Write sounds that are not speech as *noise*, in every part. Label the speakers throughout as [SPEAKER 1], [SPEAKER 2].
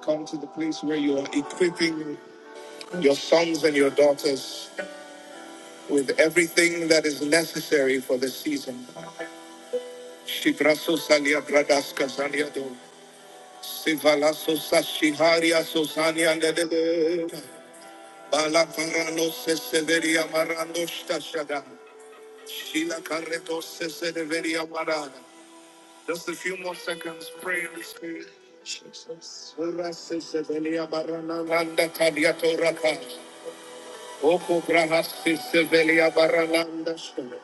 [SPEAKER 1] Come to the place where you are equipping your sons and your daughters with everything that is necessary for the season. Shibraso salia bradaska zaliado. Sivalaso sashiharia sosania nedede. Balaparano seseveria marano shtashada. Shila carreto seseveria marana. Just a few more seconds, pray in the spirit. Rasa severia marana nanda kadiato raka. Oku grahasi sevelia baralanda shkele.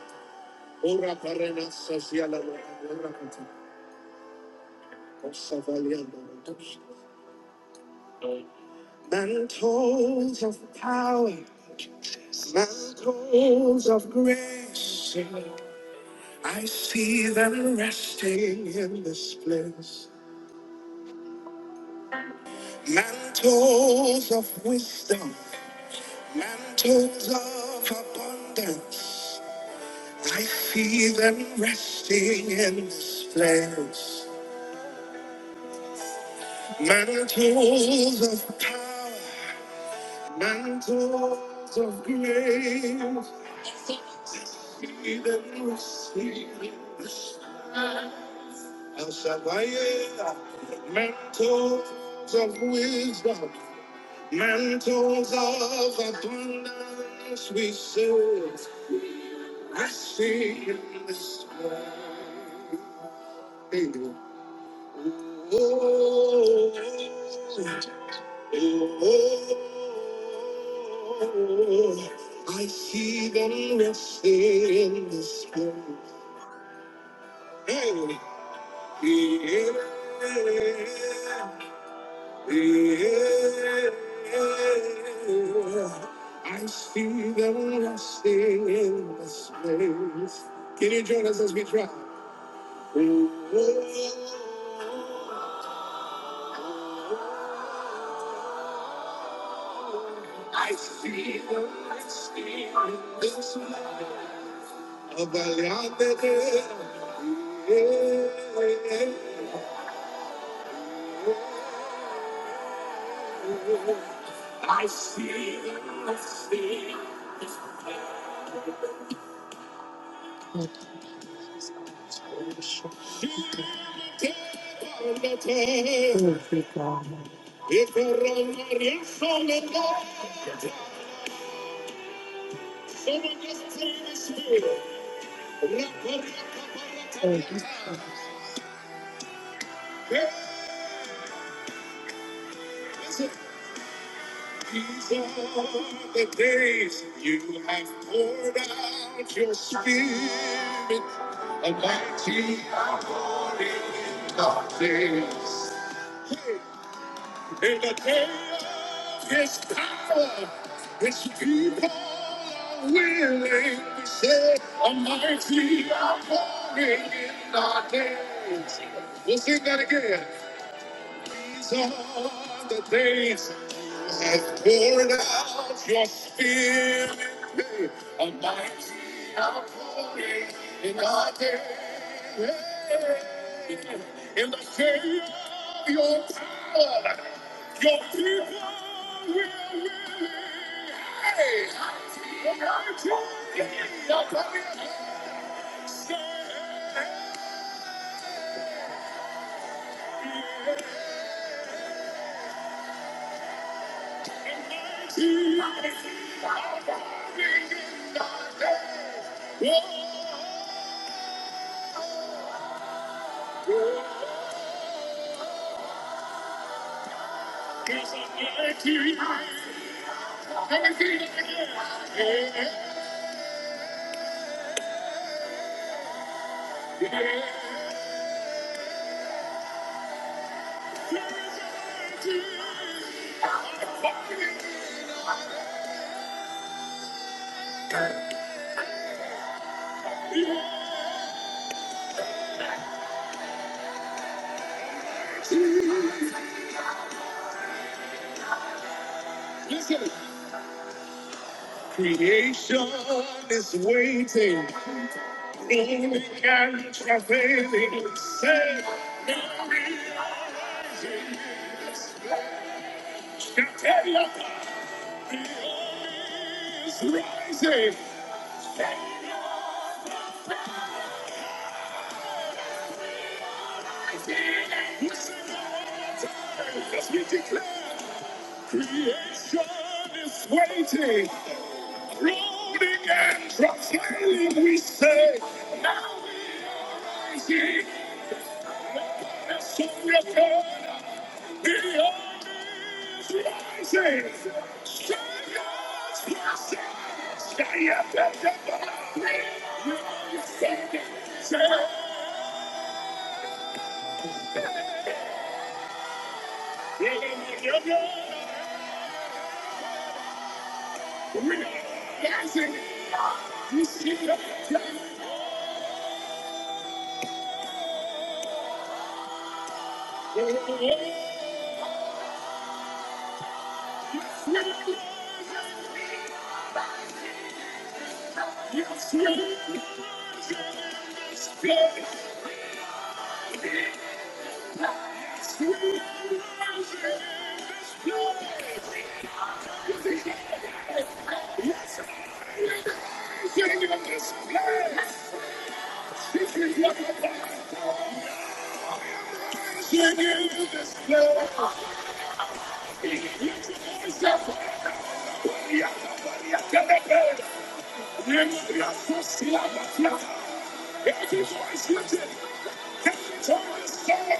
[SPEAKER 1] Ura parena saziala ura kati. Kosa valia barandosh. Mantles of power, mantles of grace. I see them resting in this place. Mantles of wisdom, mantles of abundance. I see them resting in this place. Mantles of power, mantles of grace, see them receive. El Shaddai, mantles of wisdom, mantles of abundance, we serve. I see in this world. Oh, Oh, I see them resting in the spirit. Hey, yeah, yeah. I see them resting in the spirit. Can you join us as we try? Oh, I see them resting in the spirit. I see, I see. You So We're These are the days you have poured out your spirit, a mighty outpouring in darkness. Hey, In the day of his power, his people are willing to say, a mighty outpouring in our days. We'll sing that again. These are the days you have poured out your spirit. A mighty outpouring in our day. In the day of your power, your people will really. Hey, the mighty outpouring stand. Outpouring in our day. Listen. Creation is waiting, moving and travailing. Say, now realizing, Capella is rising. As we declare, creation is waiting. Brooding and profiling, we say, now we see the sun of God. The earth is rising. Strangers passing. Stay up at the bottom. You are your standing. Say, we're the We are rising. we see the sun. Oh, oh, oh. We're rising. Yes, yes, yes. Every voice lifted, every tongue is stirred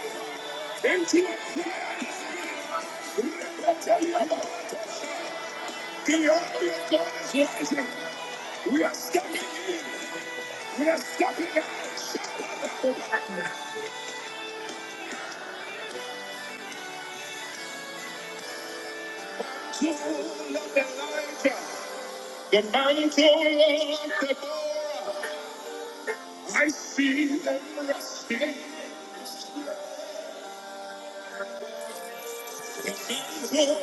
[SPEAKER 1] into a The army of God is rising. We are stepping in. We are stepping out. The mantle of Elijah. The mantle of Deborah. I see them resting. Daniel,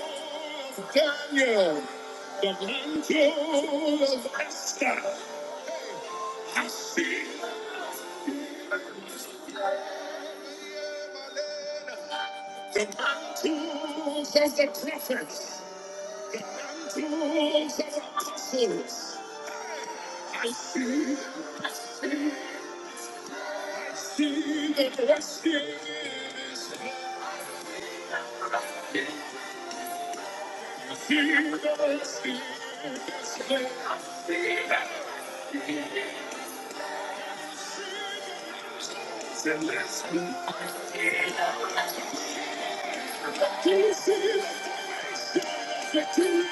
[SPEAKER 1] the mantle of Esther has seen the mantles of the prophets, the mantles of apostles. I see, see the blessings, I see the blessings, I see the blessings. Can you see the victory?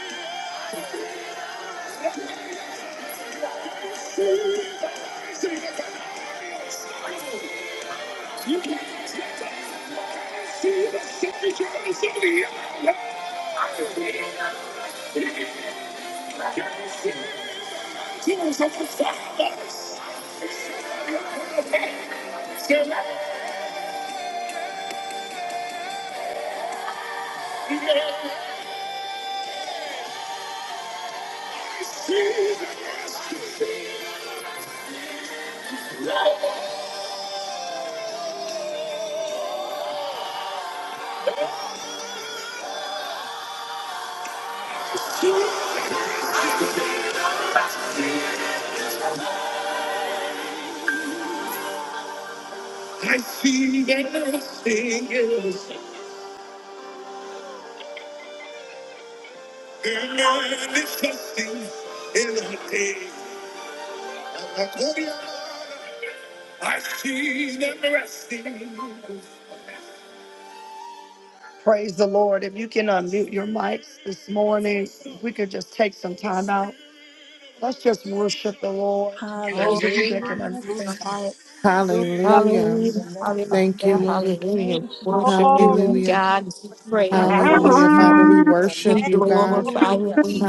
[SPEAKER 1] You can't stop us to see the second coming of the hour. I'm waiting on you. I can see the Tears of the fathers. Still I never see I see that nothing is and I am trusting in the day. I'm not going to I see them resting. Praise the Lord. If you can unmute your mics this morning, if we could just take some time out. Let's just worship the Lord. Those
[SPEAKER 2] Oh,
[SPEAKER 1] of you that can
[SPEAKER 3] Hallelujah.
[SPEAKER 1] unmute your
[SPEAKER 3] Thank you.
[SPEAKER 1] mics.
[SPEAKER 2] hallelujah.
[SPEAKER 3] Glory to
[SPEAKER 4] Hallelujah.
[SPEAKER 5] Hallelujah,
[SPEAKER 3] your name, Father
[SPEAKER 4] Thank
[SPEAKER 3] God.
[SPEAKER 4] you,
[SPEAKER 5] hallelujah,
[SPEAKER 4] Lord.
[SPEAKER 3] Thank
[SPEAKER 5] hallelujah.
[SPEAKER 3] you.
[SPEAKER 5] Worship you,
[SPEAKER 2] Glory,
[SPEAKER 3] Lord.
[SPEAKER 5] Lord
[SPEAKER 3] Worship.
[SPEAKER 4] Hallelujah.
[SPEAKER 5] God. We
[SPEAKER 3] We
[SPEAKER 5] praise you
[SPEAKER 6] Thank
[SPEAKER 2] glory
[SPEAKER 5] this
[SPEAKER 4] Hallelujah.
[SPEAKER 3] glorify
[SPEAKER 4] Father,
[SPEAKER 3] you.
[SPEAKER 4] we
[SPEAKER 5] morning.
[SPEAKER 2] to your
[SPEAKER 5] We
[SPEAKER 4] worship
[SPEAKER 2] name,
[SPEAKER 4] you,
[SPEAKER 2] Lord
[SPEAKER 4] God.
[SPEAKER 5] glorify you.
[SPEAKER 3] Hallelujah.
[SPEAKER 5] We
[SPEAKER 2] Jesus.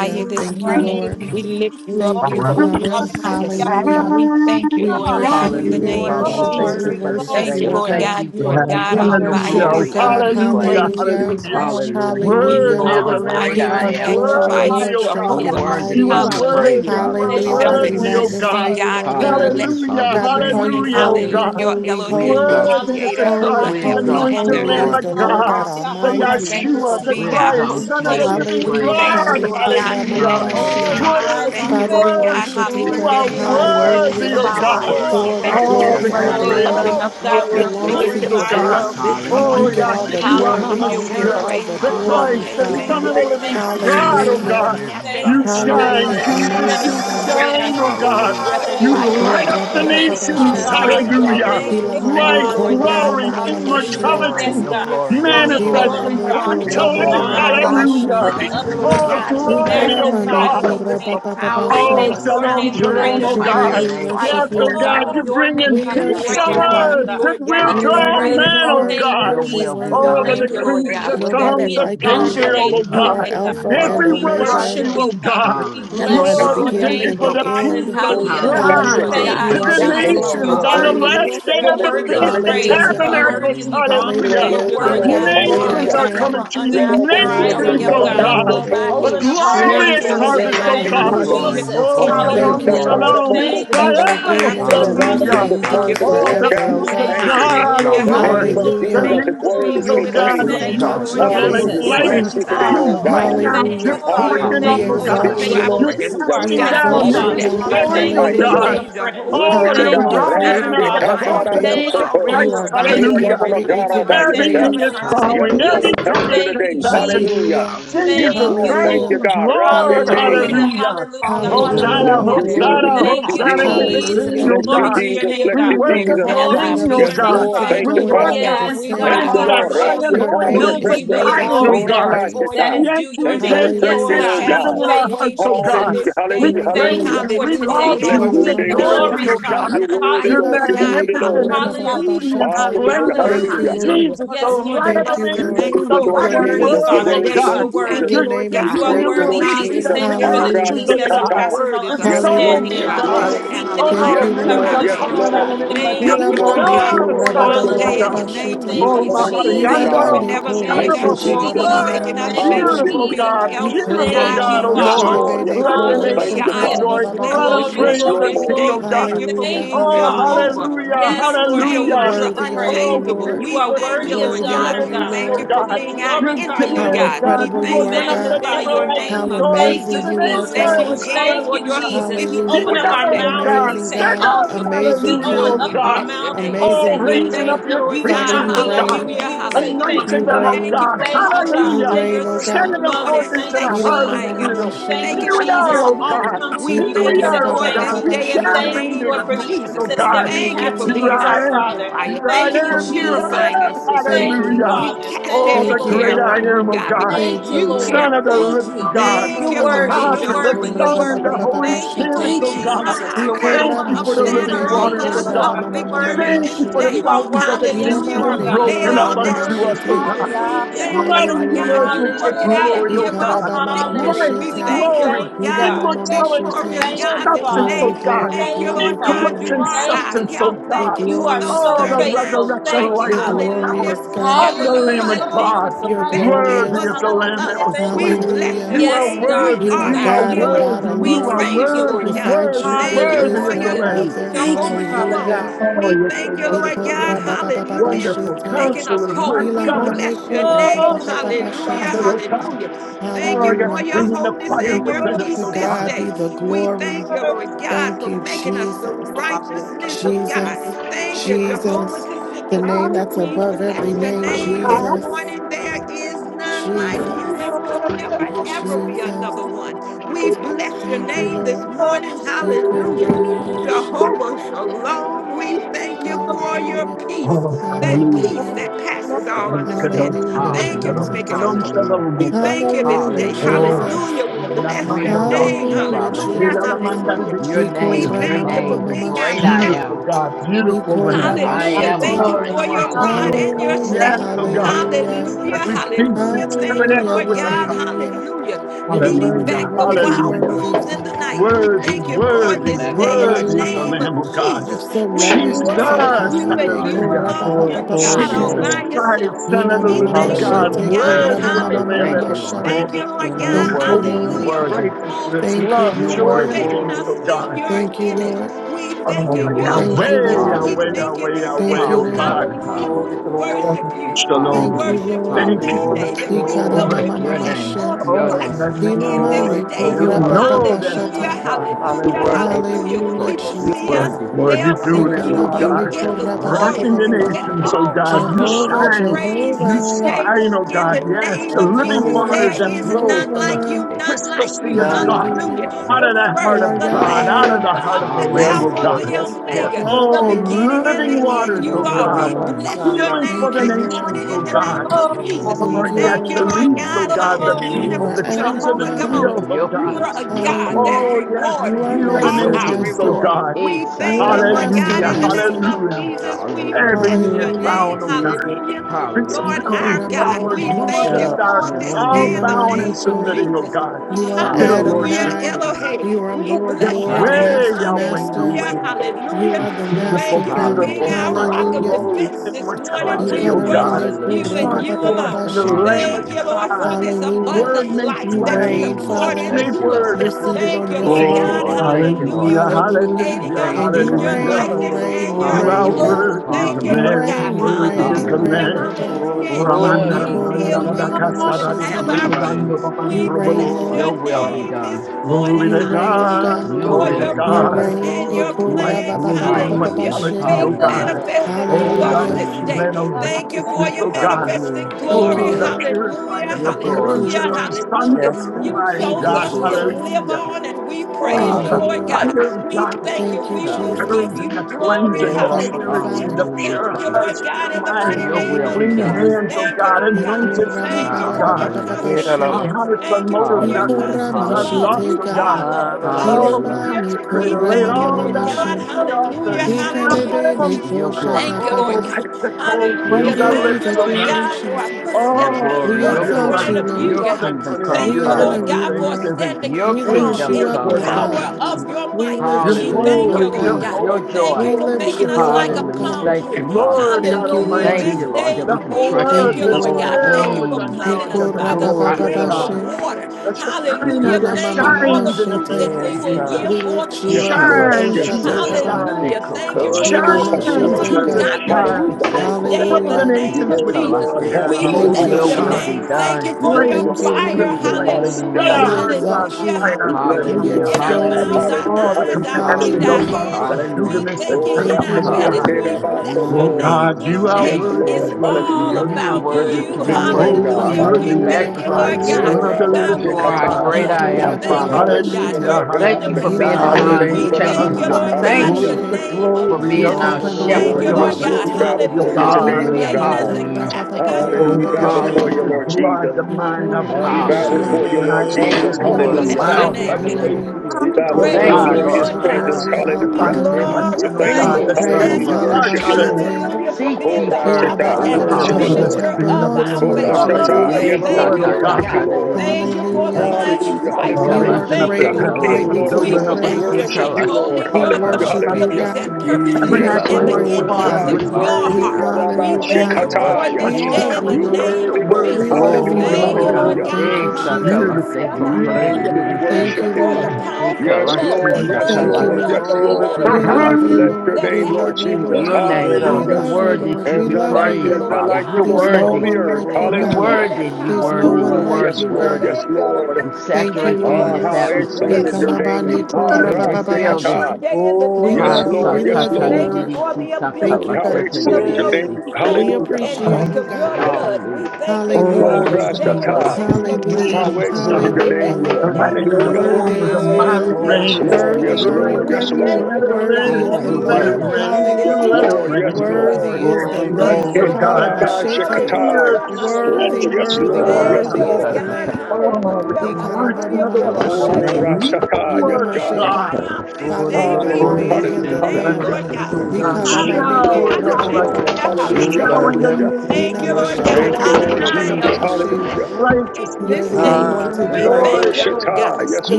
[SPEAKER 2] We give
[SPEAKER 5] you this
[SPEAKER 2] you
[SPEAKER 4] Thank you,
[SPEAKER 5] morning.
[SPEAKER 2] praise and
[SPEAKER 4] Lord.
[SPEAKER 3] Hallelujah.
[SPEAKER 5] We
[SPEAKER 2] we
[SPEAKER 3] Thank
[SPEAKER 5] lift
[SPEAKER 3] you,
[SPEAKER 5] you up.
[SPEAKER 2] glory.
[SPEAKER 4] Thank
[SPEAKER 5] We
[SPEAKER 4] you,
[SPEAKER 3] Jesus.
[SPEAKER 5] hold you in
[SPEAKER 4] Father.
[SPEAKER 5] high
[SPEAKER 3] Thank
[SPEAKER 2] Hallelujah.
[SPEAKER 3] you,
[SPEAKER 5] esteem.
[SPEAKER 4] Hallelujah.
[SPEAKER 3] Father
[SPEAKER 5] We
[SPEAKER 3] God.
[SPEAKER 5] thank you,
[SPEAKER 4] We
[SPEAKER 5] Lord
[SPEAKER 2] Ah,
[SPEAKER 3] Thank
[SPEAKER 7] Thank
[SPEAKER 5] God,
[SPEAKER 4] worship
[SPEAKER 5] in
[SPEAKER 7] you,
[SPEAKER 4] you.
[SPEAKER 3] you,
[SPEAKER 5] the
[SPEAKER 6] you.
[SPEAKER 4] We
[SPEAKER 8] Hallelujah,
[SPEAKER 7] Lord.
[SPEAKER 5] name
[SPEAKER 3] Lord.
[SPEAKER 8] Father.
[SPEAKER 5] of
[SPEAKER 3] You
[SPEAKER 8] We
[SPEAKER 3] are
[SPEAKER 4] worship you.
[SPEAKER 8] thank
[SPEAKER 5] Jesus.
[SPEAKER 4] We
[SPEAKER 7] Hallelujah.
[SPEAKER 8] you
[SPEAKER 2] Glory, glory,
[SPEAKER 3] worthy.
[SPEAKER 8] for this
[SPEAKER 4] worship
[SPEAKER 3] Yes,
[SPEAKER 5] Thank
[SPEAKER 8] day.
[SPEAKER 5] you,
[SPEAKER 4] you,
[SPEAKER 2] glory.
[SPEAKER 7] Yes,
[SPEAKER 8] We
[SPEAKER 4] oh
[SPEAKER 3] God.
[SPEAKER 5] Lord
[SPEAKER 7] Lord,
[SPEAKER 8] thank
[SPEAKER 4] God.
[SPEAKER 7] we
[SPEAKER 5] God.
[SPEAKER 8] you
[SPEAKER 6] Yes,
[SPEAKER 5] You
[SPEAKER 7] bless
[SPEAKER 8] for
[SPEAKER 5] are
[SPEAKER 3] You
[SPEAKER 7] you.
[SPEAKER 8] we
[SPEAKER 5] God
[SPEAKER 7] We
[SPEAKER 3] are
[SPEAKER 8] see
[SPEAKER 4] We
[SPEAKER 5] all
[SPEAKER 8] your
[SPEAKER 7] bless
[SPEAKER 5] by
[SPEAKER 7] you.
[SPEAKER 3] worthy,
[SPEAKER 4] worship you,
[SPEAKER 6] hallelujah,
[SPEAKER 8] glory
[SPEAKER 3] Father.
[SPEAKER 8] in
[SPEAKER 5] yourself.
[SPEAKER 4] God.
[SPEAKER 8] this
[SPEAKER 3] We
[SPEAKER 5] We
[SPEAKER 8] place.
[SPEAKER 6] hallelujah,
[SPEAKER 3] thank
[SPEAKER 7] We
[SPEAKER 3] you.
[SPEAKER 5] praise you
[SPEAKER 7] give
[SPEAKER 3] We
[SPEAKER 4] Hallelujah.
[SPEAKER 7] you
[SPEAKER 5] this
[SPEAKER 6] hallelujah.
[SPEAKER 3] bless
[SPEAKER 5] morning.
[SPEAKER 3] you.
[SPEAKER 8] Hallelujah,
[SPEAKER 7] Thank you,
[SPEAKER 5] We
[SPEAKER 8] Lord.
[SPEAKER 7] God.
[SPEAKER 3] We
[SPEAKER 8] You
[SPEAKER 6] Worthy
[SPEAKER 4] Hallelujah.
[SPEAKER 8] are
[SPEAKER 6] is
[SPEAKER 8] the
[SPEAKER 6] the
[SPEAKER 3] honor
[SPEAKER 5] glorify
[SPEAKER 6] Lamb of
[SPEAKER 8] great
[SPEAKER 3] you.
[SPEAKER 5] you.
[SPEAKER 4] King
[SPEAKER 3] We
[SPEAKER 8] I
[SPEAKER 5] We
[SPEAKER 6] God,
[SPEAKER 4] of
[SPEAKER 8] am,
[SPEAKER 3] worship
[SPEAKER 4] glory,
[SPEAKER 3] you
[SPEAKER 7] Yes,
[SPEAKER 5] magnify
[SPEAKER 8] Father.
[SPEAKER 3] in
[SPEAKER 2] Hallelujah,
[SPEAKER 5] you,
[SPEAKER 6] worthy,
[SPEAKER 4] Lord,
[SPEAKER 6] O
[SPEAKER 3] spirit
[SPEAKER 4] strong
[SPEAKER 8] You
[SPEAKER 6] God.
[SPEAKER 2] hallelujah,
[SPEAKER 3] and
[SPEAKER 5] Jehovah.
[SPEAKER 4] and
[SPEAKER 3] in
[SPEAKER 8] worthy
[SPEAKER 2] hallelujah,
[SPEAKER 7] praise.
[SPEAKER 6] You
[SPEAKER 3] truth,
[SPEAKER 8] to
[SPEAKER 6] are
[SPEAKER 4] mighty.
[SPEAKER 8] be
[SPEAKER 3] Father God.
[SPEAKER 8] praised,
[SPEAKER 5] Hallelujah
[SPEAKER 6] worthy,
[SPEAKER 7] I
[SPEAKER 6] you
[SPEAKER 8] Father.
[SPEAKER 6] are
[SPEAKER 5] the
[SPEAKER 4] Hallelujah.
[SPEAKER 3] Thank you
[SPEAKER 4] Father, we
[SPEAKER 3] for
[SPEAKER 6] worthy, O
[SPEAKER 8] Hallelujah.
[SPEAKER 3] this
[SPEAKER 4] magnify
[SPEAKER 5] self-existing
[SPEAKER 3] day,
[SPEAKER 6] God.
[SPEAKER 2] Lord.
[SPEAKER 4] you,
[SPEAKER 3] Lord.
[SPEAKER 5] God.
[SPEAKER 4] Lord
[SPEAKER 5] We
[SPEAKER 4] God.
[SPEAKER 3] Thank
[SPEAKER 8] Hallelujah,
[SPEAKER 5] bless
[SPEAKER 3] you,
[SPEAKER 5] you
[SPEAKER 6] Hallelujah,
[SPEAKER 8] Father.
[SPEAKER 4] God,
[SPEAKER 5] this
[SPEAKER 4] we call
[SPEAKER 8] Thank
[SPEAKER 3] Jesus.
[SPEAKER 8] you,
[SPEAKER 5] morning.
[SPEAKER 4] you
[SPEAKER 6] hallelujah, O
[SPEAKER 8] Father.
[SPEAKER 4] holy,
[SPEAKER 6] God.
[SPEAKER 5] Hallelujah.
[SPEAKER 4] holy,
[SPEAKER 3] Hallelujah.
[SPEAKER 8] We
[SPEAKER 5] Elohim
[SPEAKER 1] Thank
[SPEAKER 7] thank
[SPEAKER 5] of the
[SPEAKER 8] exalt
[SPEAKER 4] holy,
[SPEAKER 6] Worthy is the
[SPEAKER 3] Hallelujah.
[SPEAKER 5] creator
[SPEAKER 2] Thank you,
[SPEAKER 5] of
[SPEAKER 6] Christ,
[SPEAKER 5] the
[SPEAKER 4] holy,
[SPEAKER 8] we
[SPEAKER 6] the
[SPEAKER 2] Lord.
[SPEAKER 4] holy,
[SPEAKER 5] heavens
[SPEAKER 3] Hallelujah.
[SPEAKER 8] exalt
[SPEAKER 7] you.
[SPEAKER 5] and
[SPEAKER 6] anointed
[SPEAKER 7] Bless
[SPEAKER 5] the
[SPEAKER 8] you,
[SPEAKER 4] holy
[SPEAKER 7] you.
[SPEAKER 6] Lamb
[SPEAKER 3] Hallelujah.
[SPEAKER 5] earth.
[SPEAKER 4] is
[SPEAKER 7] Bless
[SPEAKER 8] Lord.
[SPEAKER 4] the
[SPEAKER 6] of
[SPEAKER 3] Thank you
[SPEAKER 2] Hallelujah,
[SPEAKER 5] You
[SPEAKER 7] you.
[SPEAKER 4] Lord
[SPEAKER 3] for
[SPEAKER 6] God,
[SPEAKER 4] God
[SPEAKER 5] are.
[SPEAKER 3] a day
[SPEAKER 6] the
[SPEAKER 3] we
[SPEAKER 5] We
[SPEAKER 3] have
[SPEAKER 4] Almighty.
[SPEAKER 5] thank
[SPEAKER 3] never
[SPEAKER 5] you
[SPEAKER 2] hallelujah.
[SPEAKER 5] for
[SPEAKER 6] Yeshua, the
[SPEAKER 7] Father,
[SPEAKER 8] We
[SPEAKER 3] seen,
[SPEAKER 5] being our
[SPEAKER 2] Glory,
[SPEAKER 3] God.
[SPEAKER 6] Christ,
[SPEAKER 3] We
[SPEAKER 8] exalt
[SPEAKER 6] Son
[SPEAKER 8] you
[SPEAKER 6] of the
[SPEAKER 5] potentate.
[SPEAKER 3] bless
[SPEAKER 8] in
[SPEAKER 3] your
[SPEAKER 8] this
[SPEAKER 7] we
[SPEAKER 6] living
[SPEAKER 7] give
[SPEAKER 3] name.
[SPEAKER 5] We
[SPEAKER 4] Hallelujah,
[SPEAKER 7] you
[SPEAKER 2] glory,
[SPEAKER 8] place.
[SPEAKER 3] Thank
[SPEAKER 5] thank you,
[SPEAKER 4] God.
[SPEAKER 3] you,
[SPEAKER 2] glory.
[SPEAKER 6] God.
[SPEAKER 5] Lord
[SPEAKER 4] Eko
[SPEAKER 3] Father,
[SPEAKER 5] God, in the
[SPEAKER 7] glory.
[SPEAKER 6] Hallelujah.
[SPEAKER 3] for
[SPEAKER 7] God,
[SPEAKER 5] name of
[SPEAKER 7] we
[SPEAKER 3] opening
[SPEAKER 8] Hallelujah.
[SPEAKER 7] give
[SPEAKER 2] Oh,
[SPEAKER 3] our
[SPEAKER 2] we
[SPEAKER 4] ramamashe.
[SPEAKER 7] you God,
[SPEAKER 5] Jesus.
[SPEAKER 3] eyes
[SPEAKER 7] we
[SPEAKER 6] Worthy,
[SPEAKER 8] Hallelujah.
[SPEAKER 3] on
[SPEAKER 5] Thank you,
[SPEAKER 7] give
[SPEAKER 3] this
[SPEAKER 4] Father,
[SPEAKER 2] pray,
[SPEAKER 4] we
[SPEAKER 5] Lord
[SPEAKER 3] morning,
[SPEAKER 5] God.
[SPEAKER 6] worthy,
[SPEAKER 4] worship you,
[SPEAKER 7] you
[SPEAKER 6] you
[SPEAKER 3] Lord.
[SPEAKER 5] Hallelujah.
[SPEAKER 6] are
[SPEAKER 4] God.
[SPEAKER 5] You
[SPEAKER 3] Thank
[SPEAKER 8] You
[SPEAKER 7] Yes,
[SPEAKER 5] are
[SPEAKER 8] are
[SPEAKER 3] you,
[SPEAKER 5] the
[SPEAKER 7] Lord.
[SPEAKER 8] worthy.
[SPEAKER 5] strength
[SPEAKER 6] worthy,
[SPEAKER 5] of
[SPEAKER 4] Hallelujah.
[SPEAKER 6] O
[SPEAKER 3] Jesus.
[SPEAKER 8] You
[SPEAKER 5] our
[SPEAKER 7] Yes,
[SPEAKER 8] are
[SPEAKER 6] God.
[SPEAKER 5] life.
[SPEAKER 7] Lord.
[SPEAKER 3] You
[SPEAKER 8] worthy,
[SPEAKER 3] are
[SPEAKER 2] glory.
[SPEAKER 4] Glory,
[SPEAKER 3] worthy
[SPEAKER 5] Thank
[SPEAKER 8] Father.
[SPEAKER 5] you
[SPEAKER 3] of
[SPEAKER 7] We
[SPEAKER 6] All
[SPEAKER 5] so
[SPEAKER 7] give
[SPEAKER 8] There's
[SPEAKER 6] the
[SPEAKER 4] glory,
[SPEAKER 7] you
[SPEAKER 5] much
[SPEAKER 4] all
[SPEAKER 7] Thank
[SPEAKER 8] none
[SPEAKER 5] for
[SPEAKER 7] you,
[SPEAKER 6] glory
[SPEAKER 3] praise.
[SPEAKER 8] like
[SPEAKER 6] and
[SPEAKER 7] God.
[SPEAKER 8] you.
[SPEAKER 5] touching
[SPEAKER 2] Oh,
[SPEAKER 4] glory
[SPEAKER 6] honor,
[SPEAKER 2] we
[SPEAKER 5] us with
[SPEAKER 3] God,
[SPEAKER 2] worship,
[SPEAKER 6] power
[SPEAKER 7] Yes,
[SPEAKER 5] your
[SPEAKER 6] and
[SPEAKER 3] we
[SPEAKER 7] Lord.
[SPEAKER 4] belongs
[SPEAKER 2] worship,
[SPEAKER 7] we
[SPEAKER 6] praise,
[SPEAKER 4] to
[SPEAKER 5] fingertip
[SPEAKER 7] Thank
[SPEAKER 4] you,
[SPEAKER 6] O
[SPEAKER 5] of
[SPEAKER 7] you,
[SPEAKER 3] glorify
[SPEAKER 7] God.
[SPEAKER 2] worship,
[SPEAKER 6] God.
[SPEAKER 3] you.
[SPEAKER 5] love
[SPEAKER 4] God.
[SPEAKER 3] We
[SPEAKER 7] Thank
[SPEAKER 5] this
[SPEAKER 7] you, God.
[SPEAKER 4] You
[SPEAKER 6] Oh,
[SPEAKER 3] honor
[SPEAKER 8] Hallelujah.
[SPEAKER 5] morning.
[SPEAKER 3] your
[SPEAKER 4] get all the
[SPEAKER 7] Thank
[SPEAKER 2] Lord.
[SPEAKER 7] you,
[SPEAKER 8] Hallelujah.
[SPEAKER 6] Yahshua
[SPEAKER 3] name.
[SPEAKER 7] God.
[SPEAKER 3] You
[SPEAKER 4] glory.
[SPEAKER 5] Hallelujah.
[SPEAKER 3] are
[SPEAKER 4] You
[SPEAKER 5] We
[SPEAKER 4] get
[SPEAKER 6] HaMashiach,
[SPEAKER 2] are welcome in this
[SPEAKER 4] all
[SPEAKER 3] worthy.
[SPEAKER 5] praise
[SPEAKER 4] the
[SPEAKER 6] the
[SPEAKER 5] you this
[SPEAKER 4] glory,
[SPEAKER 6] Christ,
[SPEAKER 8] Hallelujah.
[SPEAKER 5] day.
[SPEAKER 6] the
[SPEAKER 7] This is
[SPEAKER 5] Thank
[SPEAKER 6] Son
[SPEAKER 7] the
[SPEAKER 5] you,
[SPEAKER 4] Father.
[SPEAKER 6] of
[SPEAKER 3] Hallelujah.
[SPEAKER 7] day
[SPEAKER 6] the
[SPEAKER 2] place.
[SPEAKER 7] you
[SPEAKER 5] Lord
[SPEAKER 3] Thank
[SPEAKER 7] bless
[SPEAKER 6] living
[SPEAKER 5] God.
[SPEAKER 3] you,
[SPEAKER 7] me.
[SPEAKER 2] Hallelujah.
[SPEAKER 8] We
[SPEAKER 6] God,
[SPEAKER 3] Jesus.
[SPEAKER 6] O
[SPEAKER 5] Thank you for
[SPEAKER 4] Hallelujah.
[SPEAKER 6] God.
[SPEAKER 8] we
[SPEAKER 3] Thank
[SPEAKER 8] exalt
[SPEAKER 6] You
[SPEAKER 5] manifesting
[SPEAKER 8] your
[SPEAKER 3] you,
[SPEAKER 5] in
[SPEAKER 2] Cry
[SPEAKER 5] us
[SPEAKER 8] name,
[SPEAKER 6] shine,
[SPEAKER 3] Lord.
[SPEAKER 2] out,
[SPEAKER 7] Father,
[SPEAKER 4] Hallelujah.
[SPEAKER 5] this
[SPEAKER 7] we
[SPEAKER 8] Father.
[SPEAKER 2] thank
[SPEAKER 6] Jesus,
[SPEAKER 5] morning.
[SPEAKER 2] you,
[SPEAKER 7] thank
[SPEAKER 4] Amazing
[SPEAKER 3] Thank
[SPEAKER 6] you
[SPEAKER 7] you,
[SPEAKER 3] you,
[SPEAKER 2] Lord.
[SPEAKER 7] God.
[SPEAKER 4] God.
[SPEAKER 5] We
[SPEAKER 3] great I
[SPEAKER 2] Thank
[SPEAKER 5] thank
[SPEAKER 6] shine, O
[SPEAKER 5] you
[SPEAKER 2] you,
[SPEAKER 5] for the
[SPEAKER 6] God.
[SPEAKER 2] Lord.
[SPEAKER 8] Hallelujah.
[SPEAKER 5] breath
[SPEAKER 7] Thank
[SPEAKER 5] of
[SPEAKER 7] you
[SPEAKER 6] You
[SPEAKER 7] for
[SPEAKER 5] life
[SPEAKER 7] your
[SPEAKER 5] that
[SPEAKER 4] Eko
[SPEAKER 3] Hallelujah.
[SPEAKER 6] light
[SPEAKER 5] you
[SPEAKER 7] witness,
[SPEAKER 6] up the
[SPEAKER 2] Thank
[SPEAKER 7] God.
[SPEAKER 2] you, Lord. Thank you,
[SPEAKER 5] placed
[SPEAKER 2] Lord.
[SPEAKER 3] Thank
[SPEAKER 2] You're
[SPEAKER 3] you,
[SPEAKER 2] doing
[SPEAKER 5] within
[SPEAKER 6] nations,
[SPEAKER 5] us
[SPEAKER 4] rababababashete.
[SPEAKER 5] this
[SPEAKER 8] Hallelujah.
[SPEAKER 3] Father.
[SPEAKER 7] Thank
[SPEAKER 5] day.
[SPEAKER 7] you for
[SPEAKER 6] hallelujah.
[SPEAKER 7] your
[SPEAKER 2] wondrous
[SPEAKER 3] Thank
[SPEAKER 8] Hallelujah.
[SPEAKER 4] Hila
[SPEAKER 5] We
[SPEAKER 3] you,
[SPEAKER 2] things.
[SPEAKER 7] mercy.
[SPEAKER 5] thank
[SPEAKER 6] Light,
[SPEAKER 5] you,
[SPEAKER 2] Thank
[SPEAKER 3] Father.
[SPEAKER 5] Lord
[SPEAKER 8] Hallelujah.
[SPEAKER 7] God,
[SPEAKER 4] kora
[SPEAKER 3] Thank
[SPEAKER 5] God.
[SPEAKER 7] thank
[SPEAKER 2] you,
[SPEAKER 4] mama
[SPEAKER 3] you,
[SPEAKER 6] glory,
[SPEAKER 7] you for
[SPEAKER 4] mama
[SPEAKER 7] your
[SPEAKER 8] Your
[SPEAKER 3] Jesus.
[SPEAKER 5] Hallelujah.
[SPEAKER 4] mashe.
[SPEAKER 7] strength.
[SPEAKER 8] glory,
[SPEAKER 3] Yes,
[SPEAKER 6] immortality,
[SPEAKER 8] your
[SPEAKER 3] God.
[SPEAKER 5] Hallelujah.
[SPEAKER 8] glory,
[SPEAKER 7] Thank
[SPEAKER 8] your
[SPEAKER 2] Lord.
[SPEAKER 5] We
[SPEAKER 3] We
[SPEAKER 4] Hila
[SPEAKER 5] thank
[SPEAKER 8] glory,
[SPEAKER 5] you.
[SPEAKER 6] manifesting,
[SPEAKER 4] mane
[SPEAKER 5] You
[SPEAKER 3] glorify
[SPEAKER 5] are
[SPEAKER 6] coming
[SPEAKER 5] the
[SPEAKER 6] to
[SPEAKER 8] your
[SPEAKER 4] kora
[SPEAKER 5] strength
[SPEAKER 4] mama
[SPEAKER 6] life,
[SPEAKER 5] of
[SPEAKER 8] glory.
[SPEAKER 4] mama
[SPEAKER 5] our
[SPEAKER 3] honor
[SPEAKER 4] mama
[SPEAKER 3] you.
[SPEAKER 5] life.
[SPEAKER 3] We
[SPEAKER 2] Hallelujah.
[SPEAKER 4] she.
[SPEAKER 5] We
[SPEAKER 6] hallelujah.
[SPEAKER 3] lift
[SPEAKER 5] thank
[SPEAKER 3] up
[SPEAKER 5] you,
[SPEAKER 8] Hallelujah.
[SPEAKER 3] your
[SPEAKER 5] Lord
[SPEAKER 6] Oh,
[SPEAKER 3] name.
[SPEAKER 5] God,
[SPEAKER 3] We
[SPEAKER 5] in the
[SPEAKER 8] Hallelujah.
[SPEAKER 6] glory,
[SPEAKER 5] mighty
[SPEAKER 4] Hikara
[SPEAKER 6] O
[SPEAKER 5] name
[SPEAKER 3] magnify
[SPEAKER 5] of
[SPEAKER 6] God.
[SPEAKER 3] your
[SPEAKER 4] kora
[SPEAKER 5] Jesus
[SPEAKER 3] name.
[SPEAKER 5] for
[SPEAKER 4] papa papa
[SPEAKER 5] power,
[SPEAKER 3] We
[SPEAKER 5] love,
[SPEAKER 6] Oh,
[SPEAKER 4] sha.
[SPEAKER 3] make
[SPEAKER 5] a
[SPEAKER 8] Hallelujah,
[SPEAKER 3] your
[SPEAKER 8] Lord.
[SPEAKER 6] shalom,
[SPEAKER 3] name
[SPEAKER 5] sound
[SPEAKER 8] We
[SPEAKER 4] We
[SPEAKER 5] mind,
[SPEAKER 6] shalom,
[SPEAKER 5] the
[SPEAKER 3] greater
[SPEAKER 6] oh
[SPEAKER 4] worship
[SPEAKER 8] magnify
[SPEAKER 3] than
[SPEAKER 4] you.
[SPEAKER 8] your
[SPEAKER 6] God.
[SPEAKER 5] mind
[SPEAKER 4] We
[SPEAKER 5] of
[SPEAKER 8] name,
[SPEAKER 4] worship
[SPEAKER 3] anything,
[SPEAKER 5] Christ
[SPEAKER 6] Yes,
[SPEAKER 8] Father.
[SPEAKER 6] oh
[SPEAKER 3] oh
[SPEAKER 5] this
[SPEAKER 4] you.
[SPEAKER 6] God,
[SPEAKER 2] Hallelujah.
[SPEAKER 3] God.
[SPEAKER 5] morning.
[SPEAKER 2] Glory
[SPEAKER 6] you
[SPEAKER 3] Your
[SPEAKER 6] bring
[SPEAKER 8] Hallelujah.
[SPEAKER 3] name
[SPEAKER 6] in
[SPEAKER 4] We
[SPEAKER 5] We
[SPEAKER 3] is
[SPEAKER 2] to
[SPEAKER 6] peace
[SPEAKER 5] bless
[SPEAKER 4] worship
[SPEAKER 6] on
[SPEAKER 3] greater,
[SPEAKER 4] you,
[SPEAKER 5] your
[SPEAKER 2] God.
[SPEAKER 3] Father
[SPEAKER 4] God.
[SPEAKER 6] earth,
[SPEAKER 5] name,
[SPEAKER 8] Hallelujah.
[SPEAKER 3] God.
[SPEAKER 5] Lord
[SPEAKER 2] Glory
[SPEAKER 6] goodwill
[SPEAKER 3] It
[SPEAKER 5] God,
[SPEAKER 6] to
[SPEAKER 5] in
[SPEAKER 4] You
[SPEAKER 5] the
[SPEAKER 3] is
[SPEAKER 4] are
[SPEAKER 6] all
[SPEAKER 5] mighty
[SPEAKER 8] Hallelujah.
[SPEAKER 3] greater.
[SPEAKER 2] to God.
[SPEAKER 4] worthy,
[SPEAKER 6] men,
[SPEAKER 2] Oh,
[SPEAKER 5] name
[SPEAKER 6] oh
[SPEAKER 5] of
[SPEAKER 3] Thank
[SPEAKER 4] worthy,
[SPEAKER 6] God.
[SPEAKER 8] Your
[SPEAKER 3] you,
[SPEAKER 5] Jesus.
[SPEAKER 4] worthy,
[SPEAKER 8] will
[SPEAKER 3] Jesus.
[SPEAKER 2] yes.
[SPEAKER 8] be
[SPEAKER 2] praise.
[SPEAKER 5] We
[SPEAKER 4] worthy,
[SPEAKER 6] Oh, the
[SPEAKER 8] done.
[SPEAKER 5] thank
[SPEAKER 4] Lord.
[SPEAKER 5] you, Lord
[SPEAKER 6] decrees,
[SPEAKER 5] God,
[SPEAKER 6] the
[SPEAKER 3] Hallelujah.
[SPEAKER 5] for that
[SPEAKER 4] Nobody
[SPEAKER 6] songs
[SPEAKER 3] We
[SPEAKER 5] that
[SPEAKER 6] of
[SPEAKER 5] you've
[SPEAKER 4] like
[SPEAKER 3] exalt
[SPEAKER 5] done,
[SPEAKER 4] you.
[SPEAKER 3] your
[SPEAKER 5] that that
[SPEAKER 6] Gabriel,
[SPEAKER 3] name
[SPEAKER 8] Hallelujah.
[SPEAKER 5] you're
[SPEAKER 6] oh
[SPEAKER 4] You
[SPEAKER 5] going
[SPEAKER 6] God.
[SPEAKER 4] are
[SPEAKER 5] to
[SPEAKER 3] today, God.
[SPEAKER 8] Hallelujah.
[SPEAKER 4] Alpha
[SPEAKER 5] do, and
[SPEAKER 6] As we
[SPEAKER 4] and
[SPEAKER 5] that that
[SPEAKER 3] We
[SPEAKER 8] Hallelujah.
[SPEAKER 5] you
[SPEAKER 6] worship
[SPEAKER 5] are
[SPEAKER 4] Omega.
[SPEAKER 3] worship
[SPEAKER 2] Hallelujah.
[SPEAKER 6] you,
[SPEAKER 5] doing
[SPEAKER 6] oh
[SPEAKER 3] you, God.
[SPEAKER 6] God.
[SPEAKER 3] We
[SPEAKER 4] You
[SPEAKER 2] Oh,
[SPEAKER 8] Hallelujah.
[SPEAKER 5] nothing
[SPEAKER 4] are
[SPEAKER 3] bless
[SPEAKER 4] the
[SPEAKER 6] Lord,
[SPEAKER 3] your
[SPEAKER 6] we
[SPEAKER 5] missing,
[SPEAKER 6] thank
[SPEAKER 4] beginning
[SPEAKER 3] name.
[SPEAKER 6] you
[SPEAKER 5] nothing
[SPEAKER 4] and
[SPEAKER 8] Hallelujah.
[SPEAKER 6] for
[SPEAKER 4] the
[SPEAKER 6] the
[SPEAKER 5] broken.
[SPEAKER 6] peace
[SPEAKER 4] end.
[SPEAKER 6] of
[SPEAKER 3] Hallelujah.
[SPEAKER 5] Hallelujah.
[SPEAKER 8] Hallelujah,
[SPEAKER 6] God
[SPEAKER 5] You are
[SPEAKER 4] Hallelujah.
[SPEAKER 8] Father.
[SPEAKER 3] Thank
[SPEAKER 5] God
[SPEAKER 6] to
[SPEAKER 4] You
[SPEAKER 3] you,
[SPEAKER 5] and
[SPEAKER 4] are
[SPEAKER 6] the
[SPEAKER 4] the
[SPEAKER 5] God
[SPEAKER 7] you,
[SPEAKER 8] Hallelujah.
[SPEAKER 3] Jesus.
[SPEAKER 7] Lord.
[SPEAKER 5] alone.
[SPEAKER 4] Ancient
[SPEAKER 7] You
[SPEAKER 6] nations
[SPEAKER 3] You're
[SPEAKER 4] of
[SPEAKER 7] are
[SPEAKER 6] on the
[SPEAKER 7] worthy,
[SPEAKER 5] We
[SPEAKER 2] oh,
[SPEAKER 3] worthy.
[SPEAKER 8] Hallelujah.
[SPEAKER 6] last
[SPEAKER 4] Days.
[SPEAKER 5] bless
[SPEAKER 7] Jesus.
[SPEAKER 6] day
[SPEAKER 5] your
[SPEAKER 3] You're
[SPEAKER 6] of the
[SPEAKER 5] name
[SPEAKER 3] worthy
[SPEAKER 7] Hallelujah.
[SPEAKER 3] of the
[SPEAKER 5] this
[SPEAKER 6] feast, the
[SPEAKER 5] day
[SPEAKER 2] glory,
[SPEAKER 7] Hallelujah.
[SPEAKER 5] in
[SPEAKER 3] praise.
[SPEAKER 5] the
[SPEAKER 8] Hallelujah,
[SPEAKER 3] You
[SPEAKER 4] Hallelujah.
[SPEAKER 3] are
[SPEAKER 5] name
[SPEAKER 2] glory, glory.
[SPEAKER 5] of
[SPEAKER 3] worthy
[SPEAKER 6] tabernacles,
[SPEAKER 3] of
[SPEAKER 8] hallelujah,
[SPEAKER 3] the
[SPEAKER 5] Jesus.
[SPEAKER 7] You
[SPEAKER 3] honor.
[SPEAKER 7] are
[SPEAKER 6] hallelujah.
[SPEAKER 5] Thank
[SPEAKER 3] You're
[SPEAKER 4] Hallelujah.
[SPEAKER 7] worthy,
[SPEAKER 5] you,
[SPEAKER 4] You
[SPEAKER 5] Lord
[SPEAKER 3] worthy of
[SPEAKER 4] are
[SPEAKER 7] Lord.
[SPEAKER 3] the
[SPEAKER 5] God.
[SPEAKER 4] the
[SPEAKER 8] hallelujah,
[SPEAKER 4] great
[SPEAKER 5] Nothing
[SPEAKER 4] I
[SPEAKER 3] glory,
[SPEAKER 6] Nations
[SPEAKER 7] Hallelujah.
[SPEAKER 5] that's
[SPEAKER 6] are
[SPEAKER 3] God.
[SPEAKER 8] hallelujah.
[SPEAKER 6] coming
[SPEAKER 5] ever
[SPEAKER 4] am.
[SPEAKER 6] to
[SPEAKER 7] Yes,
[SPEAKER 6] you,
[SPEAKER 5] under
[SPEAKER 3] We
[SPEAKER 5] our
[SPEAKER 3] fix our
[SPEAKER 5] feet
[SPEAKER 3] eyes
[SPEAKER 5] shall
[SPEAKER 4] Glory,
[SPEAKER 3] on
[SPEAKER 6] nations,
[SPEAKER 3] you,
[SPEAKER 5] ever
[SPEAKER 6] oh
[SPEAKER 4] glory,
[SPEAKER 5] be
[SPEAKER 3] God.
[SPEAKER 8] Mm,
[SPEAKER 6] God.
[SPEAKER 3] We
[SPEAKER 5] above
[SPEAKER 4] glory.
[SPEAKER 5] our
[SPEAKER 6] A
[SPEAKER 3] open
[SPEAKER 8] mm.
[SPEAKER 5] heads.
[SPEAKER 3] up
[SPEAKER 5] We
[SPEAKER 3] our
[SPEAKER 4] Glory,
[SPEAKER 3] mouths
[SPEAKER 5] thank
[SPEAKER 6] glorious
[SPEAKER 3] and
[SPEAKER 5] you,
[SPEAKER 2] Yeah.
[SPEAKER 3] we
[SPEAKER 7] Lord.
[SPEAKER 5] Lord
[SPEAKER 4] glory.
[SPEAKER 7] None
[SPEAKER 3] say,
[SPEAKER 6] harvest,
[SPEAKER 7] like
[SPEAKER 6] oh
[SPEAKER 5] God.
[SPEAKER 7] you,
[SPEAKER 3] Thank
[SPEAKER 8] Your
[SPEAKER 3] you,
[SPEAKER 6] God.
[SPEAKER 7] Jesus.
[SPEAKER 2] You alone,
[SPEAKER 5] Hallelujah.
[SPEAKER 4] Hallelujah.
[SPEAKER 8] glory, your
[SPEAKER 3] Jesus.
[SPEAKER 6] Oh,
[SPEAKER 5] In
[SPEAKER 8] glory, your
[SPEAKER 4] Thank
[SPEAKER 6] shalom,
[SPEAKER 4] you,
[SPEAKER 5] you
[SPEAKER 3] Hallelujah.
[SPEAKER 2] you
[SPEAKER 5] we
[SPEAKER 8] glory.
[SPEAKER 4] Lord.
[SPEAKER 5] live,
[SPEAKER 6] shalom,
[SPEAKER 5] move,
[SPEAKER 3] Thank you,
[SPEAKER 5] and
[SPEAKER 4] You
[SPEAKER 7] Arekatarabokosata.
[SPEAKER 6] Israel,
[SPEAKER 4] are
[SPEAKER 5] have
[SPEAKER 4] good
[SPEAKER 5] our
[SPEAKER 4] and
[SPEAKER 7] From the
[SPEAKER 3] Jesus.
[SPEAKER 4] your
[SPEAKER 7] rise
[SPEAKER 5] beings.
[SPEAKER 7] and the
[SPEAKER 6] hallelujah.
[SPEAKER 4] mercy
[SPEAKER 8] Hallelujah,
[SPEAKER 5] We
[SPEAKER 2] alone are the
[SPEAKER 5] thank
[SPEAKER 7] return
[SPEAKER 5] you
[SPEAKER 4] endures
[SPEAKER 7] to
[SPEAKER 2] Lord
[SPEAKER 7] the
[SPEAKER 3] Hallelujah.
[SPEAKER 5] for
[SPEAKER 8] hallelujah.
[SPEAKER 6] Oh,
[SPEAKER 5] it
[SPEAKER 7] going
[SPEAKER 6] the
[SPEAKER 2] of
[SPEAKER 5] this
[SPEAKER 4] forever,
[SPEAKER 7] down
[SPEAKER 4] oh
[SPEAKER 7] with
[SPEAKER 6] peace
[SPEAKER 5] morning.
[SPEAKER 6] of
[SPEAKER 3] Thank
[SPEAKER 4] God.
[SPEAKER 2] Lords.
[SPEAKER 7] pain.
[SPEAKER 3] you,
[SPEAKER 8] We
[SPEAKER 3] Lord.
[SPEAKER 6] God, oh
[SPEAKER 5] Hallelujah.
[SPEAKER 8] exalt
[SPEAKER 7] The
[SPEAKER 2] Hallelujah.
[SPEAKER 3] Glory,
[SPEAKER 8] you
[SPEAKER 6] Lord.
[SPEAKER 7] name
[SPEAKER 8] in
[SPEAKER 7] of
[SPEAKER 5] Hallelujah.
[SPEAKER 8] this
[SPEAKER 3] glory,
[SPEAKER 6] The
[SPEAKER 4] Hallelujah.
[SPEAKER 8] place.
[SPEAKER 7] Jesus
[SPEAKER 5] Thank
[SPEAKER 3] glory,
[SPEAKER 7] is
[SPEAKER 5] you for
[SPEAKER 7] worthy
[SPEAKER 6] nations,
[SPEAKER 3] glory.
[SPEAKER 5] being
[SPEAKER 7] to
[SPEAKER 4] You're
[SPEAKER 6] oh
[SPEAKER 7] be
[SPEAKER 5] with
[SPEAKER 6] God,
[SPEAKER 5] us.
[SPEAKER 8] We
[SPEAKER 7] praised.
[SPEAKER 4] merciful,
[SPEAKER 5] Thank
[SPEAKER 3] Thank
[SPEAKER 6] you
[SPEAKER 3] you,
[SPEAKER 5] you,
[SPEAKER 4] God.
[SPEAKER 8] exalt
[SPEAKER 6] are
[SPEAKER 5] Lord
[SPEAKER 4] You're
[SPEAKER 8] you
[SPEAKER 5] God,
[SPEAKER 8] in
[SPEAKER 5] for
[SPEAKER 6] revelate
[SPEAKER 8] this
[SPEAKER 7] Hallelujah.
[SPEAKER 4] faithful,
[SPEAKER 3] Jesus.
[SPEAKER 7] We
[SPEAKER 5] being on
[SPEAKER 2] Creator
[SPEAKER 8] place,
[SPEAKER 6] lighting.
[SPEAKER 5] the
[SPEAKER 7] bless
[SPEAKER 4] God.
[SPEAKER 3] Thank you,
[SPEAKER 7] you
[SPEAKER 2] of
[SPEAKER 5] side
[SPEAKER 7] today,
[SPEAKER 8] Father.
[SPEAKER 6] You're
[SPEAKER 5] of
[SPEAKER 3] Father.
[SPEAKER 7] O
[SPEAKER 2] all.
[SPEAKER 5] the
[SPEAKER 7] God.
[SPEAKER 6] rooting
[SPEAKER 5] righteous
[SPEAKER 6] out,
[SPEAKER 8] Hallelujah,
[SPEAKER 5] and
[SPEAKER 3] Thank
[SPEAKER 6] you're
[SPEAKER 3] you,
[SPEAKER 5] your
[SPEAKER 4] Hallelujah.
[SPEAKER 2] Oh,
[SPEAKER 3] Father.
[SPEAKER 5] ears
[SPEAKER 2] we
[SPEAKER 6] plucking
[SPEAKER 7] Hallelujah.
[SPEAKER 6] up,
[SPEAKER 3] Thank
[SPEAKER 4] We
[SPEAKER 7] We
[SPEAKER 5] being
[SPEAKER 3] you
[SPEAKER 6] oh
[SPEAKER 3] for
[SPEAKER 2] praise.
[SPEAKER 8] hallelujah,
[SPEAKER 5] open
[SPEAKER 3] your
[SPEAKER 2] you.
[SPEAKER 6] God.
[SPEAKER 7] esteem
[SPEAKER 4] exalt
[SPEAKER 5] to
[SPEAKER 7] you,
[SPEAKER 5] our
[SPEAKER 4] you.
[SPEAKER 7] Lord
[SPEAKER 6] You're
[SPEAKER 8] hallelujah.
[SPEAKER 5] prayers.
[SPEAKER 3] faithfulness. You
[SPEAKER 7] Jesus.
[SPEAKER 3] are a
[SPEAKER 4] We
[SPEAKER 6] casting
[SPEAKER 5] God,
[SPEAKER 2] Hallelujah.
[SPEAKER 8] Your
[SPEAKER 3] faithful
[SPEAKER 6] down,
[SPEAKER 5] we
[SPEAKER 4] exalt
[SPEAKER 6] you're
[SPEAKER 4] you,
[SPEAKER 8] name,
[SPEAKER 3] Father.
[SPEAKER 7] Hallelujah.
[SPEAKER 5] bless
[SPEAKER 7] We
[SPEAKER 4] God.
[SPEAKER 5] your
[SPEAKER 2] Hallelujah.
[SPEAKER 6] destroying,
[SPEAKER 3] Thank
[SPEAKER 5] name
[SPEAKER 6] oh
[SPEAKER 7] magnify
[SPEAKER 3] you for
[SPEAKER 7] you,
[SPEAKER 5] this
[SPEAKER 3] being
[SPEAKER 6] God.
[SPEAKER 7] Lord.
[SPEAKER 5] day,
[SPEAKER 4] Hallelujah.
[SPEAKER 3] a friend.
[SPEAKER 5] Jehovah
[SPEAKER 6] Oh,
[SPEAKER 7] Glory to
[SPEAKER 6] you're
[SPEAKER 3] Thank
[SPEAKER 5] Jireh,
[SPEAKER 3] you
[SPEAKER 7] God.
[SPEAKER 4] Hallelujah.
[SPEAKER 3] for being a
[SPEAKER 6] rising
[SPEAKER 5] our
[SPEAKER 4] Greater
[SPEAKER 6] up
[SPEAKER 4] than
[SPEAKER 6] the
[SPEAKER 3] father.
[SPEAKER 5] provider.
[SPEAKER 6] cross of
[SPEAKER 5] You have
[SPEAKER 4] everything.
[SPEAKER 3] Thank you,
[SPEAKER 6] Jesus
[SPEAKER 7] Rakikatarabosoto.
[SPEAKER 5] already
[SPEAKER 4] You
[SPEAKER 6] Christ,
[SPEAKER 4] are
[SPEAKER 3] Lord. Thank
[SPEAKER 7] You
[SPEAKER 5] provided
[SPEAKER 4] great
[SPEAKER 3] you for
[SPEAKER 7] alone
[SPEAKER 4] and
[SPEAKER 6] hallelujah.
[SPEAKER 3] being
[SPEAKER 7] are
[SPEAKER 4] greatly
[SPEAKER 7] God
[SPEAKER 5] everything
[SPEAKER 3] our
[SPEAKER 4] to
[SPEAKER 7] all
[SPEAKER 5] that
[SPEAKER 4] be
[SPEAKER 7] by
[SPEAKER 3] covering.
[SPEAKER 5] we would
[SPEAKER 6] Every
[SPEAKER 3] Thank you
[SPEAKER 2] Oh,
[SPEAKER 3] for
[SPEAKER 7] yourself.
[SPEAKER 5] ever
[SPEAKER 6] knee
[SPEAKER 4] praised.
[SPEAKER 3] being
[SPEAKER 6] is
[SPEAKER 5] need.
[SPEAKER 3] our
[SPEAKER 2] Ramashe,
[SPEAKER 3] safe
[SPEAKER 7] Yes,
[SPEAKER 6] bowing,
[SPEAKER 8] hallelujah,
[SPEAKER 7] Lord,
[SPEAKER 3] place.
[SPEAKER 7] we
[SPEAKER 6] every
[SPEAKER 7] thank
[SPEAKER 2] thank
[SPEAKER 6] tongue
[SPEAKER 7] you
[SPEAKER 6] is
[SPEAKER 3] Thank you,
[SPEAKER 7] today.
[SPEAKER 2] you,
[SPEAKER 3] Jesus.
[SPEAKER 6] confessing.
[SPEAKER 7] Hallelujah.
[SPEAKER 4] Hallelujah.
[SPEAKER 7] Yes,
[SPEAKER 6] Jesus
[SPEAKER 3] Thank
[SPEAKER 7] Lord,
[SPEAKER 3] you,
[SPEAKER 6] Christ
[SPEAKER 8] hallelujah,
[SPEAKER 7] thank
[SPEAKER 4] Hallelujah.
[SPEAKER 7] you,
[SPEAKER 3] Lord.
[SPEAKER 6] is
[SPEAKER 7] God.
[SPEAKER 5] Thank
[SPEAKER 6] Lord.
[SPEAKER 5] you,
[SPEAKER 7] Rakite.
[SPEAKER 5] Lord
[SPEAKER 4] Hallelujah.
[SPEAKER 8] hallelujah,
[SPEAKER 3] Hallelujah,
[SPEAKER 5] God.
[SPEAKER 6] Hallelujah.
[SPEAKER 3] hallelujah,
[SPEAKER 8] hallelujah.
[SPEAKER 4] Hallelujah.
[SPEAKER 7] Bless
[SPEAKER 5] Hallelujah,
[SPEAKER 6] Hosanna,
[SPEAKER 4] Oh,
[SPEAKER 3] hallelujah.
[SPEAKER 8] Mm,
[SPEAKER 7] you, Jesus.
[SPEAKER 6] Hosanna,
[SPEAKER 4] glory.
[SPEAKER 7] Bless
[SPEAKER 5] hallelujah,
[SPEAKER 3] Thank
[SPEAKER 7] you,
[SPEAKER 3] you,
[SPEAKER 2] Lord.
[SPEAKER 6] Hosanna to
[SPEAKER 7] Jesus.
[SPEAKER 5] hallelujah.
[SPEAKER 6] the King,
[SPEAKER 3] Jesus.
[SPEAKER 7] Bless
[SPEAKER 5] In
[SPEAKER 6] O
[SPEAKER 4] Hallelujah.
[SPEAKER 8] Hallelujah,
[SPEAKER 5] you
[SPEAKER 7] you,
[SPEAKER 3] Glory
[SPEAKER 6] God.
[SPEAKER 3] to
[SPEAKER 5] we
[SPEAKER 3] your
[SPEAKER 7] Jesus.
[SPEAKER 3] name,
[SPEAKER 5] live,
[SPEAKER 7] Bless
[SPEAKER 6] We
[SPEAKER 2] Thank you,
[SPEAKER 3] God.
[SPEAKER 7] you,
[SPEAKER 5] move,
[SPEAKER 4] From
[SPEAKER 5] and
[SPEAKER 4] the
[SPEAKER 6] worship
[SPEAKER 7] Jesus.
[SPEAKER 6] the
[SPEAKER 5] have
[SPEAKER 3] Glory
[SPEAKER 5] our
[SPEAKER 4] rising
[SPEAKER 6] King,
[SPEAKER 3] to
[SPEAKER 4] of
[SPEAKER 6] O
[SPEAKER 4] the
[SPEAKER 7] Yes,
[SPEAKER 3] your
[SPEAKER 5] being.
[SPEAKER 3] name,
[SPEAKER 5] We
[SPEAKER 6] God.
[SPEAKER 4] sun
[SPEAKER 7] Lord.
[SPEAKER 4] to the
[SPEAKER 3] Father.
[SPEAKER 5] thank
[SPEAKER 7] Thank
[SPEAKER 6] We
[SPEAKER 7] you,
[SPEAKER 5] you,
[SPEAKER 4] going
[SPEAKER 2] Lord.
[SPEAKER 5] Lord
[SPEAKER 4] down
[SPEAKER 7] Father.
[SPEAKER 4] of
[SPEAKER 6] worship.
[SPEAKER 4] the
[SPEAKER 5] God.
[SPEAKER 6] We
[SPEAKER 3] Yes,
[SPEAKER 5] We
[SPEAKER 6] come
[SPEAKER 4] same
[SPEAKER 7] Thank
[SPEAKER 6] into
[SPEAKER 3] God,
[SPEAKER 5] bow
[SPEAKER 7] you,
[SPEAKER 3] we
[SPEAKER 2] Oh,
[SPEAKER 4] God,
[SPEAKER 6] the
[SPEAKER 2] you're
[SPEAKER 7] Lord.
[SPEAKER 6] high
[SPEAKER 3] worship
[SPEAKER 5] ourselves
[SPEAKER 6] and
[SPEAKER 3] you.
[SPEAKER 4] your
[SPEAKER 7] Rashita,
[SPEAKER 6] holy
[SPEAKER 7] the
[SPEAKER 5] before
[SPEAKER 4] name
[SPEAKER 3] We
[SPEAKER 5] you.
[SPEAKER 6] hills
[SPEAKER 4] is
[SPEAKER 6] of
[SPEAKER 3] give
[SPEAKER 5] We
[SPEAKER 3] you
[SPEAKER 7] refresher.
[SPEAKER 5] lay
[SPEAKER 3] the
[SPEAKER 5] it
[SPEAKER 4] worthy
[SPEAKER 6] Zion,
[SPEAKER 4] to
[SPEAKER 5] all
[SPEAKER 6] O
[SPEAKER 3] glory,
[SPEAKER 4] be
[SPEAKER 6] God.
[SPEAKER 5] down
[SPEAKER 3] Lord,
[SPEAKER 5] for
[SPEAKER 4] praised.
[SPEAKER 3] that
[SPEAKER 7] Korabashita.
[SPEAKER 5] you.
[SPEAKER 6] We
[SPEAKER 3] is
[SPEAKER 6] enter
[SPEAKER 3] due your
[SPEAKER 6] your
[SPEAKER 5] We
[SPEAKER 7] Thank you
[SPEAKER 3] name.
[SPEAKER 7] for
[SPEAKER 5] say,
[SPEAKER 6] gates
[SPEAKER 2] the
[SPEAKER 6] with
[SPEAKER 2] Lord Jehovah Rapha. Oh,
[SPEAKER 3] Yes,
[SPEAKER 7] refreshing,
[SPEAKER 4] Hallelujah,
[SPEAKER 5] Lord,
[SPEAKER 2] God,
[SPEAKER 7] oh
[SPEAKER 3] God,
[SPEAKER 2] you
[SPEAKER 5] have
[SPEAKER 3] we
[SPEAKER 7] God.
[SPEAKER 2] are,
[SPEAKER 6] thanksgiving
[SPEAKER 2] our
[SPEAKER 6] in
[SPEAKER 4] Jesus.
[SPEAKER 5] your
[SPEAKER 6] our
[SPEAKER 2] chief.
[SPEAKER 3] thank you,
[SPEAKER 5] way
[SPEAKER 6] hearts, O
[SPEAKER 5] thi-
[SPEAKER 3] Jesus.
[SPEAKER 5] in
[SPEAKER 6] God.
[SPEAKER 7] Hallelujah,
[SPEAKER 5] this
[SPEAKER 6] We
[SPEAKER 5] day.
[SPEAKER 3] We
[SPEAKER 7] hallelujah,
[SPEAKER 2] you
[SPEAKER 4] Thank
[SPEAKER 2] are
[SPEAKER 4] you,
[SPEAKER 3] thank
[SPEAKER 6] praise
[SPEAKER 3] you
[SPEAKER 7] hallelujah.
[SPEAKER 6] you.
[SPEAKER 4] Lord.
[SPEAKER 3] for
[SPEAKER 6] We
[SPEAKER 5] Hallelujah.
[SPEAKER 7] We
[SPEAKER 3] today,
[SPEAKER 6] love
[SPEAKER 5] There
[SPEAKER 7] bless
[SPEAKER 6] you.
[SPEAKER 3] Lord.
[SPEAKER 2] all.
[SPEAKER 7] you
[SPEAKER 6] We
[SPEAKER 4] Hila
[SPEAKER 5] is
[SPEAKER 3] We
[SPEAKER 7] today,
[SPEAKER 4] mama
[SPEAKER 6] adore
[SPEAKER 5] none
[SPEAKER 7] Lord.
[SPEAKER 6] thee,
[SPEAKER 2] Hallelujah.
[SPEAKER 6] O
[SPEAKER 5] like
[SPEAKER 3] glorify
[SPEAKER 5] you,
[SPEAKER 4] sheteka.
[SPEAKER 6] God.
[SPEAKER 7] You
[SPEAKER 3] you.
[SPEAKER 5] none
[SPEAKER 7] worthy,
[SPEAKER 5] like
[SPEAKER 6] You're
[SPEAKER 4] Hila
[SPEAKER 7] Lord.
[SPEAKER 5] you,
[SPEAKER 2] Hallelujah.
[SPEAKER 7] You
[SPEAKER 4] ba
[SPEAKER 3] Hallelujah.
[SPEAKER 5] God.
[SPEAKER 4] ne
[SPEAKER 7] worthy,
[SPEAKER 4] ko
[SPEAKER 6] magnificent
[SPEAKER 7] Lord.
[SPEAKER 4] ra
[SPEAKER 6] in
[SPEAKER 4] ba ba
[SPEAKER 5] Hallelujah.
[SPEAKER 4] ba ba
[SPEAKER 6] beauty
[SPEAKER 3] Hallelujah.
[SPEAKER 2] Sabaoth,
[SPEAKER 6] and
[SPEAKER 2] the
[SPEAKER 4] shata.
[SPEAKER 7] Hallelujah,
[SPEAKER 5] Hallelujah.
[SPEAKER 6] splendor.
[SPEAKER 4] Thank you,
[SPEAKER 7] hallelujah.
[SPEAKER 3] Hallelujah.
[SPEAKER 4] Lord.
[SPEAKER 5] Hallelujah.
[SPEAKER 6] Jesus,
[SPEAKER 2] Lord
[SPEAKER 6] the
[SPEAKER 2] of
[SPEAKER 3] Yes,
[SPEAKER 5] We
[SPEAKER 3] Lord,
[SPEAKER 6] light
[SPEAKER 3] Your
[SPEAKER 6] of
[SPEAKER 4] Thank
[SPEAKER 6] the
[SPEAKER 3] word.
[SPEAKER 5] bless
[SPEAKER 4] you,
[SPEAKER 2] armies.
[SPEAKER 5] the
[SPEAKER 7] You
[SPEAKER 4] Lord.
[SPEAKER 6] nations,
[SPEAKER 7] worthy,
[SPEAKER 5] name
[SPEAKER 6] the
[SPEAKER 3] You
[SPEAKER 5] of
[SPEAKER 7] Lord
[SPEAKER 3] are
[SPEAKER 6] light
[SPEAKER 2] Hallelujah,
[SPEAKER 4] Your
[SPEAKER 6] of the
[SPEAKER 4] name
[SPEAKER 3] worthy,
[SPEAKER 5] Jesus
[SPEAKER 7] Jesus.
[SPEAKER 4] is
[SPEAKER 7] You
[SPEAKER 6] world,
[SPEAKER 5] this
[SPEAKER 3] Father.
[SPEAKER 6] O
[SPEAKER 7] worthy,
[SPEAKER 5] day.
[SPEAKER 3] Yes,
[SPEAKER 4] great.
[SPEAKER 7] Lord
[SPEAKER 6] God.
[SPEAKER 5] We
[SPEAKER 3] you're
[SPEAKER 2] Lord.
[SPEAKER 5] thank
[SPEAKER 7] Jesus.
[SPEAKER 5] you,
[SPEAKER 6] You're
[SPEAKER 4] Your
[SPEAKER 3] worthy.
[SPEAKER 5] Lord
[SPEAKER 4] name is
[SPEAKER 5] God.
[SPEAKER 3] You
[SPEAKER 7] You
[SPEAKER 6] shaking,
[SPEAKER 3] are
[SPEAKER 7] worthy,
[SPEAKER 4] great,
[SPEAKER 6] you're
[SPEAKER 3] worthy,
[SPEAKER 4] God.
[SPEAKER 7] Lord
[SPEAKER 6] releasing
[SPEAKER 3] Jesus.
[SPEAKER 7] Jesus.
[SPEAKER 6] the
[SPEAKER 3] Thank you
[SPEAKER 6] hidden
[SPEAKER 5] Hallelujah,
[SPEAKER 3] for the
[SPEAKER 6] riches
[SPEAKER 4] Hallelujah.
[SPEAKER 3] peace
[SPEAKER 6] of
[SPEAKER 5] hallelujah.
[SPEAKER 3] that
[SPEAKER 5] Your
[SPEAKER 6] God,
[SPEAKER 7] Harashikata.
[SPEAKER 3] surpasses
[SPEAKER 5] word
[SPEAKER 3] all
[SPEAKER 5] is
[SPEAKER 6] the
[SPEAKER 5] a
[SPEAKER 2] Um,
[SPEAKER 7] Yes,
[SPEAKER 5] lamp
[SPEAKER 7] Lord.
[SPEAKER 6] souls
[SPEAKER 3] understanding,
[SPEAKER 6] of
[SPEAKER 5] unto
[SPEAKER 7] Yes,
[SPEAKER 4] Hallelujah.
[SPEAKER 5] our
[SPEAKER 3] God.
[SPEAKER 6] God.
[SPEAKER 7] Lord.
[SPEAKER 5] feet and
[SPEAKER 3] We
[SPEAKER 5] a
[SPEAKER 3] thank you
[SPEAKER 5] light
[SPEAKER 4] Thank
[SPEAKER 7] Yes,
[SPEAKER 6] Oh,
[SPEAKER 3] for
[SPEAKER 4] you,
[SPEAKER 5] unto
[SPEAKER 6] names
[SPEAKER 3] covering
[SPEAKER 7] Lord.
[SPEAKER 5] our
[SPEAKER 4] Lord.
[SPEAKER 6] are
[SPEAKER 3] this
[SPEAKER 7] Yes,
[SPEAKER 5] path.
[SPEAKER 3] room,
[SPEAKER 6] calling on
[SPEAKER 7] Lord.
[SPEAKER 3] God.
[SPEAKER 6] the name
[SPEAKER 5] We
[SPEAKER 6] of
[SPEAKER 3] Thank
[SPEAKER 7] Yes,
[SPEAKER 5] thank
[SPEAKER 3] you,
[SPEAKER 5] you,
[SPEAKER 7] Lord.
[SPEAKER 5] Lord
[SPEAKER 4] Hilamane
[SPEAKER 3] Lord.
[SPEAKER 5] God,
[SPEAKER 6] Jesus.
[SPEAKER 7] Lord,
[SPEAKER 5] for it
[SPEAKER 7] Thank
[SPEAKER 5] this
[SPEAKER 7] you, Lord.
[SPEAKER 5] day in
[SPEAKER 6] Hallelujah.
[SPEAKER 5] the
[SPEAKER 3] Hallelujah.
[SPEAKER 5] name
[SPEAKER 7] You
[SPEAKER 5] of
[SPEAKER 4] korabababababashite.
[SPEAKER 3] Thank
[SPEAKER 6] Oh,
[SPEAKER 3] you,
[SPEAKER 2] Hallelujah.
[SPEAKER 5] Jesus.
[SPEAKER 7] alone are worthy,
[SPEAKER 5] Thank
[SPEAKER 3] Jesus.
[SPEAKER 5] you for
[SPEAKER 6] Mahariandaro
[SPEAKER 7] God.
[SPEAKER 4] Hilamane
[SPEAKER 5] never
[SPEAKER 7] Thank
[SPEAKER 5] leaving
[SPEAKER 3] Thank you,
[SPEAKER 7] you,
[SPEAKER 6] Kosharama
[SPEAKER 5] us
[SPEAKER 4] koroshoto
[SPEAKER 5] nor
[SPEAKER 7] Jesus.
[SPEAKER 6] Horiama.
[SPEAKER 3] Jesus.
[SPEAKER 2] Worship,
[SPEAKER 5] forsaking us.
[SPEAKER 3] Thank you,
[SPEAKER 5] Thank you
[SPEAKER 4] babamamamamashite.
[SPEAKER 5] for
[SPEAKER 6] Beautiful
[SPEAKER 7] Hallelujah.
[SPEAKER 3] Jesus.
[SPEAKER 5] being
[SPEAKER 6] God,
[SPEAKER 5] El
[SPEAKER 6] beautiful
[SPEAKER 5] Shaddai,
[SPEAKER 3] Thank you,
[SPEAKER 6] God, O
[SPEAKER 7] Yes,
[SPEAKER 5] the
[SPEAKER 3] Father.
[SPEAKER 6] Lord.
[SPEAKER 7] Lord.
[SPEAKER 5] all
[SPEAKER 7] Yes,
[SPEAKER 4] Hikoramamamashelebene
[SPEAKER 6] Let the
[SPEAKER 7] Lord.
[SPEAKER 5] sufficient
[SPEAKER 7] Thank
[SPEAKER 6] nations
[SPEAKER 7] you,
[SPEAKER 2] worship.
[SPEAKER 5] God.
[SPEAKER 7] Father.
[SPEAKER 4] koroshototo
[SPEAKER 3] Hallelujah.
[SPEAKER 5] We
[SPEAKER 6] rejoice. Let
[SPEAKER 5] bless
[SPEAKER 6] them
[SPEAKER 5] your
[SPEAKER 3] Glory,
[SPEAKER 7] Yes,
[SPEAKER 4] bababababasha.
[SPEAKER 6] praise
[SPEAKER 5] name
[SPEAKER 3] glory,
[SPEAKER 6] the
[SPEAKER 5] this
[SPEAKER 7] Lord.
[SPEAKER 6] King, O
[SPEAKER 5] day.
[SPEAKER 3] glory.
[SPEAKER 5] Thank
[SPEAKER 6] God.
[SPEAKER 5] you for
[SPEAKER 4] Hallelujah,
[SPEAKER 3] Thank you,
[SPEAKER 5] being
[SPEAKER 6] Oh,
[SPEAKER 3] Father.
[SPEAKER 4] hallelujah.
[SPEAKER 5] Jehovah.
[SPEAKER 6] hallelujah,
[SPEAKER 5] You
[SPEAKER 3] Yes,
[SPEAKER 5] don't
[SPEAKER 3] Lord, you're
[SPEAKER 5] change,
[SPEAKER 6] hallelujah.
[SPEAKER 3] worthy
[SPEAKER 5] you're
[SPEAKER 3] of the
[SPEAKER 4] Worthy are you,
[SPEAKER 3] praise.
[SPEAKER 6] Oh, we
[SPEAKER 5] unchangeable.
[SPEAKER 6] thank
[SPEAKER 3] You
[SPEAKER 4] Lord.
[SPEAKER 6] you
[SPEAKER 5] We
[SPEAKER 3] are
[SPEAKER 6] for
[SPEAKER 5] thank you,
[SPEAKER 3] worthy of
[SPEAKER 6] peace
[SPEAKER 5] Lord
[SPEAKER 3] the
[SPEAKER 6] in the
[SPEAKER 4] Worthy
[SPEAKER 5] God.
[SPEAKER 4] are
[SPEAKER 3] honor,
[SPEAKER 6] Middle
[SPEAKER 4] you,
[SPEAKER 6] East,
[SPEAKER 3] God.
[SPEAKER 5] Thank
[SPEAKER 6] O
[SPEAKER 5] you
[SPEAKER 4] Lord.
[SPEAKER 5] for
[SPEAKER 6] God.
[SPEAKER 3] We
[SPEAKER 5] being our
[SPEAKER 6] You're
[SPEAKER 3] glorify
[SPEAKER 6] doing
[SPEAKER 3] your
[SPEAKER 5] intimate
[SPEAKER 4] How
[SPEAKER 6] it,
[SPEAKER 3] name.
[SPEAKER 6] O
[SPEAKER 5] God.
[SPEAKER 6] God.
[SPEAKER 5] We
[SPEAKER 4] incredible
[SPEAKER 3] We
[SPEAKER 6] You
[SPEAKER 4] you
[SPEAKER 5] thank you
[SPEAKER 4] are,
[SPEAKER 6] open up
[SPEAKER 5] this
[SPEAKER 6] the
[SPEAKER 4] God.
[SPEAKER 3] magnify
[SPEAKER 5] day in the
[SPEAKER 3] your name.
[SPEAKER 5] name
[SPEAKER 6] everlasting
[SPEAKER 4] How
[SPEAKER 5] of
[SPEAKER 3] Thank
[SPEAKER 6] doors to
[SPEAKER 4] amazing
[SPEAKER 3] you,
[SPEAKER 5] Jesus.
[SPEAKER 6] the
[SPEAKER 4] you are,
[SPEAKER 5] Thank
[SPEAKER 3] Jesus.
[SPEAKER 5] you
[SPEAKER 4] God.
[SPEAKER 6] nations.
[SPEAKER 5] again
[SPEAKER 3] Thank
[SPEAKER 5] for
[SPEAKER 3] you,
[SPEAKER 5] your
[SPEAKER 6] Hallelujah.
[SPEAKER 3] Jesus. We
[SPEAKER 6] Here
[SPEAKER 4] Hallelujah.
[SPEAKER 3] open
[SPEAKER 5] sufficiency
[SPEAKER 6] we
[SPEAKER 3] up
[SPEAKER 5] this
[SPEAKER 2] Hallelujah.
[SPEAKER 3] our
[SPEAKER 6] are,
[SPEAKER 5] day
[SPEAKER 6] oh
[SPEAKER 3] mouths and we
[SPEAKER 6] God.
[SPEAKER 4] Amazing
[SPEAKER 6] Send
[SPEAKER 3] say
[SPEAKER 4] God,
[SPEAKER 3] thank
[SPEAKER 5] all
[SPEAKER 6] us,
[SPEAKER 3] you.
[SPEAKER 5] sufficient
[SPEAKER 4] amazing
[SPEAKER 3] We
[SPEAKER 6] hallelujah,
[SPEAKER 3] open
[SPEAKER 6] oh
[SPEAKER 5] one.
[SPEAKER 4] King.
[SPEAKER 3] up
[SPEAKER 5] We
[SPEAKER 3] our
[SPEAKER 6] God.
[SPEAKER 5] bless your
[SPEAKER 3] mouths and
[SPEAKER 5] name.
[SPEAKER 3] we
[SPEAKER 6] Oh,
[SPEAKER 4] amazing
[SPEAKER 3] say
[SPEAKER 5] We
[SPEAKER 3] thank
[SPEAKER 6] raising up
[SPEAKER 5] thank
[SPEAKER 3] you.
[SPEAKER 4] ruler.
[SPEAKER 5] you,
[SPEAKER 6] your
[SPEAKER 3] We
[SPEAKER 5] Lord
[SPEAKER 3] will
[SPEAKER 4] Father,
[SPEAKER 5] God.
[SPEAKER 6] preachers,
[SPEAKER 3] not
[SPEAKER 4] you
[SPEAKER 6] oh
[SPEAKER 3] be on mute,
[SPEAKER 6] God.
[SPEAKER 4] reign,
[SPEAKER 3] but
[SPEAKER 5] Hallelujah.
[SPEAKER 3] we will say
[SPEAKER 5] Hallelujah.
[SPEAKER 3] thank you,
[SPEAKER 6] Anointing
[SPEAKER 4] you
[SPEAKER 6] them,
[SPEAKER 3] God.
[SPEAKER 6] oh
[SPEAKER 5] Thank you
[SPEAKER 4] reign,
[SPEAKER 6] God.
[SPEAKER 5] for
[SPEAKER 3] Thank you,
[SPEAKER 5] calling us
[SPEAKER 4] you
[SPEAKER 3] God.
[SPEAKER 5] to
[SPEAKER 6] Hallelujah.
[SPEAKER 3] Thank you
[SPEAKER 4] reign, oh
[SPEAKER 3] for
[SPEAKER 5] yourself,
[SPEAKER 3] removing
[SPEAKER 6] Sending
[SPEAKER 3] the
[SPEAKER 4] God.
[SPEAKER 6] them
[SPEAKER 5] Lord,
[SPEAKER 6] forth
[SPEAKER 3] muzzles.
[SPEAKER 5] and
[SPEAKER 6] into
[SPEAKER 3] Thank you,
[SPEAKER 6] the
[SPEAKER 4] Hila
[SPEAKER 6] harvest
[SPEAKER 4] mama
[SPEAKER 5] sanctifying
[SPEAKER 3] Jesus.
[SPEAKER 5] us,
[SPEAKER 4] mama
[SPEAKER 6] field.
[SPEAKER 3] Thank
[SPEAKER 4] she.
[SPEAKER 3] you,
[SPEAKER 6] Here
[SPEAKER 5] making
[SPEAKER 6] we
[SPEAKER 5] us
[SPEAKER 3] Jesus,
[SPEAKER 6] are,
[SPEAKER 5] your
[SPEAKER 3] that
[SPEAKER 6] oh
[SPEAKER 3] we can
[SPEAKER 5] own.
[SPEAKER 6] God.
[SPEAKER 3] come
[SPEAKER 5] We
[SPEAKER 3] to you
[SPEAKER 6] Here
[SPEAKER 5] thank
[SPEAKER 6] we
[SPEAKER 3] and
[SPEAKER 5] you
[SPEAKER 3] say
[SPEAKER 4] Yikora
[SPEAKER 6] are,
[SPEAKER 4] ba
[SPEAKER 6] oh
[SPEAKER 5] for
[SPEAKER 4] ba
[SPEAKER 5] it
[SPEAKER 4] ba
[SPEAKER 3] thank
[SPEAKER 6] God.
[SPEAKER 4] ba
[SPEAKER 5] this
[SPEAKER 6] We
[SPEAKER 3] you.
[SPEAKER 4] ba
[SPEAKER 5] day in the
[SPEAKER 6] gather
[SPEAKER 4] shata.
[SPEAKER 3] Thank
[SPEAKER 6] in
[SPEAKER 3] you,
[SPEAKER 5] name
[SPEAKER 6] the
[SPEAKER 3] Lord,
[SPEAKER 5] of
[SPEAKER 3] for the
[SPEAKER 2] Hallelujah.
[SPEAKER 6] connection, oh
[SPEAKER 5] Jesus.
[SPEAKER 3] access
[SPEAKER 6] God.
[SPEAKER 3] that we
[SPEAKER 5] Thank you
[SPEAKER 3] have
[SPEAKER 5] for
[SPEAKER 3] to
[SPEAKER 4] Hallelujah.
[SPEAKER 6] Here
[SPEAKER 3] you
[SPEAKER 5] being
[SPEAKER 3] as
[SPEAKER 5] our
[SPEAKER 3] our
[SPEAKER 6] I am.
[SPEAKER 3] Father.
[SPEAKER 5] sanctifier.
[SPEAKER 6] Here I
[SPEAKER 5] Thank
[SPEAKER 3] Thank
[SPEAKER 5] you
[SPEAKER 3] you,
[SPEAKER 5] for
[SPEAKER 6] am.
[SPEAKER 4] Thank you,
[SPEAKER 6] Here
[SPEAKER 3] Jesus.
[SPEAKER 4] Lord.
[SPEAKER 5] purifying us
[SPEAKER 6] I am.
[SPEAKER 5] this day.
[SPEAKER 4] Thank
[SPEAKER 3] Thank
[SPEAKER 4] you,
[SPEAKER 3] you,
[SPEAKER 6] Hallelujah.
[SPEAKER 5] We
[SPEAKER 4] Lord.
[SPEAKER 3] Father.
[SPEAKER 5] cast
[SPEAKER 3] Thank
[SPEAKER 6] Oh,
[SPEAKER 3] you,
[SPEAKER 5] every
[SPEAKER 6] the
[SPEAKER 4] Thank you,
[SPEAKER 3] Lord.
[SPEAKER 5] care
[SPEAKER 6] great I
[SPEAKER 4] Lord.
[SPEAKER 5] upon you,
[SPEAKER 6] am, oh
[SPEAKER 5] God,
[SPEAKER 6] God.
[SPEAKER 5] because
[SPEAKER 3] Thank
[SPEAKER 4] Thank
[SPEAKER 3] you,
[SPEAKER 4] you,
[SPEAKER 5] you
[SPEAKER 4] Lord.
[SPEAKER 3] Lord.
[SPEAKER 5] care
[SPEAKER 6] Son of the
[SPEAKER 5] for us.
[SPEAKER 3] Thank
[SPEAKER 6] living
[SPEAKER 3] you.
[SPEAKER 6] God,
[SPEAKER 4] Hila
[SPEAKER 5] Thank
[SPEAKER 3] You're
[SPEAKER 5] you
[SPEAKER 6] the
[SPEAKER 4] mama
[SPEAKER 5] for
[SPEAKER 4] mama
[SPEAKER 3] worthy.
[SPEAKER 5] being
[SPEAKER 4] she
[SPEAKER 3] You're
[SPEAKER 6] Father,
[SPEAKER 4] te
[SPEAKER 6] the
[SPEAKER 3] worthy.
[SPEAKER 5] Jehovah
[SPEAKER 4] kora
[SPEAKER 3] You're
[SPEAKER 4] ba ba
[SPEAKER 6] Son,
[SPEAKER 5] Nisi.
[SPEAKER 4] ba
[SPEAKER 6] the
[SPEAKER 3] worthy.
[SPEAKER 4] ba ba
[SPEAKER 6] Holy
[SPEAKER 4] ba
[SPEAKER 5] Thank you for
[SPEAKER 6] Spirit,
[SPEAKER 4] shata.
[SPEAKER 3] Thank
[SPEAKER 6] oh
[SPEAKER 3] you,
[SPEAKER 5] being a
[SPEAKER 6] God.
[SPEAKER 3] Jesus.
[SPEAKER 5] high
[SPEAKER 3] You're worthy.
[SPEAKER 6] Thank
[SPEAKER 4] Yikora
[SPEAKER 5] tower,
[SPEAKER 6] you
[SPEAKER 4] ma
[SPEAKER 5] a
[SPEAKER 6] for the
[SPEAKER 4] she
[SPEAKER 6] living
[SPEAKER 4] lebe
[SPEAKER 5] banner
[SPEAKER 4] ne
[SPEAKER 3] Worthy.
[SPEAKER 5] over
[SPEAKER 6] waters, oh
[SPEAKER 3] Yes,
[SPEAKER 5] us
[SPEAKER 4] kora
[SPEAKER 3] you
[SPEAKER 4] ba
[SPEAKER 5] of
[SPEAKER 6] God.
[SPEAKER 3] are. You're
[SPEAKER 4] mama mama
[SPEAKER 5] victory
[SPEAKER 4] mama
[SPEAKER 3] worthy.
[SPEAKER 6] Thank
[SPEAKER 5] this
[SPEAKER 6] you for the
[SPEAKER 4] she.
[SPEAKER 3] You
[SPEAKER 5] day.
[SPEAKER 3] are
[SPEAKER 6] fountains of the
[SPEAKER 3] worthy.
[SPEAKER 4] Hila
[SPEAKER 3] Yes,
[SPEAKER 6] deep
[SPEAKER 5] Hallelujah.
[SPEAKER 3] you
[SPEAKER 4] ma
[SPEAKER 6] being
[SPEAKER 3] are,
[SPEAKER 5] When
[SPEAKER 4] ne
[SPEAKER 5] we
[SPEAKER 3] God.
[SPEAKER 5] lay it
[SPEAKER 2] Oh,
[SPEAKER 6] broken
[SPEAKER 3] You
[SPEAKER 6] up
[SPEAKER 4] kora
[SPEAKER 5] all
[SPEAKER 3] are
[SPEAKER 4] mama
[SPEAKER 5] down
[SPEAKER 6] unto
[SPEAKER 5] to
[SPEAKER 4] she
[SPEAKER 3] worthy.
[SPEAKER 6] us, oh
[SPEAKER 4] te.
[SPEAKER 5] you,
[SPEAKER 6] God.
[SPEAKER 5] we
[SPEAKER 2] Messiah,
[SPEAKER 3] Hallelujah.
[SPEAKER 2] the
[SPEAKER 5] thank you, Lord
[SPEAKER 6] Flooding the
[SPEAKER 5] God.
[SPEAKER 6] earth
[SPEAKER 4] Hallelujah.
[SPEAKER 5] You
[SPEAKER 6] with your
[SPEAKER 5] work it
[SPEAKER 2] Messiah,
[SPEAKER 5] out
[SPEAKER 3] Hallelujah.
[SPEAKER 5] and
[SPEAKER 6] glory, oh
[SPEAKER 5] give us
[SPEAKER 6] God.
[SPEAKER 5] victory.
[SPEAKER 6] Light,
[SPEAKER 5] We
[SPEAKER 4] Ikarabamamashite.
[SPEAKER 3] Hallelujah.
[SPEAKER 5] thank
[SPEAKER 2] Hallelujah.
[SPEAKER 5] you,
[SPEAKER 6] glory,
[SPEAKER 3] Thank
[SPEAKER 5] Lord
[SPEAKER 3] you,
[SPEAKER 5] God.
[SPEAKER 3] God.
[SPEAKER 6] immortality,
[SPEAKER 5] Victorious
[SPEAKER 4] Yinamamamashite.
[SPEAKER 3] Thank you,
[SPEAKER 5] God,
[SPEAKER 2] hallelujah,
[SPEAKER 5] this
[SPEAKER 6] substance,
[SPEAKER 5] day.
[SPEAKER 3] Father.
[SPEAKER 6] oh
[SPEAKER 4] Glory,
[SPEAKER 6] God.
[SPEAKER 4] glory,
[SPEAKER 5] Thank you,
[SPEAKER 3] Thank
[SPEAKER 2] hallelujah,
[SPEAKER 3] you,
[SPEAKER 5] Lord
[SPEAKER 4] glory,
[SPEAKER 5] God.
[SPEAKER 3] Father.
[SPEAKER 5] You
[SPEAKER 6] Incorruption,
[SPEAKER 4] glory.
[SPEAKER 5] are
[SPEAKER 3] Thank
[SPEAKER 5] our
[SPEAKER 3] you.
[SPEAKER 6] substance, oh
[SPEAKER 5] help.
[SPEAKER 4] You're
[SPEAKER 6] God.
[SPEAKER 5] Thank you
[SPEAKER 3] You
[SPEAKER 5] for
[SPEAKER 3] are
[SPEAKER 5] those
[SPEAKER 4] glorious,
[SPEAKER 6] Oh,
[SPEAKER 3] so
[SPEAKER 6] the
[SPEAKER 5] 39
[SPEAKER 4] God.
[SPEAKER 3] faithful.
[SPEAKER 2] hallelujah.
[SPEAKER 6] resurrection
[SPEAKER 3] Thank
[SPEAKER 5] stripes.
[SPEAKER 3] you,
[SPEAKER 6] life
[SPEAKER 4] You're
[SPEAKER 6] and
[SPEAKER 3] Lord.
[SPEAKER 5] Hallelujah.
[SPEAKER 6] power
[SPEAKER 4] glorious, God.
[SPEAKER 5] That
[SPEAKER 6] of the
[SPEAKER 5] was
[SPEAKER 6] Lamb of
[SPEAKER 3] Hallelujah.
[SPEAKER 5] upon
[SPEAKER 2] Glory,
[SPEAKER 6] God.
[SPEAKER 5] Jesus'
[SPEAKER 4] You're
[SPEAKER 5] back.
[SPEAKER 2] glory,
[SPEAKER 5] It
[SPEAKER 3] Hallelujah.
[SPEAKER 6] Worthy
[SPEAKER 4] glorious.
[SPEAKER 6] is
[SPEAKER 5] was
[SPEAKER 6] the
[SPEAKER 5] for
[SPEAKER 6] lamb
[SPEAKER 3] Hallelujah.
[SPEAKER 6] that was
[SPEAKER 5] us.
[SPEAKER 3] Thank
[SPEAKER 5] We
[SPEAKER 3] you.
[SPEAKER 6] slain.
[SPEAKER 5] bless
[SPEAKER 4] Hallelujah.
[SPEAKER 5] your
[SPEAKER 6] You are
[SPEAKER 3] Yes,
[SPEAKER 5] name. You
[SPEAKER 3] God, we
[SPEAKER 4] You
[SPEAKER 6] worthy.
[SPEAKER 5] are
[SPEAKER 4] are
[SPEAKER 6] You
[SPEAKER 5] our
[SPEAKER 3] thank
[SPEAKER 6] are
[SPEAKER 4] God
[SPEAKER 3] you.
[SPEAKER 4] and
[SPEAKER 5] healer.
[SPEAKER 4] God
[SPEAKER 6] worthy.
[SPEAKER 5] We
[SPEAKER 3] We
[SPEAKER 6] You are
[SPEAKER 4] alone.
[SPEAKER 5] praise
[SPEAKER 3] thank
[SPEAKER 5] you,
[SPEAKER 3] you,
[SPEAKER 5] Lord
[SPEAKER 6] worthy.
[SPEAKER 3] Lord.
[SPEAKER 5] God.
[SPEAKER 4] Besides you,
[SPEAKER 6] Worthy.
[SPEAKER 5] Thank
[SPEAKER 4] there
[SPEAKER 5] you
[SPEAKER 6] Worthy
[SPEAKER 4] is
[SPEAKER 5] for
[SPEAKER 6] is the
[SPEAKER 5] your
[SPEAKER 4] no
[SPEAKER 3] Hallelujah.
[SPEAKER 6] lamb.
[SPEAKER 5] peace,
[SPEAKER 4] other.
[SPEAKER 3] Thank you,
[SPEAKER 5] Jehovah
[SPEAKER 3] Father
[SPEAKER 5] Shalom.
[SPEAKER 4] Hallelujah.
[SPEAKER 3] God.
[SPEAKER 6] Oh,
[SPEAKER 5] We
[SPEAKER 6] you're so
[SPEAKER 5] thank you, Lord
[SPEAKER 6] wonderful,
[SPEAKER 5] God.
[SPEAKER 6] God.
[SPEAKER 5] Hallelujah.
[SPEAKER 6] Wonderful
[SPEAKER 4] Ikorababababashite.
[SPEAKER 5] Making us
[SPEAKER 6] counselor, my
[SPEAKER 5] whole. We
[SPEAKER 6] God.
[SPEAKER 5] bless your name.
[SPEAKER 2] glory.
[SPEAKER 6] Everlasting
[SPEAKER 5] Hallelujah.
[SPEAKER 6] Father,
[SPEAKER 4] Ilabanekorababababashata.
[SPEAKER 6] oh
[SPEAKER 2] We
[SPEAKER 6] God.
[SPEAKER 5] Hallelujah. Thank
[SPEAKER 6] Oh,
[SPEAKER 5] you
[SPEAKER 6] you're
[SPEAKER 5] for
[SPEAKER 4] Hallelujah.
[SPEAKER 5] your
[SPEAKER 6] bringing the
[SPEAKER 5] wholeness
[SPEAKER 6] fire
[SPEAKER 5] and your
[SPEAKER 8] hallelujah.
[SPEAKER 6] within
[SPEAKER 2] worship,
[SPEAKER 6] us,
[SPEAKER 4] To
[SPEAKER 5] peace
[SPEAKER 6] oh
[SPEAKER 5] this
[SPEAKER 6] God.
[SPEAKER 4] God be
[SPEAKER 5] day.
[SPEAKER 4] the
[SPEAKER 5] We thank
[SPEAKER 4] glory.
[SPEAKER 5] you,
[SPEAKER 2] worship.
[SPEAKER 5] Lord God,
[SPEAKER 4] Thank
[SPEAKER 5] for
[SPEAKER 4] you,
[SPEAKER 5] making us the
[SPEAKER 4] Jesus.
[SPEAKER 5] righteousness
[SPEAKER 2] Hallelujah.
[SPEAKER 5] of God.
[SPEAKER 2] We
[SPEAKER 4] Jesus.
[SPEAKER 5] Thank you, Jehovah
[SPEAKER 4] Jesus. The
[SPEAKER 5] Kissimmee.
[SPEAKER 4] name that's
[SPEAKER 5] We
[SPEAKER 4] above every
[SPEAKER 5] bless your
[SPEAKER 4] name,
[SPEAKER 5] name this
[SPEAKER 6] Oh,
[SPEAKER 4] Jesus.
[SPEAKER 5] morning. There is none
[SPEAKER 8] Your
[SPEAKER 5] like you,
[SPEAKER 8] name,
[SPEAKER 5] and
[SPEAKER 4] Jesus.
[SPEAKER 2] worship,
[SPEAKER 5] will
[SPEAKER 2] worship,
[SPEAKER 5] never ever be another
[SPEAKER 4] Jesus.
[SPEAKER 5] one. We bless your
[SPEAKER 4] Thank you,
[SPEAKER 5] name this
[SPEAKER 4] Lord.
[SPEAKER 2] Lord,
[SPEAKER 5] morning.
[SPEAKER 4] Iko
[SPEAKER 5] Hallelujah.
[SPEAKER 8] yes, Lord.
[SPEAKER 4] ramamamashin.
[SPEAKER 5] Jehovah Shalom, we thank you for
[SPEAKER 2] Lord,
[SPEAKER 5] your
[SPEAKER 2] Lord.
[SPEAKER 4] Hallelujah.
[SPEAKER 5] peace, that
[SPEAKER 6] hallelujah.
[SPEAKER 5] peace
[SPEAKER 4] Hallelujah.
[SPEAKER 5] that
[SPEAKER 2] Hallelujah.
[SPEAKER 5] passes all
[SPEAKER 6] Shalom, shalom,
[SPEAKER 5] understanding.
[SPEAKER 4] Hallelujah,
[SPEAKER 6] shalom,
[SPEAKER 5] Thank you for
[SPEAKER 8] Hallelujah.
[SPEAKER 6] shalom,
[SPEAKER 5] making
[SPEAKER 4] Jesus.
[SPEAKER 5] us
[SPEAKER 6] shalom,
[SPEAKER 5] whole.
[SPEAKER 8] Hallelujah.
[SPEAKER 6] shalom,
[SPEAKER 5] We
[SPEAKER 6] oh God.
[SPEAKER 5] thank you
[SPEAKER 2] hallelujah,
[SPEAKER 5] this
[SPEAKER 4] Hallelujah,
[SPEAKER 5] day.
[SPEAKER 8] Hallelujah,
[SPEAKER 6] Oh,
[SPEAKER 8] Father.
[SPEAKER 5] Hallelujah.
[SPEAKER 4] Jesus.
[SPEAKER 5] We
[SPEAKER 6] Rapha,
[SPEAKER 5] bless
[SPEAKER 8] We
[SPEAKER 5] your
[SPEAKER 6] Naramanda,
[SPEAKER 8] exalt
[SPEAKER 5] name.
[SPEAKER 8] you,
[SPEAKER 6] Rosha,
[SPEAKER 4] Hallelujah,
[SPEAKER 8] Father.
[SPEAKER 5] Hallelujah.
[SPEAKER 4] Jesus.
[SPEAKER 6] Elalamanda,
[SPEAKER 5] Hallelujah.
[SPEAKER 8] Your
[SPEAKER 4] Iko
[SPEAKER 5] We
[SPEAKER 8] name, your
[SPEAKER 5] thank
[SPEAKER 6] Rosha,
[SPEAKER 5] you for
[SPEAKER 8] name, the
[SPEAKER 5] being our
[SPEAKER 8] great
[SPEAKER 4] ramamamamashin.
[SPEAKER 8] I
[SPEAKER 5] shepherd.
[SPEAKER 6] Beautiful
[SPEAKER 8] am,
[SPEAKER 6] God, beautiful
[SPEAKER 4] Iko
[SPEAKER 8] the
[SPEAKER 6] Lamb.
[SPEAKER 8] I
[SPEAKER 5] Hallelujah.
[SPEAKER 8] am
[SPEAKER 5] Thank you
[SPEAKER 4] ramashite.
[SPEAKER 6] Oh,
[SPEAKER 8] God.
[SPEAKER 6] we
[SPEAKER 5] for your
[SPEAKER 6] worship you,
[SPEAKER 5] rod
[SPEAKER 6] oh
[SPEAKER 8] Hallelujah.
[SPEAKER 5] and
[SPEAKER 6] God.
[SPEAKER 5] your
[SPEAKER 2] Glory,
[SPEAKER 4] Hallelujah,
[SPEAKER 5] staff.
[SPEAKER 6] Yes,
[SPEAKER 2] glory,
[SPEAKER 6] oh God,
[SPEAKER 4] hallelujah,
[SPEAKER 6] as
[SPEAKER 8] Mm,
[SPEAKER 5] Hallelujah.
[SPEAKER 6] we feast and
[SPEAKER 5] Hallelujah. Thank
[SPEAKER 8] mm,
[SPEAKER 5] you,
[SPEAKER 4] hallelujah,
[SPEAKER 6] tabernacle
[SPEAKER 5] Lord
[SPEAKER 6] with our
[SPEAKER 5] God.
[SPEAKER 6] God.
[SPEAKER 4] hallelujah.
[SPEAKER 5] Hallelujah.
[SPEAKER 4] You're
[SPEAKER 5] Beating
[SPEAKER 4] worthy,
[SPEAKER 6] Hallelujah,
[SPEAKER 5] back the
[SPEAKER 8] mm.
[SPEAKER 4] worthy,
[SPEAKER 5] wild
[SPEAKER 6] hallelujah.
[SPEAKER 4] worthy,
[SPEAKER 5] wolves in the
[SPEAKER 4] Father.
[SPEAKER 5] night. We
[SPEAKER 6] Worthy,
[SPEAKER 5] thank
[SPEAKER 8] Thank you,
[SPEAKER 5] you
[SPEAKER 8] Lord.
[SPEAKER 5] for
[SPEAKER 8] We
[SPEAKER 6] worthy,
[SPEAKER 5] this day in
[SPEAKER 8] magnify
[SPEAKER 5] the
[SPEAKER 6] worthy is
[SPEAKER 8] you.
[SPEAKER 6] the
[SPEAKER 4] Hallelujah.
[SPEAKER 5] name
[SPEAKER 6] Lamb
[SPEAKER 5] of
[SPEAKER 6] of God.
[SPEAKER 4] You're
[SPEAKER 5] Jesus.
[SPEAKER 4] so
[SPEAKER 5] We
[SPEAKER 6] Jesus,
[SPEAKER 4] loving and so
[SPEAKER 5] worship
[SPEAKER 8] Hallelujah.
[SPEAKER 5] you
[SPEAKER 4] kind.
[SPEAKER 5] and
[SPEAKER 4] Eko
[SPEAKER 5] you
[SPEAKER 6] hallelujah.
[SPEAKER 8] Hallelujah.
[SPEAKER 4] raba ba
[SPEAKER 5] alone.
[SPEAKER 9] Glory,
[SPEAKER 4] ba
[SPEAKER 5] You're
[SPEAKER 4] ba ba
[SPEAKER 9] glory,
[SPEAKER 5] God all
[SPEAKER 6] Jesus
[SPEAKER 4] she.
[SPEAKER 9] glory.
[SPEAKER 8] Mm,
[SPEAKER 5] by yourself.
[SPEAKER 6] Christ, Son of
[SPEAKER 4] Ina
[SPEAKER 6] the
[SPEAKER 4] ma
[SPEAKER 5] We
[SPEAKER 4] ma ma
[SPEAKER 6] living
[SPEAKER 5] thank you,
[SPEAKER 8] mm.
[SPEAKER 4] she
[SPEAKER 6] God,
[SPEAKER 5] Lord
[SPEAKER 4] te
[SPEAKER 9] Hallelujah.
[SPEAKER 4] ko
[SPEAKER 8] Thank
[SPEAKER 5] God.
[SPEAKER 8] you,
[SPEAKER 6] worthy
[SPEAKER 4] raba ma
[SPEAKER 6] of the
[SPEAKER 4] ma
[SPEAKER 8] Father.
[SPEAKER 4] ma
[SPEAKER 6] Lamb
[SPEAKER 4] ma
[SPEAKER 6] that
[SPEAKER 8] Thank
[SPEAKER 5] Hallelujah.
[SPEAKER 4] ma
[SPEAKER 8] you,
[SPEAKER 6] was
[SPEAKER 8] Lord.
[SPEAKER 4] sha.
[SPEAKER 9] Glory
[SPEAKER 5] Thank
[SPEAKER 6] slain.
[SPEAKER 9] to
[SPEAKER 5] you,
[SPEAKER 9] your
[SPEAKER 5] Lord
[SPEAKER 8] You're
[SPEAKER 6] In
[SPEAKER 5] God.
[SPEAKER 9] name.
[SPEAKER 4] Thank you,
[SPEAKER 8] worthy. You're
[SPEAKER 6] holiness,
[SPEAKER 4] Lord.
[SPEAKER 5] Hallelujah
[SPEAKER 2] glory.
[SPEAKER 5] for
[SPEAKER 8] worthy.
[SPEAKER 6] righteousness,
[SPEAKER 5] molding
[SPEAKER 4] Thank you,
[SPEAKER 6] love,
[SPEAKER 5] us
[SPEAKER 8] You're
[SPEAKER 5] and
[SPEAKER 6] joy,
[SPEAKER 4] Lord.
[SPEAKER 6] and
[SPEAKER 8] worthy.
[SPEAKER 5] shaping
[SPEAKER 6] peace,
[SPEAKER 9] Glory,
[SPEAKER 6] oh
[SPEAKER 5] us in
[SPEAKER 6] God.
[SPEAKER 5] your
[SPEAKER 4] Thank you,
[SPEAKER 5] image.
[SPEAKER 4] Lord.
[SPEAKER 5] We thank
[SPEAKER 6] Oh,
[SPEAKER 5] you,
[SPEAKER 8] You're
[SPEAKER 5] your
[SPEAKER 8] worthy.
[SPEAKER 9] glory,
[SPEAKER 4] Thank you,
[SPEAKER 5] likeness.
[SPEAKER 6] Yahweh,
[SPEAKER 4] Lord.
[SPEAKER 5] We
[SPEAKER 9] glory,
[SPEAKER 6] Yahweh,
[SPEAKER 8] Hallelujah.
[SPEAKER 5] thank you
[SPEAKER 6] Yahweh,
[SPEAKER 5] this
[SPEAKER 6] Yahweh,
[SPEAKER 4] Thank
[SPEAKER 5] day.
[SPEAKER 4] you,
[SPEAKER 6] oh
[SPEAKER 4] Lord.
[SPEAKER 6] God.
[SPEAKER 8] Hallelujah.
[SPEAKER 5] Hallelujah.
[SPEAKER 9] glory,
[SPEAKER 5] We
[SPEAKER 8] Hallelujah.
[SPEAKER 9] glory,
[SPEAKER 6] Oh,
[SPEAKER 5] worship you. We
[SPEAKER 4] Thank
[SPEAKER 6] shalom.
[SPEAKER 4] you,
[SPEAKER 8] Hallelujah.
[SPEAKER 5] worship
[SPEAKER 4] Lord.
[SPEAKER 5] you
[SPEAKER 6] Thank you
[SPEAKER 5] this
[SPEAKER 6] for
[SPEAKER 8] Hallelujah.
[SPEAKER 6] the
[SPEAKER 5] day
[SPEAKER 9] glory,
[SPEAKER 5] that
[SPEAKER 6] peace,
[SPEAKER 5] we
[SPEAKER 9] glory,
[SPEAKER 4] Ikara
[SPEAKER 5] will
[SPEAKER 4] ma
[SPEAKER 6] Lord.
[SPEAKER 4] ma ma
[SPEAKER 8] Your
[SPEAKER 4] ma
[SPEAKER 5] reflect
[SPEAKER 8] name.
[SPEAKER 4] she.
[SPEAKER 5] forth
[SPEAKER 8] Your
[SPEAKER 6] Oh,
[SPEAKER 8] name.
[SPEAKER 6] that
[SPEAKER 5] Christ
[SPEAKER 4] Ila
[SPEAKER 5] in
[SPEAKER 6] nations
[SPEAKER 4] ma
[SPEAKER 5] this
[SPEAKER 9] glory,
[SPEAKER 4] ne
[SPEAKER 6] be
[SPEAKER 4] ko
[SPEAKER 5] day.
[SPEAKER 8] You're
[SPEAKER 6] still
[SPEAKER 9] glory.
[SPEAKER 4] raba ba
[SPEAKER 8] worthy.
[SPEAKER 6] know
[SPEAKER 4] ba
[SPEAKER 6] that
[SPEAKER 4] sha
[SPEAKER 6] He is
[SPEAKER 5] Hallelujah.
[SPEAKER 4] ta.
[SPEAKER 6] God.
[SPEAKER 8] You're
[SPEAKER 5] Hallelujah.
[SPEAKER 9] Hallelujah.
[SPEAKER 8] worthy to be
[SPEAKER 5] Hallelujah. When
[SPEAKER 4] Hallelujah,
[SPEAKER 8] praised.
[SPEAKER 5] people
[SPEAKER 8] You're
[SPEAKER 4] Jesus.
[SPEAKER 5] see
[SPEAKER 6] Yes,
[SPEAKER 5] us,
[SPEAKER 8] worthy.
[SPEAKER 6] Lord, you're
[SPEAKER 5] They'll
[SPEAKER 4] We
[SPEAKER 5] see
[SPEAKER 6] doing it,
[SPEAKER 9] Hallelujah.
[SPEAKER 5] you.
[SPEAKER 6] Lord
[SPEAKER 5] You
[SPEAKER 6] God.
[SPEAKER 5] get
[SPEAKER 8] Hallelujah.
[SPEAKER 9] Hallelujah.
[SPEAKER 5] the
[SPEAKER 4] kalabanikorra ba ba ba
[SPEAKER 6] Rocking
[SPEAKER 5] glory.
[SPEAKER 4] ba
[SPEAKER 6] the
[SPEAKER 8] Hallelujah.
[SPEAKER 4] ba
[SPEAKER 5] You
[SPEAKER 4] ba.
[SPEAKER 5] get
[SPEAKER 6] nations, oh
[SPEAKER 5] all
[SPEAKER 9] Yes,
[SPEAKER 6] God. You
[SPEAKER 5] honor,
[SPEAKER 9] Lord.
[SPEAKER 4] Jehovah,
[SPEAKER 5] all
[SPEAKER 9] Yes.
[SPEAKER 6] shine.
[SPEAKER 5] praise
[SPEAKER 6] You
[SPEAKER 5] this
[SPEAKER 4] Jehovah,
[SPEAKER 5] day
[SPEAKER 6] shine, oh
[SPEAKER 5] in
[SPEAKER 6] God.
[SPEAKER 5] the
[SPEAKER 6] Yes,
[SPEAKER 5] name
[SPEAKER 6] the
[SPEAKER 9] Thank
[SPEAKER 5] of
[SPEAKER 9] you,
[SPEAKER 6] living
[SPEAKER 5] Jesus.
[SPEAKER 9] Jesus.
[SPEAKER 4] Jehovah,
[SPEAKER 5] There
[SPEAKER 6] waters that
[SPEAKER 5] is
[SPEAKER 6] flow
[SPEAKER 5] none
[SPEAKER 6] from the
[SPEAKER 5] like
[SPEAKER 4] Jehovah.
[SPEAKER 5] you, none
[SPEAKER 6] crystal
[SPEAKER 5] like
[SPEAKER 6] sea
[SPEAKER 5] you.
[SPEAKER 6] of
[SPEAKER 8] None
[SPEAKER 6] God.
[SPEAKER 8] like
[SPEAKER 9] Jesus.
[SPEAKER 8] you,
[SPEAKER 5] Hallelujah.
[SPEAKER 4] Hallelujah.
[SPEAKER 6] Out
[SPEAKER 8] Father.
[SPEAKER 5] The
[SPEAKER 6] of the
[SPEAKER 4] You
[SPEAKER 6] heart
[SPEAKER 5] first,
[SPEAKER 4] are
[SPEAKER 6] of
[SPEAKER 5] the
[SPEAKER 6] God,
[SPEAKER 5] last.
[SPEAKER 6] out of
[SPEAKER 4] Yahweh,
[SPEAKER 8] Hallelujah.
[SPEAKER 6] the
[SPEAKER 5] The,
[SPEAKER 6] heart of
[SPEAKER 5] um,
[SPEAKER 6] the
[SPEAKER 5] the
[SPEAKER 6] Lamb,
[SPEAKER 9] Yes,
[SPEAKER 8] Hallelujah.
[SPEAKER 6] oh
[SPEAKER 5] Alpha,
[SPEAKER 9] Lord.
[SPEAKER 6] God.
[SPEAKER 5] the
[SPEAKER 9] Yes, Lord.
[SPEAKER 8] Help
[SPEAKER 5] Omega,
[SPEAKER 8] me.
[SPEAKER 5] the
[SPEAKER 4] Yahweh,
[SPEAKER 6] Oh,
[SPEAKER 5] beginning and
[SPEAKER 6] living
[SPEAKER 5] the end,
[SPEAKER 6] waters,
[SPEAKER 5] you
[SPEAKER 6] oh
[SPEAKER 4] Yahweh.
[SPEAKER 5] are.
[SPEAKER 6] God.
[SPEAKER 5] We
[SPEAKER 8] Mm,
[SPEAKER 5] bless your
[SPEAKER 9] Yerabashana.
[SPEAKER 6] Healing for
[SPEAKER 5] name
[SPEAKER 4] Thank
[SPEAKER 6] the
[SPEAKER 4] you,
[SPEAKER 5] this
[SPEAKER 4] Lord.
[SPEAKER 6] nations,
[SPEAKER 5] morning
[SPEAKER 6] oh
[SPEAKER 5] in the
[SPEAKER 8] mm,
[SPEAKER 6] God.
[SPEAKER 5] name of
[SPEAKER 6] Oh,
[SPEAKER 8] mm,
[SPEAKER 5] Jesus.
[SPEAKER 4] Thank you,
[SPEAKER 9] Jesus.
[SPEAKER 6] yes,
[SPEAKER 5] Thank you,
[SPEAKER 6] the
[SPEAKER 4] Lord.
[SPEAKER 5] Lord
[SPEAKER 6] leaves,
[SPEAKER 8] mm,
[SPEAKER 6] oh
[SPEAKER 5] God.
[SPEAKER 6] God, the
[SPEAKER 5] Hallelujah.
[SPEAKER 4] You
[SPEAKER 8] mm.
[SPEAKER 6] people,
[SPEAKER 4] are
[SPEAKER 6] the trees of the
[SPEAKER 5] Jehovah
[SPEAKER 9] Jesus.
[SPEAKER 4] Adonai.
[SPEAKER 6] field,
[SPEAKER 5] Gamoleth,
[SPEAKER 6] oh
[SPEAKER 8] Your
[SPEAKER 5] you
[SPEAKER 6] God.
[SPEAKER 8] peace.
[SPEAKER 5] are a
[SPEAKER 8] Your
[SPEAKER 5] God
[SPEAKER 8] peace.
[SPEAKER 5] that
[SPEAKER 4] Hallelujah.
[SPEAKER 6] Oh, yes, to
[SPEAKER 4] You
[SPEAKER 5] rewards.
[SPEAKER 4] are
[SPEAKER 5] You
[SPEAKER 6] heal the
[SPEAKER 5] are
[SPEAKER 8] Your
[SPEAKER 4] Master,
[SPEAKER 9] Jesus.
[SPEAKER 5] our
[SPEAKER 8] peace,
[SPEAKER 6] nations, oh
[SPEAKER 4] Master.
[SPEAKER 8] Lord.
[SPEAKER 5] reward.
[SPEAKER 6] God.
[SPEAKER 5] We
[SPEAKER 4] You
[SPEAKER 5] thank
[SPEAKER 4] are
[SPEAKER 5] you, Lord
[SPEAKER 4] Master,
[SPEAKER 5] God,
[SPEAKER 6] Hallelujah,
[SPEAKER 5] in the
[SPEAKER 9] Jesus.
[SPEAKER 5] name
[SPEAKER 4] Master.
[SPEAKER 5] of
[SPEAKER 6] hallelujah.
[SPEAKER 5] Jesus. We
[SPEAKER 8] Hallelujah.
[SPEAKER 6] Every
[SPEAKER 5] bless
[SPEAKER 6] knee is
[SPEAKER 5] your
[SPEAKER 4] Hallelujah.
[SPEAKER 8] Hallelujah.
[SPEAKER 6] bound,
[SPEAKER 5] name.
[SPEAKER 6] oh God.
[SPEAKER 9] Jesus.
[SPEAKER 5] Hallelujah. Lord
[SPEAKER 8] Hallelujah.
[SPEAKER 5] our
[SPEAKER 6] Principalities,
[SPEAKER 4] Nikorra
[SPEAKER 5] God,
[SPEAKER 8] Hallelujah.
[SPEAKER 6] powers,
[SPEAKER 5] we
[SPEAKER 6] rulers
[SPEAKER 5] thank you
[SPEAKER 6] of
[SPEAKER 9] Yerab.
[SPEAKER 5] for
[SPEAKER 6] darkness,
[SPEAKER 5] this
[SPEAKER 6] all
[SPEAKER 5] day
[SPEAKER 8] Mm-mm.
[SPEAKER 5] in the
[SPEAKER 6] bound and
[SPEAKER 5] name of
[SPEAKER 4] Ilamaneko,
[SPEAKER 6] submitting, oh
[SPEAKER 5] Jesus.
[SPEAKER 6] God,
[SPEAKER 4] you
[SPEAKER 2] Hallelujah.
[SPEAKER 4] are
[SPEAKER 6] to the
[SPEAKER 9] Jesus.
[SPEAKER 8] Hallelujah.
[SPEAKER 5] Hallelujah,
[SPEAKER 6] Lordship of
[SPEAKER 9] Jesus.
[SPEAKER 4] Adonai.
[SPEAKER 6] God.
[SPEAKER 5] Elohe.
[SPEAKER 4] You are
[SPEAKER 5] We
[SPEAKER 4] Lord,
[SPEAKER 5] bless
[SPEAKER 4] Lord,
[SPEAKER 5] your
[SPEAKER 4] and
[SPEAKER 5] name.
[SPEAKER 8] Hallelujah.
[SPEAKER 6] Yahweh,
[SPEAKER 4] Master,
[SPEAKER 6] Yahweh,
[SPEAKER 4] Master.
[SPEAKER 5] Hallelujah,
[SPEAKER 9] Jesus.
[SPEAKER 6] Yahweh.
[SPEAKER 4] You
[SPEAKER 5] hallelujah.
[SPEAKER 4] are the
[SPEAKER 6] Beautiful,
[SPEAKER 4] Master
[SPEAKER 5] Thank you for
[SPEAKER 4] God.
[SPEAKER 5] being
[SPEAKER 6] beautiful,
[SPEAKER 8] Hallelujah.
[SPEAKER 5] our
[SPEAKER 6] light,
[SPEAKER 5] rock of
[SPEAKER 4] Hallelujah.
[SPEAKER 8] Hallelujah.
[SPEAKER 6] glory,
[SPEAKER 5] defense this morning.
[SPEAKER 6] immortality,
[SPEAKER 5] We
[SPEAKER 6] O
[SPEAKER 8] Hallelujah.
[SPEAKER 6] God.
[SPEAKER 5] worship
[SPEAKER 4] Ikaramaneko
[SPEAKER 8] Hallelujah.
[SPEAKER 5] you and
[SPEAKER 6] Brought
[SPEAKER 5] you
[SPEAKER 9] Jesus.
[SPEAKER 6] forth
[SPEAKER 5] alone.
[SPEAKER 6] from the
[SPEAKER 4] rabababababashi.
[SPEAKER 6] Lamb of
[SPEAKER 5] Thank
[SPEAKER 8] Hallelujah.
[SPEAKER 5] you, Lord,
[SPEAKER 6] God.
[SPEAKER 5] for this
[SPEAKER 4] Hallelujah.
[SPEAKER 6] Word
[SPEAKER 5] abundant
[SPEAKER 6] made
[SPEAKER 5] life
[SPEAKER 4] You
[SPEAKER 5] that
[SPEAKER 6] flesh,
[SPEAKER 5] you
[SPEAKER 4] reign,
[SPEAKER 5] have
[SPEAKER 8] Mm.
[SPEAKER 6] flesh
[SPEAKER 5] poured
[SPEAKER 4] Father.
[SPEAKER 8] Thank
[SPEAKER 6] made
[SPEAKER 8] you,
[SPEAKER 5] into
[SPEAKER 6] word.
[SPEAKER 8] Lord.
[SPEAKER 4] You're
[SPEAKER 5] us.
[SPEAKER 4] seated
[SPEAKER 5] Thank
[SPEAKER 4] on
[SPEAKER 6] Hallelujah.
[SPEAKER 5] you,
[SPEAKER 4] your
[SPEAKER 5] Lord
[SPEAKER 8] Thank you,
[SPEAKER 5] God.
[SPEAKER 8] Lord.
[SPEAKER 4] throne.
[SPEAKER 9] Glory,
[SPEAKER 8] Thank you, Lord.
[SPEAKER 5] Hallelujah
[SPEAKER 6] Hallelujah,
[SPEAKER 5] for
[SPEAKER 4] Hallelujah.
[SPEAKER 5] creating
[SPEAKER 6] hallelujah,
[SPEAKER 5] us
[SPEAKER 8] Thank
[SPEAKER 4] And
[SPEAKER 8] you,
[SPEAKER 4] you
[SPEAKER 5] in
[SPEAKER 2] We
[SPEAKER 8] Lord.
[SPEAKER 5] your
[SPEAKER 2] were
[SPEAKER 4] reign,
[SPEAKER 6] hallelujah.
[SPEAKER 4] you
[SPEAKER 5] likeness
[SPEAKER 9] glory,
[SPEAKER 4] reign,
[SPEAKER 5] and
[SPEAKER 4] you
[SPEAKER 5] your
[SPEAKER 6] You
[SPEAKER 9] glory,
[SPEAKER 6] are
[SPEAKER 4] reign,
[SPEAKER 5] image.
[SPEAKER 8] Hallelujah.
[SPEAKER 2] told
[SPEAKER 9] glory,
[SPEAKER 4] God.
[SPEAKER 6] worthy as the
[SPEAKER 5] Thank you,
[SPEAKER 8] Hallelujah.
[SPEAKER 4] You
[SPEAKER 5] Lord
[SPEAKER 6] Lamb,
[SPEAKER 4] reign,
[SPEAKER 5] God.
[SPEAKER 4] you
[SPEAKER 6] worthy
[SPEAKER 4] reign,
[SPEAKER 6] as
[SPEAKER 4] you
[SPEAKER 6] the
[SPEAKER 8] Hallelujah.
[SPEAKER 5] Hallelujah,
[SPEAKER 4] reign, oh
[SPEAKER 6] Lamb.
[SPEAKER 4] God.
[SPEAKER 2] you
[SPEAKER 9] glory,
[SPEAKER 5] hallelujah. And you we
[SPEAKER 2] we
[SPEAKER 8] Mm.
[SPEAKER 5] live,
[SPEAKER 2] didn't
[SPEAKER 9] glory,
[SPEAKER 5] we
[SPEAKER 2] watch
[SPEAKER 5] move, and have
[SPEAKER 4] Ikoramamamamamashite.
[SPEAKER 8] You
[SPEAKER 5] our
[SPEAKER 8] reign.
[SPEAKER 5] being.
[SPEAKER 4] You
[SPEAKER 5] We
[SPEAKER 4] reign,
[SPEAKER 5] bless
[SPEAKER 4] Lord.
[SPEAKER 5] your
[SPEAKER 8] Your
[SPEAKER 9] glory,
[SPEAKER 8] will be
[SPEAKER 5] name
[SPEAKER 8] done.
[SPEAKER 5] this morning,
[SPEAKER 6] Glory
[SPEAKER 4] You
[SPEAKER 6] to
[SPEAKER 4] reign, oh
[SPEAKER 5] hallelujah,
[SPEAKER 6] God,
[SPEAKER 4] God.
[SPEAKER 8] Your
[SPEAKER 5] for
[SPEAKER 6] glory
[SPEAKER 8] will
[SPEAKER 6] to
[SPEAKER 5] your
[SPEAKER 9] glory, glory,
[SPEAKER 8] be
[SPEAKER 4] You
[SPEAKER 6] God
[SPEAKER 8] done.
[SPEAKER 9] glory,
[SPEAKER 5] purpose
[SPEAKER 4] reign.
[SPEAKER 5] and your
[SPEAKER 9] glory.
[SPEAKER 6] light,
[SPEAKER 5] plans,
[SPEAKER 6] glory, and
[SPEAKER 5] hallelujah,
[SPEAKER 8] Hallelujah.
[SPEAKER 4] Ikorabababababashe.
[SPEAKER 6] mortality, O
[SPEAKER 5] being
[SPEAKER 2] it.
[SPEAKER 9] Ah,
[SPEAKER 8] Hallelujah.
[SPEAKER 9] da,
[SPEAKER 6] God.
[SPEAKER 9] da, da, oh,
[SPEAKER 5] manifested
[SPEAKER 9] yeah.
[SPEAKER 5] through
[SPEAKER 6] Oh, that
[SPEAKER 5] us
[SPEAKER 4] Hallelujah.
[SPEAKER 5] this
[SPEAKER 8] Hallelujah.
[SPEAKER 5] day.
[SPEAKER 6] actual
[SPEAKER 5] Thank you for
[SPEAKER 6] righteousness,
[SPEAKER 5] your
[SPEAKER 6] O God.
[SPEAKER 5] manifested
[SPEAKER 8] Hallelujah.
[SPEAKER 4] Thank
[SPEAKER 6] Oh,
[SPEAKER 4] you,
[SPEAKER 5] glory,
[SPEAKER 6] the
[SPEAKER 8] Hallelujah.
[SPEAKER 4] Lord.
[SPEAKER 5] hallelujah,
[SPEAKER 6] purifier,
[SPEAKER 8] Your
[SPEAKER 6] the
[SPEAKER 4] Thank
[SPEAKER 8] glory.
[SPEAKER 4] you,
[SPEAKER 6] purger
[SPEAKER 5] hallelujah,
[SPEAKER 6] of the
[SPEAKER 4] Lord.
[SPEAKER 6] sons
[SPEAKER 5] hallelujah.
[SPEAKER 6] of
[SPEAKER 9] Yes, God.
[SPEAKER 5] You
[SPEAKER 6] Levi,
[SPEAKER 4] Thank
[SPEAKER 5] chose
[SPEAKER 4] you,
[SPEAKER 8] your
[SPEAKER 6] God.
[SPEAKER 5] us to
[SPEAKER 8] glory.
[SPEAKER 4] Jesus.
[SPEAKER 5] live
[SPEAKER 6] Hallelujah.
[SPEAKER 5] on, and we praise
[SPEAKER 6] Oh,
[SPEAKER 4] Thank
[SPEAKER 5] you,
[SPEAKER 6] the
[SPEAKER 9] Ma,
[SPEAKER 4] you,
[SPEAKER 5] Lord
[SPEAKER 9] ma,
[SPEAKER 8] Hallelujah.
[SPEAKER 4] Lord.
[SPEAKER 9] ma.
[SPEAKER 5] God.
[SPEAKER 6] fire of
[SPEAKER 5] We
[SPEAKER 6] God.
[SPEAKER 5] thank you.
[SPEAKER 4] Thank you,
[SPEAKER 5] We will give
[SPEAKER 4] Jesus.
[SPEAKER 8] Hallelujah.
[SPEAKER 6] Purging, the
[SPEAKER 5] you glory,
[SPEAKER 9] Yeah,
[SPEAKER 6] cleansing,
[SPEAKER 9] da,
[SPEAKER 6] the
[SPEAKER 9] da, ma,
[SPEAKER 4] Thank you,
[SPEAKER 6] purity,
[SPEAKER 5] hallelujah.
[SPEAKER 4] Father.
[SPEAKER 6] the
[SPEAKER 8] Hallelujah,
[SPEAKER 6] pure
[SPEAKER 5] Thank you,
[SPEAKER 8] Father.
[SPEAKER 5] Lord
[SPEAKER 6] hearts, pure
[SPEAKER 5] God, in the
[SPEAKER 6] mind,
[SPEAKER 5] mighty
[SPEAKER 8] Your
[SPEAKER 5] name
[SPEAKER 8] will
[SPEAKER 5] of
[SPEAKER 4] Hallelujah.
[SPEAKER 8] be
[SPEAKER 6] clean
[SPEAKER 8] done.
[SPEAKER 9] Jesus.
[SPEAKER 5] Jesus.
[SPEAKER 6] hands, O
[SPEAKER 5] Thank you,
[SPEAKER 6] God,
[SPEAKER 5] Lord God.
[SPEAKER 6] anointed feet,
[SPEAKER 5] Thank you
[SPEAKER 6] O
[SPEAKER 5] for your
[SPEAKER 6] God,
[SPEAKER 8] Hallelujah.
[SPEAKER 9] Yeah, da,
[SPEAKER 5] constant
[SPEAKER 9] da,
[SPEAKER 4] Ikorababababababashe.
[SPEAKER 6] our
[SPEAKER 9] ma.
[SPEAKER 5] care.
[SPEAKER 6] hearts, our
[SPEAKER 5] Thank you for
[SPEAKER 6] motives,
[SPEAKER 5] your
[SPEAKER 6] our
[SPEAKER 8] Hallelujah.
[SPEAKER 6] actions,
[SPEAKER 5] constant
[SPEAKER 6] our
[SPEAKER 5] love.
[SPEAKER 8] Hallelujah.
[SPEAKER 6] thoughts, O
[SPEAKER 5] You
[SPEAKER 4] Ikorabashiteka.
[SPEAKER 6] God.
[SPEAKER 5] are
[SPEAKER 9] Ma,
[SPEAKER 5] love.
[SPEAKER 9] da, da, ma,
[SPEAKER 6] Oh, we
[SPEAKER 8] Hallelujah.
[SPEAKER 4] Hilaba
[SPEAKER 9] Shanda.
[SPEAKER 5] Hallelujah.
[SPEAKER 6] consecrate
[SPEAKER 5] We
[SPEAKER 6] and lay it
[SPEAKER 5] thank you,
[SPEAKER 6] all
[SPEAKER 5] Lord
[SPEAKER 6] down on
[SPEAKER 5] God.
[SPEAKER 8] Mm,
[SPEAKER 4] nikoramamashe.
[SPEAKER 6] the altar.
[SPEAKER 5] Hallelujah.
[SPEAKER 8] mm.
[SPEAKER 6] Here
[SPEAKER 5] Hallelujah.
[SPEAKER 4] Ikanebe
[SPEAKER 6] I am.
[SPEAKER 8] Your
[SPEAKER 5] Thank
[SPEAKER 8] glory.
[SPEAKER 5] you, Lord
[SPEAKER 4] nekoshatakaba.
[SPEAKER 6] Oh, take
[SPEAKER 5] God.
[SPEAKER 6] the cold,
[SPEAKER 4] We
[SPEAKER 8] Your
[SPEAKER 5] Hallelujah.
[SPEAKER 6] cleanse our
[SPEAKER 4] give you
[SPEAKER 5] Thank
[SPEAKER 8] glory.
[SPEAKER 6] lips,
[SPEAKER 5] you,
[SPEAKER 4] the
[SPEAKER 6] oh
[SPEAKER 5] Lord
[SPEAKER 6] God.
[SPEAKER 4] glory,
[SPEAKER 5] God, for our
[SPEAKER 4] Jesus.
[SPEAKER 8] Your
[SPEAKER 5] footsteps
[SPEAKER 6] Oh, we
[SPEAKER 5] being
[SPEAKER 4] We
[SPEAKER 8] glory.
[SPEAKER 6] love
[SPEAKER 8] Your
[SPEAKER 6] your
[SPEAKER 5] ordered
[SPEAKER 4] exalt
[SPEAKER 5] right
[SPEAKER 8] glory.
[SPEAKER 4] you,
[SPEAKER 5] of
[SPEAKER 6] presence. We
[SPEAKER 5] you,
[SPEAKER 4] Lord.
[SPEAKER 8] Your
[SPEAKER 6] love
[SPEAKER 5] God.
[SPEAKER 8] kingdom
[SPEAKER 6] entering
[SPEAKER 9] Thank
[SPEAKER 6] into
[SPEAKER 8] come,
[SPEAKER 5] Thank
[SPEAKER 4] We
[SPEAKER 6] your
[SPEAKER 9] you,
[SPEAKER 5] you,
[SPEAKER 4] honor
[SPEAKER 8] Father.
[SPEAKER 6] gates
[SPEAKER 5] Lord
[SPEAKER 9] Lord.
[SPEAKER 6] with
[SPEAKER 4] you,
[SPEAKER 5] God, for
[SPEAKER 4] Lord.
[SPEAKER 6] thanksgiving,
[SPEAKER 5] standing
[SPEAKER 8] Your
[SPEAKER 4] We lift
[SPEAKER 5] strong
[SPEAKER 6] into
[SPEAKER 8] kingdom
[SPEAKER 4] you
[SPEAKER 6] your
[SPEAKER 5] in
[SPEAKER 4] up,
[SPEAKER 5] the
[SPEAKER 8] come,
[SPEAKER 4] O
[SPEAKER 6] courts with
[SPEAKER 9] Thank you,
[SPEAKER 8] Father.
[SPEAKER 5] power
[SPEAKER 4] God.
[SPEAKER 5] of
[SPEAKER 6] praise.
[SPEAKER 9] Jesus.
[SPEAKER 5] your
[SPEAKER 4] We
[SPEAKER 5] might.
[SPEAKER 4] lift
[SPEAKER 6] You're
[SPEAKER 5] We
[SPEAKER 4] you up,
[SPEAKER 8] Hallelujah.
[SPEAKER 5] thank
[SPEAKER 8] Your
[SPEAKER 4] O
[SPEAKER 6] holy,
[SPEAKER 5] you,
[SPEAKER 6] you're
[SPEAKER 5] Lord
[SPEAKER 8] peace.
[SPEAKER 4] God.
[SPEAKER 5] God.
[SPEAKER 8] Your
[SPEAKER 6] holy,
[SPEAKER 5] Thank
[SPEAKER 8] joy.
[SPEAKER 5] you
[SPEAKER 4] We
[SPEAKER 5] for
[SPEAKER 6] holy,
[SPEAKER 4] lift
[SPEAKER 5] making
[SPEAKER 4] you
[SPEAKER 5] us
[SPEAKER 4] up,
[SPEAKER 5] like a
[SPEAKER 4] O
[SPEAKER 6] holy.
[SPEAKER 8] Hallelujah.
[SPEAKER 5] palm
[SPEAKER 4] God.
[SPEAKER 8] Thank you,
[SPEAKER 5] tree.
[SPEAKER 8] Father.
[SPEAKER 6] Lord God
[SPEAKER 4] Thank you,
[SPEAKER 5] Hallelujah.
[SPEAKER 4] Lord.
[SPEAKER 8] Thank
[SPEAKER 5] This
[SPEAKER 8] you,
[SPEAKER 6] Almighty,
[SPEAKER 8] Lord,
[SPEAKER 5] day,
[SPEAKER 8] that we
[SPEAKER 6] the
[SPEAKER 8] can
[SPEAKER 5] we
[SPEAKER 6] whole
[SPEAKER 8] trust
[SPEAKER 9] Thank
[SPEAKER 5] thank
[SPEAKER 6] earth
[SPEAKER 4] Thank
[SPEAKER 8] you.
[SPEAKER 5] you,
[SPEAKER 4] you,
[SPEAKER 9] you,
[SPEAKER 6] is
[SPEAKER 5] Lord
[SPEAKER 4] Lord.
[SPEAKER 5] God.
[SPEAKER 9] Lord.
[SPEAKER 5] Thank
[SPEAKER 6] filled
[SPEAKER 5] you
[SPEAKER 6] with
[SPEAKER 5] for
[SPEAKER 6] the
[SPEAKER 8] Mm.
[SPEAKER 5] planting
[SPEAKER 6] knowledge
[SPEAKER 5] us
[SPEAKER 6] of the
[SPEAKER 5] by the
[SPEAKER 8] I
[SPEAKER 6] glory
[SPEAKER 9] Yeah,
[SPEAKER 6] of
[SPEAKER 9] da,
[SPEAKER 5] streams
[SPEAKER 9] da.
[SPEAKER 5] of
[SPEAKER 6] God
[SPEAKER 4] Ikorabababashe.
[SPEAKER 5] water.
[SPEAKER 6] the Shekinah
[SPEAKER 5] Hallelujah.
[SPEAKER 6] that
[SPEAKER 5] Thank
[SPEAKER 8] Hikalashi.
[SPEAKER 5] you for the
[SPEAKER 6] shines in the
[SPEAKER 5] fruit that
[SPEAKER 6] face
[SPEAKER 4] Inamamamamashete.
[SPEAKER 5] we
[SPEAKER 6] of
[SPEAKER 9] Yes,
[SPEAKER 5] will
[SPEAKER 6] Jesus.
[SPEAKER 9] God.
[SPEAKER 5] yield
[SPEAKER 4] We
[SPEAKER 5] forth
[SPEAKER 4] lift you
[SPEAKER 5] in
[SPEAKER 7] Yes,
[SPEAKER 4] up,
[SPEAKER 5] this
[SPEAKER 7] Lord.
[SPEAKER 5] day.
[SPEAKER 6] Shine,
[SPEAKER 8] Hikalashi
[SPEAKER 7] Yes,
[SPEAKER 6] Jesus,
[SPEAKER 7] Lord.
[SPEAKER 4] Ekoshatakaba.
[SPEAKER 6] shine.
[SPEAKER 8] sakalate
[SPEAKER 5] Hallelujah. Thank you for
[SPEAKER 7] Oh,
[SPEAKER 8] kokalashi
[SPEAKER 7] you are
[SPEAKER 5] long,
[SPEAKER 7] your
[SPEAKER 6] Shine,
[SPEAKER 7] worthy,
[SPEAKER 5] strong,
[SPEAKER 8] sakalashi.
[SPEAKER 6] Jesus,
[SPEAKER 4] Inamasheteka.
[SPEAKER 7] Lord.
[SPEAKER 5] godly
[SPEAKER 6] shine.
[SPEAKER 7] Hallelujah.
[SPEAKER 5] roots this
[SPEAKER 7] Hallelujah.
[SPEAKER 5] day in
[SPEAKER 6] Fill
[SPEAKER 5] the
[SPEAKER 6] the
[SPEAKER 4] Hallelujah.
[SPEAKER 8] Kokolashi
[SPEAKER 7] You're
[SPEAKER 5] name
[SPEAKER 6] nations
[SPEAKER 5] of
[SPEAKER 6] with the
[SPEAKER 7] worthy,
[SPEAKER 5] Jesus.
[SPEAKER 7] Lord.
[SPEAKER 8] sakalate.
[SPEAKER 6] Father's
[SPEAKER 9] Yeah, da,
[SPEAKER 5] We
[SPEAKER 9] da, ma,
[SPEAKER 7] Hallelujah.
[SPEAKER 4] Thank
[SPEAKER 6] glory,
[SPEAKER 4] you,
[SPEAKER 6] O
[SPEAKER 5] bless
[SPEAKER 8] Your
[SPEAKER 5] your
[SPEAKER 9] Shanda.
[SPEAKER 8] will
[SPEAKER 7] Hallelujah.
[SPEAKER 6] God.
[SPEAKER 8] be
[SPEAKER 5] name.
[SPEAKER 4] Jesus.
[SPEAKER 5] Thank
[SPEAKER 8] done.
[SPEAKER 5] you
[SPEAKER 7] You're
[SPEAKER 5] for your
[SPEAKER 7] worthy,
[SPEAKER 4] Thank
[SPEAKER 6] Blaze,
[SPEAKER 4] you,
[SPEAKER 7] Lord
[SPEAKER 6] Spirit,
[SPEAKER 4] Lord.
[SPEAKER 5] fire.
[SPEAKER 7] Jesus.
[SPEAKER 6] blaze.
[SPEAKER 7] Hallelujah.
[SPEAKER 6] Set
[SPEAKER 5] Hallelujah.
[SPEAKER 6] our
[SPEAKER 4] We
[SPEAKER 8] Mm.
[SPEAKER 6] hearts
[SPEAKER 7] Hallelujah.
[SPEAKER 6] on
[SPEAKER 4] exalt
[SPEAKER 5] Hallelujah.
[SPEAKER 4] you.
[SPEAKER 7] We
[SPEAKER 6] fire,
[SPEAKER 7] bless
[SPEAKER 5] Hallelujah.
[SPEAKER 4] We
[SPEAKER 7] you,
[SPEAKER 8] Hallelujah.
[SPEAKER 6] hallelujah.
[SPEAKER 5] In
[SPEAKER 7] Lord
[SPEAKER 5] our
[SPEAKER 7] God.
[SPEAKER 4] extol
[SPEAKER 8] Hallelujah.
[SPEAKER 5] mouths,
[SPEAKER 9] Jesus.
[SPEAKER 5] our
[SPEAKER 4] you.
[SPEAKER 7] Hallelujah.
[SPEAKER 6] Oh, the
[SPEAKER 5] eyes,
[SPEAKER 7] Hallelujah.
[SPEAKER 5] our feet,
[SPEAKER 6] compassion, the
[SPEAKER 7] Hallelujah.
[SPEAKER 5] our
[SPEAKER 8] Hallelujah.
[SPEAKER 6] love,
[SPEAKER 4] Hallelujah.
[SPEAKER 5] hands,
[SPEAKER 6] the
[SPEAKER 8] Hallelujah.
[SPEAKER 5] we
[SPEAKER 6] dutiness, the
[SPEAKER 5] thank you
[SPEAKER 7] Oh,
[SPEAKER 5] in
[SPEAKER 4] Thank you,
[SPEAKER 5] our
[SPEAKER 6] dynamite, O
[SPEAKER 7] Rashi
[SPEAKER 4] Lord.
[SPEAKER 6] God.
[SPEAKER 5] bellies. We
[SPEAKER 8] Hallelujah.
[SPEAKER 5] bless your
[SPEAKER 6] Oh
[SPEAKER 7] Terabasoto.
[SPEAKER 5] name
[SPEAKER 6] God,
[SPEAKER 5] this
[SPEAKER 6] you
[SPEAKER 8] Mm.
[SPEAKER 6] are
[SPEAKER 7] Yes,
[SPEAKER 5] day.
[SPEAKER 6] worthy,
[SPEAKER 7] Lord.
[SPEAKER 5] It's
[SPEAKER 8] Jesus.
[SPEAKER 6] worthy,
[SPEAKER 5] all
[SPEAKER 7] Hallelujah.
[SPEAKER 8] You are
[SPEAKER 6] worthy.
[SPEAKER 5] about
[SPEAKER 8] worthy
[SPEAKER 7] Purge the
[SPEAKER 8] to
[SPEAKER 5] you.
[SPEAKER 8] be
[SPEAKER 7] cleanse us, oh
[SPEAKER 8] praised,
[SPEAKER 6] Oh,
[SPEAKER 7] God.
[SPEAKER 4] Hallelujah.
[SPEAKER 8] Father.
[SPEAKER 5] Hallelujah. We
[SPEAKER 8] You
[SPEAKER 6] worthy is
[SPEAKER 7] Hallelujah.
[SPEAKER 6] the
[SPEAKER 5] thank
[SPEAKER 4] Hallelujah.
[SPEAKER 5] you,
[SPEAKER 8] magnify
[SPEAKER 5] Lord
[SPEAKER 6] Christ,
[SPEAKER 8] you.
[SPEAKER 5] God.
[SPEAKER 7] Oh,
[SPEAKER 6] Son
[SPEAKER 4] Hallelujah.
[SPEAKER 6] of the
[SPEAKER 7] Rabbi
[SPEAKER 5] Thy
[SPEAKER 8] You
[SPEAKER 6] living
[SPEAKER 5] will
[SPEAKER 8] are a
[SPEAKER 5] be
[SPEAKER 7] Shekata.
[SPEAKER 6] God.
[SPEAKER 8] great
[SPEAKER 5] done.
[SPEAKER 8] I
[SPEAKER 5] We
[SPEAKER 7] Wash
[SPEAKER 8] am,
[SPEAKER 4] Nikora
[SPEAKER 7] us,
[SPEAKER 4] baba
[SPEAKER 5] thank
[SPEAKER 8] Father.
[SPEAKER 5] you,
[SPEAKER 4] baba
[SPEAKER 5] Lord
[SPEAKER 7] hallelujah,
[SPEAKER 5] God. Your
[SPEAKER 4] shite.
[SPEAKER 6] Hallelujah,
[SPEAKER 7] Lord
[SPEAKER 8] Thank
[SPEAKER 7] God,
[SPEAKER 8] you
[SPEAKER 5] kingdom
[SPEAKER 8] for
[SPEAKER 5] has
[SPEAKER 6] hallelujah,
[SPEAKER 8] being the
[SPEAKER 5] come.
[SPEAKER 7] in the
[SPEAKER 4] Ilabane
[SPEAKER 8] God who
[SPEAKER 7] name
[SPEAKER 5] We
[SPEAKER 7] of
[SPEAKER 9] Hallelujah.
[SPEAKER 4] kora
[SPEAKER 5] thank
[SPEAKER 6] hallelujah.
[SPEAKER 8] changes
[SPEAKER 4] mama
[SPEAKER 5] you,
[SPEAKER 7] Jesus,
[SPEAKER 4] mama
[SPEAKER 8] not.
[SPEAKER 5] Lord God,
[SPEAKER 4] mama
[SPEAKER 8] Thank
[SPEAKER 5] in
[SPEAKER 7] hallelujah.
[SPEAKER 5] the
[SPEAKER 8] you
[SPEAKER 6] Oh, the
[SPEAKER 4] she.
[SPEAKER 5] name of
[SPEAKER 8] for
[SPEAKER 6] glory,
[SPEAKER 8] being
[SPEAKER 5] Jesus.
[SPEAKER 6] oh,
[SPEAKER 8] our
[SPEAKER 6] the
[SPEAKER 4] Nikaka baba
[SPEAKER 9] Hallelujah.
[SPEAKER 4] mama
[SPEAKER 5] Thank
[SPEAKER 6] glory,
[SPEAKER 7] Oh,
[SPEAKER 8] shepherd,
[SPEAKER 5] you,
[SPEAKER 4] mama
[SPEAKER 7] yes,
[SPEAKER 6] oh,
[SPEAKER 5] Lord
[SPEAKER 8] Father.
[SPEAKER 6] the
[SPEAKER 7] Lord,
[SPEAKER 5] God.
[SPEAKER 7] we
[SPEAKER 4] shite.
[SPEAKER 7] bow
[SPEAKER 6] glory, oh
[SPEAKER 7] before you
[SPEAKER 5] Hallelujah for
[SPEAKER 6] God.
[SPEAKER 7] today, oh
[SPEAKER 8] Hallelujah,
[SPEAKER 5] creating
[SPEAKER 4] Ilabane
[SPEAKER 5] us
[SPEAKER 7] God.
[SPEAKER 5] and
[SPEAKER 4] kora
[SPEAKER 8] hallelujah,
[SPEAKER 4] baba
[SPEAKER 5] crafting
[SPEAKER 4] baba
[SPEAKER 5] us.
[SPEAKER 7] Hallelujah.
[SPEAKER 4] baba
[SPEAKER 6] Oh,
[SPEAKER 7] We
[SPEAKER 4] baba
[SPEAKER 6] the
[SPEAKER 7] bow
[SPEAKER 9] Yeah,
[SPEAKER 7] before you,
[SPEAKER 4] shata.
[SPEAKER 6] precious
[SPEAKER 9] God.
[SPEAKER 8] hallelujah,
[SPEAKER 7] Lord
[SPEAKER 6] blood,
[SPEAKER 7] Jesus.
[SPEAKER 6] the mind, our
[SPEAKER 7] Uh,
[SPEAKER 4] Nikora
[SPEAKER 7] we
[SPEAKER 6] body,
[SPEAKER 7] bow before
[SPEAKER 8] hallelujah.
[SPEAKER 4] mashe.
[SPEAKER 6] soul,
[SPEAKER 7] you, Lord
[SPEAKER 6] eyes,
[SPEAKER 8] Thank
[SPEAKER 9] Yay,
[SPEAKER 7] Jesus,
[SPEAKER 8] you
[SPEAKER 6] ears,
[SPEAKER 8] that you are
[SPEAKER 6] nose,
[SPEAKER 4] Glory,
[SPEAKER 9] Lord.
[SPEAKER 7] hallelujah.
[SPEAKER 5] Bless
[SPEAKER 8] my
[SPEAKER 5] your
[SPEAKER 6] smell,
[SPEAKER 4] glory,
[SPEAKER 5] name.
[SPEAKER 6] touch, taste,
[SPEAKER 8] regulator.
[SPEAKER 4] glory.
[SPEAKER 6] feel,
[SPEAKER 7] We
[SPEAKER 5] We
[SPEAKER 6] and
[SPEAKER 7] bow
[SPEAKER 9] Yea,
[SPEAKER 4] All
[SPEAKER 6] oh
[SPEAKER 7] before your
[SPEAKER 8] Thank
[SPEAKER 5] praise
[SPEAKER 9] Lord,
[SPEAKER 8] you,
[SPEAKER 6] God.
[SPEAKER 5] you,
[SPEAKER 4] glory,
[SPEAKER 7] glorious
[SPEAKER 8] Lord.
[SPEAKER 5] Lord
[SPEAKER 4] all
[SPEAKER 5] God.
[SPEAKER 6] The
[SPEAKER 7] presence,
[SPEAKER 9] Hosanna.
[SPEAKER 4] glory, all
[SPEAKER 5] We
[SPEAKER 7] hallelujah.
[SPEAKER 8] You
[SPEAKER 6] sanctifying
[SPEAKER 8] said
[SPEAKER 4] honor,
[SPEAKER 8] we
[SPEAKER 7] We're
[SPEAKER 6] cleansing, oh
[SPEAKER 5] glorify
[SPEAKER 6] God,
[SPEAKER 8] see
[SPEAKER 4] all
[SPEAKER 5] you,
[SPEAKER 7] thankful,
[SPEAKER 8] it
[SPEAKER 6] the
[SPEAKER 5] we
[SPEAKER 8] from
[SPEAKER 6] setting
[SPEAKER 7] hallelujah.
[SPEAKER 4] praise.
[SPEAKER 7] We
[SPEAKER 8] above.
[SPEAKER 5] magnify
[SPEAKER 6] apart,
[SPEAKER 5] you.
[SPEAKER 7] worship you, Lord.
[SPEAKER 4] Halabashite.
[SPEAKER 6] hallelujah.
[SPEAKER 5] Hallelujah for
[SPEAKER 8] Seek
[SPEAKER 7] Oh,
[SPEAKER 5] being
[SPEAKER 8] ye
[SPEAKER 5] the
[SPEAKER 4] Ela
[SPEAKER 8] first,
[SPEAKER 5] author
[SPEAKER 4] ba
[SPEAKER 7] Rasita, we
[SPEAKER 4] ba
[SPEAKER 8] Father.
[SPEAKER 4] ba
[SPEAKER 5] and
[SPEAKER 9] Thank
[SPEAKER 5] the
[SPEAKER 4] ba
[SPEAKER 9] you,
[SPEAKER 7] worship
[SPEAKER 4] ba
[SPEAKER 7] you,
[SPEAKER 9] Lord.
[SPEAKER 6] Oh, the
[SPEAKER 7] Lord.
[SPEAKER 8] Hallelujah.
[SPEAKER 5] finisher
[SPEAKER 4] shata
[SPEAKER 6] Spirit of
[SPEAKER 5] of
[SPEAKER 6] the
[SPEAKER 4] belongs
[SPEAKER 5] our
[SPEAKER 4] to
[SPEAKER 7] Oh,
[SPEAKER 6] Lord,
[SPEAKER 4] you,
[SPEAKER 6] the
[SPEAKER 5] faith.
[SPEAKER 6] Spirit
[SPEAKER 7] Rasata,
[SPEAKER 8] Hallelujah.
[SPEAKER 6] of
[SPEAKER 5] We
[SPEAKER 6] the
[SPEAKER 4] Jesus.
[SPEAKER 7] yes,
[SPEAKER 8] Hey, sa
[SPEAKER 7] Lord,
[SPEAKER 5] thank
[SPEAKER 6] Lord,
[SPEAKER 7] we
[SPEAKER 5] you,
[SPEAKER 6] oh
[SPEAKER 8] ta
[SPEAKER 5] Lord
[SPEAKER 8] ta
[SPEAKER 7] worship
[SPEAKER 6] God.
[SPEAKER 7] you,
[SPEAKER 8] ta
[SPEAKER 5] God.
[SPEAKER 8] da
[SPEAKER 7] Lord.
[SPEAKER 8] di di
[SPEAKER 5] Thank
[SPEAKER 8] di
[SPEAKER 5] you
[SPEAKER 8] si
[SPEAKER 5] for the
[SPEAKER 8] sa.
[SPEAKER 4] Hallelujah.
[SPEAKER 9] Thank you,
[SPEAKER 5] mind of
[SPEAKER 7] Hallelujah,
[SPEAKER 8] He
[SPEAKER 5] Christ.
[SPEAKER 6] Oh,
[SPEAKER 4] You
[SPEAKER 7] hallelujah.
[SPEAKER 5] We
[SPEAKER 8] kala
[SPEAKER 4] are
[SPEAKER 6] raising
[SPEAKER 8] she
[SPEAKER 6] up
[SPEAKER 5] thank
[SPEAKER 6] the
[SPEAKER 5] you,
[SPEAKER 8] sa
[SPEAKER 4] great
[SPEAKER 7] King of
[SPEAKER 4] and
[SPEAKER 5] Lord God.
[SPEAKER 8] kala
[SPEAKER 6] temple,
[SPEAKER 7] kings,
[SPEAKER 6] the
[SPEAKER 4] greatly
[SPEAKER 7] Lord
[SPEAKER 8] she.
[SPEAKER 7] of
[SPEAKER 4] to be
[SPEAKER 5] We
[SPEAKER 6] building
[SPEAKER 7] lords,
[SPEAKER 6] up of
[SPEAKER 7] we
[SPEAKER 6] the
[SPEAKER 5] bless
[SPEAKER 8] He
[SPEAKER 5] your
[SPEAKER 4] praised.
[SPEAKER 7] worship
[SPEAKER 6] temple,
[SPEAKER 5] name,
[SPEAKER 8] kala
[SPEAKER 7] you,
[SPEAKER 8] she
[SPEAKER 7] Lord.
[SPEAKER 5] holding
[SPEAKER 4] We
[SPEAKER 8] sa
[SPEAKER 5] your
[SPEAKER 7] Hallelujah,
[SPEAKER 6] Oh,
[SPEAKER 8] kala
[SPEAKER 5] thoughts,
[SPEAKER 4] worship
[SPEAKER 6] the
[SPEAKER 8] te.
[SPEAKER 4] you,
[SPEAKER 7] hallelujah.
[SPEAKER 5] feelings, and
[SPEAKER 6] feasting
[SPEAKER 4] God.
[SPEAKER 6] of the
[SPEAKER 8] He
[SPEAKER 5] purposes
[SPEAKER 4] We
[SPEAKER 9] Jesus.
[SPEAKER 7] Yes,
[SPEAKER 5] and
[SPEAKER 8] kala.
[SPEAKER 6] tabernacling
[SPEAKER 5] the
[SPEAKER 4] adore
[SPEAKER 6] of
[SPEAKER 8] We
[SPEAKER 4] you,
[SPEAKER 7] oh
[SPEAKER 8] worship
[SPEAKER 5] intents
[SPEAKER 6] God
[SPEAKER 7] God,
[SPEAKER 8] you,
[SPEAKER 4] God.
[SPEAKER 6] with
[SPEAKER 7] you
[SPEAKER 5] of
[SPEAKER 8] Father.
[SPEAKER 5] your
[SPEAKER 6] men.
[SPEAKER 4] We
[SPEAKER 7] worthy,
[SPEAKER 5] heart.
[SPEAKER 4] honor
[SPEAKER 7] Yadaba
[SPEAKER 5] We
[SPEAKER 4] you,
[SPEAKER 5] thank
[SPEAKER 4] God.
[SPEAKER 8] We
[SPEAKER 5] you
[SPEAKER 6] Oh, the
[SPEAKER 5] for it
[SPEAKER 8] worship
[SPEAKER 7] Shekataya.
[SPEAKER 6] flesh
[SPEAKER 5] this
[SPEAKER 4] We
[SPEAKER 8] you.
[SPEAKER 5] day
[SPEAKER 4] love
[SPEAKER 5] in
[SPEAKER 4] you,
[SPEAKER 2] Oh,
[SPEAKER 5] the
[SPEAKER 6] becoming,
[SPEAKER 7] You
[SPEAKER 4] Lord.
[SPEAKER 5] name
[SPEAKER 6] the
[SPEAKER 7] worthy,
[SPEAKER 5] of
[SPEAKER 6] word
[SPEAKER 7] Lord.
[SPEAKER 4] We
[SPEAKER 5] Jesus.
[SPEAKER 6] becoming
[SPEAKER 4] love you,
[SPEAKER 7] Hallelujah,
[SPEAKER 6] flesh,
[SPEAKER 9] Glory,
[SPEAKER 5] Thank
[SPEAKER 6] oh
[SPEAKER 4] Lord.
[SPEAKER 5] you,
[SPEAKER 6] God.
[SPEAKER 5] Lord
[SPEAKER 8] Mm,
[SPEAKER 9] glory,
[SPEAKER 7] hallelujah.
[SPEAKER 4] Thank
[SPEAKER 8] eh,
[SPEAKER 5] God.
[SPEAKER 4] you,
[SPEAKER 9] glory.
[SPEAKER 4] Jesus.
[SPEAKER 8] sakalate
[SPEAKER 6] Beautiful,
[SPEAKER 5] Hallelujah.
[SPEAKER 7] We
[SPEAKER 8] totoda
[SPEAKER 6] beautiful,
[SPEAKER 7] thank
[SPEAKER 5] Hallelujah.
[SPEAKER 7] you, we
[SPEAKER 8] didisi.
[SPEAKER 5] Thank
[SPEAKER 4] Thank
[SPEAKER 7] worship
[SPEAKER 5] you
[SPEAKER 4] you,
[SPEAKER 6] oh
[SPEAKER 5] for
[SPEAKER 7] you.
[SPEAKER 5] your
[SPEAKER 6] God.
[SPEAKER 4] Lord.
[SPEAKER 5] powerful
[SPEAKER 7] Yes,
[SPEAKER 5] blood,
[SPEAKER 8] Hikalashi
[SPEAKER 5] the
[SPEAKER 7] Lord, yes,
[SPEAKER 5] blood, the
[SPEAKER 4] Thank
[SPEAKER 8] sakala.
[SPEAKER 4] you,
[SPEAKER 9] Glory,
[SPEAKER 7] Lord,
[SPEAKER 5] blood,
[SPEAKER 4] Lord.
[SPEAKER 7] yes,
[SPEAKER 5] the
[SPEAKER 9] glory,
[SPEAKER 5] blood
[SPEAKER 7] Lord.
[SPEAKER 5] of
[SPEAKER 4] We
[SPEAKER 9] glory.
[SPEAKER 6] The
[SPEAKER 4] love
[SPEAKER 5] Jesus
[SPEAKER 4] you,
[SPEAKER 7] Bless
[SPEAKER 8] Hikalashi.
[SPEAKER 6] Holy-
[SPEAKER 7] your
[SPEAKER 4] Lord.
[SPEAKER 5] that
[SPEAKER 4] We
[SPEAKER 7] name,
[SPEAKER 5] has
[SPEAKER 7] Lord
[SPEAKER 4] love you,
[SPEAKER 5] been
[SPEAKER 7] Jesus.
[SPEAKER 8] Your
[SPEAKER 4] Lord.
[SPEAKER 5] released.
[SPEAKER 9] Yea, Lord,
[SPEAKER 8] name,
[SPEAKER 4] We
[SPEAKER 7] Hallelujah.
[SPEAKER 8] you
[SPEAKER 4] love you,
[SPEAKER 9] Hosanna.
[SPEAKER 5] Hallelujah.
[SPEAKER 8] worthy
[SPEAKER 4] Lord.
[SPEAKER 8] to
[SPEAKER 7] There's
[SPEAKER 4] We
[SPEAKER 5] We
[SPEAKER 8] be
[SPEAKER 7] none
[SPEAKER 4] love
[SPEAKER 7] like
[SPEAKER 4] you,
[SPEAKER 5] thank
[SPEAKER 7] you,
[SPEAKER 5] you,
[SPEAKER 8] praised,
[SPEAKER 7] there's
[SPEAKER 4] Lord.
[SPEAKER 5] Lord
[SPEAKER 7] none
[SPEAKER 8] Father.
[SPEAKER 7] like
[SPEAKER 8] You're
[SPEAKER 7] you,
[SPEAKER 5] God.
[SPEAKER 7] Lord,
[SPEAKER 4] There's
[SPEAKER 7] in
[SPEAKER 4] no
[SPEAKER 7] all
[SPEAKER 8] worthy.
[SPEAKER 7] the
[SPEAKER 4] one
[SPEAKER 5] Hallelujah.
[SPEAKER 7] earth.
[SPEAKER 4] like
[SPEAKER 9] Glory,
[SPEAKER 4] you,
[SPEAKER 5] Thank
[SPEAKER 8] You
[SPEAKER 9] Lord,
[SPEAKER 5] you
[SPEAKER 4] God.
[SPEAKER 5] for
[SPEAKER 7] Hallelujah.
[SPEAKER 9] Lord.
[SPEAKER 5] that
[SPEAKER 8] worthy, you
[SPEAKER 4] There's no
[SPEAKER 8] worthy,
[SPEAKER 5] powerful
[SPEAKER 8] you
[SPEAKER 4] one
[SPEAKER 7] Oh,
[SPEAKER 5] blood.
[SPEAKER 4] like
[SPEAKER 7] yes,
[SPEAKER 8] worthy,
[SPEAKER 4] you,
[SPEAKER 5] We
[SPEAKER 7] Lord,
[SPEAKER 4] God.
[SPEAKER 8] worthy.
[SPEAKER 7] yes,
[SPEAKER 5] thank you, Lord
[SPEAKER 7] Lord.
[SPEAKER 8] We
[SPEAKER 5] God.
[SPEAKER 4] Thank you,
[SPEAKER 5] Thank
[SPEAKER 8] saturate
[SPEAKER 5] you
[SPEAKER 8] you
[SPEAKER 5] for
[SPEAKER 8] in
[SPEAKER 7] Ah,
[SPEAKER 4] Lord.
[SPEAKER 8] this
[SPEAKER 7] how
[SPEAKER 5] being
[SPEAKER 9] Jesus,
[SPEAKER 5] the bread
[SPEAKER 8] atmosphere,
[SPEAKER 7] excellent
[SPEAKER 5] of
[SPEAKER 7] is
[SPEAKER 9] Jesus.
[SPEAKER 7] your
[SPEAKER 5] life. We
[SPEAKER 7] name.
[SPEAKER 4] Ikarabane
[SPEAKER 7] Ah,
[SPEAKER 5] bless
[SPEAKER 8] in
[SPEAKER 5] your
[SPEAKER 8] this
[SPEAKER 5] name
[SPEAKER 8] building.
[SPEAKER 5] this
[SPEAKER 7] Rashekata.
[SPEAKER 4] korabababashe.
[SPEAKER 5] day in the
[SPEAKER 4] We
[SPEAKER 5] name
[SPEAKER 9] Glory,
[SPEAKER 7] Yes,
[SPEAKER 8] Ha
[SPEAKER 4] love
[SPEAKER 5] of
[SPEAKER 9] Lord,
[SPEAKER 4] you.
[SPEAKER 7] Lord.
[SPEAKER 4] We
[SPEAKER 5] Jesus.
[SPEAKER 7] Yes,
[SPEAKER 4] love
[SPEAKER 8] satata
[SPEAKER 4] you,
[SPEAKER 7] Lord.
[SPEAKER 5] Thank you
[SPEAKER 9] Hosanna.
[SPEAKER 4] Lord.
[SPEAKER 5] for
[SPEAKER 8] didisi
[SPEAKER 5] the
[SPEAKER 7] Mm,
[SPEAKER 4] Thank
[SPEAKER 5] ability
[SPEAKER 4] you,
[SPEAKER 7] how
[SPEAKER 8] sakalata
[SPEAKER 5] to
[SPEAKER 4] God.
[SPEAKER 5] eat
[SPEAKER 7] excellent
[SPEAKER 5] of
[SPEAKER 7] is
[SPEAKER 5] your
[SPEAKER 9] Yea,
[SPEAKER 7] your name.
[SPEAKER 8] didisi.
[SPEAKER 5] flesh
[SPEAKER 4] We
[SPEAKER 9] glory,
[SPEAKER 7] Hallelujah.
[SPEAKER 5] and
[SPEAKER 6] Oh,
[SPEAKER 9] Lord.
[SPEAKER 4] appreciate
[SPEAKER 5] drink
[SPEAKER 4] you,
[SPEAKER 5] of
[SPEAKER 4] God.
[SPEAKER 5] your blood.
[SPEAKER 8] Hallelujah.
[SPEAKER 5] We thank you
[SPEAKER 9] Yea,
[SPEAKER 5] for
[SPEAKER 6] oh,
[SPEAKER 5] it
[SPEAKER 7] Oh,
[SPEAKER 4] Hallelujah.
[SPEAKER 6] you
[SPEAKER 8] Eh,
[SPEAKER 5] this
[SPEAKER 9] Lord,
[SPEAKER 6] send
[SPEAKER 5] day
[SPEAKER 6] me
[SPEAKER 5] in the
[SPEAKER 9] Lord.
[SPEAKER 7] Rashekata.
[SPEAKER 8] Sakalate.
[SPEAKER 5] name of
[SPEAKER 6] refreshing
[SPEAKER 5] Jesus.
[SPEAKER 7] How
[SPEAKER 4] Hallelujah.
[SPEAKER 6] rains, oh
[SPEAKER 5] We
[SPEAKER 7] excellent is
[SPEAKER 8] Mm,
[SPEAKER 6] God.
[SPEAKER 7] your
[SPEAKER 4] Hallelujah,
[SPEAKER 7] name,
[SPEAKER 5] bless your
[SPEAKER 6] The
[SPEAKER 7] Lord.
[SPEAKER 4] Lord.
[SPEAKER 8] mm,
[SPEAKER 5] name,
[SPEAKER 6] latter, the
[SPEAKER 5] Lord
[SPEAKER 7] Hallelujah.
[SPEAKER 5] God.
[SPEAKER 4] Worthy
[SPEAKER 6] former, the
[SPEAKER 4] is you,
[SPEAKER 9] Yea,
[SPEAKER 6] moderate
[SPEAKER 4] God.
[SPEAKER 5] Hallelujah.
[SPEAKER 7] Yes,
[SPEAKER 6] rains.
[SPEAKER 9] glory,
[SPEAKER 7] Lord.
[SPEAKER 5] Hallelujah.
[SPEAKER 4] Worthy
[SPEAKER 7] Yes,
[SPEAKER 6] Let
[SPEAKER 4] are
[SPEAKER 8] mm,
[SPEAKER 6] it
[SPEAKER 8] mm.
[SPEAKER 4] you,
[SPEAKER 7] Lord.
[SPEAKER 5] We
[SPEAKER 7] Yes,
[SPEAKER 6] rain,
[SPEAKER 4] God.
[SPEAKER 5] thank
[SPEAKER 7] Lord.
[SPEAKER 6] let
[SPEAKER 5] you,
[SPEAKER 6] it
[SPEAKER 5] Lord God,
[SPEAKER 4] Worthy
[SPEAKER 5] for
[SPEAKER 4] is the
[SPEAKER 8] You're
[SPEAKER 6] rain,
[SPEAKER 9] glory,
[SPEAKER 6] let it
[SPEAKER 7] Mm,
[SPEAKER 4] Lamb.
[SPEAKER 8] worthy.
[SPEAKER 5] eternal life
[SPEAKER 6] rain,
[SPEAKER 5] that
[SPEAKER 7] yes,
[SPEAKER 4] Hallelujah.
[SPEAKER 5] you
[SPEAKER 6] let it
[SPEAKER 5] have
[SPEAKER 7] Lord.
[SPEAKER 5] given
[SPEAKER 7] Yes,
[SPEAKER 6] rain.
[SPEAKER 5] to us.
[SPEAKER 7] Lord.
[SPEAKER 4] Worthy is
[SPEAKER 6] The
[SPEAKER 4] the
[SPEAKER 5] We
[SPEAKER 9] glory,
[SPEAKER 5] thank
[SPEAKER 6] floods,
[SPEAKER 4] Lamb.
[SPEAKER 5] you,
[SPEAKER 6] oh
[SPEAKER 9] glory,
[SPEAKER 5] Lord
[SPEAKER 6] God, your
[SPEAKER 5] God.
[SPEAKER 6] are your
[SPEAKER 4] Halabashete.
[SPEAKER 6] the
[SPEAKER 7] Hetarabashekatai.
[SPEAKER 6] earth,
[SPEAKER 5] Hallelujah.
[SPEAKER 7] Oh,
[SPEAKER 4] Worthy,
[SPEAKER 5] Hallelujah.
[SPEAKER 7] yes,
[SPEAKER 6] saturating the
[SPEAKER 4] worthy,
[SPEAKER 6] earth,
[SPEAKER 7] Lord.
[SPEAKER 6] oh
[SPEAKER 7] Yes,
[SPEAKER 5] Thank
[SPEAKER 9] glory.
[SPEAKER 5] you,
[SPEAKER 8] Kawashi
[SPEAKER 6] God.
[SPEAKER 4] worthy is
[SPEAKER 5] Lord
[SPEAKER 7] Lord.
[SPEAKER 4] the
[SPEAKER 5] God.
[SPEAKER 4] Lamb.
[SPEAKER 8] Sakatakata
[SPEAKER 6] Oh, with
[SPEAKER 5] Hallelujah.
[SPEAKER 6] the washing
[SPEAKER 5] Hallelujah.
[SPEAKER 6] of the
[SPEAKER 5] For
[SPEAKER 8] so
[SPEAKER 5] the
[SPEAKER 9] Bless
[SPEAKER 6] water,
[SPEAKER 9] the
[SPEAKER 6] with
[SPEAKER 4] Hikarababamamashe.
[SPEAKER 6] the
[SPEAKER 5] voice
[SPEAKER 7] Oh,
[SPEAKER 5] of
[SPEAKER 9] name
[SPEAKER 8] Kawashi
[SPEAKER 9] of
[SPEAKER 6] living
[SPEAKER 9] Jesus,
[SPEAKER 5] victory
[SPEAKER 7] Rashaka. Yes,
[SPEAKER 6] word of
[SPEAKER 5] and
[SPEAKER 7] God.
[SPEAKER 4] Hinamasheka.
[SPEAKER 6] God.
[SPEAKER 5] triumph
[SPEAKER 8] Kawashi
[SPEAKER 5] this
[SPEAKER 9] Lord
[SPEAKER 4] Father,
[SPEAKER 9] of
[SPEAKER 4] you're
[SPEAKER 5] day.
[SPEAKER 4] the
[SPEAKER 5] We
[SPEAKER 7] Hallelujah.
[SPEAKER 9] Lord,
[SPEAKER 4] lion
[SPEAKER 5] bless
[SPEAKER 6] Oh,
[SPEAKER 4] and
[SPEAKER 5] your
[SPEAKER 7] Hallelujah.
[SPEAKER 4] the
[SPEAKER 6] let
[SPEAKER 5] name,
[SPEAKER 6] her,
[SPEAKER 4] lamb.
[SPEAKER 7] Hallelujah.
[SPEAKER 5] Lord
[SPEAKER 6] you
[SPEAKER 5] God.
[SPEAKER 6] know,
[SPEAKER 9] King
[SPEAKER 8] Kawashi Your
[SPEAKER 6] God
[SPEAKER 9] of
[SPEAKER 8] will,
[SPEAKER 7] Yes,
[SPEAKER 9] Kings,
[SPEAKER 6] showers
[SPEAKER 5] Hallelujah.
[SPEAKER 7] Lord.
[SPEAKER 6] the
[SPEAKER 7] Yes,
[SPEAKER 8] your will
[SPEAKER 7] Lord.
[SPEAKER 6] blessing,
[SPEAKER 5] Hallelujah.
[SPEAKER 8] be done.
[SPEAKER 7] Hallelujah.
[SPEAKER 4] Hikalabanekorababababashete.
[SPEAKER 8] Your
[SPEAKER 5] Hallelujah.
[SPEAKER 9] ruler of
[SPEAKER 6] showering the
[SPEAKER 8] will,
[SPEAKER 7] Hallelujah.
[SPEAKER 9] everything,
[SPEAKER 5] Thank
[SPEAKER 6] nations
[SPEAKER 5] you,
[SPEAKER 6] with
[SPEAKER 5] Lord
[SPEAKER 6] the
[SPEAKER 9] creator of
[SPEAKER 5] God.
[SPEAKER 7] Thank you,
[SPEAKER 8] your
[SPEAKER 9] everything.
[SPEAKER 6] glory
[SPEAKER 7] Lord
[SPEAKER 8] will
[SPEAKER 6] of
[SPEAKER 8] be
[SPEAKER 5] Adonai,
[SPEAKER 7] Jesus.
[SPEAKER 6] God.
[SPEAKER 5] we
[SPEAKER 4] Hinamashatatatabababababashe.
[SPEAKER 8] done.
[SPEAKER 7] Hallelujah.
[SPEAKER 5] bless you in
[SPEAKER 6] Righteousness,
[SPEAKER 4] You're
[SPEAKER 5] this
[SPEAKER 4] the
[SPEAKER 7] Mm.
[SPEAKER 5] day.
[SPEAKER 6] peace,
[SPEAKER 9] God,
[SPEAKER 6] and
[SPEAKER 9] we
[SPEAKER 4] anointed
[SPEAKER 8] Hallelujah,
[SPEAKER 5] We
[SPEAKER 4] one.
[SPEAKER 6] joy
[SPEAKER 9] bless
[SPEAKER 5] thank you,
[SPEAKER 6] that
[SPEAKER 8] hallelujah.
[SPEAKER 5] Lord God.
[SPEAKER 7] Yeroboshatai.
[SPEAKER 6] exalts
[SPEAKER 7] Yes,
[SPEAKER 6] the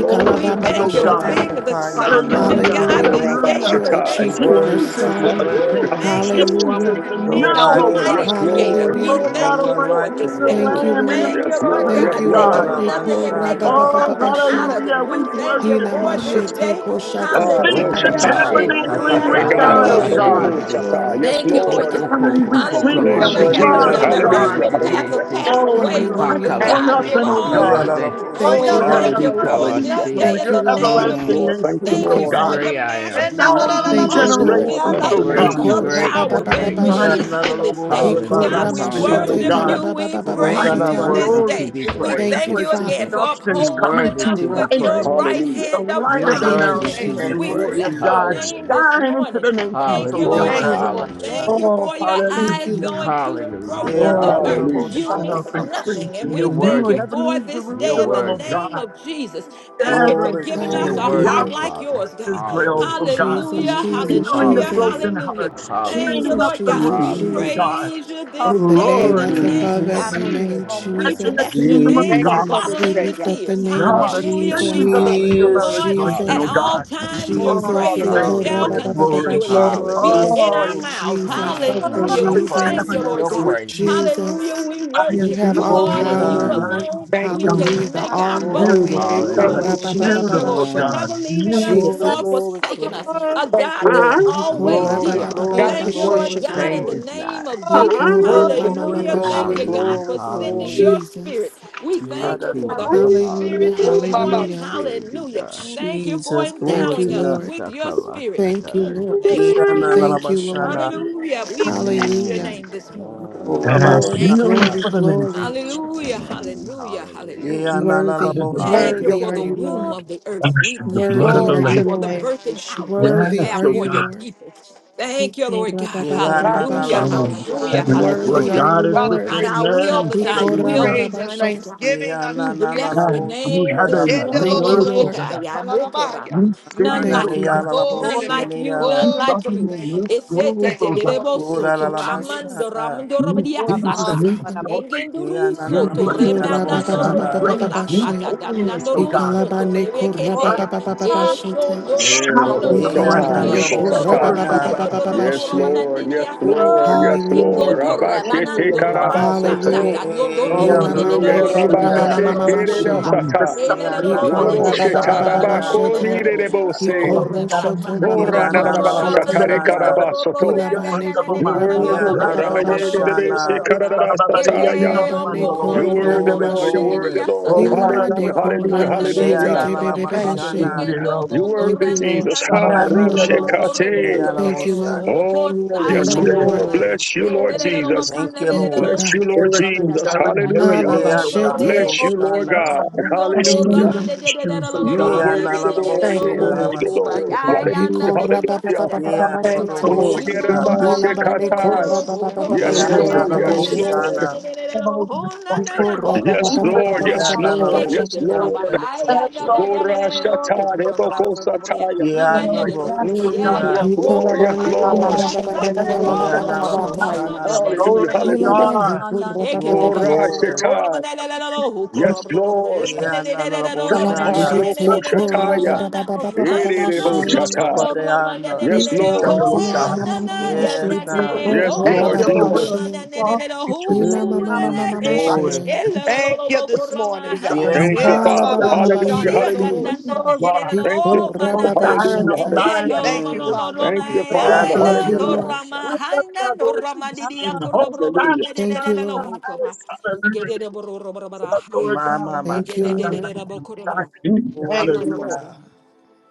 [SPEAKER 5] Ooh, We
[SPEAKER 6] nations, oh
[SPEAKER 5] thank you
[SPEAKER 9] you,
[SPEAKER 8] Your
[SPEAKER 9] we
[SPEAKER 5] for
[SPEAKER 6] God.
[SPEAKER 8] will,
[SPEAKER 5] being the
[SPEAKER 9] magnify you, we
[SPEAKER 5] sovereign
[SPEAKER 9] love you.
[SPEAKER 6] Hallelujah,
[SPEAKER 5] God
[SPEAKER 4] Hallelujah.
[SPEAKER 7] Oh,
[SPEAKER 8] your
[SPEAKER 7] Rabbi
[SPEAKER 5] this
[SPEAKER 8] will.
[SPEAKER 5] day
[SPEAKER 6] hallelujah.
[SPEAKER 5] in
[SPEAKER 4] You're
[SPEAKER 5] the
[SPEAKER 4] the
[SPEAKER 7] Shatai.
[SPEAKER 9] You're
[SPEAKER 2] oh,
[SPEAKER 4] chief
[SPEAKER 5] name of
[SPEAKER 9] worthy to
[SPEAKER 6] Jesus
[SPEAKER 5] Jesus.
[SPEAKER 9] be
[SPEAKER 6] is
[SPEAKER 4] cornerstone.
[SPEAKER 6] the
[SPEAKER 9] praised.
[SPEAKER 5] Ooh,
[SPEAKER 7] Hallelujah.
[SPEAKER 6] King.
[SPEAKER 7] Hallelujah.
[SPEAKER 5] thank you for
[SPEAKER 6] Jesus,
[SPEAKER 4] Hallelujah.
[SPEAKER 6] and
[SPEAKER 5] being a
[SPEAKER 6] now,
[SPEAKER 7] Yes,
[SPEAKER 6] oh
[SPEAKER 9] Nobody,
[SPEAKER 7] Lord. Yes,
[SPEAKER 5] mighty
[SPEAKER 6] God.
[SPEAKER 5] creator.
[SPEAKER 7] Lord.
[SPEAKER 6] The
[SPEAKER 5] We
[SPEAKER 4] Hallelujah.
[SPEAKER 6] Lord
[SPEAKER 9] no
[SPEAKER 6] God
[SPEAKER 5] thank you
[SPEAKER 9] one
[SPEAKER 6] Almighty
[SPEAKER 5] for it
[SPEAKER 9] like you,
[SPEAKER 6] and
[SPEAKER 5] this
[SPEAKER 6] the
[SPEAKER 5] day.
[SPEAKER 7] Mm.
[SPEAKER 9] Lord.
[SPEAKER 4] Thank you,
[SPEAKER 6] Lamb in the
[SPEAKER 4] Lord.
[SPEAKER 5] Thank
[SPEAKER 7] Yes,
[SPEAKER 5] you,
[SPEAKER 6] midst of
[SPEAKER 5] Lord
[SPEAKER 6] it,
[SPEAKER 7] Lord.
[SPEAKER 4] Thank
[SPEAKER 7] Yes,
[SPEAKER 6] oh
[SPEAKER 5] God,
[SPEAKER 4] you,
[SPEAKER 9] Ora
[SPEAKER 6] God.
[SPEAKER 4] Lord.
[SPEAKER 7] Lord.
[SPEAKER 9] la
[SPEAKER 5] taking
[SPEAKER 9] ba
[SPEAKER 5] nothing and making
[SPEAKER 9] shanda,
[SPEAKER 6] Oh,
[SPEAKER 5] something out
[SPEAKER 4] Ikorababababashe.
[SPEAKER 5] of it.
[SPEAKER 6] hallelujah. We
[SPEAKER 5] We thank you
[SPEAKER 6] worship
[SPEAKER 5] for
[SPEAKER 6] you
[SPEAKER 5] it
[SPEAKER 6] in
[SPEAKER 5] this
[SPEAKER 6] this.
[SPEAKER 4] Hinamashete
[SPEAKER 5] day.
[SPEAKER 6] The
[SPEAKER 7] Ah,
[SPEAKER 4] koshata
[SPEAKER 6] speak the
[SPEAKER 5] Hallelujah,
[SPEAKER 8] Mm,
[SPEAKER 7] Roshatai.
[SPEAKER 4] babababashe.
[SPEAKER 8] Esa
[SPEAKER 6] tabernacling
[SPEAKER 9] ye
[SPEAKER 8] ta
[SPEAKER 5] hallelujah,
[SPEAKER 6] with
[SPEAKER 8] ta
[SPEAKER 9] ko
[SPEAKER 8] ta
[SPEAKER 9] ra
[SPEAKER 6] God,
[SPEAKER 9] ba
[SPEAKER 6] oh
[SPEAKER 8] ta
[SPEAKER 4] Glory,
[SPEAKER 5] hallelujah.
[SPEAKER 8] da
[SPEAKER 6] God.
[SPEAKER 4] glory,
[SPEAKER 9] shanda,
[SPEAKER 8] isi.
[SPEAKER 7] Ekarababoboshatai.
[SPEAKER 4] glory.
[SPEAKER 6] We
[SPEAKER 7] Yes,
[SPEAKER 5] Thank you,
[SPEAKER 6] eat your
[SPEAKER 5] Lord
[SPEAKER 7] Lord.
[SPEAKER 5] God.
[SPEAKER 8] Hoko
[SPEAKER 6] body,
[SPEAKER 8] koko
[SPEAKER 6] we
[SPEAKER 8] koko
[SPEAKER 5] Hallelujah.
[SPEAKER 9] ye
[SPEAKER 6] drink your
[SPEAKER 9] ko
[SPEAKER 7] Bless you,
[SPEAKER 5] The
[SPEAKER 4] Glory,
[SPEAKER 9] ba
[SPEAKER 8] kawashi
[SPEAKER 9] ri
[SPEAKER 8] ta
[SPEAKER 5] heavens
[SPEAKER 7] Jesus.
[SPEAKER 6] blood,
[SPEAKER 9] ya
[SPEAKER 4] glory,
[SPEAKER 9] di
[SPEAKER 5] and
[SPEAKER 8] ta
[SPEAKER 6] oh
[SPEAKER 5] the
[SPEAKER 9] ya
[SPEAKER 8] ta
[SPEAKER 5] earth
[SPEAKER 8] da
[SPEAKER 6] God.
[SPEAKER 4] glory.
[SPEAKER 7] Hallelujah.
[SPEAKER 5] will
[SPEAKER 9] shi
[SPEAKER 8] di
[SPEAKER 9] de,
[SPEAKER 8] di
[SPEAKER 5] pass,
[SPEAKER 8] di
[SPEAKER 5] will
[SPEAKER 7] Hallelujah.
[SPEAKER 8] si.
[SPEAKER 5] pass
[SPEAKER 6] Oh, and we
[SPEAKER 5] away,
[SPEAKER 6] lack
[SPEAKER 5] but
[SPEAKER 4] Hallelujah.
[SPEAKER 6] for
[SPEAKER 5] God,
[SPEAKER 8] Hakawashi
[SPEAKER 5] you'll
[SPEAKER 6] nothing, oh
[SPEAKER 9] ye
[SPEAKER 6] God.
[SPEAKER 9] la
[SPEAKER 5] always
[SPEAKER 9] la
[SPEAKER 8] sakawate.
[SPEAKER 5] be.
[SPEAKER 9] bo shi
[SPEAKER 4] Thank
[SPEAKER 5] We
[SPEAKER 4] you,
[SPEAKER 6] Oh,
[SPEAKER 9] ra
[SPEAKER 6] your
[SPEAKER 9] ra ma,
[SPEAKER 5] thank
[SPEAKER 4] Lord.
[SPEAKER 5] you
[SPEAKER 7] Hallelujah.
[SPEAKER 5] for it
[SPEAKER 6] everlasting
[SPEAKER 7] Hallelujah.
[SPEAKER 5] this
[SPEAKER 8] Hikawashi.
[SPEAKER 6] joy,
[SPEAKER 5] day
[SPEAKER 4] Thank
[SPEAKER 5] in
[SPEAKER 6] your
[SPEAKER 4] you,
[SPEAKER 5] the
[SPEAKER 4] Lord.
[SPEAKER 5] name
[SPEAKER 7] Yes,
[SPEAKER 5] of
[SPEAKER 8] Mm,
[SPEAKER 6] everlasting
[SPEAKER 7] Lord.
[SPEAKER 5] Jesus.
[SPEAKER 7] Thank you,
[SPEAKER 6] increase,
[SPEAKER 4] Thank
[SPEAKER 5] Thank
[SPEAKER 6] oh
[SPEAKER 4] you,
[SPEAKER 5] you
[SPEAKER 8] the
[SPEAKER 7] Lord.
[SPEAKER 5] for
[SPEAKER 6] God.
[SPEAKER 4] Father.
[SPEAKER 8] great
[SPEAKER 5] your
[SPEAKER 8] I
[SPEAKER 6] A
[SPEAKER 8] am.
[SPEAKER 5] massive strong
[SPEAKER 6] thousand
[SPEAKER 4] Thank
[SPEAKER 9] ye
[SPEAKER 4] you,
[SPEAKER 7] Yes,
[SPEAKER 5] arm
[SPEAKER 4] Lord.
[SPEAKER 7] Lord.
[SPEAKER 5] this
[SPEAKER 2] Yellow,
[SPEAKER 6] generations,
[SPEAKER 2] yeah,
[SPEAKER 7] Bless
[SPEAKER 8] The
[SPEAKER 2] I'm
[SPEAKER 6] oh
[SPEAKER 7] your
[SPEAKER 5] day,
[SPEAKER 7] name,
[SPEAKER 8] great,
[SPEAKER 6] God.
[SPEAKER 8] the
[SPEAKER 5] your
[SPEAKER 7] Jesus.
[SPEAKER 2] all
[SPEAKER 8] great, the
[SPEAKER 5] power
[SPEAKER 6] At the
[SPEAKER 5] being
[SPEAKER 8] great.
[SPEAKER 9] ya
[SPEAKER 4] Ikorababababashe.
[SPEAKER 6] mighty
[SPEAKER 5] released
[SPEAKER 9] la la
[SPEAKER 5] in
[SPEAKER 6] by
[SPEAKER 9] lo
[SPEAKER 5] this
[SPEAKER 9] bo
[SPEAKER 5] day.
[SPEAKER 6] power
[SPEAKER 9] shi
[SPEAKER 6] by
[SPEAKER 9] te.
[SPEAKER 6] thy
[SPEAKER 8] Hallelujah.
[SPEAKER 5] God, we
[SPEAKER 6] spirit, oh
[SPEAKER 8] Hallelujah.
[SPEAKER 5] worship
[SPEAKER 7] Hallelujah.
[SPEAKER 6] God.
[SPEAKER 5] you. We
[SPEAKER 9] Oh,
[SPEAKER 6] Life,
[SPEAKER 5] praise
[SPEAKER 8] You're
[SPEAKER 5] you
[SPEAKER 4] Ikoramashetekarababababashata.
[SPEAKER 5] this
[SPEAKER 8] worthy
[SPEAKER 9] Ralabanda.
[SPEAKER 6] glory,
[SPEAKER 8] to
[SPEAKER 5] day.
[SPEAKER 8] be
[SPEAKER 5] We
[SPEAKER 8] praised.
[SPEAKER 4] Thank
[SPEAKER 5] thank
[SPEAKER 4] you,
[SPEAKER 5] you
[SPEAKER 6] immortality,
[SPEAKER 5] again
[SPEAKER 4] Father.
[SPEAKER 5] for
[SPEAKER 6] substance
[SPEAKER 8] You're
[SPEAKER 5] upholding
[SPEAKER 6] coming
[SPEAKER 8] worthy
[SPEAKER 6] to
[SPEAKER 5] us
[SPEAKER 8] to be
[SPEAKER 5] with
[SPEAKER 6] life
[SPEAKER 5] your
[SPEAKER 8] praised.
[SPEAKER 4] Glory.
[SPEAKER 5] right
[SPEAKER 7] Hallelujah.
[SPEAKER 6] the
[SPEAKER 5] hand of
[SPEAKER 6] light
[SPEAKER 8] You're
[SPEAKER 6] of the
[SPEAKER 4] Thank you,
[SPEAKER 8] worthy
[SPEAKER 6] knowledge of
[SPEAKER 8] to
[SPEAKER 6] the
[SPEAKER 5] righteousness.
[SPEAKER 8] be
[SPEAKER 9] Thank
[SPEAKER 5] We
[SPEAKER 4] Jesus.
[SPEAKER 9] you,
[SPEAKER 6] glory
[SPEAKER 8] praised.
[SPEAKER 6] of
[SPEAKER 5] bless
[SPEAKER 9] Jesus.
[SPEAKER 5] your
[SPEAKER 6] God
[SPEAKER 5] name
[SPEAKER 8] Hallelujah.
[SPEAKER 5] this
[SPEAKER 6] shine into
[SPEAKER 5] morning.
[SPEAKER 6] the nations,
[SPEAKER 5] Thank
[SPEAKER 6] oh
[SPEAKER 5] you,
[SPEAKER 1] you,
[SPEAKER 8] Hallelujah.
[SPEAKER 5] Lord
[SPEAKER 9] Oh,
[SPEAKER 4] Thank
[SPEAKER 6] God.
[SPEAKER 1] Thank
[SPEAKER 4] you,
[SPEAKER 5] God.
[SPEAKER 1] you,
[SPEAKER 4] Lord.
[SPEAKER 8] Hallelujah.
[SPEAKER 5] Thank
[SPEAKER 9] Ralabashan.
[SPEAKER 5] you
[SPEAKER 6] Oh,
[SPEAKER 5] for your
[SPEAKER 4] Thank you,
[SPEAKER 5] eyes
[SPEAKER 6] hallelujah.
[SPEAKER 4] Lord.
[SPEAKER 5] going to and
[SPEAKER 8] Hallelujah.
[SPEAKER 5] fro in
[SPEAKER 9] Yeah,
[SPEAKER 5] the
[SPEAKER 6] Oh, now
[SPEAKER 5] earth.
[SPEAKER 6] you
[SPEAKER 7] Hallelujah.
[SPEAKER 9] Narabo
[SPEAKER 8] Hallelujah.
[SPEAKER 5] You
[SPEAKER 6] open
[SPEAKER 9] Shed.
[SPEAKER 6] up
[SPEAKER 5] miss
[SPEAKER 6] and
[SPEAKER 1] Lord.
[SPEAKER 6] preach
[SPEAKER 5] nothing. And
[SPEAKER 6] in the
[SPEAKER 8] You're
[SPEAKER 5] we thank
[SPEAKER 6] new
[SPEAKER 5] you
[SPEAKER 8] worthy.
[SPEAKER 5] for
[SPEAKER 6] heavenly
[SPEAKER 5] this
[SPEAKER 8] You're
[SPEAKER 5] day in the
[SPEAKER 6] Jerusalem, oh
[SPEAKER 8] worthy.
[SPEAKER 5] name
[SPEAKER 6] God,
[SPEAKER 5] of Jesus. Thank
[SPEAKER 2] for
[SPEAKER 5] you for
[SPEAKER 6] gathering
[SPEAKER 9] Glory,
[SPEAKER 5] giving
[SPEAKER 8] You're
[SPEAKER 5] us
[SPEAKER 9] glory,
[SPEAKER 6] together
[SPEAKER 5] a
[SPEAKER 6] the
[SPEAKER 8] worthy,
[SPEAKER 5] heart
[SPEAKER 4] Hallelujah.
[SPEAKER 9] glory.
[SPEAKER 5] like
[SPEAKER 6] outcasts
[SPEAKER 8] Father.
[SPEAKER 6] of
[SPEAKER 5] yours, God.
[SPEAKER 6] Israel, oh
[SPEAKER 8] Hallelujah.
[SPEAKER 6] God,
[SPEAKER 2] the
[SPEAKER 4] Jesus,
[SPEAKER 5] Hallelujah,
[SPEAKER 2] cover,
[SPEAKER 4] Jesus,
[SPEAKER 6] healing the
[SPEAKER 5] hallelujah,
[SPEAKER 4] Jesus.
[SPEAKER 8] Hallelujah.
[SPEAKER 6] broken
[SPEAKER 5] hallelujah.
[SPEAKER 6] hearts,
[SPEAKER 5] Thank you,
[SPEAKER 6] cleaning
[SPEAKER 8] Hallelujah.
[SPEAKER 4] Jesus,
[SPEAKER 6] up
[SPEAKER 5] Lord
[SPEAKER 6] the
[SPEAKER 5] God.
[SPEAKER 4] Jesus,
[SPEAKER 5] We
[SPEAKER 6] wounds, oh
[SPEAKER 9] Jesus,
[SPEAKER 8] Hallelujah.
[SPEAKER 6] God.
[SPEAKER 4] Jesus.
[SPEAKER 5] praise you
[SPEAKER 6] The
[SPEAKER 5] this
[SPEAKER 2] cover,
[SPEAKER 4] The
[SPEAKER 5] day in
[SPEAKER 4] name
[SPEAKER 5] the
[SPEAKER 6] Lord
[SPEAKER 4] that's
[SPEAKER 6] is
[SPEAKER 5] name
[SPEAKER 4] above
[SPEAKER 8] Mm,
[SPEAKER 2] shadow
[SPEAKER 5] of
[SPEAKER 9] Jesus,
[SPEAKER 4] every
[SPEAKER 2] of
[SPEAKER 6] bringing
[SPEAKER 5] Jesus.
[SPEAKER 6] and
[SPEAKER 4] name,
[SPEAKER 2] all my
[SPEAKER 5] We
[SPEAKER 6] stretching the
[SPEAKER 8] mm.
[SPEAKER 4] Jesus.
[SPEAKER 5] bless your
[SPEAKER 6] kingdom
[SPEAKER 9] Jesus.
[SPEAKER 6] of
[SPEAKER 5] name
[SPEAKER 2] life.
[SPEAKER 1] Thank
[SPEAKER 5] for
[SPEAKER 1] you
[SPEAKER 6] God,
[SPEAKER 1] for this
[SPEAKER 4] We
[SPEAKER 5] bottling
[SPEAKER 1] day,
[SPEAKER 5] the
[SPEAKER 4] lift
[SPEAKER 1] God.
[SPEAKER 4] up the
[SPEAKER 5] tears.
[SPEAKER 2] thank
[SPEAKER 6] and
[SPEAKER 2] you.
[SPEAKER 4] name of
[SPEAKER 6] all the
[SPEAKER 5] Hallelujah.
[SPEAKER 8] Hallelujah.
[SPEAKER 5] We
[SPEAKER 6] trees of
[SPEAKER 4] Jesus.
[SPEAKER 6] the
[SPEAKER 5] bless you,
[SPEAKER 6] field are
[SPEAKER 8] Hallelujah.
[SPEAKER 9] Jesus.
[SPEAKER 5] Lord.
[SPEAKER 6] rejoicing,
[SPEAKER 5] At
[SPEAKER 6] oh
[SPEAKER 4] Jesus,
[SPEAKER 8] Hallelujah.
[SPEAKER 5] all
[SPEAKER 6] God.
[SPEAKER 5] times, your
[SPEAKER 2] Lord.
[SPEAKER 1] Thank
[SPEAKER 6] Oh,
[SPEAKER 4] Jesus.
[SPEAKER 1] you,
[SPEAKER 5] praises
[SPEAKER 6] thank
[SPEAKER 1] Lord.
[SPEAKER 6] you
[SPEAKER 5] shall
[SPEAKER 6] for your
[SPEAKER 8] Hallelujah.
[SPEAKER 6] glory.
[SPEAKER 5] continually
[SPEAKER 4] Ikorababababashe.
[SPEAKER 9] Lover
[SPEAKER 1] Thank
[SPEAKER 9] of
[SPEAKER 1] you,
[SPEAKER 9] my
[SPEAKER 5] be
[SPEAKER 8] Hallelujah.
[SPEAKER 1] Lord.
[SPEAKER 5] in
[SPEAKER 6] Oh,
[SPEAKER 5] our
[SPEAKER 6] you
[SPEAKER 9] soul.
[SPEAKER 5] mouths.
[SPEAKER 2] Thank you,
[SPEAKER 4] Jesus,
[SPEAKER 1] Thank
[SPEAKER 2] Lord,
[SPEAKER 1] you,
[SPEAKER 8] Mm,
[SPEAKER 1] Lord.
[SPEAKER 5] Hallelujah.
[SPEAKER 2] I can
[SPEAKER 8] your
[SPEAKER 6] have
[SPEAKER 5] We
[SPEAKER 6] to
[SPEAKER 5] thank
[SPEAKER 4] Jesus.
[SPEAKER 5] you,
[SPEAKER 8] praises,
[SPEAKER 5] Lord
[SPEAKER 8] your
[SPEAKER 6] tabernacle
[SPEAKER 5] God.
[SPEAKER 9] Jesus.
[SPEAKER 6] with me.
[SPEAKER 8] praises.
[SPEAKER 2] thank you,
[SPEAKER 5] Hallelujah.
[SPEAKER 4] Jesus,
[SPEAKER 5] We
[SPEAKER 6] I am
[SPEAKER 4] you
[SPEAKER 5] worship
[SPEAKER 6] in
[SPEAKER 4] have
[SPEAKER 5] you,
[SPEAKER 4] all
[SPEAKER 9] Oh,
[SPEAKER 5] Lord,
[SPEAKER 6] you
[SPEAKER 5] and
[SPEAKER 6] and
[SPEAKER 5] you
[SPEAKER 6] me.
[SPEAKER 4] power.
[SPEAKER 6] I
[SPEAKER 9] God.
[SPEAKER 8] Mm,
[SPEAKER 6] am
[SPEAKER 5] alone.
[SPEAKER 6] you,
[SPEAKER 1] Thank you,
[SPEAKER 5] We
[SPEAKER 6] God.
[SPEAKER 4] Hallelujah.
[SPEAKER 1] Lord.
[SPEAKER 5] can
[SPEAKER 4] The
[SPEAKER 5] make
[SPEAKER 2] Lord,
[SPEAKER 5] our
[SPEAKER 4] all
[SPEAKER 2] thank
[SPEAKER 9] Glory,
[SPEAKER 5] boast
[SPEAKER 4] knowing.
[SPEAKER 5] in
[SPEAKER 6] Beautiful
[SPEAKER 9] glory,
[SPEAKER 5] you,
[SPEAKER 2] you,
[SPEAKER 6] God.
[SPEAKER 1] Thank
[SPEAKER 8] hallelujah.
[SPEAKER 5] Lord.
[SPEAKER 1] you,
[SPEAKER 9] glory.
[SPEAKER 5] Thank you,
[SPEAKER 1] Jesus.
[SPEAKER 6] Beautiful
[SPEAKER 5] Lord, for
[SPEAKER 6] God.
[SPEAKER 8] Mm,
[SPEAKER 5] never leaving us
[SPEAKER 9] Glory,
[SPEAKER 6] Beautiful.
[SPEAKER 5] nor
[SPEAKER 4] Jesus.
[SPEAKER 9] glory,
[SPEAKER 5] forsaking
[SPEAKER 9] glory.
[SPEAKER 5] us. A
[SPEAKER 1] Thank you,
[SPEAKER 5] God that's
[SPEAKER 1] Lord.
[SPEAKER 8] you
[SPEAKER 5] always
[SPEAKER 8] are
[SPEAKER 9] Glory,
[SPEAKER 5] here.
[SPEAKER 8] God.
[SPEAKER 1] God,
[SPEAKER 9] glory,
[SPEAKER 1] we
[SPEAKER 5] Thank you, Lord
[SPEAKER 9] glory,
[SPEAKER 1] worship
[SPEAKER 4] Ekorababababashe.
[SPEAKER 5] God,
[SPEAKER 1] you.
[SPEAKER 5] in
[SPEAKER 8] Change
[SPEAKER 5] the
[SPEAKER 9] glory.
[SPEAKER 8] is
[SPEAKER 5] name
[SPEAKER 8] not.
[SPEAKER 5] of Jesus.
[SPEAKER 1] We
[SPEAKER 2] Lord,
[SPEAKER 1] worship you,
[SPEAKER 9] Glory,
[SPEAKER 2] I
[SPEAKER 5] Hallelujah.
[SPEAKER 1] Lord.
[SPEAKER 5] Thank
[SPEAKER 9] glory,
[SPEAKER 5] you,
[SPEAKER 4] Ekorobabamashe.
[SPEAKER 8] Hallelujah.
[SPEAKER 5] God, for
[SPEAKER 9] glory,
[SPEAKER 5] sending
[SPEAKER 9] glory.
[SPEAKER 8] Hallelujah.
[SPEAKER 5] your spirit.
[SPEAKER 4] Jesus.
[SPEAKER 5] We
[SPEAKER 9] I
[SPEAKER 8] Your
[SPEAKER 9] Ah,
[SPEAKER 5] thank you
[SPEAKER 9] to give
[SPEAKER 5] for the
[SPEAKER 8] kingdom.
[SPEAKER 9] it up.
[SPEAKER 5] Holy
[SPEAKER 4] Hallelujah.
[SPEAKER 5] Spirit
[SPEAKER 8] Hallelujah.
[SPEAKER 5] this
[SPEAKER 1] Oh, Baba,
[SPEAKER 8] Your
[SPEAKER 5] morning.
[SPEAKER 4] Hallelujah.
[SPEAKER 8] spirit be
[SPEAKER 5] Hallelujah.
[SPEAKER 8] God.
[SPEAKER 2] do,
[SPEAKER 5] Thank you for
[SPEAKER 9] Jesus, glory
[SPEAKER 4] Thank you,
[SPEAKER 5] endowing
[SPEAKER 9] to
[SPEAKER 5] us
[SPEAKER 9] God.
[SPEAKER 8] He
[SPEAKER 4] Lord.
[SPEAKER 5] with your spirit.
[SPEAKER 4] Thank
[SPEAKER 5] Mm.
[SPEAKER 4] you,
[SPEAKER 8] suckalakatala.
[SPEAKER 4] Lord.
[SPEAKER 5] Thank you,
[SPEAKER 9] Yeah, na la
[SPEAKER 5] Jesus.
[SPEAKER 9] la
[SPEAKER 4] Thank
[SPEAKER 9] ba
[SPEAKER 4] you, Lord.
[SPEAKER 9] shana.
[SPEAKER 5] Hallelujah. We bless your
[SPEAKER 4] Hallelujah.
[SPEAKER 8] Mm,
[SPEAKER 5] name this morning.
[SPEAKER 9] Oh, la
[SPEAKER 6] And
[SPEAKER 9] ba
[SPEAKER 8] mm,
[SPEAKER 6] ask
[SPEAKER 1] Lord.
[SPEAKER 4] Glory,
[SPEAKER 5] Thank you, Lord.
[SPEAKER 6] healing
[SPEAKER 9] shana.
[SPEAKER 4] glory,
[SPEAKER 6] for the nations.
[SPEAKER 2] Lord.
[SPEAKER 4] glory.
[SPEAKER 5] Hallelujah.
[SPEAKER 8] mm,
[SPEAKER 5] Hallelujah.
[SPEAKER 8] hallelujah.
[SPEAKER 5] Hallelujah.
[SPEAKER 9] Yeah, na la
[SPEAKER 6] I
[SPEAKER 9] la
[SPEAKER 4] Worthy,
[SPEAKER 9] bo
[SPEAKER 6] am
[SPEAKER 1] Thank
[SPEAKER 5] Thank you
[SPEAKER 8] Hallelujah.
[SPEAKER 1] you,
[SPEAKER 9] shide.
[SPEAKER 4] worthy
[SPEAKER 5] for
[SPEAKER 4] are
[SPEAKER 5] the
[SPEAKER 4] you,
[SPEAKER 1] Lord.
[SPEAKER 5] womb
[SPEAKER 2] Oh,
[SPEAKER 4] Lord.
[SPEAKER 5] of the earth.
[SPEAKER 6] washed
[SPEAKER 5] We
[SPEAKER 6] in the
[SPEAKER 5] thank you,
[SPEAKER 6] blood of
[SPEAKER 4] Worthy
[SPEAKER 5] Lord
[SPEAKER 6] the
[SPEAKER 4] are
[SPEAKER 1] Glory
[SPEAKER 5] God,
[SPEAKER 4] you,
[SPEAKER 1] to
[SPEAKER 6] Lamb.
[SPEAKER 1] the
[SPEAKER 5] for the
[SPEAKER 4] Lord.
[SPEAKER 1] name of
[SPEAKER 5] birthing
[SPEAKER 1] Yeshua.
[SPEAKER 5] out what you
[SPEAKER 4] Worthy
[SPEAKER 6] Yes,
[SPEAKER 5] have
[SPEAKER 4] are
[SPEAKER 6] oh
[SPEAKER 5] for
[SPEAKER 4] you,
[SPEAKER 5] your
[SPEAKER 6] God.
[SPEAKER 4] Lord.
[SPEAKER 5] people. Thank you, Lord God.
[SPEAKER 9] Yeah,
[SPEAKER 1] God,
[SPEAKER 9] na la
[SPEAKER 1] we
[SPEAKER 9] la
[SPEAKER 5] Hallelujah.
[SPEAKER 9] bo
[SPEAKER 4] Ikorababababashe.
[SPEAKER 1] worship
[SPEAKER 6] Oh,
[SPEAKER 5] Hallelujah.
[SPEAKER 1] you.
[SPEAKER 9] shana.
[SPEAKER 2] my
[SPEAKER 6] tabernacle
[SPEAKER 4] Worthy
[SPEAKER 6] of
[SPEAKER 5] Hallelujah.
[SPEAKER 4] are
[SPEAKER 6] God
[SPEAKER 4] you,
[SPEAKER 6] is
[SPEAKER 1] Father, we
[SPEAKER 5] Not
[SPEAKER 4] Lord.
[SPEAKER 6] within
[SPEAKER 5] our
[SPEAKER 1] release
[SPEAKER 5] will,
[SPEAKER 6] men.
[SPEAKER 5] but
[SPEAKER 1] celebration,
[SPEAKER 5] thine will
[SPEAKER 6] Hallelujah.
[SPEAKER 5] be
[SPEAKER 1] praise, and
[SPEAKER 5] done, O
[SPEAKER 4] Ikorabababashe.
[SPEAKER 5] God.
[SPEAKER 1] thanksgiving
[SPEAKER 9] Yeah,
[SPEAKER 5] We
[SPEAKER 9] na
[SPEAKER 1] unto
[SPEAKER 9] na
[SPEAKER 1] you.
[SPEAKER 9] la
[SPEAKER 5] bless
[SPEAKER 9] la
[SPEAKER 6] Ah,
[SPEAKER 5] your
[SPEAKER 9] bo
[SPEAKER 6] New
[SPEAKER 9] shide
[SPEAKER 5] name
[SPEAKER 9] la
[SPEAKER 5] this
[SPEAKER 6] heavens,
[SPEAKER 9] ba la
[SPEAKER 5] morning
[SPEAKER 6] new
[SPEAKER 9] ba.
[SPEAKER 4] Thank
[SPEAKER 5] in
[SPEAKER 4] you,
[SPEAKER 6] earth,
[SPEAKER 5] the
[SPEAKER 6] oh
[SPEAKER 1] Shendelololobo,
[SPEAKER 4] Lord.
[SPEAKER 6] God.
[SPEAKER 1] shatalabaya.
[SPEAKER 5] Hayamukuraba.
[SPEAKER 6] New
[SPEAKER 9] Na ma
[SPEAKER 5] None
[SPEAKER 6] cities,
[SPEAKER 9] na
[SPEAKER 4] Thank
[SPEAKER 6] oh
[SPEAKER 9] re
[SPEAKER 5] like you,
[SPEAKER 6] God.
[SPEAKER 9] ya
[SPEAKER 4] you.
[SPEAKER 5] God.
[SPEAKER 9] la la bo
[SPEAKER 1] Glory
[SPEAKER 2] Lord,
[SPEAKER 5] None
[SPEAKER 1] to God.
[SPEAKER 5] like
[SPEAKER 9] shide
[SPEAKER 5] you,
[SPEAKER 9] la la.
[SPEAKER 5] none
[SPEAKER 6] new
[SPEAKER 1] Glory
[SPEAKER 5] like
[SPEAKER 1] to the
[SPEAKER 5] you.
[SPEAKER 6] government,
[SPEAKER 1] name of
[SPEAKER 6] new
[SPEAKER 1] Jesus.
[SPEAKER 6] school
[SPEAKER 1] Thank you,
[SPEAKER 6] program,
[SPEAKER 1] Lord.
[SPEAKER 9] Oh,
[SPEAKER 5] Esetetereboso
[SPEAKER 9] la
[SPEAKER 4] Thank
[SPEAKER 9] la
[SPEAKER 5] to
[SPEAKER 4] you,
[SPEAKER 9] la ba
[SPEAKER 5] Ramando
[SPEAKER 4] Jesus.
[SPEAKER 9] shana.
[SPEAKER 5] Ramando
[SPEAKER 6] new
[SPEAKER 1] Lord, we
[SPEAKER 4] Thank
[SPEAKER 6] peace,
[SPEAKER 4] you,
[SPEAKER 2] Barabas,
[SPEAKER 6] a
[SPEAKER 1] honor
[SPEAKER 5] Ramadiasata.
[SPEAKER 6] new
[SPEAKER 1] you.
[SPEAKER 4] Father.
[SPEAKER 2] Barabas.
[SPEAKER 6] joy,
[SPEAKER 9] Yeah, na na
[SPEAKER 6] new
[SPEAKER 5] Engenduruso
[SPEAKER 9] la
[SPEAKER 5] to
[SPEAKER 9] ma na ya la bo
[SPEAKER 6] righteousness,
[SPEAKER 5] Remanano
[SPEAKER 6] and new
[SPEAKER 9] shana.
[SPEAKER 6] grace, new
[SPEAKER 4] Ikorabababababashe.
[SPEAKER 5] Robrasata.
[SPEAKER 6] holiness, oh God.
[SPEAKER 5] Dandandoruso to
[SPEAKER 4] Ikalabane
[SPEAKER 2] Oh,
[SPEAKER 5] Revekete.
[SPEAKER 6] Action.
[SPEAKER 2] my
[SPEAKER 5] Eson
[SPEAKER 4] korabababababashete.
[SPEAKER 5] Doramando
[SPEAKER 6] Showers of
[SPEAKER 9] Yeah, na
[SPEAKER 6] blessing,
[SPEAKER 9] la
[SPEAKER 4] Ikalabane
[SPEAKER 9] la
[SPEAKER 5] Doribikiele
[SPEAKER 9] bo
[SPEAKER 7] Yerobosatayakosata.
[SPEAKER 6] showers, oh
[SPEAKER 9] shana.
[SPEAKER 6] God.
[SPEAKER 5] Robadanando
[SPEAKER 7] Yes,
[SPEAKER 4] korabababababashe.
[SPEAKER 7] Lord. Yes,
[SPEAKER 5] Robadandiasata.
[SPEAKER 7] Lord.
[SPEAKER 6] Holy,
[SPEAKER 2] Lord,
[SPEAKER 7] Yes,
[SPEAKER 5] Ingo
[SPEAKER 7] Lord.
[SPEAKER 4] Hallelujah.
[SPEAKER 6] holy,
[SPEAKER 5] torre
[SPEAKER 6] holy,
[SPEAKER 7] Rabashete
[SPEAKER 5] manando
[SPEAKER 6] oh God.
[SPEAKER 5] robarasa
[SPEAKER 7] karabasoto.
[SPEAKER 4] Hallelujah.
[SPEAKER 5] tata no
[SPEAKER 9] Yeah,
[SPEAKER 6] Oh,
[SPEAKER 5] dorime
[SPEAKER 6] and
[SPEAKER 9] la la
[SPEAKER 5] no
[SPEAKER 4] Ilamande
[SPEAKER 9] bo
[SPEAKER 5] no no
[SPEAKER 6] dedicated, the
[SPEAKER 5] no
[SPEAKER 9] shana.
[SPEAKER 5] no no
[SPEAKER 6] consecrated
[SPEAKER 4] koramamamamashe.
[SPEAKER 5] fotora
[SPEAKER 6] ones, the
[SPEAKER 7] Yerabashekererasata.
[SPEAKER 5] ele le lo
[SPEAKER 6] separated
[SPEAKER 9] Yana
[SPEAKER 2] oh,
[SPEAKER 5] lo
[SPEAKER 9] la
[SPEAKER 5] ba
[SPEAKER 9] la
[SPEAKER 5] ne
[SPEAKER 6] ones,
[SPEAKER 4] Ikora
[SPEAKER 5] ne
[SPEAKER 6] oh
[SPEAKER 5] ne
[SPEAKER 2] oh,
[SPEAKER 4] baba
[SPEAKER 5] ne
[SPEAKER 6] God.
[SPEAKER 4] baba
[SPEAKER 5] ne no
[SPEAKER 9] boshana
[SPEAKER 5] no
[SPEAKER 4] baba
[SPEAKER 5] no
[SPEAKER 9] yana
[SPEAKER 5] ne ne
[SPEAKER 4] sheta.
[SPEAKER 5] ne ne
[SPEAKER 9] bosa.
[SPEAKER 5] so
[SPEAKER 7] Yoroshetarabakonirelebose.
[SPEAKER 5] torre
[SPEAKER 6] Miracles,
[SPEAKER 4] Ikoro
[SPEAKER 5] bara
[SPEAKER 2] my
[SPEAKER 4] shoto mama
[SPEAKER 5] ingo
[SPEAKER 9] Yana
[SPEAKER 4] mama
[SPEAKER 9] la la
[SPEAKER 5] torra mande
[SPEAKER 7] Oranarabashatare
[SPEAKER 4] shete.
[SPEAKER 5] di
[SPEAKER 2] Lord,
[SPEAKER 5] ro
[SPEAKER 9] boshana.
[SPEAKER 5] ro
[SPEAKER 7] karabasoto.
[SPEAKER 5] aga ne
[SPEAKER 4] Ilabane
[SPEAKER 5] ne ne
[SPEAKER 7] You
[SPEAKER 5] ne
[SPEAKER 4] kora
[SPEAKER 5] no
[SPEAKER 4] baba
[SPEAKER 7] worthy,
[SPEAKER 5] ro
[SPEAKER 4] baba
[SPEAKER 9] Yana
[SPEAKER 5] ne
[SPEAKER 7] Lord.
[SPEAKER 5] ne
[SPEAKER 9] la la
[SPEAKER 5] ne
[SPEAKER 4] baba
[SPEAKER 5] no no no
[SPEAKER 4] she.
[SPEAKER 5] so
[SPEAKER 7] Ayerebese
[SPEAKER 5] torra
[SPEAKER 9] boshana.
[SPEAKER 5] bara e
[SPEAKER 7] kararasataya.
[SPEAKER 5] che on
[SPEAKER 4] Ilabane
[SPEAKER 5] pom mo
[SPEAKER 7] You
[SPEAKER 9] Glory,
[SPEAKER 5] mo no
[SPEAKER 4] kora
[SPEAKER 7] worthy,
[SPEAKER 5] no
[SPEAKER 9] glory,
[SPEAKER 4] mama
[SPEAKER 5] no
[SPEAKER 7] Lord. You
[SPEAKER 5] ne
[SPEAKER 4] she.
[SPEAKER 5] di di
[SPEAKER 7] worthy,
[SPEAKER 9] glory.
[SPEAKER 1] Thank you,
[SPEAKER 5] assa
[SPEAKER 7] Lord.
[SPEAKER 1] Lord.
[SPEAKER 5] tata mo
[SPEAKER 4] Ilabane
[SPEAKER 7] Hallelujah.
[SPEAKER 5] torra bara bara
[SPEAKER 4] kora
[SPEAKER 7] Hallelujah.
[SPEAKER 4] mama
[SPEAKER 5] ne ne ne ne
[SPEAKER 4] shete
[SPEAKER 7] Hallelujah.
[SPEAKER 9] Yana
[SPEAKER 4] te
[SPEAKER 9] la
[SPEAKER 5] ne
[SPEAKER 9] la
[SPEAKER 5] ne
[SPEAKER 4] bebe
[SPEAKER 5] na
[SPEAKER 1] Thank
[SPEAKER 4] bebe
[SPEAKER 1] you,
[SPEAKER 4] she.
[SPEAKER 1] Lord.
[SPEAKER 9] boshana.
[SPEAKER 5] Inge no
[SPEAKER 7] You
[SPEAKER 5] no no
[SPEAKER 4] Thank
[SPEAKER 7] worthy,
[SPEAKER 4] you,
[SPEAKER 5] remme
[SPEAKER 4] Lord.
[SPEAKER 7] Jesus.
[SPEAKER 5] gando
[SPEAKER 7] Ha
[SPEAKER 4] Thank
[SPEAKER 5] torra
[SPEAKER 9] Yana
[SPEAKER 4] you,
[SPEAKER 9] la
[SPEAKER 5] ma
[SPEAKER 9] la
[SPEAKER 5] no
[SPEAKER 4] Lord.
[SPEAKER 5] do re
[SPEAKER 9] boshana.
[SPEAKER 5] che
[SPEAKER 7] roshekate.
[SPEAKER 9] Yana
[SPEAKER 5] de
[SPEAKER 9] la
[SPEAKER 4] Thank
[SPEAKER 5] ro
[SPEAKER 4] you,
[SPEAKER 5] ro
[SPEAKER 4] Lord.
[SPEAKER 5] ro
[SPEAKER 9] boshana.
[SPEAKER 5] po
[SPEAKER 7] Oh, yes,
[SPEAKER 4] Thank
[SPEAKER 5] sanda
[SPEAKER 1] Thank
[SPEAKER 4] you,
[SPEAKER 5] da
[SPEAKER 1] you,
[SPEAKER 4] Lord.
[SPEAKER 7] Lord.
[SPEAKER 5] da
[SPEAKER 1] Lord.
[SPEAKER 7] Bless you, Lord Jesus.
[SPEAKER 9] Thank you,
[SPEAKER 4] Thank you,
[SPEAKER 9] Lord.
[SPEAKER 7] Bless you,
[SPEAKER 4] God.
[SPEAKER 7] Lord Jesus.
[SPEAKER 6] Evan,
[SPEAKER 7] Hallelujah.
[SPEAKER 6] miracles,
[SPEAKER 9] Yana
[SPEAKER 6] oh
[SPEAKER 9] la
[SPEAKER 6] God.
[SPEAKER 9] la
[SPEAKER 4] Alabashete.
[SPEAKER 7] Bless you, Lord
[SPEAKER 6] Oh,
[SPEAKER 9] boshana.
[SPEAKER 7] God.
[SPEAKER 6] we're
[SPEAKER 4] Thank
[SPEAKER 6] Testing
[SPEAKER 4] you,
[SPEAKER 6] in
[SPEAKER 7] Hallelujah.
[SPEAKER 6] the
[SPEAKER 4] Lord.
[SPEAKER 6] nations, oh
[SPEAKER 7] You are
[SPEAKER 6] God.
[SPEAKER 7] worthy,
[SPEAKER 9] Yana la la
[SPEAKER 7] Lord.
[SPEAKER 1] Thank
[SPEAKER 7] You are
[SPEAKER 1] you,
[SPEAKER 9] boshana.
[SPEAKER 6] Oh,
[SPEAKER 1] Lord.
[SPEAKER 7] worthy,
[SPEAKER 9] Ramashaya.
[SPEAKER 7] Lord.
[SPEAKER 6] hallelujah.
[SPEAKER 7] Hallelujah.
[SPEAKER 4] Ikora baba baba
[SPEAKER 7] Hallelujah.
[SPEAKER 4] baba baba
[SPEAKER 6] Father,
[SPEAKER 9] Yana la
[SPEAKER 1] Thank
[SPEAKER 9] la
[SPEAKER 1] you,
[SPEAKER 4] shete.
[SPEAKER 7] Oh,
[SPEAKER 6] Father,
[SPEAKER 1] Lord.
[SPEAKER 6] forgive me
[SPEAKER 9] boshana.
[SPEAKER 6] all
[SPEAKER 4] Ilabane
[SPEAKER 6] the
[SPEAKER 7] yerabashekatai.
[SPEAKER 4] kora baba baba
[SPEAKER 1] Thank you,
[SPEAKER 7] Yes,
[SPEAKER 4] baba
[SPEAKER 6] Sense
[SPEAKER 9] Yana
[SPEAKER 1] Lord.
[SPEAKER 6] of
[SPEAKER 4] baba
[SPEAKER 7] Lord.
[SPEAKER 6] the
[SPEAKER 9] la la
[SPEAKER 7] Yes,
[SPEAKER 4] baba
[SPEAKER 6] Lord.
[SPEAKER 7] Lord.
[SPEAKER 9] boshana.
[SPEAKER 6] Oh, lift up the
[SPEAKER 4] Ikora
[SPEAKER 6] cross.
[SPEAKER 4] ba ba
[SPEAKER 7] Yes,
[SPEAKER 4] ba ba ba
[SPEAKER 6] Lift
[SPEAKER 4] ba
[SPEAKER 7] Lord.
[SPEAKER 6] your
[SPEAKER 4] ba
[SPEAKER 7] Yes,
[SPEAKER 4] ba
[SPEAKER 9] Yana
[SPEAKER 4] ba ba
[SPEAKER 9] la
[SPEAKER 6] high,
[SPEAKER 9] la
[SPEAKER 4] ba
[SPEAKER 7] Lord.
[SPEAKER 6] lift
[SPEAKER 7] Yes,
[SPEAKER 4] shata.
[SPEAKER 5] Ekete
[SPEAKER 6] it
[SPEAKER 5] la
[SPEAKER 6] up.
[SPEAKER 7] Lord.
[SPEAKER 6] That
[SPEAKER 5] bahaya da
[SPEAKER 9] boshana.
[SPEAKER 5] da
[SPEAKER 7] Oh,
[SPEAKER 5] da le le
[SPEAKER 6] salvation, glory
[SPEAKER 7] rashatai,
[SPEAKER 6] of God.
[SPEAKER 7] ebokosatai.
[SPEAKER 9] Yana
[SPEAKER 5] Ingele
[SPEAKER 6] Lord,
[SPEAKER 5] de
[SPEAKER 6] yes, oh
[SPEAKER 5] roria
[SPEAKER 6] God.
[SPEAKER 7] Mm,
[SPEAKER 5] ya
[SPEAKER 7] Yes,
[SPEAKER 9] Roboshia,
[SPEAKER 4] Ikala
[SPEAKER 7] Lord.
[SPEAKER 5] woko
[SPEAKER 4] ba
[SPEAKER 7] Yes,
[SPEAKER 6] I
[SPEAKER 1] Oh,
[SPEAKER 4] ne
[SPEAKER 6] give
[SPEAKER 1] la,
[SPEAKER 5] mandi
[SPEAKER 6] you
[SPEAKER 1] la,
[SPEAKER 7] Lord.
[SPEAKER 4] kora
[SPEAKER 6] now.
[SPEAKER 5] ya
[SPEAKER 4] ba ba
[SPEAKER 6] what
[SPEAKER 4] ba ba
[SPEAKER 6] that
[SPEAKER 1] la,
[SPEAKER 5] sanda
[SPEAKER 4] ba
[SPEAKER 6] is.
[SPEAKER 1] la,
[SPEAKER 4] ba
[SPEAKER 1] la,
[SPEAKER 4] ba
[SPEAKER 5] no
[SPEAKER 1] la,
[SPEAKER 4] ba
[SPEAKER 1] la,
[SPEAKER 5] no
[SPEAKER 4] ba
[SPEAKER 6] Test
[SPEAKER 9] Yana
[SPEAKER 1] la,
[SPEAKER 5] no
[SPEAKER 1] la,
[SPEAKER 6] and
[SPEAKER 5] no
[SPEAKER 4] shata.
[SPEAKER 1] la,
[SPEAKER 5] no
[SPEAKER 6] God,
[SPEAKER 5] no
[SPEAKER 9] Laboshana
[SPEAKER 5] na ne ne
[SPEAKER 9] Labasa,
[SPEAKER 5] ne
[SPEAKER 7] Hallelujah.
[SPEAKER 5] ne
[SPEAKER 6] destroying,
[SPEAKER 5] no
[SPEAKER 6] oh
[SPEAKER 5] no,
[SPEAKER 4] Ila
[SPEAKER 5] na
[SPEAKER 7] Hallelujah.
[SPEAKER 4] ba
[SPEAKER 5] na na
[SPEAKER 4] ne
[SPEAKER 6] God.
[SPEAKER 4] kora ba ba
[SPEAKER 5] eke te
[SPEAKER 4] ba
[SPEAKER 9] Oh,
[SPEAKER 7] Oh,
[SPEAKER 4] ba.
[SPEAKER 5] te da bro ro
[SPEAKER 9] glory,
[SPEAKER 5] ro ro
[SPEAKER 7] rashatai.
[SPEAKER 5] ma ne ne ne ne
[SPEAKER 6] Teach
[SPEAKER 5] no
[SPEAKER 6] the
[SPEAKER 5] hu ko
[SPEAKER 6] best
[SPEAKER 5] ro
[SPEAKER 7] Yes,
[SPEAKER 5] ro ro ro
[SPEAKER 7] Lord.
[SPEAKER 5] ne ne
[SPEAKER 6] constitution.
[SPEAKER 5] ne ne
[SPEAKER 9] Yana
[SPEAKER 5] ne ne ro ro ma
[SPEAKER 4] Ala
[SPEAKER 6] Christ
[SPEAKER 4] ba
[SPEAKER 5] ne ne
[SPEAKER 6] is
[SPEAKER 5] ne
[SPEAKER 6] the
[SPEAKER 9] Laboshana,
[SPEAKER 5] ne ne
[SPEAKER 6] Son
[SPEAKER 5] ne
[SPEAKER 4] shete
[SPEAKER 5] ne ne
[SPEAKER 6] of
[SPEAKER 4] kora
[SPEAKER 5] no
[SPEAKER 4] ba
[SPEAKER 7] Harokoshataya.
[SPEAKER 5] na
[SPEAKER 4] ba
[SPEAKER 6] God.
[SPEAKER 4] ba
[SPEAKER 5] na
[SPEAKER 4] ba ba ba ba
[SPEAKER 5] ay
[SPEAKER 4] ba ba
[SPEAKER 5] no
[SPEAKER 9] yes,
[SPEAKER 6] Teach
[SPEAKER 5] no
[SPEAKER 9] yes,
[SPEAKER 4] she.
[SPEAKER 5] no
[SPEAKER 6] us
[SPEAKER 7] Erereboshata.
[SPEAKER 5] no ro
[SPEAKER 6] the
[SPEAKER 5] ma ne ne
[SPEAKER 9] Kabadayana,
[SPEAKER 5] ne
[SPEAKER 7] Yes,
[SPEAKER 5] ne
[SPEAKER 6] best
[SPEAKER 5] ne
[SPEAKER 6] each
[SPEAKER 5] ho
[SPEAKER 7] Lord.
[SPEAKER 6] other, oh
[SPEAKER 4] Ikintensila ba
[SPEAKER 6] God.
[SPEAKER 4] na
[SPEAKER 5] na
[SPEAKER 4] ma ma
[SPEAKER 5] na
[SPEAKER 4] ma ma
[SPEAKER 5] ya
[SPEAKER 6] But
[SPEAKER 9] yes,
[SPEAKER 5] na
[SPEAKER 6] so
[SPEAKER 4] shete
[SPEAKER 9] God,
[SPEAKER 6] the
[SPEAKER 5] ne
[SPEAKER 7] Yes,
[SPEAKER 5] no
[SPEAKER 4] koro
[SPEAKER 6] Lord,
[SPEAKER 4] ba
[SPEAKER 5] no
[SPEAKER 1] Thank
[SPEAKER 6] the
[SPEAKER 7] Lord
[SPEAKER 4] ba
[SPEAKER 1] you,
[SPEAKER 5] no
[SPEAKER 4] ba ba
[SPEAKER 5] ro
[SPEAKER 1] Lord.
[SPEAKER 6] joy
[SPEAKER 7] Jesus.
[SPEAKER 6] of
[SPEAKER 5] ma ne
[SPEAKER 4] she.
[SPEAKER 5] ne ne
[SPEAKER 6] all
[SPEAKER 5] ne
[SPEAKER 6] the
[SPEAKER 5] no hu
[SPEAKER 6] features.
[SPEAKER 4] Ina ma
[SPEAKER 7] Mm,
[SPEAKER 5] na
[SPEAKER 4] ma ma ma
[SPEAKER 9] mm,
[SPEAKER 4] ma
[SPEAKER 6] Christ,
[SPEAKER 4] ma
[SPEAKER 6] the
[SPEAKER 5] ne
[SPEAKER 6] praise
[SPEAKER 9] glory,
[SPEAKER 4] she.
[SPEAKER 5] Ella la la
[SPEAKER 1] Thank
[SPEAKER 5] la la
[SPEAKER 1] you this
[SPEAKER 5] corra ma
[SPEAKER 1] morning,
[SPEAKER 6] of
[SPEAKER 5] hai
[SPEAKER 1] God.
[SPEAKER 6] the
[SPEAKER 9] yes,
[SPEAKER 7] Thank
[SPEAKER 5] na
[SPEAKER 6] Lord,
[SPEAKER 7] you,
[SPEAKER 1] Eh,
[SPEAKER 6] the
[SPEAKER 9] God,
[SPEAKER 1] ba,
[SPEAKER 5] no
[SPEAKER 4] Ala
[SPEAKER 5] ro
[SPEAKER 1] ba,
[SPEAKER 7] Father.
[SPEAKER 4] ba ba
[SPEAKER 1] ba,
[SPEAKER 6] study
[SPEAKER 4] ba
[SPEAKER 5] ro
[SPEAKER 6] of
[SPEAKER 4] ba
[SPEAKER 6] the
[SPEAKER 5] ne
[SPEAKER 7] Hallelujah.
[SPEAKER 6] great
[SPEAKER 5] ne ya
[SPEAKER 1] shande, lo,
[SPEAKER 5] kan
[SPEAKER 4] shete.
[SPEAKER 7] Hallelujah.
[SPEAKER 5] na
[SPEAKER 6] glory
[SPEAKER 5] na
[SPEAKER 6] of
[SPEAKER 5] na ne ne la
[SPEAKER 6] God.
[SPEAKER 7] Thank you,
[SPEAKER 5] la ma
[SPEAKER 4] Ikora
[SPEAKER 7] Father.
[SPEAKER 5] na
[SPEAKER 4] ba
[SPEAKER 6] I'm
[SPEAKER 5] na.
[SPEAKER 4] ba
[SPEAKER 6] dying,
[SPEAKER 7] Hallelujah.
[SPEAKER 6] I'm
[SPEAKER 4] shata.
[SPEAKER 6] dying,
[SPEAKER 7] Hallelujah.
[SPEAKER 6] I'm
[SPEAKER 5] Indelo
[SPEAKER 6] not
[SPEAKER 1] Thank
[SPEAKER 5] no
[SPEAKER 1] you,
[SPEAKER 5] no
[SPEAKER 9] mm,
[SPEAKER 6] waiting for
[SPEAKER 5] no
[SPEAKER 1] Father.
[SPEAKER 7] Thank
[SPEAKER 6] my
[SPEAKER 7] you,
[SPEAKER 6] things
[SPEAKER 7] Father.
[SPEAKER 4] Thank
[SPEAKER 6] alone.
[SPEAKER 5] ana
[SPEAKER 4] you,
[SPEAKER 9] Yana
[SPEAKER 5] no
[SPEAKER 7] Hallelujah.
[SPEAKER 4] Lord.
[SPEAKER 9] Labosha,
[SPEAKER 5] rama
[SPEAKER 6] Lift up thy
[SPEAKER 5] hana no
[SPEAKER 6] voice and
[SPEAKER 5] rama didi
[SPEAKER 6] sing,
[SPEAKER 5] akuro bro bro
[SPEAKER 7] Hallelujah.
[SPEAKER 6] Hosanna
[SPEAKER 5] didi
[SPEAKER 6] to
[SPEAKER 5] didi
[SPEAKER 4] Thank
[SPEAKER 6] God
[SPEAKER 4] you,
[SPEAKER 5] didi
[SPEAKER 6] in
[SPEAKER 5] lo
[SPEAKER 6] the
[SPEAKER 4] Lord.
[SPEAKER 5] huko ba
[SPEAKER 6] highest,
[SPEAKER 5] ege
[SPEAKER 6] hallelujah.
[SPEAKER 5] didi bro bro bro
[SPEAKER 6] For
[SPEAKER 5] bro
[SPEAKER 6] the
[SPEAKER 5] ha
[SPEAKER 6] Lord God
[SPEAKER 9] Mama
[SPEAKER 6] Almighty,
[SPEAKER 4] Thank
[SPEAKER 5] ege
[SPEAKER 4] you,
[SPEAKER 5] didi
[SPEAKER 6] the
[SPEAKER 9] Mashana,
[SPEAKER 6] Lamb
[SPEAKER 4] Lord.
[SPEAKER 5] didi bro
[SPEAKER 6] of
[SPEAKER 5] kuro
[SPEAKER 6] God,
[SPEAKER 5] bro
[SPEAKER 6] King,
[SPEAKER 1] Thank
[SPEAKER 9] glory
[SPEAKER 1] you,
[SPEAKER 9] to
[SPEAKER 5] Allah
[SPEAKER 6] hallelujah.
[SPEAKER 1] Lord.
[SPEAKER 9] God,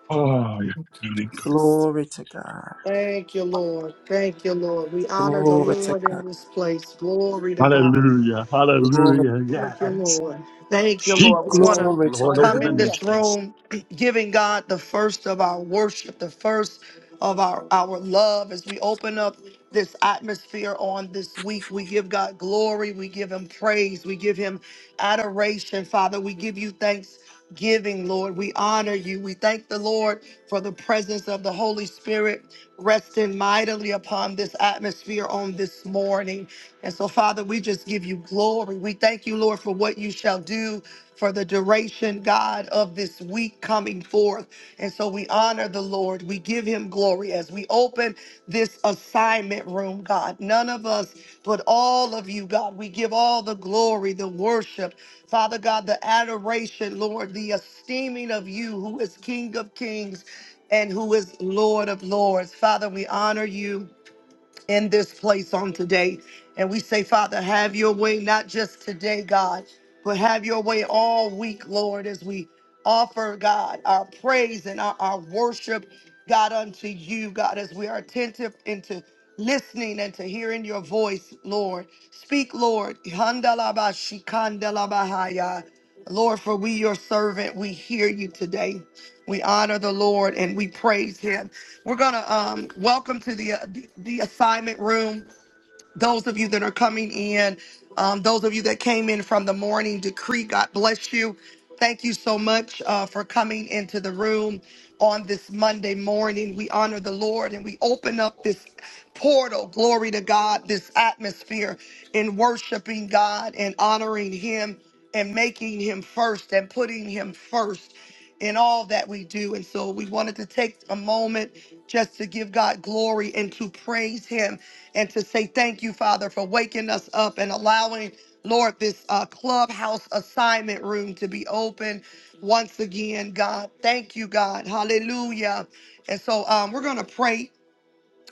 [SPEAKER 6] Oh, you're
[SPEAKER 4] Thank you,
[SPEAKER 6] beautiful.
[SPEAKER 4] Jesus.
[SPEAKER 9] glory to God,
[SPEAKER 1] Thank you, Lord. Thank you, Lord. We honor the
[SPEAKER 9] glory to
[SPEAKER 1] Lord
[SPEAKER 9] God,
[SPEAKER 1] in this place. Glory to God.
[SPEAKER 6] Hallelujah,
[SPEAKER 9] glory,
[SPEAKER 6] hallelujah,
[SPEAKER 1] Thank you,
[SPEAKER 6] yes.
[SPEAKER 1] Lord. Thank you, Lord. We
[SPEAKER 6] Jesus
[SPEAKER 5] no
[SPEAKER 1] want
[SPEAKER 6] is
[SPEAKER 1] to
[SPEAKER 9] glory to
[SPEAKER 6] Lord over
[SPEAKER 9] God.
[SPEAKER 1] come
[SPEAKER 6] the
[SPEAKER 1] in
[SPEAKER 5] ba
[SPEAKER 1] this
[SPEAKER 6] nations.
[SPEAKER 1] room *clears throat* giving God the first of our worship, the first of our, our love as we open up this atmosphere on this week. We give God glory. We give him praise. We give him adoration, Father. We give you thanks giving, Lord. We honor you. We thank the Lord for the presence of the Holy Spirit resting mightily upon this atmosphere on this morning. And so, Father, we just give you glory. We thank you, Lord, for what you shall do for the duration, God, of this week coming forth. And so we honor the Lord. We give him glory as we open this assignment room, God. None of us, but all of you, God. We give all the glory, the worship, Father God, the adoration, Lord, the esteeming of you who is King of Kings and who is Lord of Lords. Father, we honor you in this place on today. And we say, Father, have your way, not just today, God, but have your way all week, Lord, as we offer, God, our praise and our, our worship, God, unto you, God, as we are attentive into listening and to hearing your voice, Lord. Speak, Lord. Handalabashikandelabahaya. Lord, for we, your servant, we hear you today. We honor the Lord and we praise him. We're going to um, welcome to the, uh, the the assignment room those of you that are coming in, um, those of you that came in from the morning decree, God bless you. Thank you so much uh, for coming into the room on this Monday morning. We honor the Lord and we open up this portal, glory to God, this atmosphere in worshiping God and honoring Him and making Him first and putting Him first in all that we do. And so we wanted to take a moment just to give God glory and to praise Him and to say thank you, Father, for waking us up and allowing, Lord, this uh, clubhouse assignment room to be open once again, God. Thank you, God. Hallelujah. And so um, we're going to pray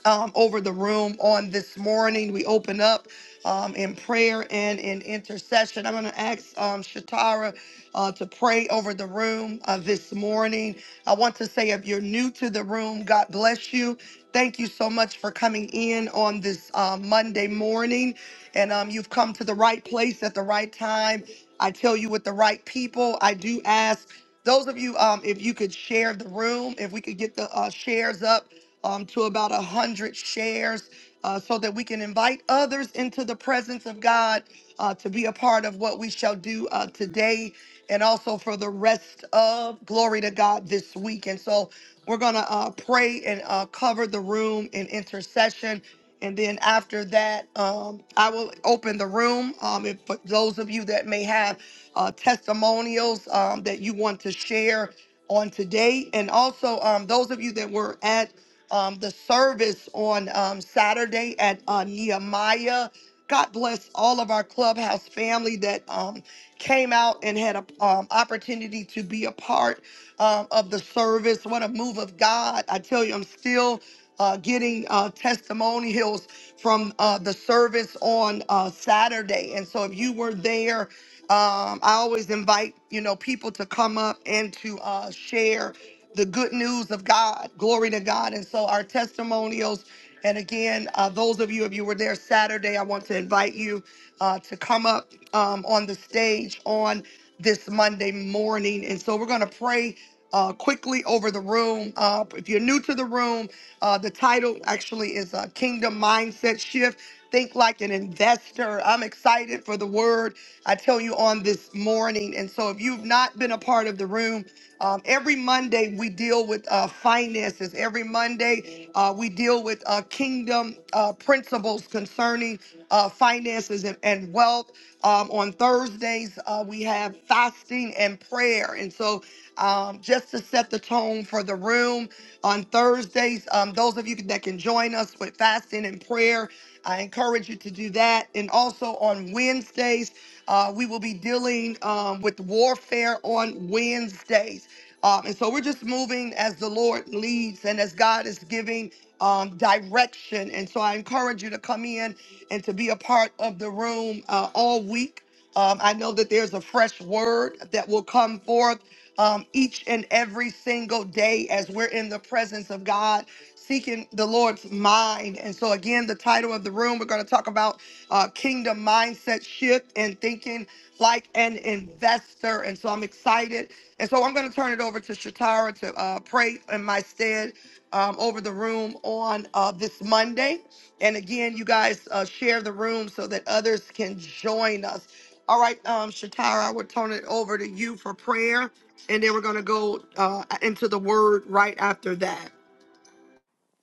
[SPEAKER 1] um, over the room on this morning. We open up um, in prayer and in intercession. I'm going to ask um, Shatara uh, to pray over the room uh, this morning. I want to say if you're new to the room, God bless you. Thank you so much for coming in on this uh, Monday morning. And um, you've come to the right place at the right time. I tell you, with the right people, I do ask those of you, um, if you could share the room, if we could get the uh, shares up um, to about a hundred shares uh, so that we can invite others into the presence of God uh, to be a part of what we shall do uh, today and also for the rest of glory to God this week. And so we're going to uh, pray and uh, cover the room in intercession. And then after that, um, I will open the room. Um, if for those of you that may have uh, testimonials um, that you want to share, on today. And also, um, those of you that were at um, the service on um, Saturday at uh, Nehemiah, God bless all of our clubhouse family that um, came out and had an um, opportunity to be a part um, of the service. What a move of God. I tell you, I'm still. Uh, getting uh, testimonials from uh, the service on uh, Saturday. And so, if you were there um, I always invite, you know, people to come up and to uh, share the good news of God. Glory to God. And so our testimonials. And again, uh, those of you, if you were there Saturday, I want to invite you uh, to come up um, on the stage on this Monday morning. And so we're going to pray uh, quickly over the room. Uh, if you're new to the room, uh, the title actually is uh, Kingdom Mindset Shift. Think like an investor. I'm excited for the word I tell you on this morning. And so, if you've not been a part of the room, um, every Monday we deal with uh, finances. Every Monday uh, we deal with uh, kingdom uh, principles concerning uh, finances and, and wealth. Um, on Thursdays, Fridays, uh, we have fasting and prayer. And so, um, just to set the tone for the room on Thursdays, um, those of you that can join us with fasting and prayer, I encourage you to do that. And also on Wednesdays, uh, we will be dealing um, with warfare on Wednesdays. Um, and so we're just moving as the Lord leads and as God is giving um, direction. And so I encourage you to come in and to be a part of the room uh, all week. Um, I know that there's a fresh word that will come forth um, each and every single day as we're in the presence of God, seeking the Lord's mind. And so, again, the title of the room, we're going to talk about uh, kingdom mindset shift and thinking like an investor. And so I'm excited. And so I'm going to turn it over to Shatara to uh, pray in my stead um, over the room on uh, this Monday. And again, you guys uh, share the room so that others can join us. All right, um, Shatara, I would turn it over to you for prayer. And then we're going to go uh, into the word right after that.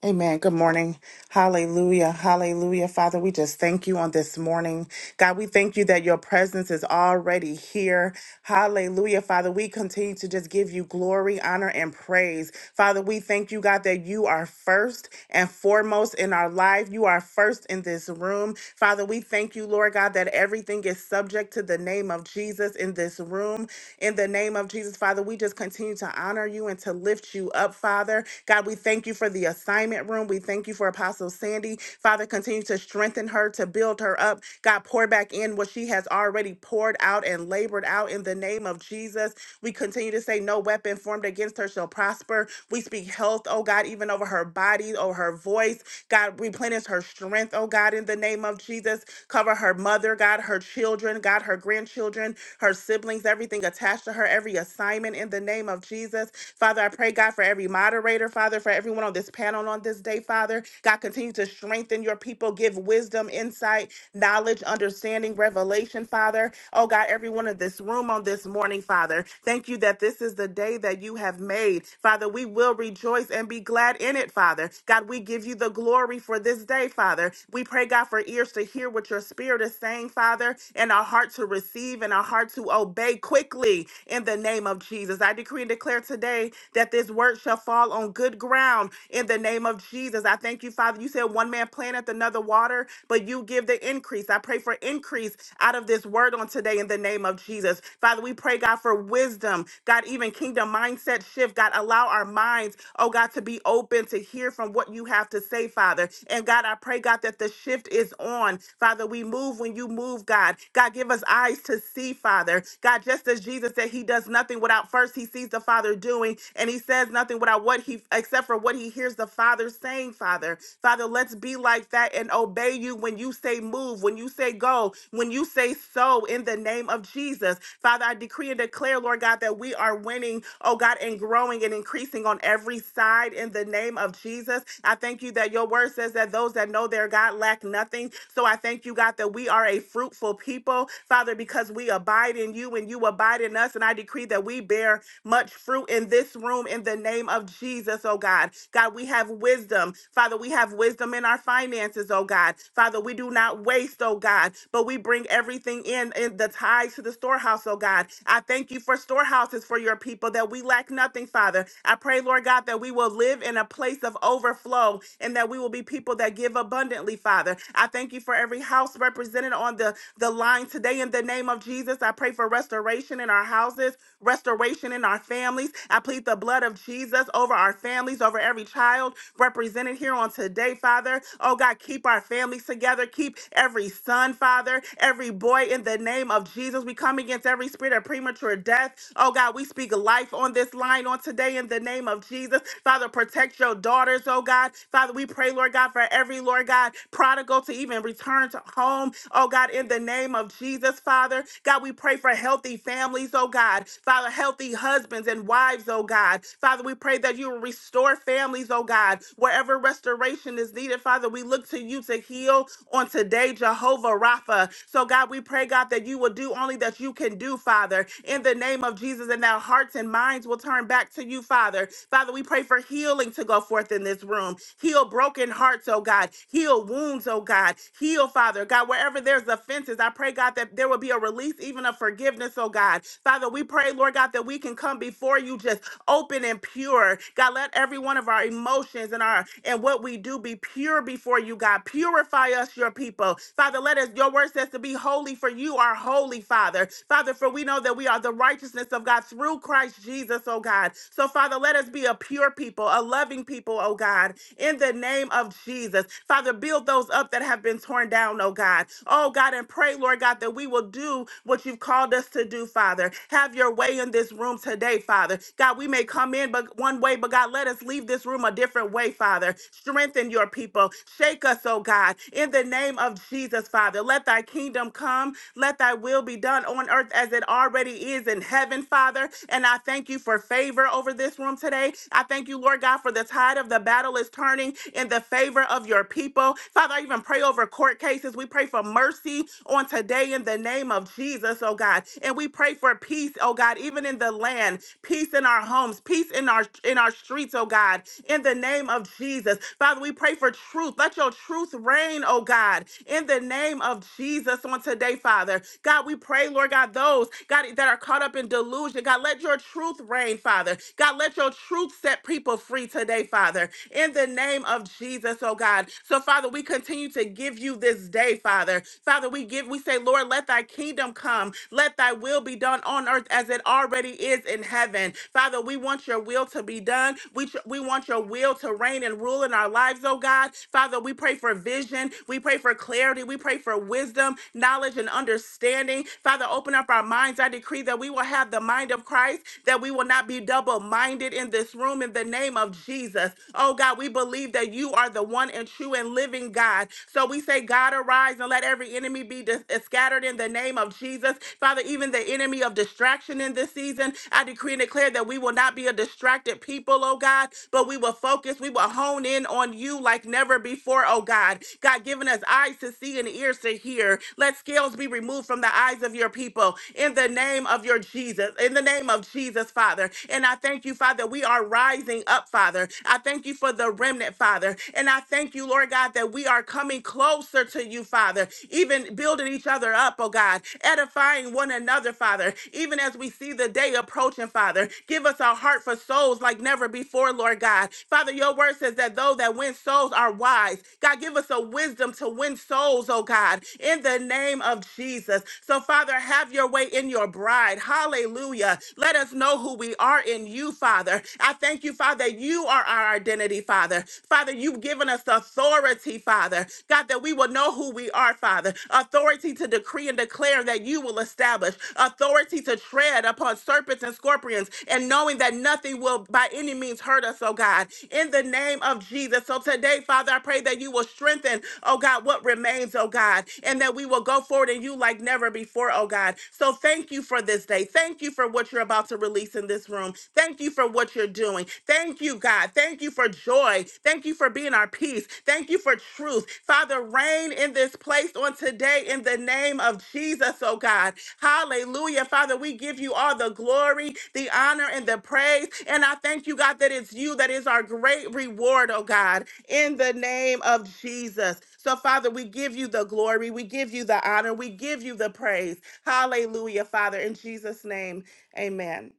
[SPEAKER 4] Amen. Good morning. Hallelujah. Hallelujah. Father, we just thank you on this morning. God, we thank you that your presence is already here. Hallelujah. Father, we continue to just give you glory, honor, and praise. Father, we thank you, God, that you are first and foremost in our life. You are first in this room. Father, we thank you, Lord God, that everything is subject to the name of Jesus in this room. In the name of Jesus, Father, we just continue to honor you and to lift you up, Father. God, we thank you for the assignment room. We thank you for Apostle Sandy. Father, continue to strengthen her, to build her up. God, pour back in what she has already poured out and labored out in the name of Jesus. We continue to say, No weapon formed against her shall prosper. We speak health, oh God, even over her body, over her voice. God, replenish her strength, oh God, in the name of Jesus. Cover her mother, God, her children, God, her grandchildren her siblings, everything attached to her, every assignment in the name of Jesus. Father, I pray, God, for every moderator, Father, for everyone on this panel on this day, Father. God, continue to strengthen your people. Give wisdom, insight, knowledge, understanding, revelation, Father. Oh, God, everyone in this room on this morning, Father. Thank you that this is the day that you have made. Father, we will rejoice and be glad in it, Father. God, we give you the glory for this day, Father. We pray, God, for ears to hear what your spirit is saying, Father, and our heart to receive and our heart to obey quickly in the name of Jesus. I decree and declare declare today that this word shall fall on good ground in the name of Jesus. I thank you, Father. You said one man planteth another water, but you give the increase. I pray for increase out of this word on today in the name of Jesus. Father, we pray, God, for wisdom, God, even kingdom mindset shift. God, allow our minds, oh God, to be open to hear from what you have to say, Father. And God, I pray, God, that the shift is on. Father, we move when you move, God. God, give us eyes to see, Father. God, just as Jesus said, He does nothing without first He sees the sees the Father doing, and he says nothing without what he except for what he hears the Father saying, Father. Father, let's be like that and obey you when you say move, when you say go, when you say so in the name of Jesus. Father, I decree and declare, Lord God, that we are winning, oh God, and growing and increasing on every side in the name of Jesus. I thank you that your word says that those that know their God lack nothing. So I thank you, God, that we are a fruitful people, Father, because we abide in you and you abide in us. And I decree that we bear much fruit in this room in the name of Jesus, oh God. God, we have wisdom. Father, we have wisdom in our finances, oh God. Father, we do not waste, oh God, but we bring everything in, in the ties to the storehouse, oh God. I thank you for storehouses for your people that we lack nothing, Father. I pray, Lord God, that we will live in a place of overflow and that we will be people that give abundantly, Father. I thank you for every house represented on the the line today in the name of Jesus. I pray for restoration in our houses, restoration in our families. I plead the blood of Jesus over our families, over every child represented here on today, Father. Oh God, keep our families together. Keep every son, Father, every boy in the name of Jesus. We come against every spirit of premature death. Oh God, we speak life on this line on today in the name of Jesus. Father, protect your daughters, oh God. Father, we pray, Lord God, for every, Lord God, prodigal to even return to home. Oh God, in the name of Jesus, Father. God, we pray for healthy families, oh God. Father, healthy husbands and wives, oh God. Father, we pray that you will restore families, oh God. Wherever restoration is needed, Father, we look to you to heal on today, Jehovah Rapha. So, God, we pray, God, that you will do only that you can do, Father, in the name of Jesus, and that hearts and minds will turn back to you, Father. Father, we pray for healing to go forth in this room. Heal broken hearts, oh God. Heal wounds, wounds, oh God. Heal, Father God, wherever there's offenses. I pray, God, that there will be a release, even of forgiveness, oh God. Father, we pray, Lord God, that we can come before you just open and pure. God, let every one of our emotions and our and what we do be pure before you, God. Purify us, your people. Father, let us, your word says to be holy, for you are holy, Father. Father, for we know that we are the righteousness of God through Christ Jesus, oh God. So, Father, let us be a pure people, a loving people, oh God, in the name of Jesus. Jesus. Father, build those up that have been torn down, oh God. Oh God, and pray, Lord God, that we will do what you've called us to do, Father. Have your way in this room today, Father. God, we may come in but one way, but God, let us leave this room a different way, Father. Strengthen your people. Shake us, oh God, in the name of Jesus, Father. Let thy kingdom come. Let thy will be done on earth as it already is in heaven, Father. And I thank you for favor over this room today. I thank you, Lord God, for the tide of the battle is turning turning in the favor of your people. Father, I even pray over court cases. We pray for mercy on today in the name of Jesus, oh God. And we pray for peace, oh God, even in the land, peace in our homes, peace in our in our streets, oh God, in the name of Jesus. Father, we pray for truth. Let your truth reign, oh God, in the name of Jesus on today, Father. God, we pray, Lord God, those God that are caught up in delusion. God, let your truth reign, Father. God, let your truth set people free glory today, Father, in the name of Jesus, oh God. So, Father, we continue to give you this day, Father. Father, we give, we say, Lord, let thy kingdom come, let thy will be done on earth as it already is in heaven. Father, we want your will to be done. We, tr- we want your will to reign and rule in our lives, oh God. Father, we pray for vision, we pray for clarity, we pray for wisdom, knowledge, and understanding. Father, open up our minds. I decree that we will have the mind of Christ, that we will not be double minded in this in this room in the name of Jesus. Oh God, we believe that you are the one and true and living God. So we say, God, arise and let every enemy be dis- uh, scattered in the name of Jesus. Father, even the enemy of distraction in this season, I decree and declare that we will not be a distracted people, oh God, but we will focus, we will hone in on you like never before, oh God. God, giving us eyes to see and ears to hear. Let scales be removed from the eyes of your people in the name of your Jesus, in the name of Jesus, Father. Father. And I thank you, Father, we are rising up, Father. I thank you for the remnant, Father. And I thank you, Lord God, that we are coming closer to you, Father, even building each other up, oh God, edifying one another, Father, even as we see the day approaching, Father. Give us a heart for souls like never before, Lord God. Father, your word says that those that win souls are wise. God, give us a wisdom to win souls, oh God, in the name of Jesus. So, Father, have your way in your bride. Hallelujah. Hallelujah. Let us know who we are in you, Father. I thank you, Father, that you are our identity, Father. Father, you've given us authority, Father. God, that we will know who we are, Father. Authority to decree and declare that you will establish. Authority to tread upon serpents and scorpions and knowing that nothing will by any means hurt us, oh God. In the name of Jesus. So today, Father, I pray that you will strengthen, oh God, what remains, oh God, and that we will go forward in you like never before, oh God. So thank you, you for this day. Thank you for what you're about to release in this room. Thank you for what you're doing. Thank you, God. Thank you for joy. Thank you for being our peace. Thank you for truth. Father, reign in this place on today in the name of Jesus, oh God. Hallelujah. Father, we give you all the glory, the honor, and the praise. And I thank you, God, that it's you that is our great reward, oh God, in the name of Jesus. So, Father, we give you the glory. We give you the honor. We give you the praise. Hallelujah, Father. In Jesus' name, amen.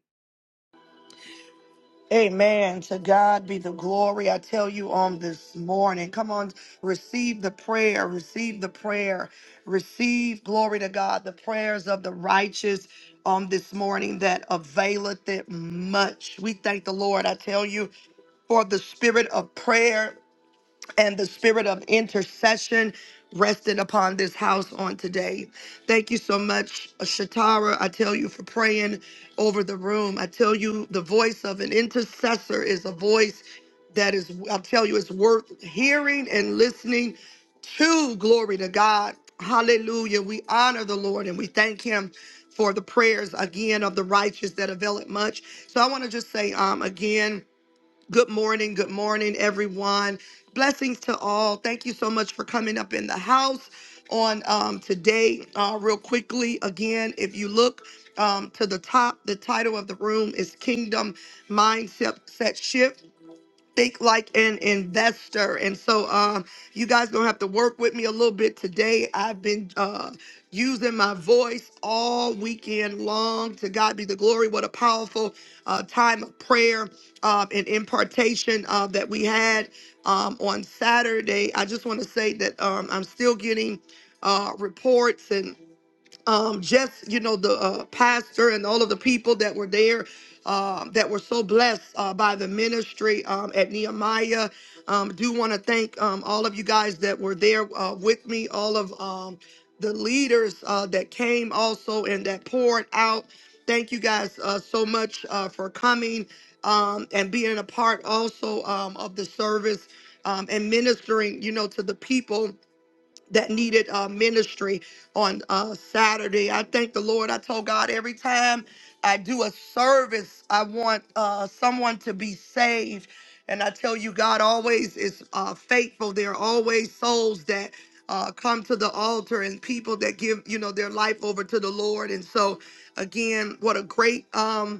[SPEAKER 1] Amen. To God be the glory. I tell you on this morning, come on, receive the prayer, receive the prayer, receive glory to God, the prayers of the righteous on this morning that availeth it much. We thank the Lord. I tell you for the spirit of prayer and the spirit of intercession rested upon this house on today. Thank you so much, Shatara. I tell you for praying over the room. I tell you the voice of an intercessor is a voice that is, I tell you, it's worth hearing and listening to. Glory to God. Hallelujah. We honor the Lord and we thank him for the prayers again of the righteous that avail it much. So I want to just say um again Good morning. Good morning, everyone. Blessings to all. Thank you so much for coming up in the house on um, today. Uh, real quickly, again, if you look um, to the top, the title of the room is Kingdom Mindset Set Shift think like an investor. And so um you guys gonna have to work with me a little bit today. I've been uh using my voice all weekend long. To God be the glory. What a powerful uh time of prayer uh, and impartation uh, that we had um on Saturday. I just want to say that um I'm still getting uh reports and um, just you know the uh, pastor and all of the people that were there um, that were so blessed uh, by the ministry um, at Nehemiah. Um, do want to thank um, all of you guys that were there uh, with me, all of um, the leaders uh, that came also and that poured out. Thank you guys uh, so much uh, for coming um, and being a part also um, of the service um, and ministering, you know, to the people that needed uh, ministry on uh, Saturday. I thank the Lord. I told God every time I do a service, I want uh, someone to be saved. And I tell you, God always is uh, faithful. There are always souls that uh, come to the altar and people that give, you know, their life over to the Lord. And so, again, what a great um,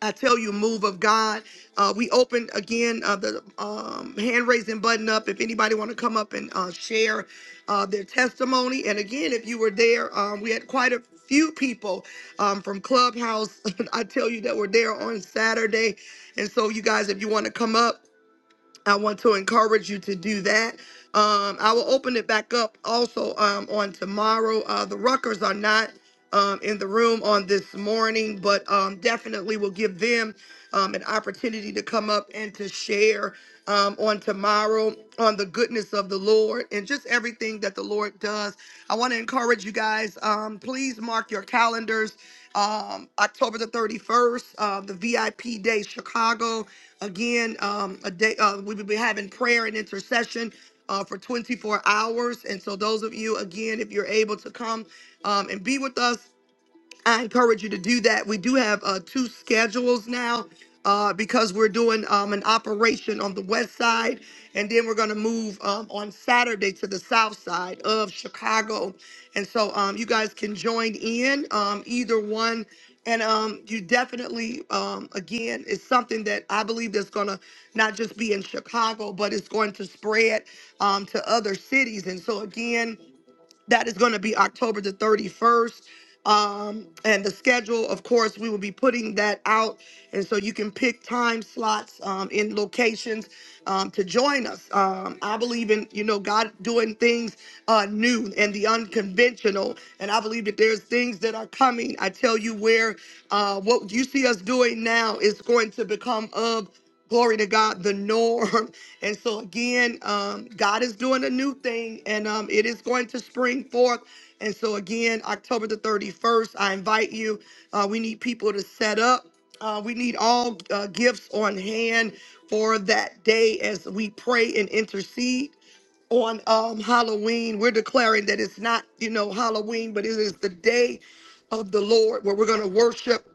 [SPEAKER 1] I tell you, move of God. Uh, we opened again uh, the um, hand raising button up. If anybody want to come up and uh, share uh, their testimony, and again, if you were there, um, we had quite a few people um, from Clubhouse. *laughs* I tell you that were there on Saturday, and so you guys, if you want to come up. I want to encourage you to do that. Um, I will open it back up also um, on tomorrow. Uh, the Ruckers are not um, in the room on this morning, but um, definitely will give them um, an opportunity to come up and to share um, on tomorrow on the goodness of the Lord and just everything that the Lord does. I want to encourage you guys, um, please mark your calendars. Um, October the 31st, uh, the VIP day, Chicago. Again, um, a day uh, we will be having prayer and intercession uh, for 24 hours. And so, those of you, again, if you're able to come um, and be with us I encourage you to do that. We do have uh, two schedules now uh, because we're doing um, an operation on the west side, and then we're going to move um, on Saturday to the south side of Chicago. And so um, you guys can join in um, either one. And um, you definitely, um, again, it's something that I believe that's going to not just be in Chicago, but it's going to spread um, to other cities. And so, again, that is going to be October the 31st. Um, and the schedule, of course, we will be putting that out. And so you can pick time slots um, in locations um, to join us. Um, I believe in, you know, God doing things uh, new and the unconventional. And I believe that there's things that are coming. I tell you where uh, what you see us doing now is going to become of glory to God, the norm. *laughs* And so again, um, God is doing a new thing and um, it is going to spring forth. And so again, October the 31st, I invite you. Uh, we need people to set up. Uh, we need all uh, gifts on hand for that day as we pray and intercede on um, Halloween. We're declaring that it's not, you know, Halloween, but it is the day of the Lord where we're going to worship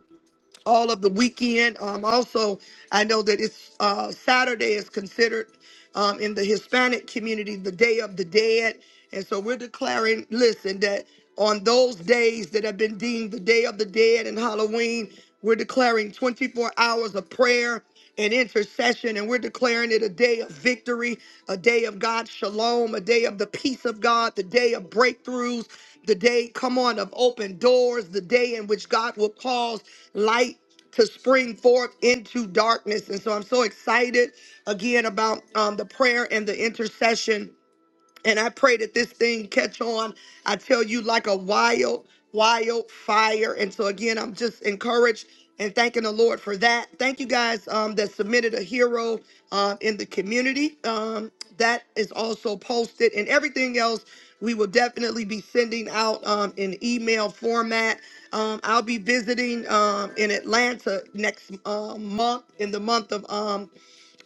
[SPEAKER 1] all of the weekend. Um, also, I know that it's uh, Saturday is considered um, in the Hispanic community the Day of the Dead, and so we're declaring, listen, that on those days that have been deemed the Day of the Dead and Halloween, we're declaring 24 hours of prayer and intercession. And we're declaring it a day of victory, a day of God's shalom, a day of the peace of God, the day of breakthroughs, the day, come on, of open doors, the day in which God will cause light to spring forth into darkness. And so I'm so excited again about um, the prayer and the intercession and I pray that this thing catch on. I tell you, like a wild, wild fire. And so again, I'm just encouraged and thanking the Lord for that. Thank you guys um, that submitted a hero um, in the community. Um, that is also posted, and everything else we will definitely be sending out um, in email format. Um, I'll be visiting um, in Atlanta next uh, month, in the month of um,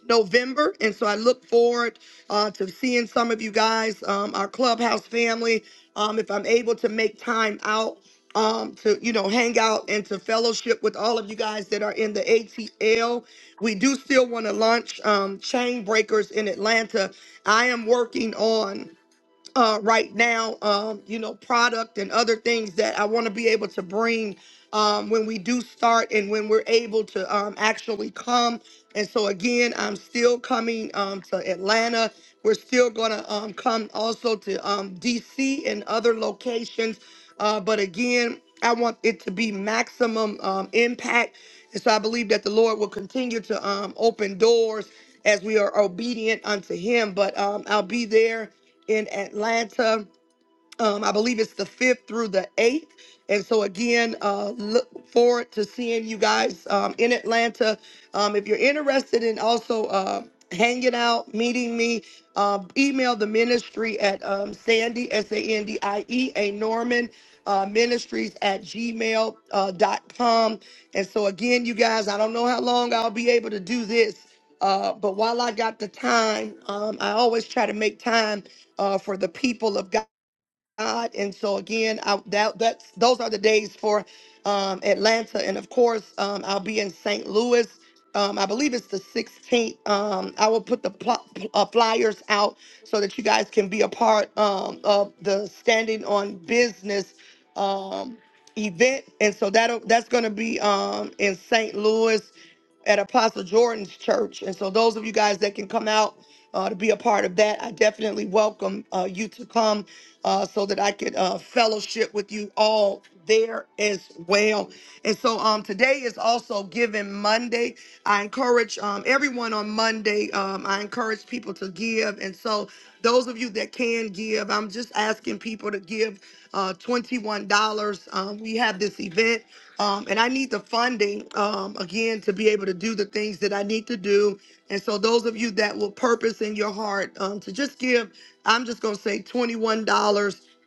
[SPEAKER 1] November. And so I look forward uh, to seeing some of you guys, um, our clubhouse family. Um, if I'm able to make time out um, to, you know, hang out and to fellowship with all of you guys that are in the ATL, we do still want to launch um, Chain Breakers in Atlanta. I am working on uh, right now, um, you know, product and other things that I want to be able to bring um, when we do start and when we're able to um, actually come. And so, again, I'm still coming um, to Atlanta. We're still going to um, come also to um, DC and other locations. Uh, but again, I want it to be maximum um, impact. And so I believe that the Lord will continue to um, open doors as we are obedient unto Him. But um, I'll be there in Atlanta um, I believe it's the fifth through the eighth. And so again, uh, look forward to seeing you guys um, in Atlanta. Um, if you're interested in also uh, hanging out, meeting me, um, email the ministry at um, Sandy S A N D I E A Norman uh, Ministries at gmail Uh, dot com. and so again, you guys, I don't know how long I'll be able to do this. Uh, but while I got the time, um, I always try to make time uh, for the people of God. God. And so again, I, that that's those are the days for um, Atlanta, and of course, um, I'll be in St. Louis. Um, I believe it's the 16th. Um, I will put the pl- uh, flyers out so that you guys can be a part um, of the Standing on Business. Um, event, and so that that's going to be um in St. Louis at Apostle Jordan's church. And so those of you guys that can come out uh, to be a part of that, I definitely welcome uh, you to come uh, so that I could uh, fellowship with you all there as well. And so um, today is also Giving Monday. I encourage um, everyone on Monday. Um, I encourage people to give. And so those of you that can give, I'm just asking people to give uh, $21. Um, we have this event, um, and I need the funding um, again to be able to do the things that I need to do. And so, those of you that will purpose in your heart um, to just give, I'm just going to say $21.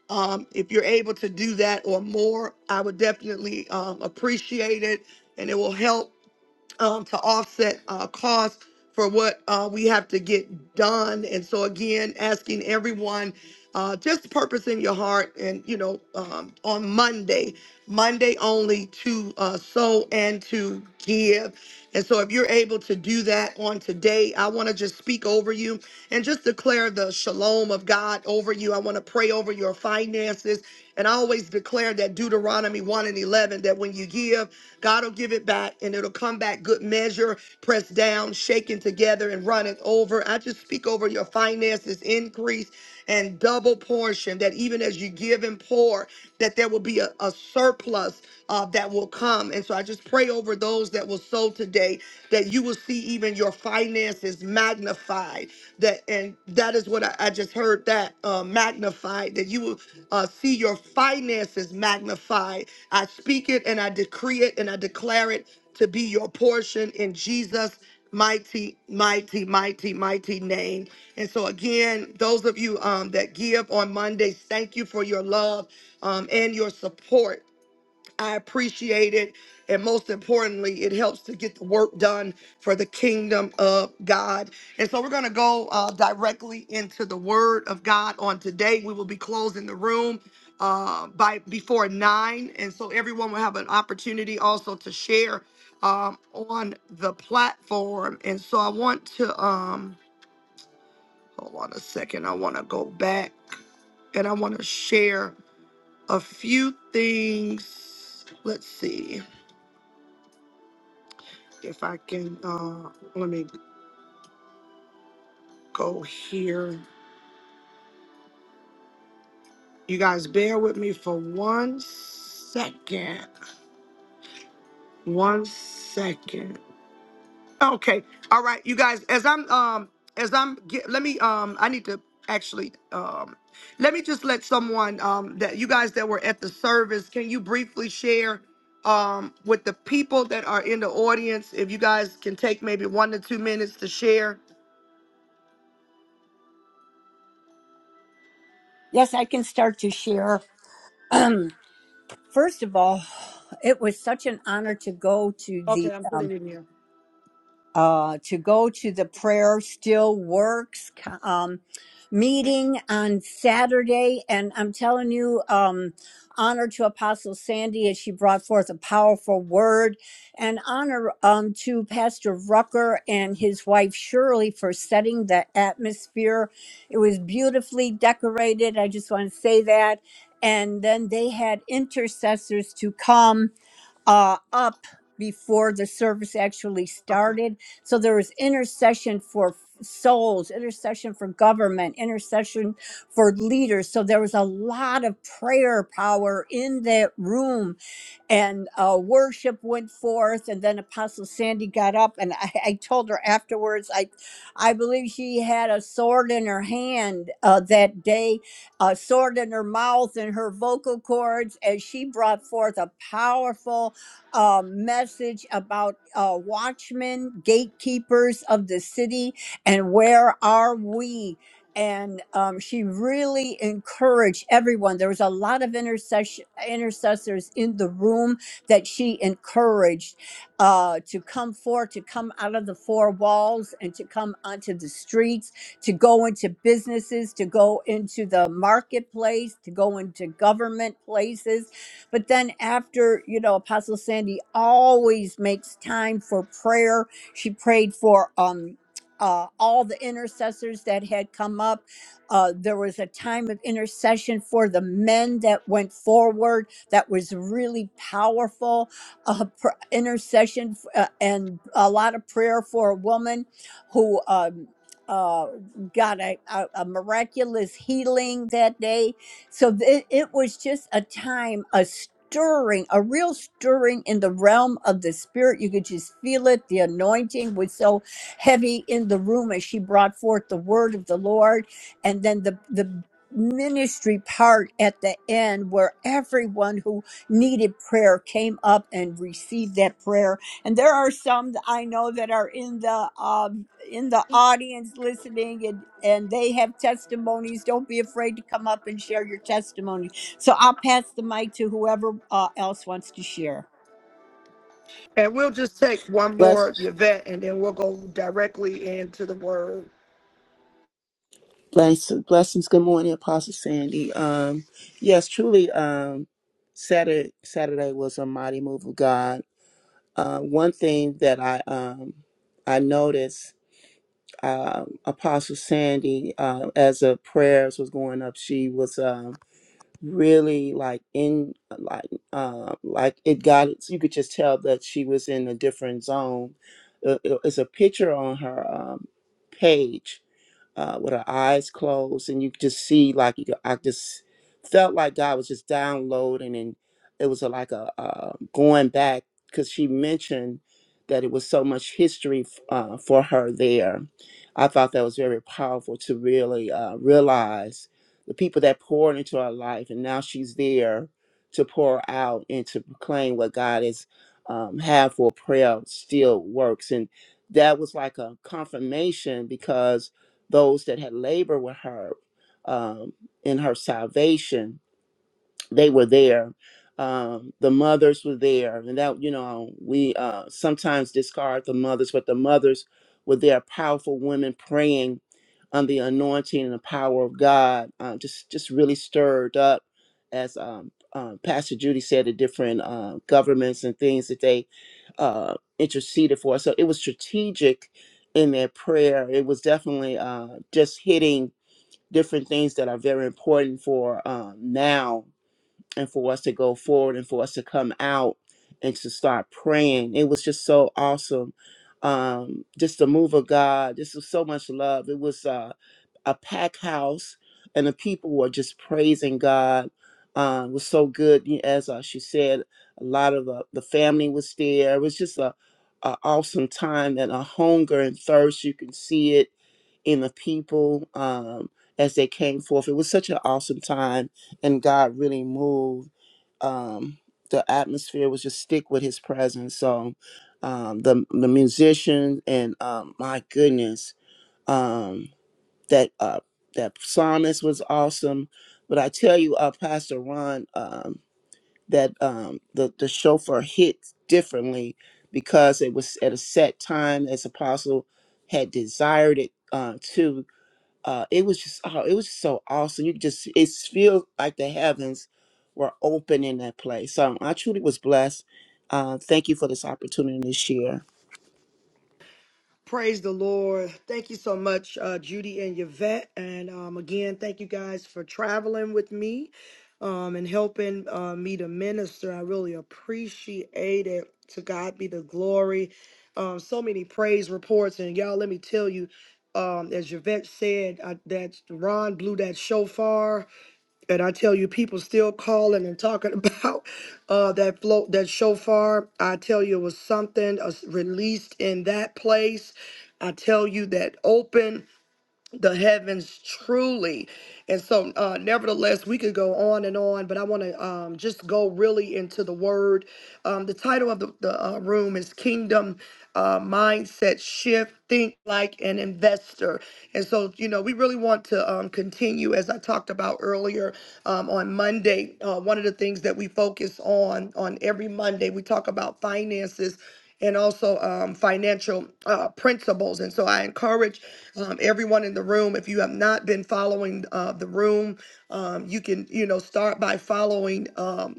[SPEAKER 1] Um, if you're able to do that or more, I would definitely um, appreciate it, and it will help um, to offset uh, costs for what uh, we have to get done. And so, again, asking everyone uh, just purpose in your heart and, you know, um, on Monday, Monday only to uh, sow and to give. And so, if you're able to do that on today, I want to just speak over you and just declare the shalom of God over you. I want to pray over your finances finances. And I always declare that Deuteronomy 1 and 11 that when you give, God will give it back and it'll come back good measure, pressed down, shaken together, and running over. I just speak over your finances, increase and double portion, that even as you give and pour, that there will be a, a surplus uh, that will come. And so I just pray over those that will sow today that you will see even your finances finances magnified. That and that is what I, I just heard that uh, magnified. That you will uh, see your finances magnified. I speak it and I decree it and I declare it to be your portion in Jesus' mighty, mighty, mighty, mighty name. And so again, those of you um, that give on Mondays, thank you for your love um, and your support. I appreciate it. And most importantly, it helps to get the work done for the kingdom of God. And so we're going to go uh, directly into the word of God on today. We will be closing the room uh, by before nine. And so everyone will have an opportunity also to share um, on the platform. And so I want to, um, hold on a second. I want to go back and I want to share a few things. Let's see. If I can, uh, let me go here. You guys bear with me for one second. One second. Okay. All right, you guys. As I'm, um, as I'm, get, let me, um, I need to actually, um, let me just let someone, um, that you guys that were at the service, can you briefly share, um, with the people that are in the audience, if you guys can take maybe one to two minutes to share.
[SPEAKER 2] Yes, I can start to share. *clears throat* First of all, it was such an honor to go to the um,
[SPEAKER 1] Okay.
[SPEAKER 2] uh, to go to the prayer still works um, meeting on Saturday. And I'm telling you, um, honor to Apostle Sandy as she brought forth a powerful word, and honor um, to Pastor Rucker and his wife Shirley for setting the atmosphere. It was beautifully decorated. I just want to say that. And then they had intercessors to come uh, up before the service actually started. So there was intercession for souls, intercession for government, intercession for leaders. So there was a lot of prayer power in that room and uh, worship went forth and then apostle sandy got up and I, I told her afterwards i i believe she had a sword in her hand uh, that day a sword in her mouth and her vocal cords as she brought forth a powerful uh, message about uh, watchmen gatekeepers of the city and where are we and um, she really encouraged everyone. There was a lot of intercession intercessors in the room that she encouraged uh, to come forth, to come out of the four walls, and to come onto the streets, to go into businesses, to go into the marketplace, to go into government places. But then after, you know, Apostle Sandy always makes time for prayer. She prayed for. Um, uh, all the intercessors that had come up. Uh, there was a time of intercession for the men that went forward that was really powerful. Uh, pr- intercession f- uh, and a lot of prayer for a woman who um, uh, got a, a, a miraculous healing that day. So th- it was just a time, a stirring, a real stirring in the realm of the spirit. You could just feel it. The anointing was so heavy in the room as she brought forth the word of the Lord. And then the, the ministry part at the end where everyone who needed prayer came up and received that prayer. And there are some that I know that are in the, um, in the audience listening and, and they have testimonies. Don't be afraid to come up and share your testimony. So I'll pass the mic to whoever uh, else wants to share.
[SPEAKER 1] And we'll just take one
[SPEAKER 9] Bless.
[SPEAKER 1] more, Yvette, and then we'll go directly into the word.
[SPEAKER 9] Blessings, blessings. Good morning, Apostle Sandy. Um, yes, truly. Um, Saturday, Saturday was a mighty move of God. Uh, one thing that I um, I noticed, uh, Apostle Sandy, uh, as the prayers was going up, she was um, really like in like uh, like it got. You could just tell that she was in a different zone. Uh, it- It's a picture on her um, page uh, with her eyes closed, and you could just see like you could, I just felt like God was just downloading, and it was a, like a uh, going back because she mentioned that it was so much history f- uh, for her there. I thought that was very powerful to really uh, realize the people that poured into her life, and now she's there to pour out and to proclaim what God has um, had for prayer still works, and that was like a confirmation because those that had labored with her um, in her salvation they were there. Um, the mothers were there, and that you know we uh, sometimes discard the mothers, but the mothers were there, powerful women praying on the anointing and the power of God. Uh, just just really stirred up, as um, um, Pastor Judy said, the different uh, governments and things that they uh, interceded for. So it was strategic in their prayer. It was definitely uh, just hitting different things that are very important for um, now and for us to go forward and for us to come out and to start praying. It was just so awesome. Um, just the move of God. This was so much love. It was uh, a pack house, and the people were just praising God. Uh, it was so good. Y- As uh, she said, a lot of the, the family was there. It was just a, a awesome time and a hunger and thirst. You can see it in the people um, as they came forth. It was such an awesome time, and God really moved. Um, the atmosphere was just stick with His presence. So um, the the musician and um, my goodness, um, that uh, that psalmist was awesome. But I tell you, uh, Pastor Ron, um, that um, the the chauffeur hit differently because it was at a set time as Apostle had desired it uh, to uh, it was just oh, it was just so awesome. You could just it feels like the heavens were open in that place. So I truly was blessed. Uh, thank you for this opportunity this year.
[SPEAKER 1] Praise the Lord. Thank you so much, uh, Judy and Yvette. And um, again, thank you guys for traveling with me um, and helping uh, me to minister. I really appreciate it. To God be the glory. Um, so many praise reports. And y'all, let me tell you, um, as Yvette said, uh, that Ron blew that shofar And I tell you, people still calling and talking *laughs* about uh, that float, that shofar. I tell you, it was something uh, released in that place. I tell you that open the heavens truly. And so, uh, nevertheless, we could go on and on, but I want to um, just go really into the word. Um, the title of the, the uh, room is Kingdom uh, Mindset Shift Think Like an Investor. And so, you know, we really want to um, continue, as I talked about earlier um, on Monday. Uh, one of the things that we focus on on every Monday, we talk about finances and also um, financial uh, principles. And so I encourage um, everyone in the room, if you have not been following uh, the room, um, you can, you know, start by following. Um,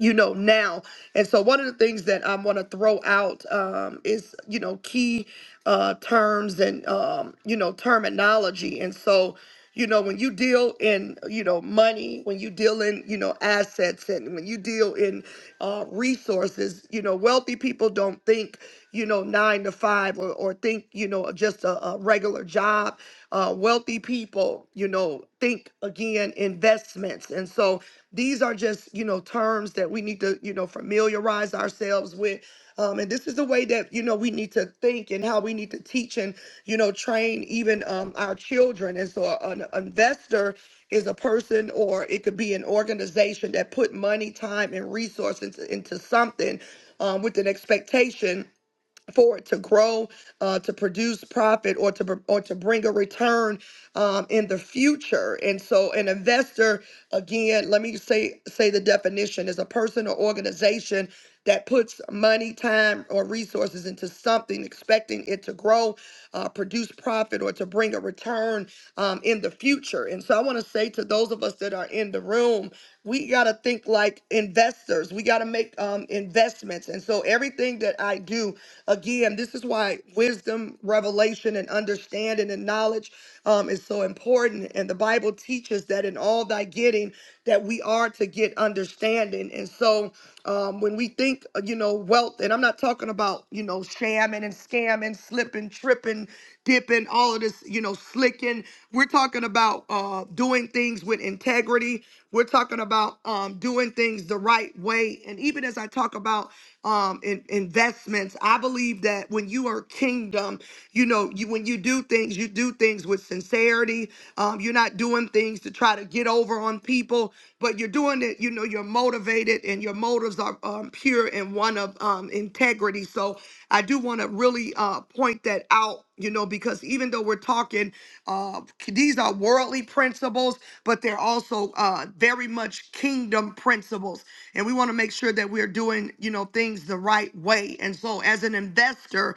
[SPEAKER 1] you know now and so one of the things that i want to throw out um, is you know key uh, terms and um, you know terminology and so you know when you deal in you know money when you deal in you know assets and when you deal in uh, resources you know wealthy people don't think you know, nine to five or, or think, you know, just a, a regular job. Uh, wealthy people, you know, think again investments. And so these are just, you know, terms that we need to, you know, familiarize ourselves with. Um, and this is the way that, you know, we need to think and how we need to teach and, you know, train even um, our children. And so an investor is a person or it could be an organization that put money, time, and resource into, into something um, with an expectation for it to grow, uh, to produce profit, or to br- or to bring a return um, in the future. And so, an investor, again, let me say say the definition is a person or organization that puts money, time, or resources into something, expecting it to grow, uh, produce profit, or to bring a return um, in the future. And so, I want to say to those of us that that are in the room. We got to think like investors. We got to make um, investments. And so everything that I do, again, this is why wisdom, revelation, and understanding and knowledge um, is so important. And the Bible teaches that in all thy getting, that we are to get understanding. And so um, when we think, uh, you know, wealth, and I'm not talking about, you know, shamming and scamming, slipping, tripping, dipping, all of this, you know, slicking. We're talking about uh, doing things with integrity. We're talking about um, doing things the right way. And even as I talk about um, in, investments, I believe that when you are kingdom, you know, you, when you do things, you do things with sincerity. Um, you're not doing things to try to get over on people, but you're doing it, you know, you're motivated and your motives are um, pure and one of um, integrity. So I do want to really uh, point that out, you know, because even though we're talking, uh, these are worldly principles, but they're also uh, very much kingdom principles. And we want to make sure that we're doing, you know, things the right way. And so as an investor,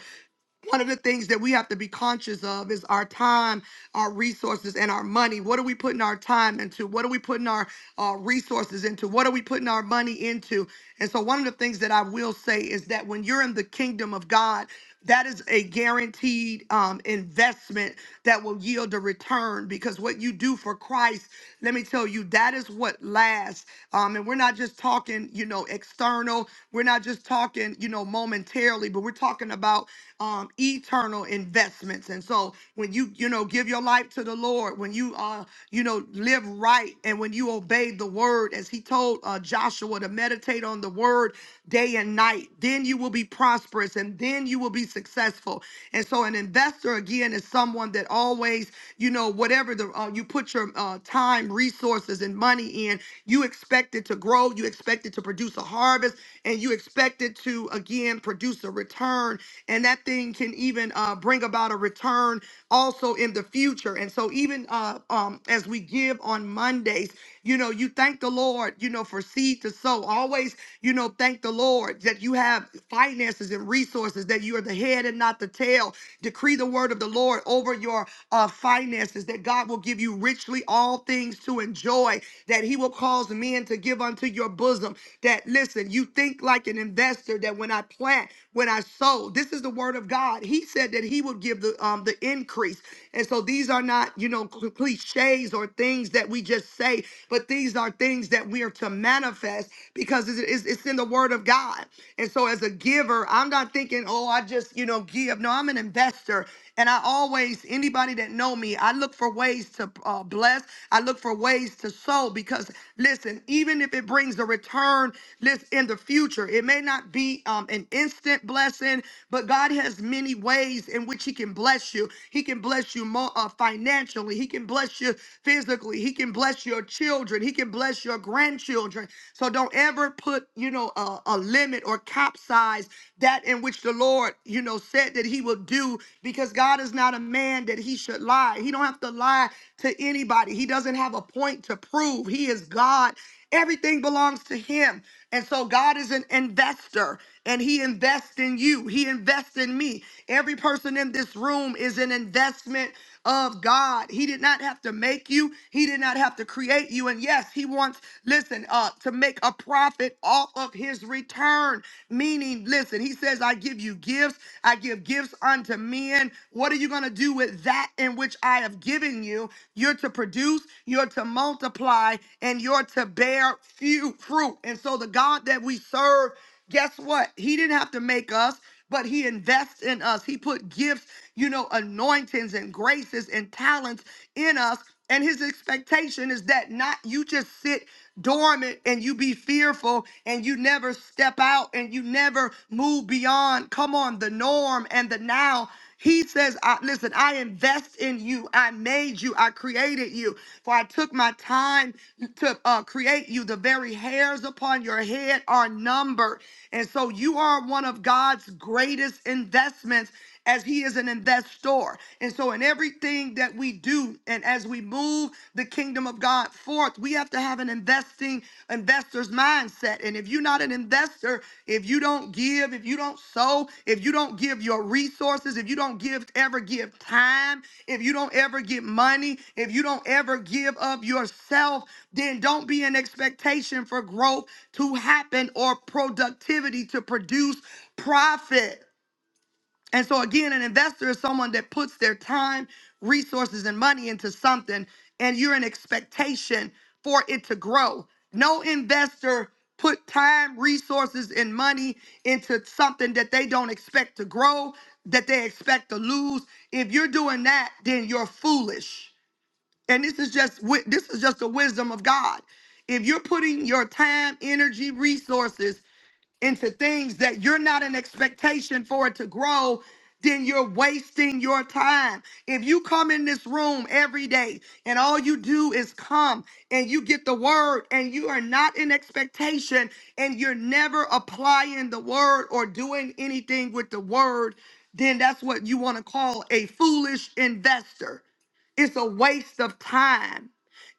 [SPEAKER 1] one of the things that we have to be conscious of is our time, our resources, and our money. What are we putting our time into? What are we putting our uh, resources into? What are we putting our money into? And so, one of the things that I will say is that when you're in the kingdom of God, that is a guaranteed um, investment that will yield a return because what you do for Christ, let me tell you, that is what lasts. Um, and we're not just talking, you know, external. We're not just talking, you know, momentarily, but we're talking about um, eternal investments. And so when you, you know, give your life to the Lord, when you, uh, you know, live right and when you obey the word, as he told uh, Joshua to meditate on the word day and night, then you will be prosperous and then you will be successful. And so an investor, again, is someone that always, you know, whatever the, uh, you put your uh, time, resources, and money in, you expect it to grow, you expect it to produce a harvest, and you expect it to, again, produce a return. and that that thing can even uh, bring about a return also in the future. And so, even uh, um, as we give on Mondays, you know, you thank the Lord, you know, for seed to sow. Always, you know, thank the Lord that you have finances and resources, that you are the head and not the tail. Decree the word of the Lord over your uh, finances, that God will give you richly all things to enjoy, that He will cause men to give unto your bosom. That, listen, you think like an investor, that when I plant, when I sow, this is the word word of God. He said that he would give the um the increase. And so these are not, you know, cl- cliches or things that we just say, but these are things that we are to manifest because it's, it's, it's in the word of God. And so as a giver, I'm not thinking, oh, I just, you know, give. No, I'm an investor. And I always, anybody that know me, I look for ways to uh, bless. I look for ways to sow because, listen, even if it brings a return, listen, in the future, it may not be um, an instant blessing, but God God has many ways in which He can bless you. He can bless you more uh, financially. He can bless you physically. He can bless your children. He can bless your grandchildren. So don't ever put, you know, a, a limit or capsize that in which the Lord, you know, said that He will do, because God is not a man that He should lie. He don't have to lie to anybody. He doesn't have a point to prove. He is God. Everything belongs to Him. And so God is an investor and He invests in you. He invests invest in me. Every person in this room is an investment of God. He did not have to make you, He did not have to create you. And yes, He wants, listen, uh, to make a profit off of His return. Meaning, listen, He says, I give you gifts, I give gifts unto men. What are you going to do with that in which I have given you? You're to produce, you're to multiply, and you're to bear few fruit. And so the God that we serve Guess what? He didn't have to make us, but he invests in us. He put gifts, you know, anointings and graces and talents in us. And his expectation is that not you just sit dormant and you be fearful and you never step out and you never move beyond, come on, the norm and the now he says, I, listen, I invest in you. I made you. I created you. For I took my time to uh, create you. The very hairs upon your head are numbered. And so you are one of God's greatest investments as he is an investor. And so in everything that we do and as we move the kingdom of God forth, we have to to have an investing investor's mindset. And if you're not an investor, if you don't give, if you don't sow, if you don't give your resources, if you don't give ever give time, if you don't ever give money, if you don't ever give of yourself, then don't be in expectation for growth to happen or productivity to produce profit. And so, again, an investor is someone that puts their time, resources, and money into something, and you're in expectation for it to grow. No investor put time, resources, and money into something that they don't expect to grow, that they expect to lose. If you're doing that, then you're foolish. And this is just wi- this is just the wisdom of God. If you're putting your time, energy, resources into things that you're not an expectation for it to grow, then you're wasting your time. If you come in this room every day and all you do is come and you get the word and you are not in expectation and you're never applying the word or doing anything with the word, then that's what you want to call a foolish investor. It's a waste of time.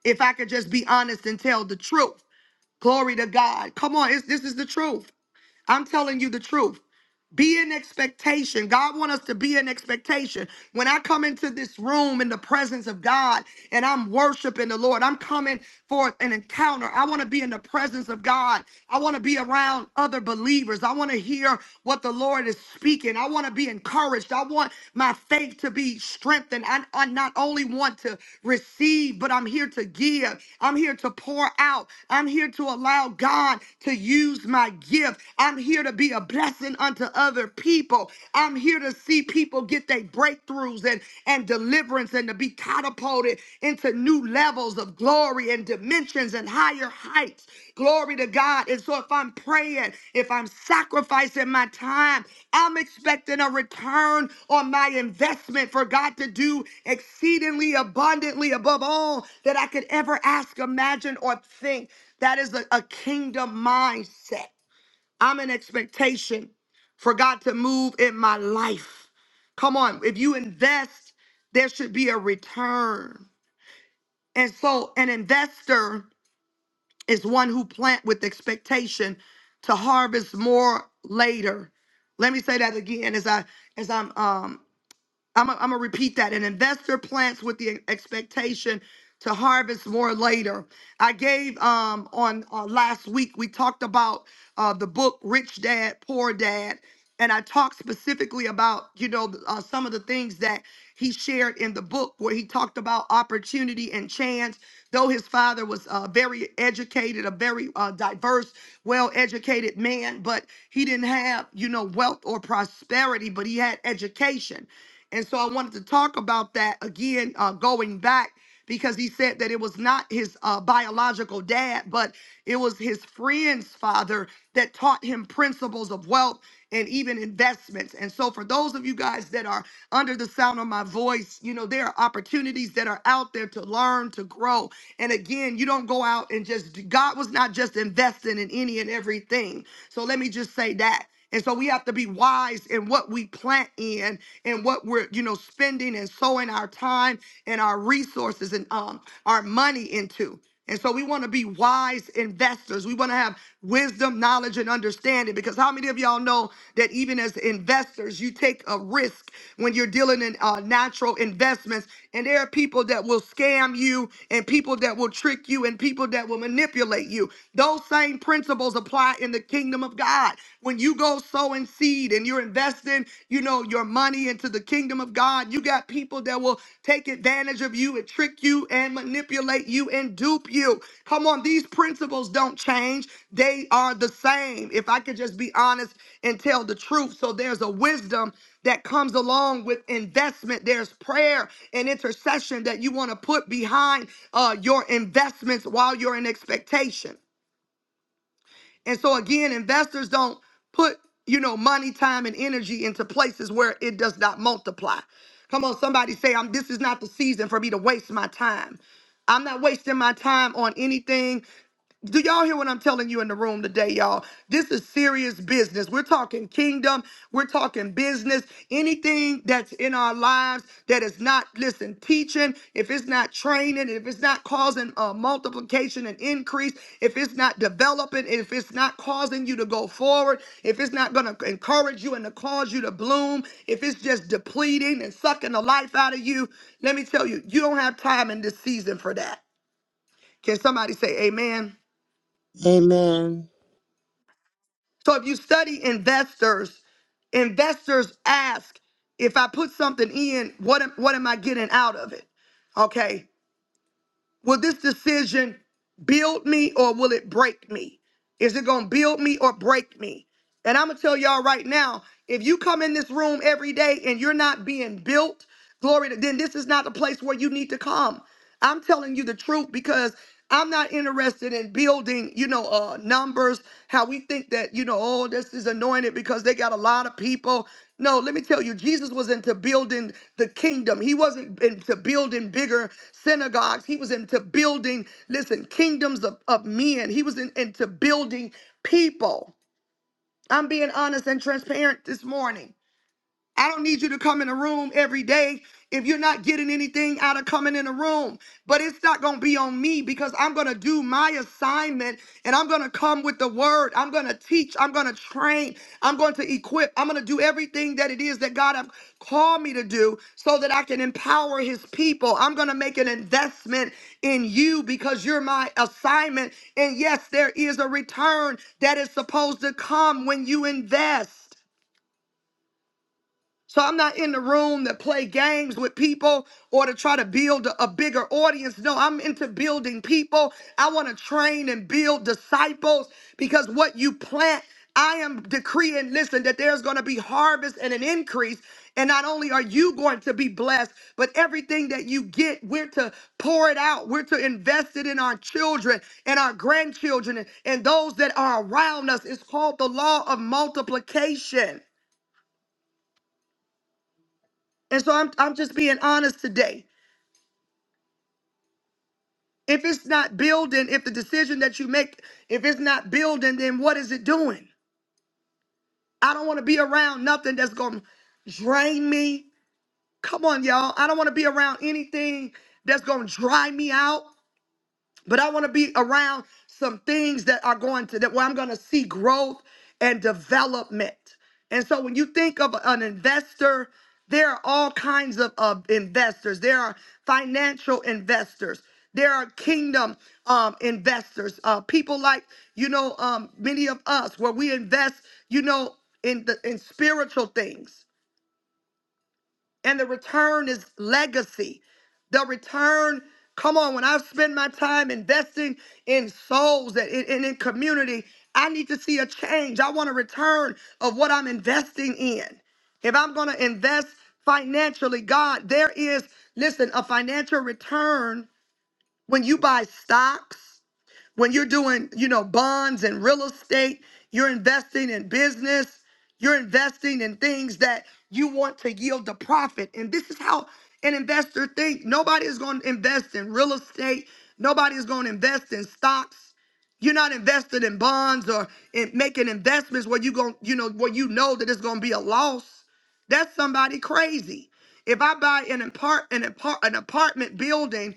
[SPEAKER 1] If I could just be honest and tell the truth. Glory to God. Come on, it's, this is the truth. I'm telling you the truth. Be in expectation. God wants us to be in expectation. When I come into this room in the presence of God and I'm worshiping the Lord, I'm coming for an encounter. I want to be in the presence of God. I want to be around other believers. I want to hear what the Lord is speaking. I want to be encouraged. I want my faith to be strengthened. I, I not only want to receive, but I'm here to give. I'm here to pour out. I'm here to allow God to use my gift. I'm here to be a blessing unto other people. I'm here to see people get their breakthroughs and, and deliverance and to be catapulted into new levels of glory and dimensions and higher heights. Glory to God. And so if I'm praying, if I'm sacrificing my time, I'm expecting a return on my investment for God to do exceedingly abundantly above all that I could ever ask, imagine, or think. That is a, a kingdom mindset. I'm in expectation for God to move in my life. Come on, if you invest, there should be a return. And so an investor is one who plant with expectation to harvest more later. Let me say that again as I as I'm um I'm going to repeat that. An investor plants with the expectation to harvest more later. I gave um, on uh, last week, we talked about uh, the book Rich Dad, Poor Dad. And I talked specifically about, you know, th- uh, some of the things that he shared in the book where he talked about opportunity and chance. Though his father was uh, very educated, a very uh, diverse, well educated man, but he didn't have, you know, wealth or prosperity, but he had education and so I wanted to talk about that again, uh, going back, because he said that it was not his uh, biological dad, but it was his friend's father that taught him principles of wealth and even investments. And so, for those of you guys that are under the sound of my voice, you know, there are opportunities that are out there to learn, to grow. And again, you don't go out and just, God was not just investing in any and everything. So, let me just say that. And so we have to be wise in what we plant in and what we're, you know, spending and sowing our time and our resources and um our money into. And so we want to be wise investors. We want to have wisdom, knowledge, and understanding. Because how many of y'all know that even as investors, you take a risk when you're dealing in uh, natural investments? And there are people that will scam you, and people that will trick you, and people that will manipulate you. Those same principles apply in the kingdom of God. When you go sow and seed and you're investing, you know, your money into the kingdom of God, you got people that will take advantage of you and trick you and manipulate you and dupe you. Come on, these principles don't change. They are the same. If I could just be honest and tell the truth. So there's a wisdom that comes along with investment. There's prayer and intercession that you want to put behind uh, your investments while you're in expectation. And so again, investors don't put, you know, money, time, and energy into places where it does not multiply. Come on, somebody say, I'm this is not the season for me to waste my time. I'm not wasting my time on anything do y'all hear what I'm telling you in the room today, y'all? This is serious business. We're talking kingdom, we're talking business. Anything that's in our lives that is not listen teaching if it's not training if it's not causing uh, multiplication and increase if it's not developing if it's not causing you to go forward if it's not going to encourage you and to cause you to bloom if it's just depleting and sucking the life out of you let me tell you you don't have time in this season for that can somebody say amen
[SPEAKER 9] Amen.
[SPEAKER 1] So if you study investors, investors ask, if I put something in, what am, what am I getting out of it? Okay. Will this decision build me or will it break me? Is it going to build me or break me? And I'm going to tell y'all right now, if you come in this room every day and you're not being built, glory to, then this is not the place where you need to come. I'm telling you the truth because I'm not interested in building, you know, uh, numbers, how we think that, you know, oh, this is anointed because they got a lot of people. No, let me tell you, Jesus was into building the kingdom. He wasn't into building bigger synagogues. He was into building, listen, kingdoms of, of men. He was in, into building people. I'm being honest and transparent this morning. I don't need you to come in a room every day if you're not getting anything out of coming in a room. But it's not going to be on me because I'm going to do my assignment and I'm going to come with the word. I'm going to teach. I'm going to train. I'm going to equip. I'm going to do everything that it is that God have called me to do so that I can empower his people. I'm going to make an investment in you because you're my assignment. And yes, there is a return that is supposed to come when you invest. So I'm not in the room to play games with people or to try to build a a bigger audience. No, I'm into building people. I want to train and build disciples because what you plant, I am decreeing, listen, that there's going to be harvest and an increase. And not only are you going to be blessed, but everything that you get, we're to pour it out. We're to invest it in our children and our grandchildren and and those that are around us. It's called the law of multiplication. And so I'm I'm just being honest today. If it's not building, if the decision that you make, if it's not building, then what is it doing? I don't want to be around nothing that's gonna drain me. Come on, y'all. I don't want to be around anything that's gonna dry me out. but I want to be around some things that are going to that where I'm going to see growth and development. And so when you think of an investor, there are all kinds of, of investors. There are financial investors. There are kingdom um, investors. Uh, people like you know um, many of us where we invest, you know, in the in spiritual things and the return is legacy. The return, come on, when I spend my time investing in souls and in, and in community, I need to see a change. I want a return of what I'm investing in. If I'm going to invest financially, God, there is, listen, a financial return when you buy stocks. When you're doing, you know, bonds and real estate, you're investing in business, you're investing in things that you want to yield the profit. And this is how an investor thinks. Nobody is going to invest in real estate. Nobody is going to invest in stocks. You're not invested in bonds or in making investments where you going, you know, where you know that it's going to be a loss. That's somebody crazy. If I buy an apart an apart an apartment building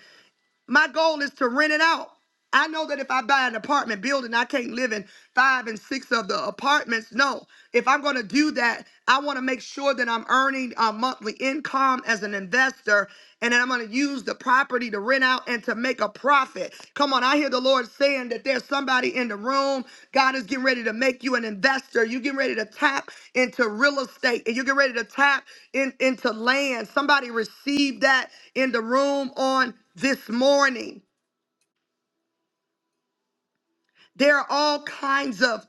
[SPEAKER 1] my goal is to rent it out. I know that if I buy an apartment building, I can't live in five and six of the apartments. No, if I'm going to do that, I want to make sure that I'm earning a monthly income as an investor, and then I'm going to use the property to rent out and to make make a profit. Come on, I hear the Lord saying that there's somebody in the room. God is getting ready to make you an investor. You getting ready to tap into real estate and you get ready to tap in, into land. Somebody received that in the room on this morning. There are all kinds of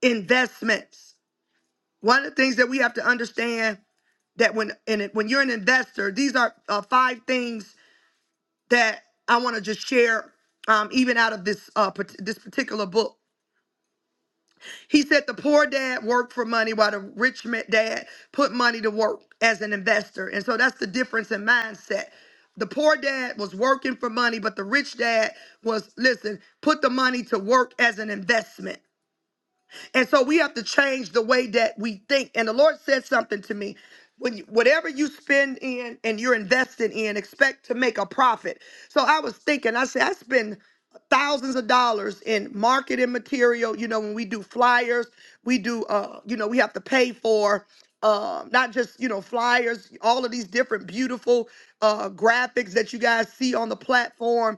[SPEAKER 1] investments. One of the things that we have to understand that when and it- when you're an investor, these are uh, five things that I want to just share, um, even out of this uh, part- this particular book. He said the poor dad worked for money while the rich ma- dad put money to work as an investor. And so that's the difference in mindset. The poor dad was working for money, but the rich dad was, listen, put the money to work as an investment. And so we have to change the way that we think. And the Lord said something to me. When you, whatever you spend in and you're invested in, expect to make a profit. So I was thinking, I said, I spend thousands of dollars in marketing material. You know, when we do flyers, we do, uh, you know, we have to pay for uh, not just you know flyers, all of these different beautiful uh, graphics that you guys see on the platform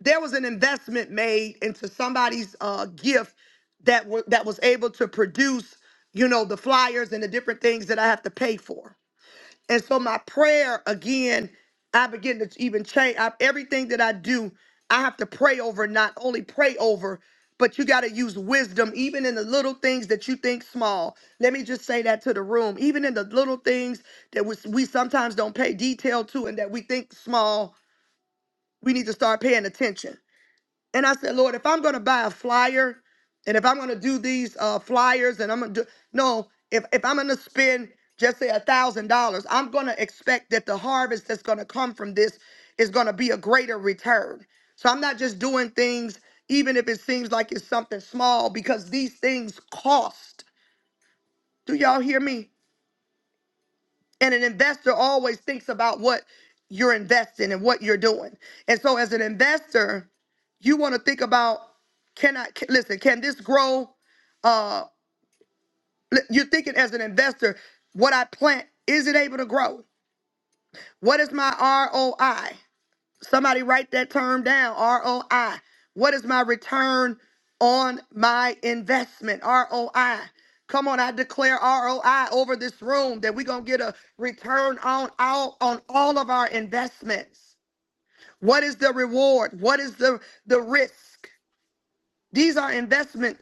[SPEAKER 1] there was an investment made into somebody's uh, gift that wa- that was able to produce, you know, the flyers and the different things that I have to pay for. And so my prayer again, I begin to even change I, everything that I do. I have to pray over, not only pray over, but you got to use wisdom even in the little things that you think small. Let me just say that to the room. Even in the little things that we, we sometimes don't pay detail to and that we think small, we need to start paying attention and I said, Lord, if I'm going to buy a flyer and if I'm going to do these uh, flyers and I'm going to do, no, if, if I'm going to spend just say a thousand dollars, I'm going to expect that the harvest that's going to come from this is going to be a greater return. So I'm not just doing things, even if it seems like it's something small, because these things cost. Do y'all hear me? And an investor always thinks about what you're investing and what you're doing. And so as an investor, you want to think about can I c- listen, can this grow? Uh li- you're thinking as an investor, what I plant, is it able to grow? What is my ROI? Somebody write that term down ROI. What is my return on my investment? ROI. Come on, I declare ROI over this room that we're going to get a return on all, on all of our investments. What is the reward? What is the, the risk? These are investment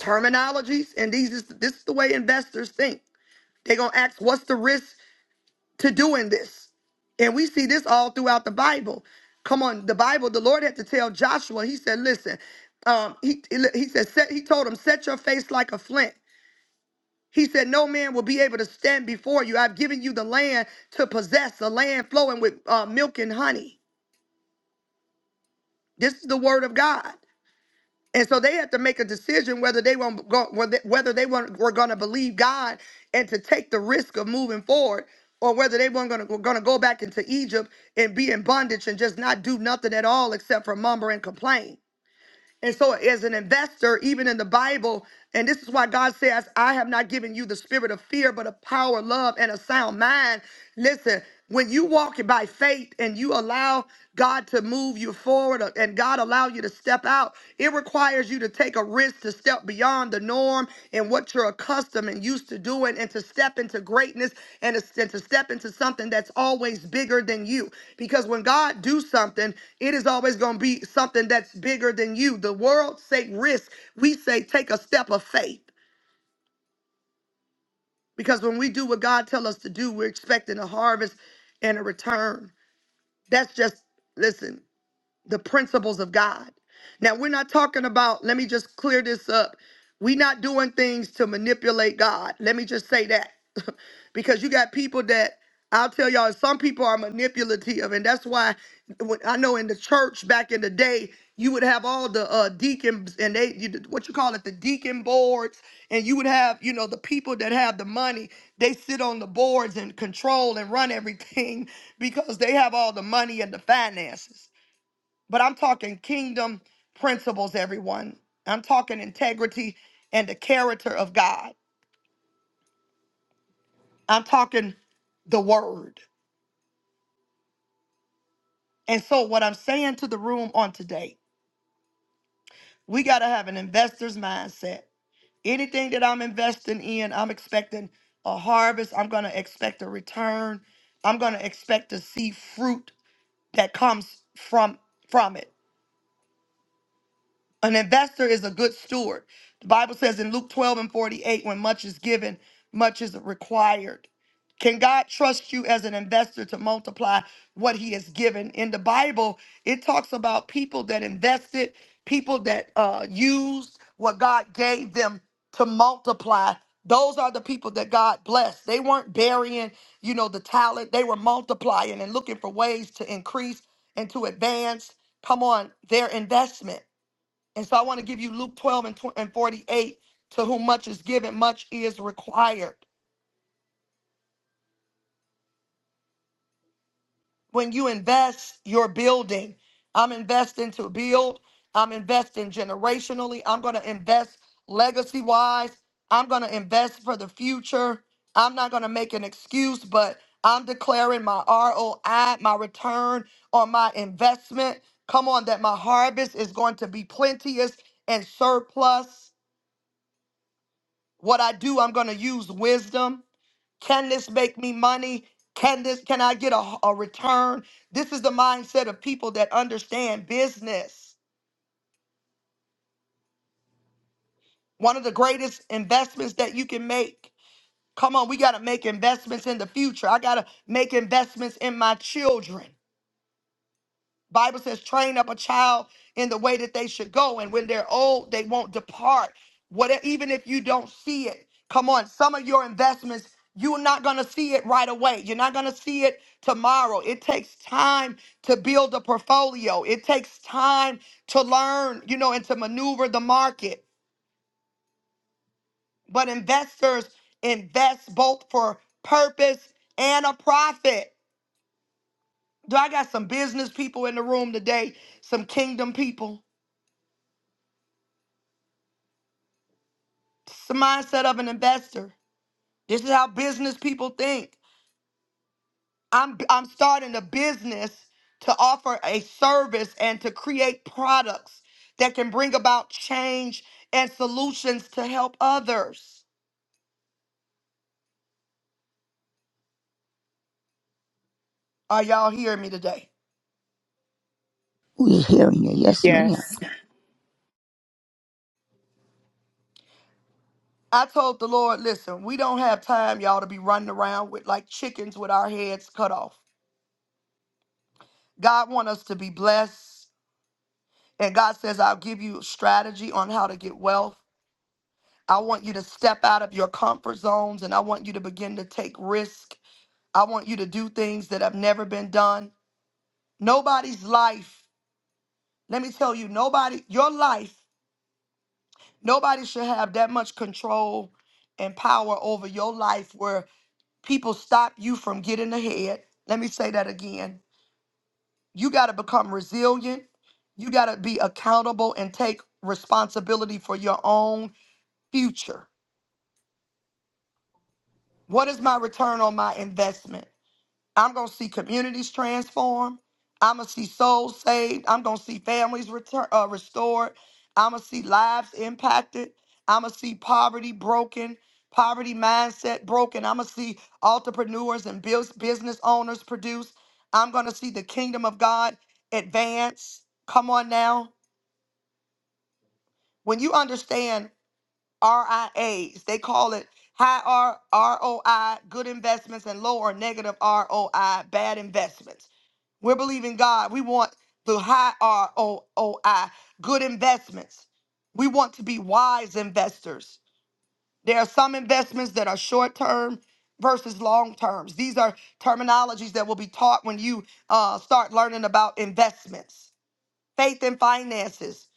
[SPEAKER 1] terminologies, and these is, this is the way investors think. They're going to ask, what's the risk? to doing this. And we see this all throughout the Bible. Come on, the Bible, the Lord had to tell Joshua, he said, listen, um, he, he said, set, he told him, set your face like a flint. He said, no man will be able to stand before you. I've given you the land to possess, the land flowing with uh, milk and honey. This is the word of God. And so they had to make a decision whether they want go whether whether they want were going to believe God and to take the risk of moving forward, or whether they weren't going to going to go back into Egypt and be in bondage and just not do nothing at all except for mumber and complain. And so, as an investor, even in the Bible, and this is why God says, I have not given you the spirit of fear, but of power, love, and a sound mind. Listen, when you walk by faith and you allow God to move you forward uh, and God allow you to step out, it requires you to take a risk to step beyond the norm and what you're accustomed and used to doing and to step into greatness and to, and to step into something that's always bigger than you because when god do something it is always going to be something that's bigger than you the world say risk we say take a step of faith because when we do what god tell us to do we're expecting a harvest and a return that's just listen the principles of God. Now, we're not talking about, let me just clear this up. We're not doing things to manipulate God. Let me just say that. *laughs* because you got people that I'll tell y'all, some people are manipulative. And that's why when, I know in the church back in the day, you would have all the uh, deacons and they, you, what you call it, the deacon boards. And you would have, you know, the people that have the money, they sit on the boards and control and run everything *laughs* because they have all the money and the finances but I'm talking kingdom principles, everyone. I'm talking integrity and the character of God. I'm talking the word. And so, what I'm saying to the room on today, we got to have an investor's mindset. Anything that I'm investing in, I'm expecting a harvest. I'm going to expect a return. I'm going to expect to see fruit that comes from from it. An investor is a good steward. The Bible says in Luke 12 and 48, when much is given, much is required. Can God trust you as an investor to multiply what he has given? In the Bible, it talks about people that invested, people that uh, used what God gave them to multiply. Those are the people that God blessed. They weren't burying, you know, the talent. They were multiplying and looking for ways to increase and to advance, come on, their investment. And so I want to give you Luke 12 and, 48. To whom much is given, much is required. When you invest, you're building. I'm investing to build. I'm investing generationally. I'm going to invest legacy wise. I'm going to invest for the future. I'm not going to make an excuse, but I'm declaring my ROI, my return on my investment. Come on, that my harvest is going to be plenteous and surplus. What I do, I'm going to use wisdom. Can this make me money? Can this can I get a, a return? This is the mindset of people that understand business. One of the greatest investments that you can make. Come on, we got to make investments in the future. I got to make investments in my children. Bible says, train up a child in the way that they should go, and when they're old, they won't depart. What e, even if you don't see it? Come on, some of your investments, you're not gonna see it right away. You're not gonna see it tomorrow. It takes time to build a portfolio. It takes time to learn, you know, and to maneuver the market. But investors invest both for purpose and a profit. Do I got some business people in the room today? Some kingdom people. It's the mindset of an investor. This is how business people think. I'm I'm starting a business to offer a service and to create products that can bring about change and solutions to help others. Are y'all hearing me today?
[SPEAKER 10] We're hearing you. Yes, ma'am.
[SPEAKER 4] Yes.
[SPEAKER 1] I told the Lord, listen, we don't have time, y'all, to be running around with like chickens with our heads cut off. God wants us to be blessed. And God says, I'll give you strategy on how to get wealth. I want you to step out of your comfort zones and I want you to begin to take risk. I want you to do things that have never been done. Nobody's life, let me tell you, nobody, your life, nobody should have that much control and power over your life where people stop you from getting ahead. Let me say that again. You got to become resilient. You got to be accountable and take responsibility for your own future. What is my return on my investment? I'm going to see communities transformed. I'm going to see souls saved. I'm going to see families return, uh, restored. I'm going to see lives impacted. I'm going to see poverty broken, poverty mindset broken. I'm going to see entrepreneurs and bus- business owners produce. I'm going to see the kingdom of God advance. Come on now. When you understand RIAs. They call it high R- ROI, good investments, and low or negative ROI, bad investments. We're believing God. We want the high ROI, good investments. We want to be wise investors. There are some investments that are short term versus long terms. These are terminologies that will be taught when you uh, start learning about investments faith and finances.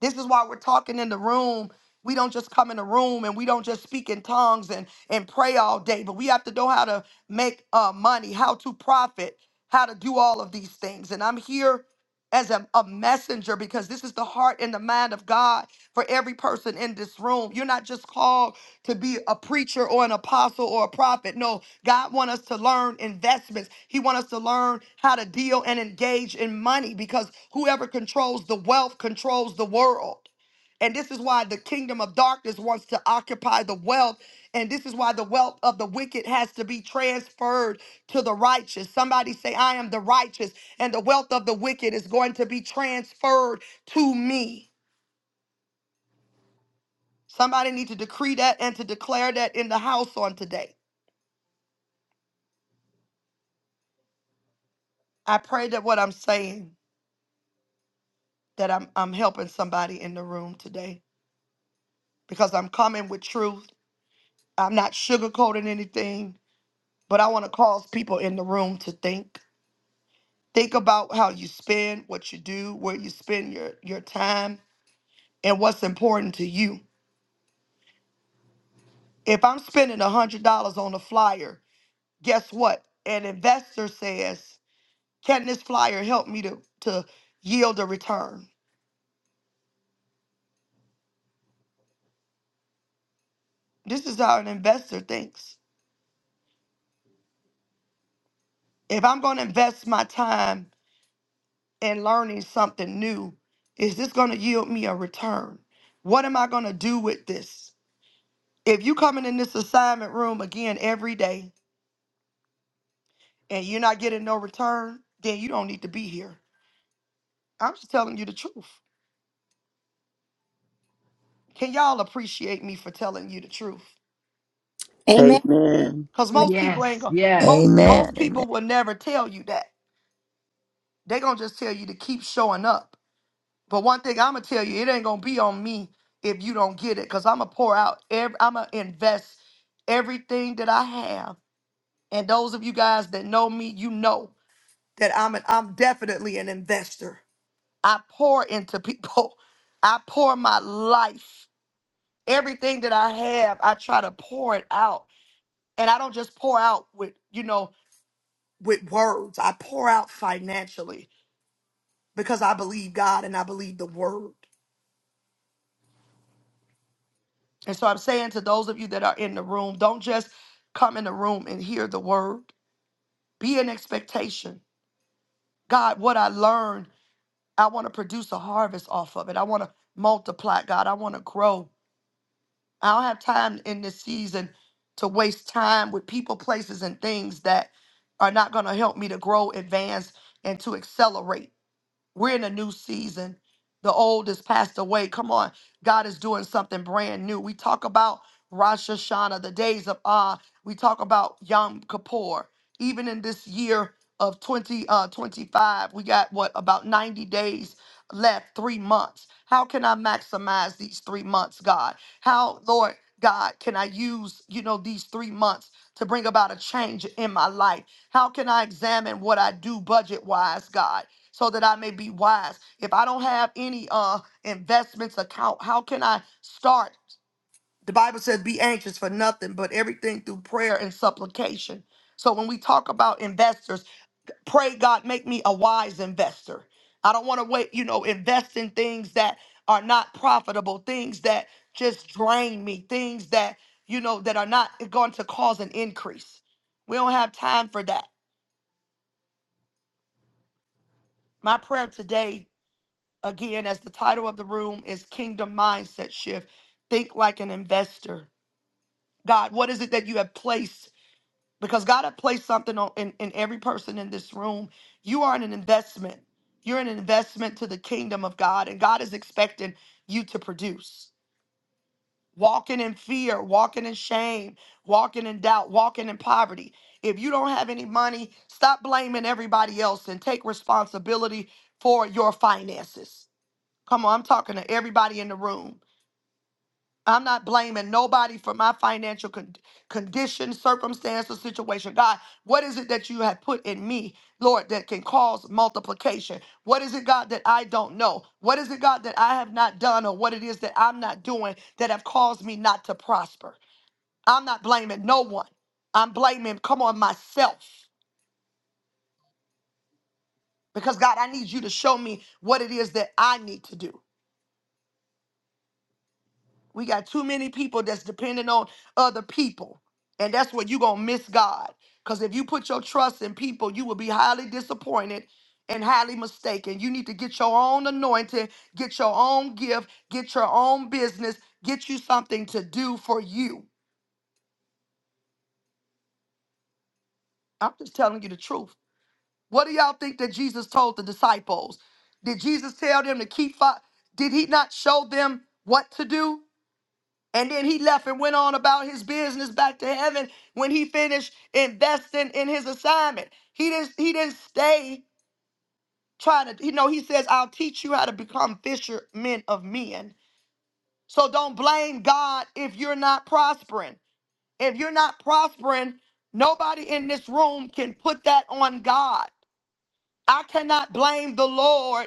[SPEAKER 1] This is why we're talking in the room. We don't just come in the room and we don't just speak in tongues and, and pray all day, but we have to know how to make uh, money, how to profit, how to do all of these things. And I'm here as a, a messenger because this is the heart and the mind of God for every person in this room. You're not just called to be a preacher or an apostle or a prophet. No, God wants us to learn investments. He wants us to learn how to deal and engage in money because whoever controls the wealth controls the world. And this is why the kingdom of darkness wants to occupy the wealth. And this is why the wealth of the wicked has to be transferred to the righteous. Somebody say, I am the righteous, and the wealth of the wicked is going to be transferred to me. Somebody need to decree that and to declare that in the house on today. I pray that what I'm saying, that I'm I'm helping somebody in the room today. Because I'm coming with truth. I'm not sugarcoating anything, but I want to cause people in the room to think. Think about how you spend, what you do, where you spend your, your time, and what's important to you. If I'm spending $100 on a flyer, guess what? An investor says, Can this flyer help me to, to yield a return? This is how an investor thinks. If I'm going to invest my time in learning something new, is this going to yield me a return? What am I going to do with this? If you coming in this assignment room again every day and you're not getting no return, then you don't need to be here. I'm just telling you the truth. Can y'all appreciate me for telling you the truth?
[SPEAKER 2] Amen.
[SPEAKER 9] Amen.
[SPEAKER 1] Cause most people ain't
[SPEAKER 8] Yes,
[SPEAKER 1] gonna
[SPEAKER 8] yes,
[SPEAKER 1] most most
[SPEAKER 10] Amen. Amen.
[SPEAKER 1] people will never tell you that. They gonna just tell you to keep showing up. But one thing I'm gonna tell you, it ain't gonna be on me if you don't get it. Cause I'm gonna pour out every I'm gonna invest everything that I have. And those of you guys that know me, you know that I'm an I'm definitely an investor. I pour into people. *laughs* I pour my life. Everything that I have, I try to pour it out. And I don't just pour out with, you know, with words. I pour out financially because I believe God and I believe the word. And so I'm saying to those of you that are in the room, don't just come in the room and hear the word. Be in expectation. God, what I learned, I want to produce a harvest off of it. I want to multiply, God. I want to grow. I don't have time in this season to waste time with people, places, and things that are not going to help me to grow, advance, and to accelerate. We're in a new season. The old has passed away. Come on. God is doing something brand new. We talk about Rosh Hashanah, the days of Ah. We talk about Yom Kippur. Even in this year of 20, uh, 25, we got what, about 90 days left, three months. How can I maximize these three months, God? How, Lord God, can I use, you know, these three months to bring about a change in my life? How can I examine what I do budget wise, God? so that I may be wise. If I don't have any uh investments account, how can I start? The Bible says be anxious for nothing but everything through prayer and supplication. So when we talk about investors, pray God make me a wise investor. I don't want to wait, you know, invest in things that are not profitable, things that just drain me, things that, you know, that are not going to cause an increase. We don't have time for that. My prayer today Again, as the title of the room is Kingdom Mindset Shift, think like an investor. God, what is it that you have placed? Because God has placed something on, in, in every person in this room. You are an investment. You're an investment to the kingdom of God, and God is expecting you to produce. Walking in fear, walking in shame, walking in doubt, walking in poverty. If you don't have any money, stop blaming everybody else and take responsibility for your finances. Come on, I'm talking to everybody in the room. I'm not blaming nobody for my financial con- condition, circumstance, or situation. God, what is it that you have put in me, Lord, that can cause multiplication? What is it, God, that I don't know? What is it, God, that I have not done, or what it is that I'm not doing that have caused me not to prosper? I'm not blaming no one. I'm blaming, come on, myself. Because, God, I need you to show me what it is that I need to do. We got too many people that's dependent on other people. And that's where you're going to miss God. Because if you put your trust in people, you will be highly disappointed and highly mistaken. You need to get your own anointing, get your own gift, get your own business, get you something to do for you. I'm just telling you the truth. What do y'all think that Jesus told the disciples? Did Jesus tell them to keep? Fo- Did he not show them what to do? And then he left and went on about his business back to heaven when he finished investing in his assignment. He didn't he didn't stay trying to, you know, he says, I'll teach you how to become fishermen of men. So don't blame God if you're not prospering. If you're not prospering, nobody in this room can put that on God. I cannot blame the Lord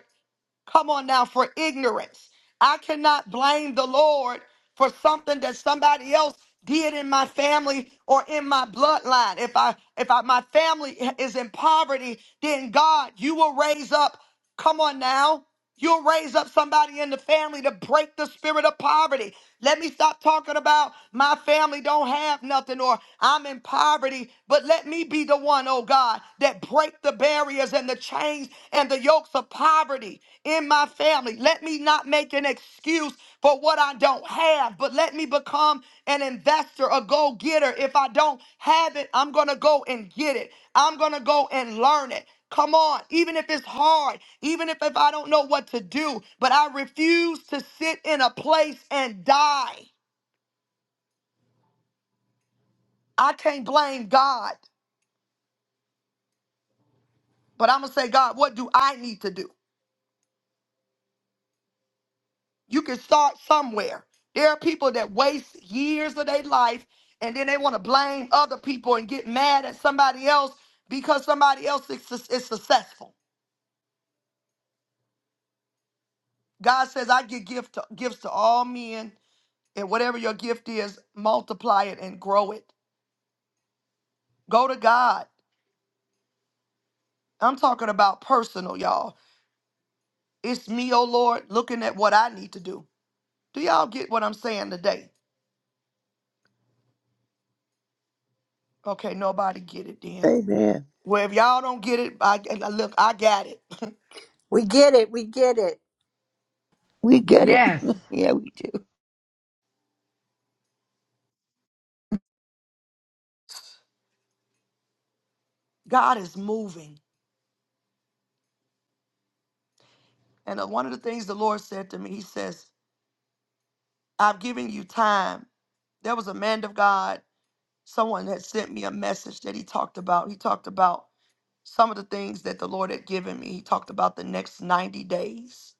[SPEAKER 1] Come on now, for ignorance. I cannot blame the Lord for something that somebody else did in my family or in my bloodline. If I if I, my family is in poverty, then God, you will raise up. Come on now. You'll raise up somebody in the family to break the spirit of poverty. Let me stop talking about my family don't have nothing or I'm in poverty, but let me be the one, oh God, that break the barrier barriers and the chains and the yokes of poverty in my family. Let me not make an excuse for what I don't have, but let me become an investor, a go getter. If I don't have it, I'm going to go and get it. I'm going to go and learn it. Come on, even if it's hard, even if, if I don't know what to do, but I refuse to sit in a place and die. I can't blame God, but I'm going to say, God, what do I need to do? You can start somewhere. There are people that waste years of their life and then they want to blame other people and get mad at somebody else because somebody else is, is successful. God says, I give gift to, gifts to all men, and whatever your gift is, multiply it and grow it. Go to God. I'm talking about personal, y'all. It's me, oh Lord, looking at what I need to do. Do y'all get what I'm saying today? Okay, nobody get it then.
[SPEAKER 9] Amen.
[SPEAKER 1] Well, if y'all don't get it, I- look, I got it. *laughs*
[SPEAKER 2] We get it. We get it.
[SPEAKER 10] We get it. *laughs*
[SPEAKER 8] yes.
[SPEAKER 10] yeah, we do.
[SPEAKER 1] God is moving. And uh, one of the things the Lord said to me, He says, I'm giving you time. There was a man of God, someone had sent me a message that he talked about. He talked about some of the things that the Lord had given me. He talked about the next 90 days.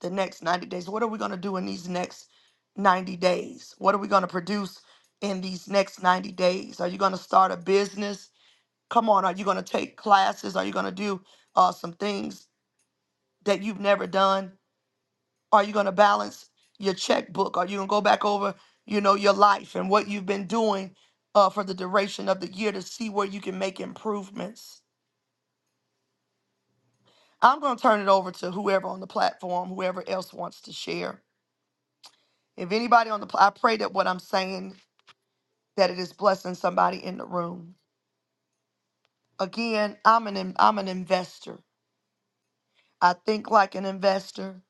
[SPEAKER 1] The next 90 days. What are we going to do in these next 90 days? What are we going to produce in these next 90 days? Are you going to start a business? Come on, are you going to take classes? Are you going to do uh, some things that you've never done? Are you going to balance your checkbook? Are you going to go back over, you know, your life and what you've been doing uh, for the duration of the year to see where you can make improvements? I'm going to turn it over to whoever on the platform, whoever else wants to share. If anybody on the, pl- I pray that what I'm saying that it is blessing somebody in the room. Again, I'm an in- I'm an investor. I think like an investor.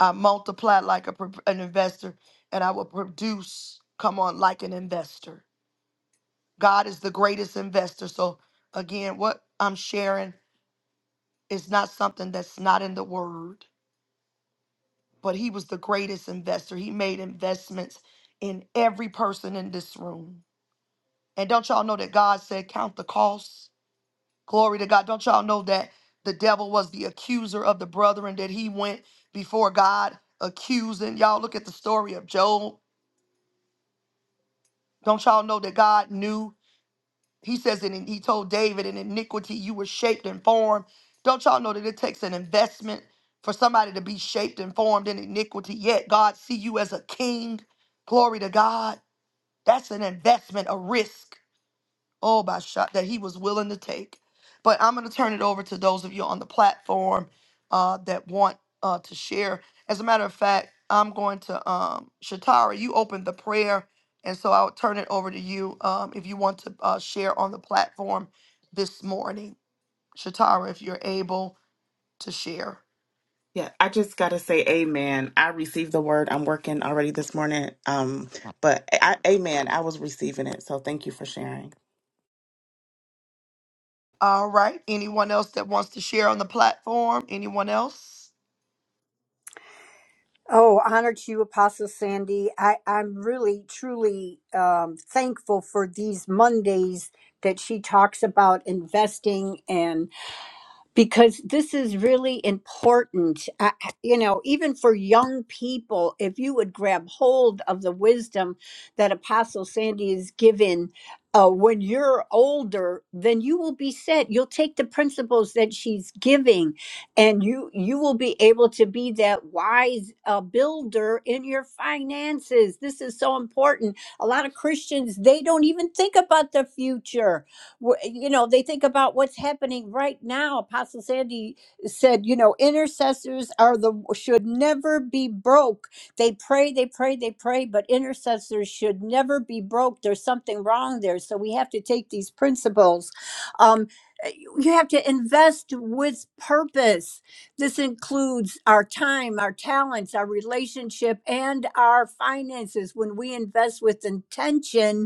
[SPEAKER 1] I multiply like a, pro- an investor, and I will produce. Come on, like an investor. God is the greatest investor. So again, what I'm sharing is not something that's not in the word, but he was the greatest investor. He made investments in every person in this room. And don't y'all know that God said, Count the costs. Glory to God. Don't y'all know that the devil was the accuser of the brethren, that he went before God accusing. Y'all look at the story of Job. Don't y'all know that God knew? He says it, and he told David, in iniquity you were shaped and formed. Don't y'all know that it takes an investment for somebody to be shaped and formed in iniquity? Yet God see you as a king. Glory to God. That's an investment, a risk oh by shot that he was willing to take but i'm going to turn it over to those of you on the platform uh, that want uh, to share as a matter of fact i'm going to um, shatara you opened the prayer and so i'll turn it over to you um, if you want to uh, share on the platform this morning shatara if you're able to share
[SPEAKER 4] Yeah, I just gotta say amen. I received the word. I'm working already this morning. Um, but I, amen. I was receiving it. So thank you for sharing.
[SPEAKER 1] all right anyone else that wants to share on the platform anyone else
[SPEAKER 2] Oh, honor to you, Apostle Sandy. I, I'm really, truly um, thankful for these Mondays that she talks about investing because this is really important. I, you know, even for young people, if you would grab hold of the wisdom that Apostle Sandy is given. Uh, when you're older, then you will be set. You'll take the principles that she's giving, and you you will be able to be that wise uh, builder in your finances. This is so important. A lot of Christians they don't even think about the future Wh- You know, they think about what's happening right now. Apostle Sandy said, you know, intercessors are the should never be broke. They pray, they pray, they pray, but intercessors should never be broke. There's something wrong there. So we have to take these principles. Um, eh, you you have to invest with purpose. This includes our time, our talents, our relationship, and our finances. When we invest with intention,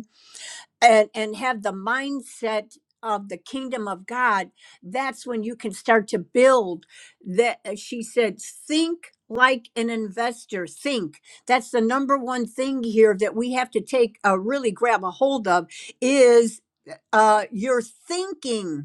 [SPEAKER 2] and and have the mindset of the kingdom of god that's when you can start to build that uh, she said think like an investor think that's the number one thing here that we have to take uh, really grab a hold of is uh, your thinking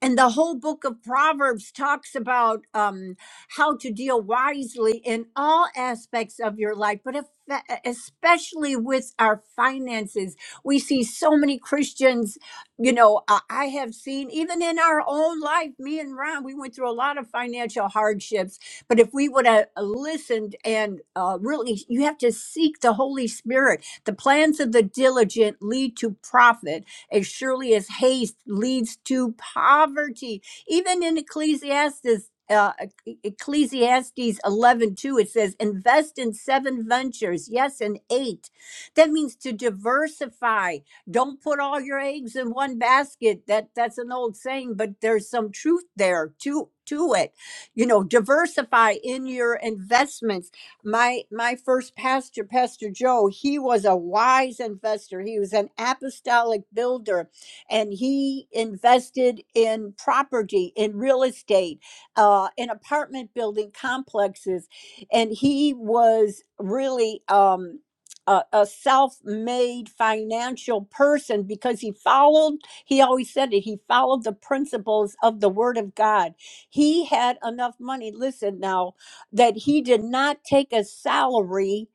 [SPEAKER 2] and the whole book of Proverbs talks about um, how to deal wisely in all aspects of your life, but if, uh, e, especially with our finances. We see so many Christians, you know, uh, I have seen even in our own life, me and Ron, we went through a lot of financial hardships. But if we would have listened and uh, really, you have to seek the Holy Spirit. The plans of the diligent lead to profit as surely as haste leads to poverty. Even in Ecclesiastes, uh, E- Ecclesiastes 11 2, it says, invest in seven ventures. Yes, and eight. That means to diversify. Don't put all your eggs in one basket. That That's an old saying, but there's some truth there to, to it. You know, diversify in your investments my my first pastor pastor joe he was a wise investor he was an apostolic builder and he invested in property in real estate uh, in apartment building complexes and he was really um, a, a self-made financial person because he followed he always said it he followed the principles of the word of god he had enough money listen now that he did not take a salary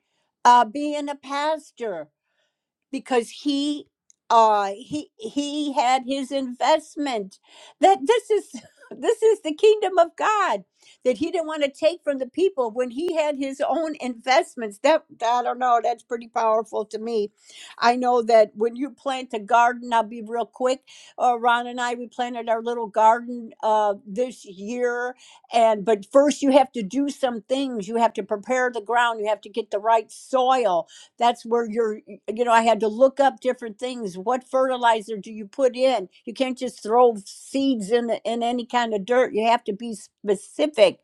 [SPEAKER 2] uh, being a pastor because he uh he he had his investment that this is *laughs* this is the kingdom of god that he didn't want to take from the people when he had his own investments that i don't know that's pretty powerful to me i know that when you plant a garden i'll be real quick uh, ron and i we planted our little garden uh, this year and but first you have to do some things you have to prepare the ground you have to get the right soil that's where your you know, I had to look up different things. What fertilizer do you put in? You can't just throw seeds in the, in any kind of dirt. You have to be specific.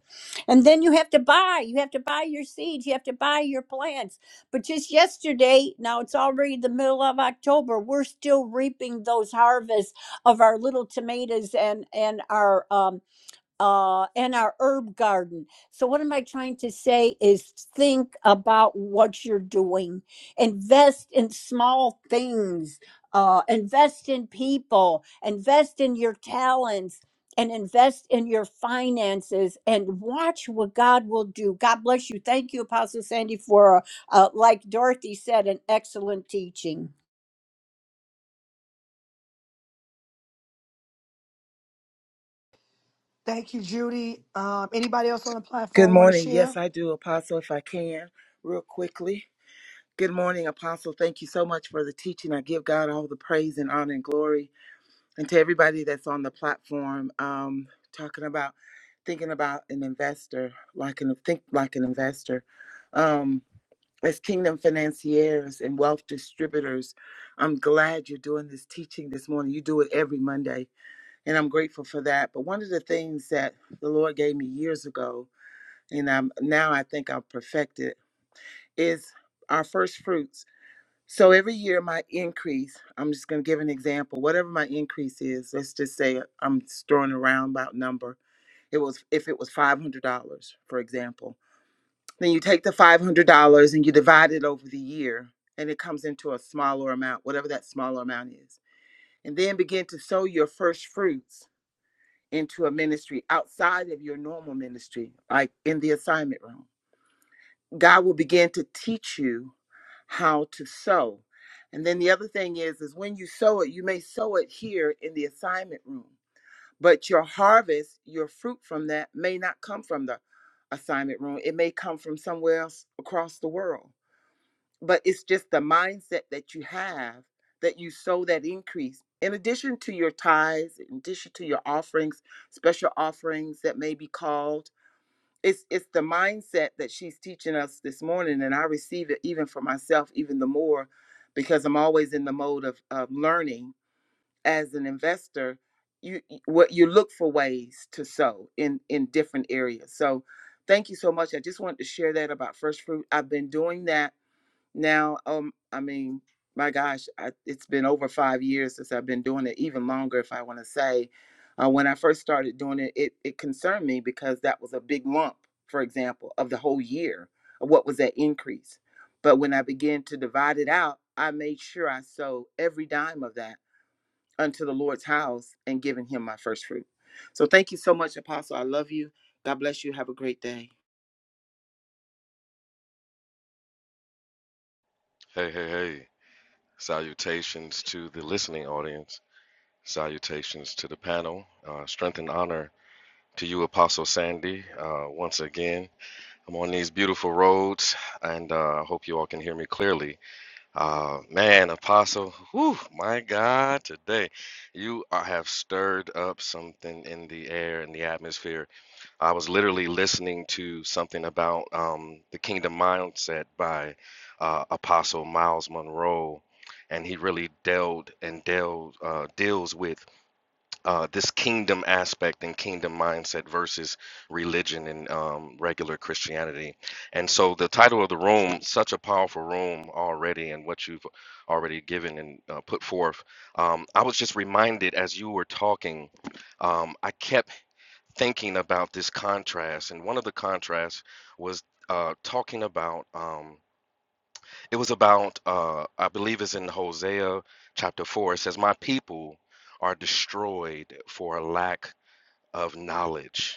[SPEAKER 2] And then you have to buy. You have to buy your seeds. You have to buy your plants. But just yesterday, now it's already the middle of October, we're still reaping those harvests of our little tomatoes and and our um uh, and our herb garden. So, what am I trying to say is think about what you're doing, invest in small things, uh, invest in people, invest in your talents. And invest in your finances and watch what God will do. God bless you. Thank you, Apostle Sandy, for, uh, like Dorothy said, an excellent teaching.
[SPEAKER 1] thank you judy um, anybody else on the
[SPEAKER 11] Good
[SPEAKER 1] platform want to
[SPEAKER 11] morning. Yes,
[SPEAKER 1] share
[SPEAKER 11] I do, Apostle, if I can, real quickly. Good morning, Apostle. Thank you so much for the teaching. I give God all the praise and honor and glory. And to everybody that's on the platform, um, talking about thinking about an investor, like an think like an investor. Um, as kingdom financiers and wealth distributors, I'm glad you're doing this teaching this morning. You do it every Monday, and I'm grateful for that. But one of the things that the Lord gave me years ago and I'm now I think I've perfected is our first fruits. So every year my increase, I'm just going to give an example. Whatever my increase is, let's just say I'm just throwing a roundabout number. It was if it was five hundred dollars, for example. Then you take the five hundred dollars and you divide it over the year, and it comes into a smaller amount, whatever that smaller amount is. And then begin to sow your first fruits into a ministry outside of your normal ministry, like in the assignment room God will begin to teach you how to sow. And then the other thing is is when you sow it, you may sow it here in the assignment room, but your harvest, your fruit from that may not come from the assignment room. It may come from somewhere else across the world. But it's just the mindset that you have that you sow that increase. In addition to your tithes, in addition to your offerings, special offerings that may be called, it's it's the mindset that she's teaching us this morning and i receive it even for myself even the more because i'm always in the mode of, of learning as an investor you what you look for ways to sow in in different areas so thank you so much i just wanted to share that about first fruit i've been doing that now um i mean my gosh I, it's been over five years since i've been doing it even longer if i want to say uh, when i first started doing it, it it concerned me because that was a big lump for example of the whole year of what was that increase but when i began to divide it out i made sure i sold every dime of that unto the Lord's house and giving him my first fruit. So thank you so much, Apostle. I love you. God bless you. Have a great day.
[SPEAKER 12] Hey, hey, hey. Salutations to the listening audience. Salutations to the panel. Uh, strength and honor to you, Apostle Sandy, uh, once again. I'm on these beautiful roads, and uh, I hope you all can hear me clearly. Uh, man, Apostle, whew, my God, today you are, have stirred up something in the air, in the atmosphere I was literally listening to something about um, the Kingdom Mindset by uh, Apostle Miles Monroe, and he really delved and delved uh, deals with uh, this kingdom aspect and kingdom mindset versus religion and um, regular Christianity. And so the title of the room, such a powerful room already, and what you've already given and uh, put forth. Um, I was just reminded as you were talking, um, I kept thinking about this contrast, and one of the contrasts was uh, talking about um, it was about uh, I believe it's in Hosea chapter four. It says, "My people are destroyed for a lack of knowledge."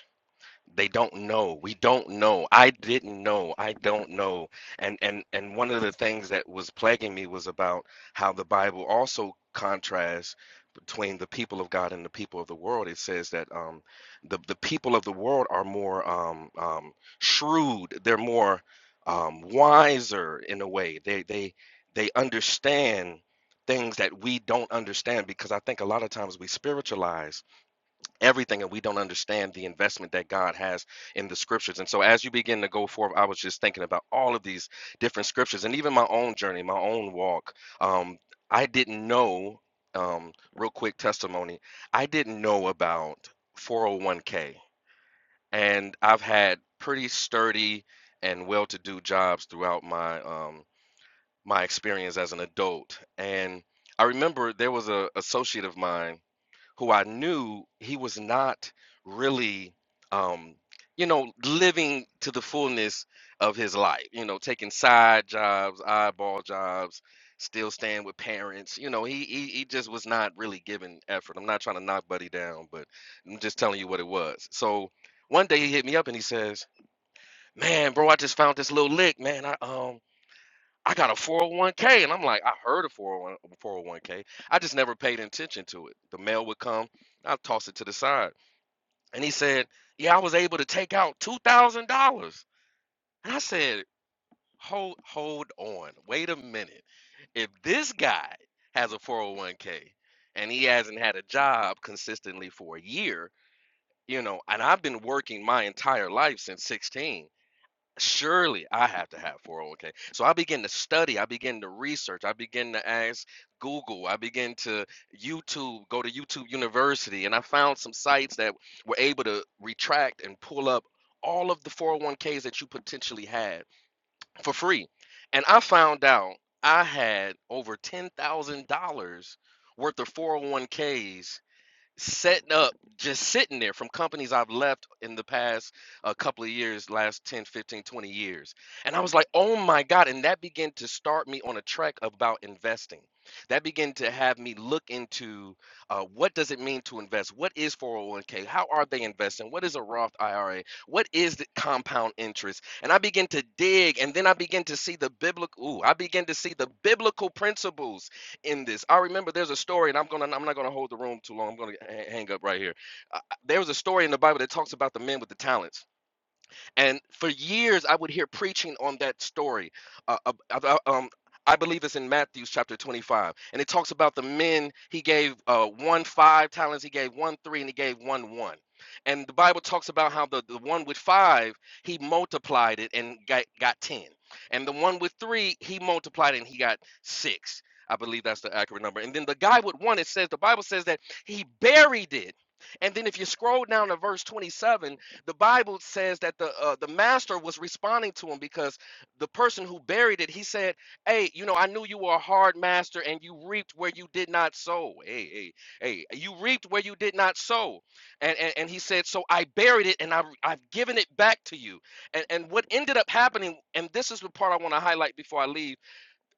[SPEAKER 12] they don't know we don't know i didn't know i don't know and and and one of the things that was plaguing me was about how the bible also contrasts between the people of god and the people of the world it says that um the the people of the world are more um um shrewd they're more um wiser in a way they they they understand things that we don't understand because i think a lot of times we spiritualize everything and we don't understand the investment that God has in the scriptures. And so as you begin to go forth, I was just thinking about all of these different scriptures and even my own journey, my own walk. Um, I didn't know, um, real quick testimony, I didn't know about 401k. And I've had pretty sturdy and well-to-do jobs throughout my um, my experience as an adult. And I remember there was a associate of mine who I knew he was not really, um, you know, living to the fullness of his life. You know, taking side jobs, eyeball jobs, still staying with parents. You know, he he, he just was not really giving effort. I'm not trying to knock Buddy down, but I'm just telling you what it was. So one day he hit me up and he says, "Man, bro, I just found this little lick, man. I um." I got a 401k. And I'm like, I heard of 401 401k. I just never paid attention to it. The mail would come, I'd toss it to the side. And he said, Yeah, I was able to take out $2,000. And I said, Hold, hold on. Wait a minute. If this guy has a 401k and he hasn't had a job consistently for a year, you know, and I've been working my entire life since 16 surely I have to have 401k. So I begin to study, I begin to research, I begin to ask Google, I begin to YouTube, go to YouTube University, and I found some sites that were able to retract and pull up all of the 401ks that you potentially had for free. And I found out I had over $10,000 worth of 401ks setting up just sitting there from companies I've left in the past a uh, couple of years, last 10, 15, 20 years. And I was like, oh my God. And that began to start me on a track about investing. That began to have me look into uh, what does it mean to invest? What is 401k? How are they investing? What is a Roth IRA? What is the compound interest? And I begin to dig and then I begin to see the biblical, ooh, I begin to see the biblical principles in this. I remember there's a story, and I'm gonna I'm not gonna hold the room too long. I'm gonna hang up right here. Uh, uh, there was a story in the Bible that talks about the men with the talents and for years, I would hear preaching on that story. Uh, uh, uh, um, I believe it's in Matthew chapter 25. And it talks about the men, he gave uh, one five talents, he gave one three, and he gave one one. And the Bible talks about how the, the one with five, he multiplied it and got, got 10. And the one with three, he multiplied it and he got six. I believe that's the accurate number. And then the guy with one, it says, the Bible says that he buried it. And then if you scroll down to verse 27, the Bible says that the uh, the master was responding to him because the person who buried it, he said, "Hey, you know, I knew you were a hard master, and you reaped where you did not sow. Hey, hey, hey, you reaped where you did not sow." And and, and he said, "So I buried it, and I I've I've given it back to you." And and what ended up happening, and this is the part I want to highlight before I leave.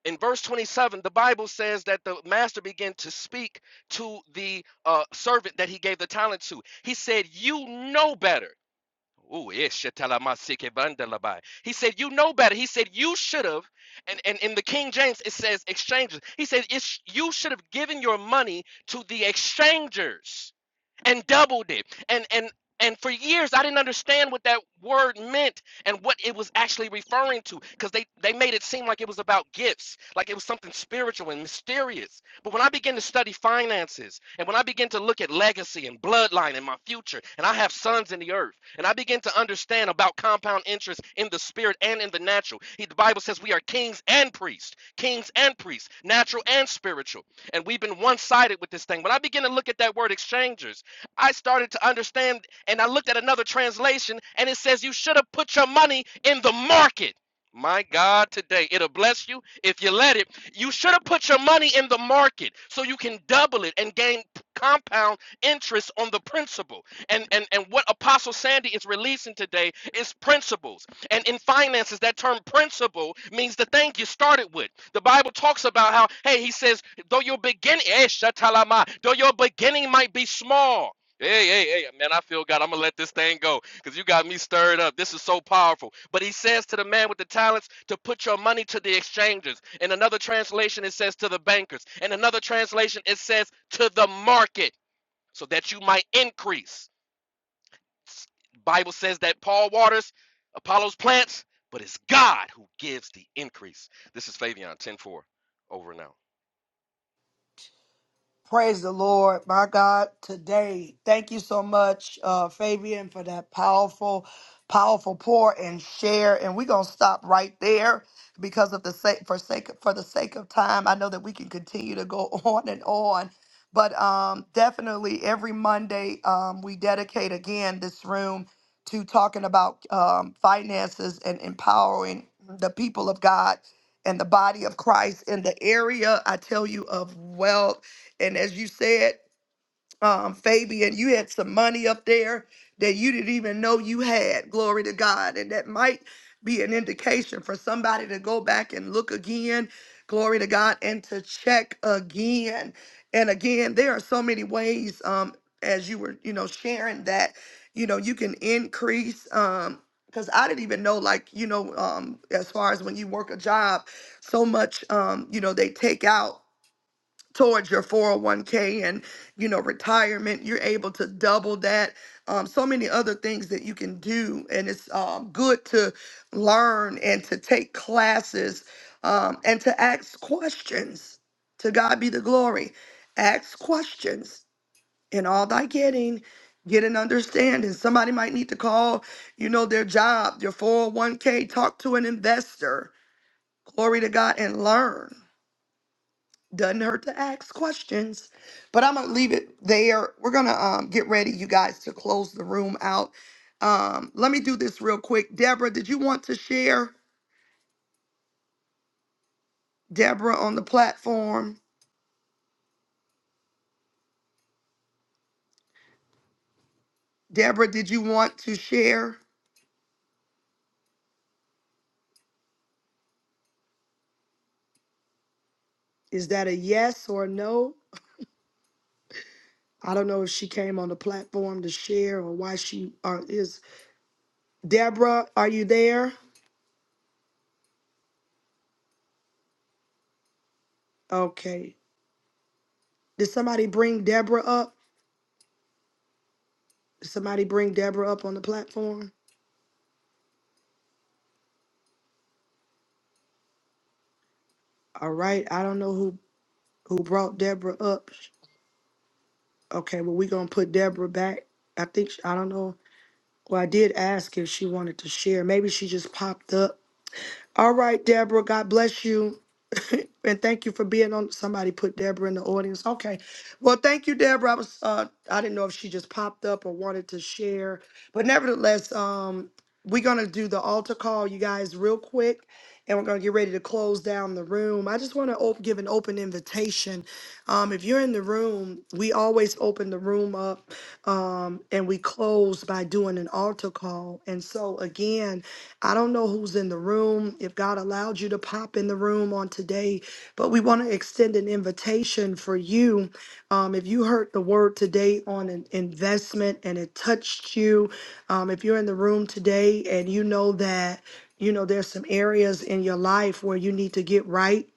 [SPEAKER 12] In verse 27, the Bible says that the master began to speak to the uh, servant that he gave the talent to. He said, "You know better." Ooh, yes, shetalamasike bandalabai. He said, You know better. He said, You should have, and, and in the King James, it says exchanges. He said, it's, You should have given your money to the exchangers and doubled it and and and for years i didn't understand what that word meant and what it was actually referring to because they they made it seem like it was about gifts like it was something spiritual and mysterious but when i begin to study finances and when i begin to look at legacy and bloodline and my future and i have sons in the earth and i begin to understand about compound interest in the spirit and in the natural He- the bible says we are kings and priests kings and priests natural and spiritual and we've been one-sided with this thing when i begin to look at that word exchangers I started to understand and I looked at another translation and it says you should have put your money in the market. My God, today it'll bless you if you let it. You should have put your money in the market so you can double it and gain compound interest on the principal. And and and what Apostle Sandy is releasing today is principles. And in finances, that term principle means the thing you started with. The Bible talks about how, hey, he says, though your beginning, eh, shatalama, though your beginning might be small. Hey, hey, hey, man, I feel God. I'm going to let this thing go because you got me stirred up. This is so powerful. But he says to the man with the talents to put your money to the exchanges. In another translation, it says to the bankers. In another translation, it says to the market so that you might increase. Bible says that Paul waters, Apollos plants, but it's God who gives the increase. This is Fabian 10.4. Over now.
[SPEAKER 1] Praise the Lord, my God, today. Thank you so much, uh, Fabian, for that powerful, powerful pour and share. And we're gonna stop right there because of the sake for sake for the sake of time. I know that we can continue to go *laughs* on and on, but um, definitely every Monday um, we dedicate again this room to talking about um, finances and empowering the people of God and the body of Christ in the area. I tell you of wealth and as you said, um, Fabian, you had some money up there that you didn't even know you had. Glory to God. And that might be an indication for somebody to go back and look again. Glory to God. And to check again. And again, there are so many ways, um, as you were, you know, sharing that, you know, you can increase, um, because I didn't even know, like, you know, um, as far as when you work a job, so much, um, you know, they take out towards your 401k and you know retirement you're able to double that um, so many other things that you can do and it's um, good to learn and to take classes um, and to ask questions to god be the glory ask questions in all thy getting get an understanding somebody might need to call you know their job your 401k talk to an investor glory to god and learn doesn't hurt to ask questions. But I'm gonna leave it there. We're gonna um, get ready, you guys, to close the room out. Um, let me do this real quick. Deborah, did you want to share? Deborah on the platform. Deborah, did you want to share? Is that a yes or a no? I don't know if she came on the platform to share or why she or is. Deborah, are you there? Okay. Did somebody bring Deborah up? Did somebody bring Deborah up on the platform? All right. I don't know who who brought Deborah up. Okay, well, we're gonna put Deborah back. I think she- I don't know. Well, I did ask if she wanted to share. Maybe she just popped up. All right, Deborah. God bless you, *laughs* and thank you for being on. Somebody put Deborah in the audience. Okay, well, thank you, Deborah. I was uh, I didn't know if she just popped up or wanted to share, but nevertheless, um, we're gonna do the altar call, you guys, real quick and we're going to get ready to close down the room. I just want to op- give an open invitation. Um, if you're in the room, we always open the room up um, and we close by doing an altar call. And so, again, I don't know who's in the room, if God allowed you to pop in the room on today, but we want to extend an invitation for you. Um, if you heard the word today on an investment and it touched you, um, if you're in the room today and you know that, you know there's some areas in your life where you need to get right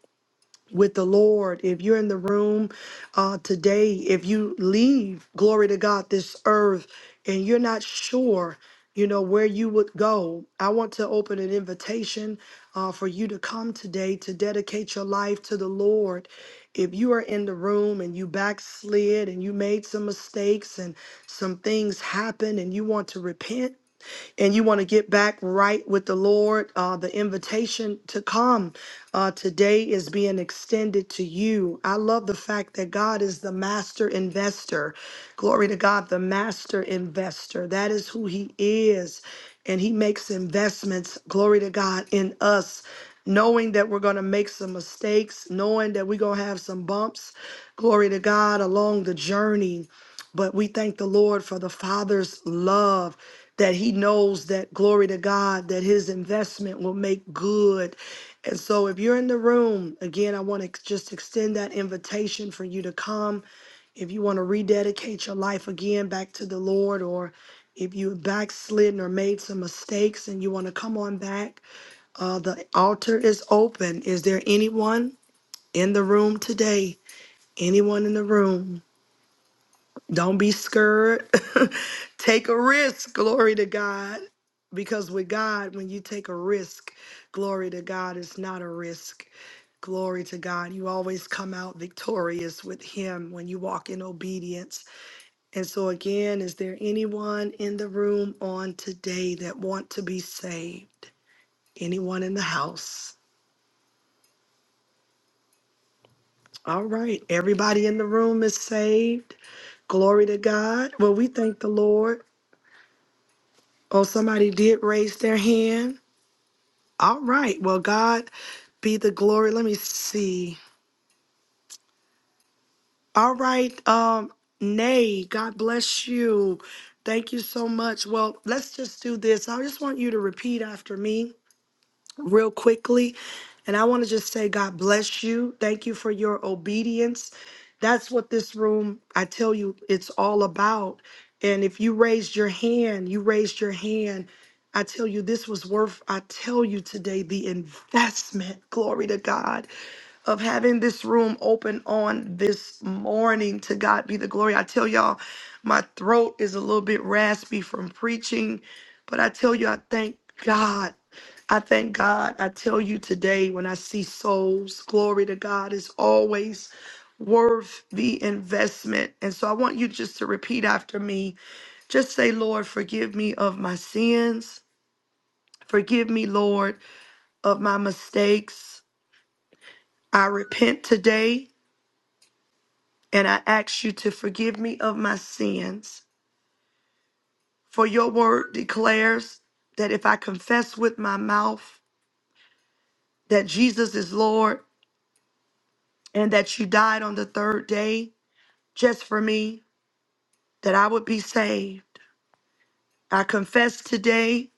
[SPEAKER 1] with the lord if you're in the room uh, today if you leave glory to god this earth and you're not sure you know where you would go i want to open an invitation uh, for you to come today to dedicate your life to the lord if you are in the room and you backslid and you made some mistakes and some things happened and you want to repent and you want to get back right with the Lord, uh, the invitation to come uh, today is being extended to you. I love the fact that God is the master investor. Glory to God, the master investor. That is who He is. And He makes investments, glory to God, in us. Knowing that we're going to make some mistakes, knowing that we're going to have some bumps, glory to God, along the journey. But we thank the Lord for the Father's love that He knows that, glory to God, that His investment will make good. And so, if you're in the room, again, I want to just extend that invitation for you to come. If you want to rededicate your life again back to the Lord, or if you backslidden or made some mistakes and you want to come on back, uh, the altar is open. Is there anyone in the room today? Anyone in the room? Don't be scared. *laughs* take a risk. Glory to God. Because with God, when you take a risk, glory to God, it's not a risk. Glory to God. You always come out victorious with Him when you walk in obedience. And so, again, is there anyone in the room on today that want to be saved? Anyone in the house? All right. Everybody in the room is saved. Glory to God. Well, we thank the Lord. Oh, somebody did raise their hand. All right. Well, God be the glory. Let me see. All right. Um, Nay, God bless you. Thank you so much. Well, let's just do this. I just want you to repeat after me. real quickly. And I want to just say, God bless you. Thank you for your obedience. That's what this room, I tell you, it's all about. And if you raised your hand, you raised your hand. I tell you, this was worth, I tell you today, the investment, *laughs* glory to God, of having this room open on this morning. To God be the glory. I tell y'all, my throat is a little bit raspy from preaching, but I tell you, I thank God. I thank God. I tell you today, when I see souls, glory to God is always worth the investment. And so I want you just to repeat after me. Just say, Lord, forgive me of my sins. Forgive me, Lord, of my mistakes. I repent today and I ask you to forgive me of my sins. For your word declares that if I confess with my mouth that Jesus is Lord and that you died on the third day, just for me that I would be saved. I confess today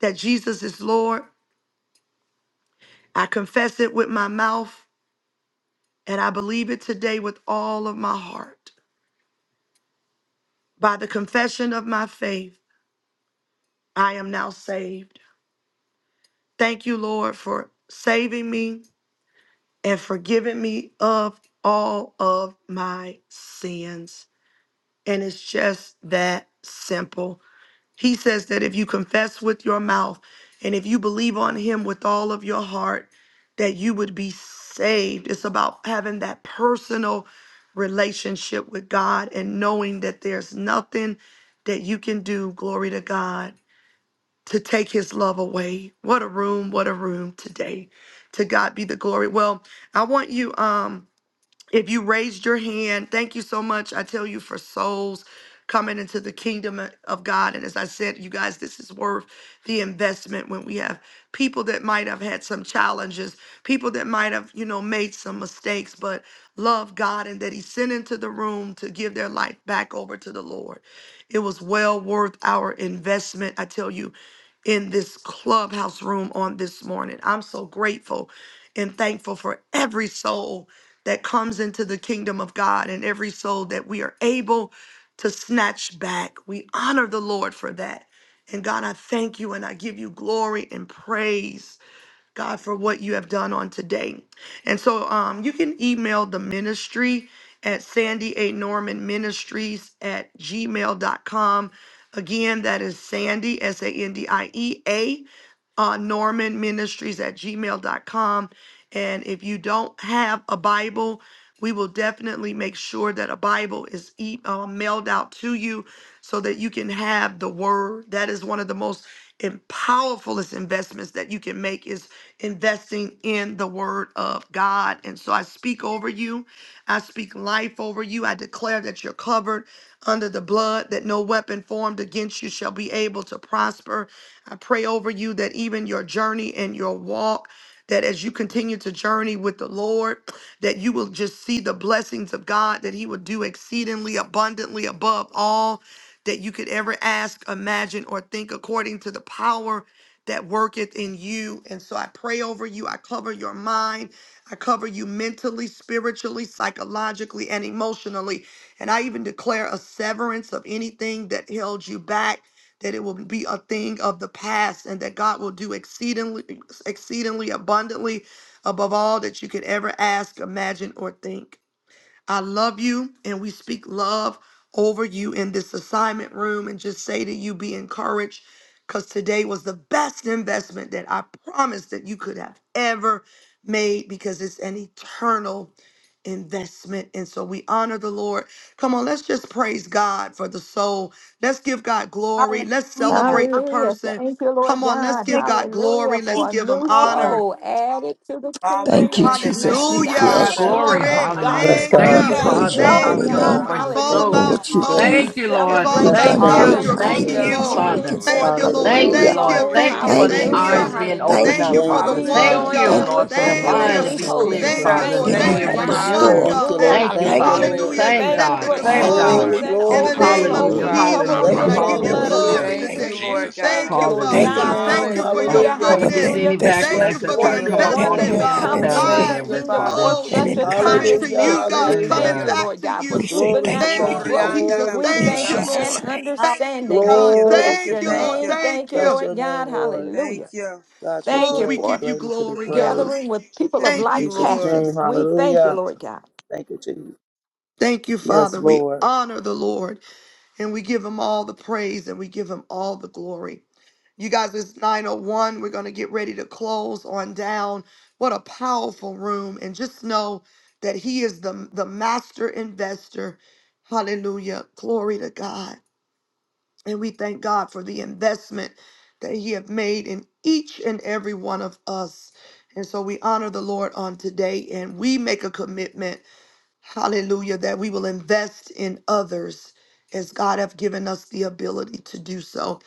[SPEAKER 1] that Jesus is Lord. I confess it with my mouth and I believe it today with all of my heart. By the confession of my faith, I am now saved. Thank you, Lord, for saving me and forgiving me of all of my sins. And it's just that simple. He says that if you confess with your mouth and if you believe on him with all of your heart, that you would be saved. It's about having that personal relationship with God and knowing that there's nothing that you can do, glory to God, to take his love away. What a room, what a room today. To God be the glory. Well, I want you um if you raised your hand, thank you so much. I tell you for souls coming into the kingdom of God. And as I said, you guys, this is worth the investment when we have people that might have had some challenges, people that might have, you know, made some mistakes, but love God and that He sent into the room to give their life back over to the Lord. It was well worth our investment. I tell you, in this clubhouse room on this morning. I'm so grateful and thankful for every soul that comes into the kingdom of God and every soul that we are able to snatch back. We honor the Lord for that. And God, I thank you and I give you glory and praise. God, for what you have done on today. And so um, you can email the ministry at Sandy A. Norman Ministries at gmail dot com. Again, that is Sandy, S A N D I E A uh, Norman Ministries at gmail.com. And if you don't have a Bible, we will definitely make sure that a Bible is e- uh, mailed out to you so that you can have the Word. That is one of the most and powerfulest investments that you can make is investing in the Word of God. And so I speak over you. I speak life over over you. I declare that you're covered under the blood, that no weapon formed against you shall be able to prosper. I pray over you that even your journey and your walk, that as you continue to journey with the Lord, *clears throat* that you will just see the blessings of God, that He will do exceedingly abundantly above all that you could ever ask, imagine, or think according to the power that worketh in you. And so I pray over you. I cover your mind. I cover you mentally, spiritually, psychologically, and emotionally. And I even declare a severance of anything that held you back. That it will be a thing of the past, and that God will do exceedingly, exceedingly abundantly above all that you could ever ask, imagine, or think. I love you, and we speak love over you in this assignment room and just say to you, be encouraged, because today was the best investment that I promise that you could have ever made because it's an eternal investment. And so we honor the Lord. Come on, let's just praise God for the soul. Let's give God glory.
[SPEAKER 2] Hallelujah.
[SPEAKER 1] Let's
[SPEAKER 2] Hallelujah.
[SPEAKER 1] celebrate the
[SPEAKER 5] Hallelujah.
[SPEAKER 1] person.
[SPEAKER 5] Thank you,
[SPEAKER 1] Come
[SPEAKER 5] Lord
[SPEAKER 1] on, let's
[SPEAKER 5] God.
[SPEAKER 1] give God
[SPEAKER 5] Hallelujah.
[SPEAKER 1] glory. Let's
[SPEAKER 5] For
[SPEAKER 2] Thank you,
[SPEAKER 5] a
[SPEAKER 1] give him
[SPEAKER 5] new
[SPEAKER 2] Lord.
[SPEAKER 1] honor.
[SPEAKER 5] soul added to the kingdom
[SPEAKER 10] Thank you,
[SPEAKER 5] and
[SPEAKER 10] Jesus. We
[SPEAKER 5] snatched out of the
[SPEAKER 1] Hallelujah.
[SPEAKER 2] Man,
[SPEAKER 10] bless you,
[SPEAKER 8] Glory,
[SPEAKER 5] kingdom
[SPEAKER 10] Father.
[SPEAKER 1] Glory.
[SPEAKER 5] of
[SPEAKER 8] hallelujah.
[SPEAKER 9] Bless
[SPEAKER 1] Thank
[SPEAKER 5] darkness.
[SPEAKER 10] And
[SPEAKER 8] Thank
[SPEAKER 10] we
[SPEAKER 5] We
[SPEAKER 9] God.
[SPEAKER 1] you.
[SPEAKER 11] Hallelujah.
[SPEAKER 8] you,
[SPEAKER 9] Bless God.
[SPEAKER 2] hallelujah.
[SPEAKER 5] thank
[SPEAKER 10] praise
[SPEAKER 5] you,
[SPEAKER 8] Father,
[SPEAKER 10] your
[SPEAKER 2] Welcome,
[SPEAKER 5] Lord
[SPEAKER 1] Thank
[SPEAKER 10] holy
[SPEAKER 9] Bless
[SPEAKER 1] you,
[SPEAKER 8] hallelujah,
[SPEAKER 2] welcome,
[SPEAKER 5] God.
[SPEAKER 10] name
[SPEAKER 9] God.
[SPEAKER 1] Lord.
[SPEAKER 8] for
[SPEAKER 1] It's
[SPEAKER 8] the
[SPEAKER 1] all
[SPEAKER 9] Thank
[SPEAKER 10] for
[SPEAKER 9] you,
[SPEAKER 5] Hallelujah.
[SPEAKER 11] Hallelujah.
[SPEAKER 8] soul.
[SPEAKER 1] about
[SPEAKER 10] what you've
[SPEAKER 9] Jesus.
[SPEAKER 5] We
[SPEAKER 1] souls.
[SPEAKER 8] Thank
[SPEAKER 10] done.
[SPEAKER 8] you,
[SPEAKER 11] Hallelujah.
[SPEAKER 1] It's
[SPEAKER 8] Lord.
[SPEAKER 1] all
[SPEAKER 5] celebrate
[SPEAKER 10] You've
[SPEAKER 9] Bless the
[SPEAKER 5] with
[SPEAKER 1] about
[SPEAKER 8] Thank
[SPEAKER 10] done
[SPEAKER 9] name of
[SPEAKER 10] great,
[SPEAKER 2] welcome.
[SPEAKER 1] God,
[SPEAKER 5] heaven
[SPEAKER 8] you.
[SPEAKER 1] your
[SPEAKER 10] mighty
[SPEAKER 5] on
[SPEAKER 8] Thank
[SPEAKER 5] this
[SPEAKER 9] Jesus.
[SPEAKER 8] you,
[SPEAKER 11] Hallelujah.
[SPEAKER 10] things,
[SPEAKER 1] people.
[SPEAKER 10] and we
[SPEAKER 8] Father.
[SPEAKER 10] can
[SPEAKER 5] morning
[SPEAKER 10] say
[SPEAKER 5] for
[SPEAKER 1] Thank
[SPEAKER 12] Hallelujah.
[SPEAKER 1] you,
[SPEAKER 5] this
[SPEAKER 1] Lord.
[SPEAKER 5] new
[SPEAKER 8] Thank
[SPEAKER 11] Glory,
[SPEAKER 8] you,
[SPEAKER 10] hallelujah.
[SPEAKER 9] Hallelujah.
[SPEAKER 1] Thank
[SPEAKER 8] Lord.
[SPEAKER 1] you.
[SPEAKER 12] Lord, we
[SPEAKER 11] glory,
[SPEAKER 5] soul.
[SPEAKER 8] Thank
[SPEAKER 1] Thank
[SPEAKER 8] you
[SPEAKER 12] thank
[SPEAKER 1] you.
[SPEAKER 8] for
[SPEAKER 12] you.
[SPEAKER 11] glory,
[SPEAKER 10] Thank
[SPEAKER 8] the
[SPEAKER 10] you,
[SPEAKER 1] Thank you.
[SPEAKER 5] Hallelujah.
[SPEAKER 8] eyes
[SPEAKER 9] Rejoicing
[SPEAKER 11] glory.
[SPEAKER 10] Father.
[SPEAKER 8] being
[SPEAKER 9] with
[SPEAKER 8] opened
[SPEAKER 5] Hallelujah.
[SPEAKER 10] Thank
[SPEAKER 1] Thank
[SPEAKER 9] the
[SPEAKER 1] you
[SPEAKER 8] up,
[SPEAKER 10] you.
[SPEAKER 1] for the
[SPEAKER 8] Father.
[SPEAKER 9] angels,
[SPEAKER 5] We
[SPEAKER 1] one
[SPEAKER 8] Thank
[SPEAKER 12] Thank
[SPEAKER 9] God.
[SPEAKER 5] join
[SPEAKER 12] you
[SPEAKER 8] you,
[SPEAKER 12] for
[SPEAKER 10] Thank
[SPEAKER 11] Hallelujah.
[SPEAKER 5] in
[SPEAKER 1] God.
[SPEAKER 8] Lord,
[SPEAKER 10] you
[SPEAKER 12] that.
[SPEAKER 5] with
[SPEAKER 8] for
[SPEAKER 10] for
[SPEAKER 5] the
[SPEAKER 8] the
[SPEAKER 10] your
[SPEAKER 12] So.
[SPEAKER 1] Thank
[SPEAKER 10] many
[SPEAKER 9] Oh,
[SPEAKER 1] you.
[SPEAKER 8] mind
[SPEAKER 11] Thank
[SPEAKER 9] one
[SPEAKER 8] to
[SPEAKER 5] heavenly
[SPEAKER 8] be
[SPEAKER 11] you,
[SPEAKER 10] blessings
[SPEAKER 9] soul
[SPEAKER 5] host.
[SPEAKER 9] that
[SPEAKER 8] clear,
[SPEAKER 5] We
[SPEAKER 1] Thank you,
[SPEAKER 9] comes,
[SPEAKER 8] Father,
[SPEAKER 11] Jesus.
[SPEAKER 5] thank
[SPEAKER 9] oh
[SPEAKER 8] to
[SPEAKER 1] Lord.
[SPEAKER 5] you,
[SPEAKER 10] that you
[SPEAKER 1] Thank
[SPEAKER 11] Thank
[SPEAKER 8] be
[SPEAKER 1] you
[SPEAKER 5] Lord
[SPEAKER 11] you,
[SPEAKER 10] have
[SPEAKER 9] God.
[SPEAKER 1] for the
[SPEAKER 5] God.
[SPEAKER 1] one
[SPEAKER 8] renewed.
[SPEAKER 11] Father.
[SPEAKER 10] bestowed.
[SPEAKER 9] Thank
[SPEAKER 12] We
[SPEAKER 1] God
[SPEAKER 9] you,
[SPEAKER 5] Hallelujah.
[SPEAKER 2] Oh,
[SPEAKER 1] that,
[SPEAKER 9] Lord.
[SPEAKER 12] bind
[SPEAKER 8] Thank
[SPEAKER 12] up
[SPEAKER 8] you,
[SPEAKER 9] Thank
[SPEAKER 10] Thank
[SPEAKER 12] every
[SPEAKER 9] you,
[SPEAKER 5] Hallelujah
[SPEAKER 10] you.
[SPEAKER 8] Father.
[SPEAKER 9] Lord.
[SPEAKER 1] hallelujah,
[SPEAKER 12] hindrance,
[SPEAKER 8] Same
[SPEAKER 12] every
[SPEAKER 5] Thank
[SPEAKER 11] Hallelujah.
[SPEAKER 5] you
[SPEAKER 8] God,
[SPEAKER 1] accepted
[SPEAKER 5] for
[SPEAKER 12] demonic
[SPEAKER 1] the
[SPEAKER 11] Thank you,
[SPEAKER 8] same
[SPEAKER 10] God,
[SPEAKER 12] spirit, every
[SPEAKER 1] call
[SPEAKER 8] God.
[SPEAKER 10] thank
[SPEAKER 9] Glory,
[SPEAKER 5] increase
[SPEAKER 11] Lord.
[SPEAKER 10] you
[SPEAKER 12] weapon
[SPEAKER 5] and
[SPEAKER 10] for
[SPEAKER 1] in
[SPEAKER 9] glory,
[SPEAKER 10] the
[SPEAKER 12] formed
[SPEAKER 1] the
[SPEAKER 10] rich
[SPEAKER 11] Thank
[SPEAKER 1] name
[SPEAKER 12] against
[SPEAKER 9] glory.
[SPEAKER 12] it
[SPEAKER 5] overflow.
[SPEAKER 1] of
[SPEAKER 11] you,
[SPEAKER 8] Hallelujah,
[SPEAKER 5] We
[SPEAKER 10] word
[SPEAKER 12] shall
[SPEAKER 5] cover
[SPEAKER 11] Father.
[SPEAKER 1] Jesus,
[SPEAKER 12] not
[SPEAKER 5] them
[SPEAKER 8] hallelujah,
[SPEAKER 10] that
[SPEAKER 9] Bless
[SPEAKER 1] Lord.
[SPEAKER 10] you
[SPEAKER 9] your
[SPEAKER 5] with
[SPEAKER 1] I
[SPEAKER 5] the
[SPEAKER 10] have
[SPEAKER 12] prosper.
[SPEAKER 1] give
[SPEAKER 9] name,
[SPEAKER 1] you
[SPEAKER 5] blood
[SPEAKER 10] poured
[SPEAKER 5] of
[SPEAKER 9] Jesus.
[SPEAKER 10] out.
[SPEAKER 8] hallelujah,
[SPEAKER 1] glory
[SPEAKER 11] Thank
[SPEAKER 12] In
[SPEAKER 5] Jesus.
[SPEAKER 11] you,
[SPEAKER 1] today.
[SPEAKER 10] Thank
[SPEAKER 5] We
[SPEAKER 11] Lord
[SPEAKER 10] you.
[SPEAKER 12] Jesus' name,
[SPEAKER 5] thank
[SPEAKER 11] God.
[SPEAKER 1] Thank
[SPEAKER 5] you,
[SPEAKER 1] you,
[SPEAKER 5] Lord
[SPEAKER 1] Father
[SPEAKER 9] Bless
[SPEAKER 10] Thank
[SPEAKER 9] your
[SPEAKER 10] you,
[SPEAKER 8] hallelujah.
[SPEAKER 1] God.
[SPEAKER 5] God.
[SPEAKER 9] name.
[SPEAKER 1] Thank you
[SPEAKER 10] Father,
[SPEAKER 1] for
[SPEAKER 8] Uh,
[SPEAKER 1] your
[SPEAKER 5] Hallelujah.
[SPEAKER 11] Hallelujah.
[SPEAKER 8] come
[SPEAKER 9] Hallelujah.
[SPEAKER 10] for the
[SPEAKER 8] against
[SPEAKER 1] goodness.
[SPEAKER 8] any
[SPEAKER 5] Hallelujah.
[SPEAKER 10] investment.
[SPEAKER 1] Thank
[SPEAKER 11] Thank
[SPEAKER 1] you
[SPEAKER 8] backlash
[SPEAKER 9] Yes,
[SPEAKER 2] thank you.
[SPEAKER 11] you,
[SPEAKER 8] that
[SPEAKER 1] for
[SPEAKER 8] try
[SPEAKER 1] the
[SPEAKER 5] For
[SPEAKER 8] to
[SPEAKER 9] Lord.
[SPEAKER 5] the
[SPEAKER 8] come
[SPEAKER 9] Yes,
[SPEAKER 11] Jesus.
[SPEAKER 8] up
[SPEAKER 10] that
[SPEAKER 5] one
[SPEAKER 8] on
[SPEAKER 5] that
[SPEAKER 9] Lord.
[SPEAKER 1] investment,
[SPEAKER 8] them
[SPEAKER 10] you
[SPEAKER 5] has
[SPEAKER 9] Yes,
[SPEAKER 8] and the
[SPEAKER 1] God,
[SPEAKER 10] have
[SPEAKER 5] come
[SPEAKER 1] of
[SPEAKER 9] Lord.
[SPEAKER 8] family
[SPEAKER 5] into
[SPEAKER 11] Thank
[SPEAKER 5] the
[SPEAKER 1] lives
[SPEAKER 10] instilled
[SPEAKER 11] you,
[SPEAKER 8] member,
[SPEAKER 1] and
[SPEAKER 5] kingdom
[SPEAKER 8] Father,
[SPEAKER 5] for
[SPEAKER 11] Father.
[SPEAKER 8] in
[SPEAKER 1] souls
[SPEAKER 10] and
[SPEAKER 5] such a
[SPEAKER 8] Jesus'
[SPEAKER 5] time
[SPEAKER 10] encouraged
[SPEAKER 1] coming
[SPEAKER 8] name.
[SPEAKER 10] us.
[SPEAKER 5] as
[SPEAKER 1] to
[SPEAKER 9] Hallelujah.
[SPEAKER 1] you,
[SPEAKER 5] this.
[SPEAKER 1] God,
[SPEAKER 5] We
[SPEAKER 9] Hallelujah.
[SPEAKER 1] coming
[SPEAKER 5] thank
[SPEAKER 11] Hallelujah.
[SPEAKER 5] you,
[SPEAKER 8] Amen
[SPEAKER 1] back
[SPEAKER 5] Lord
[SPEAKER 1] to
[SPEAKER 5] God, for
[SPEAKER 10] We
[SPEAKER 1] you.
[SPEAKER 10] say
[SPEAKER 9] Glory to
[SPEAKER 10] thank you
[SPEAKER 5] supernatural
[SPEAKER 1] Thank you,
[SPEAKER 9] God.
[SPEAKER 5] growth.
[SPEAKER 11] Orianda
[SPEAKER 1] Jesus.
[SPEAKER 9] Glory
[SPEAKER 5] We
[SPEAKER 9] to
[SPEAKER 10] in
[SPEAKER 1] Thank
[SPEAKER 5] thank
[SPEAKER 1] you,
[SPEAKER 9] God.
[SPEAKER 5] you
[SPEAKER 11] Ramashanda.
[SPEAKER 5] and
[SPEAKER 10] Jesus'
[SPEAKER 1] Lord.
[SPEAKER 10] name. Thank
[SPEAKER 2] Hall-
[SPEAKER 1] Thank you,
[SPEAKER 5] understanding.
[SPEAKER 11] Thank
[SPEAKER 5] We
[SPEAKER 1] God.
[SPEAKER 11] you,
[SPEAKER 9] Glory
[SPEAKER 11] thank
[SPEAKER 5] bless
[SPEAKER 11] you,
[SPEAKER 9] to
[SPEAKER 1] Thank
[SPEAKER 5] your
[SPEAKER 1] you,
[SPEAKER 11] thank
[SPEAKER 1] Lord.
[SPEAKER 9] God.
[SPEAKER 5] name.
[SPEAKER 11] you,
[SPEAKER 5] Thank
[SPEAKER 1] Thank
[SPEAKER 5] you,
[SPEAKER 9] Bless
[SPEAKER 1] you.
[SPEAKER 9] your
[SPEAKER 5] Lord
[SPEAKER 9] name,
[SPEAKER 5] God.
[SPEAKER 9] Lord.
[SPEAKER 11] thank
[SPEAKER 5] Hallelujah.
[SPEAKER 11] you,
[SPEAKER 9] God, you're
[SPEAKER 5] Thank
[SPEAKER 1] Oh,
[SPEAKER 5] you
[SPEAKER 1] we
[SPEAKER 9] great.
[SPEAKER 1] give
[SPEAKER 5] for
[SPEAKER 1] you
[SPEAKER 9] Greatly to be
[SPEAKER 1] glory, God.
[SPEAKER 9] praised.
[SPEAKER 5] gathering with people of
[SPEAKER 11] thank
[SPEAKER 9] In
[SPEAKER 1] Thank you,
[SPEAKER 11] you,
[SPEAKER 5] like
[SPEAKER 9] Jesus'
[SPEAKER 11] Lord.
[SPEAKER 5] passion.
[SPEAKER 9] name.
[SPEAKER 1] Jesus.
[SPEAKER 5] We thank you,
[SPEAKER 9] Hallelujah.
[SPEAKER 5] Lord God.
[SPEAKER 9] Thank you, Jesus.
[SPEAKER 1] Thank you,
[SPEAKER 9] Yes,
[SPEAKER 1] Father. We
[SPEAKER 9] Lord.
[SPEAKER 1] honor the Lord and we give him all the praise and we give him all the glory. You guys, it's 901. We're going to get ready to close on down. What a powerful room. And just know that he is the, the master investor. Hallelujah. Glory to God. And we thank God for the investment that he have made in each and every one of us. And so we honor the Lord on today and we make a commitment Hallelujah, that we will invest in others as God have given us the ability to do so.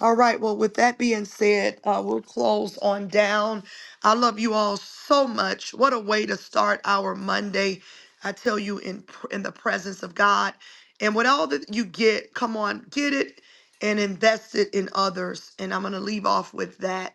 [SPEAKER 1] All right, well, with that being said, uh, we'll close on down. I love you all so much. What a way to start our Monday. I tell you, in pr- in the presence of God, and with all that you get, come on, get it and invest it in others. And I'm going to leave off with that.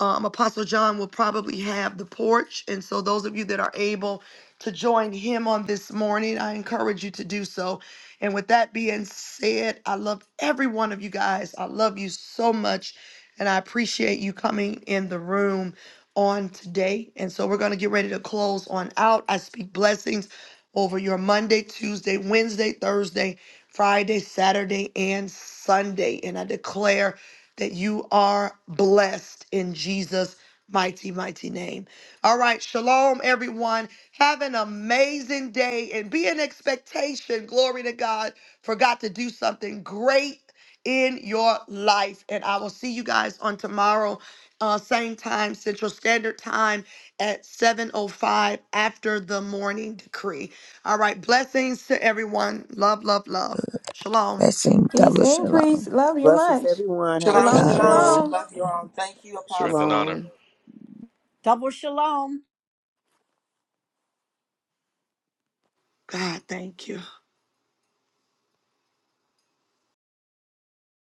[SPEAKER 1] Um, Apostle John will probably have the porch. And so, those of you that are able to join him on this morning, I encourage you to do so. And with that being said, I love every one of you guys. I love you so much. And I appreciate you coming in the room on today. And so we're going to get ready to close on out. I speak blessings over your Monday, Tuesday, Wednesday, Thursday, Friday, Saturday, and Sunday. And I declare that you are blessed in Jesus' mighty, mighty name. All right. Shalom, everyone. Have an amazing day and be in expectation. Glory to God for God to do something great in your life. And I will see you guys on tomorrow, uh, same time, Central Standard Time at 7.05 after the morning decree. All right. Blessings to everyone. Love, love, love.
[SPEAKER 10] you.
[SPEAKER 1] Shalom.
[SPEAKER 10] Blessing
[SPEAKER 5] Peace
[SPEAKER 10] double
[SPEAKER 5] increase.
[SPEAKER 10] shalom.
[SPEAKER 5] Love you
[SPEAKER 9] Blesses
[SPEAKER 5] much.
[SPEAKER 9] everyone. Have a
[SPEAKER 11] Shalom,
[SPEAKER 5] Shalom,
[SPEAKER 9] great
[SPEAKER 11] shalom.
[SPEAKER 9] day.
[SPEAKER 5] shalom.
[SPEAKER 11] Love you all. Thank you,
[SPEAKER 12] strength and
[SPEAKER 11] Apostle.
[SPEAKER 12] honor.
[SPEAKER 9] Shalom.
[SPEAKER 2] Double shalom.
[SPEAKER 1] God, thank you.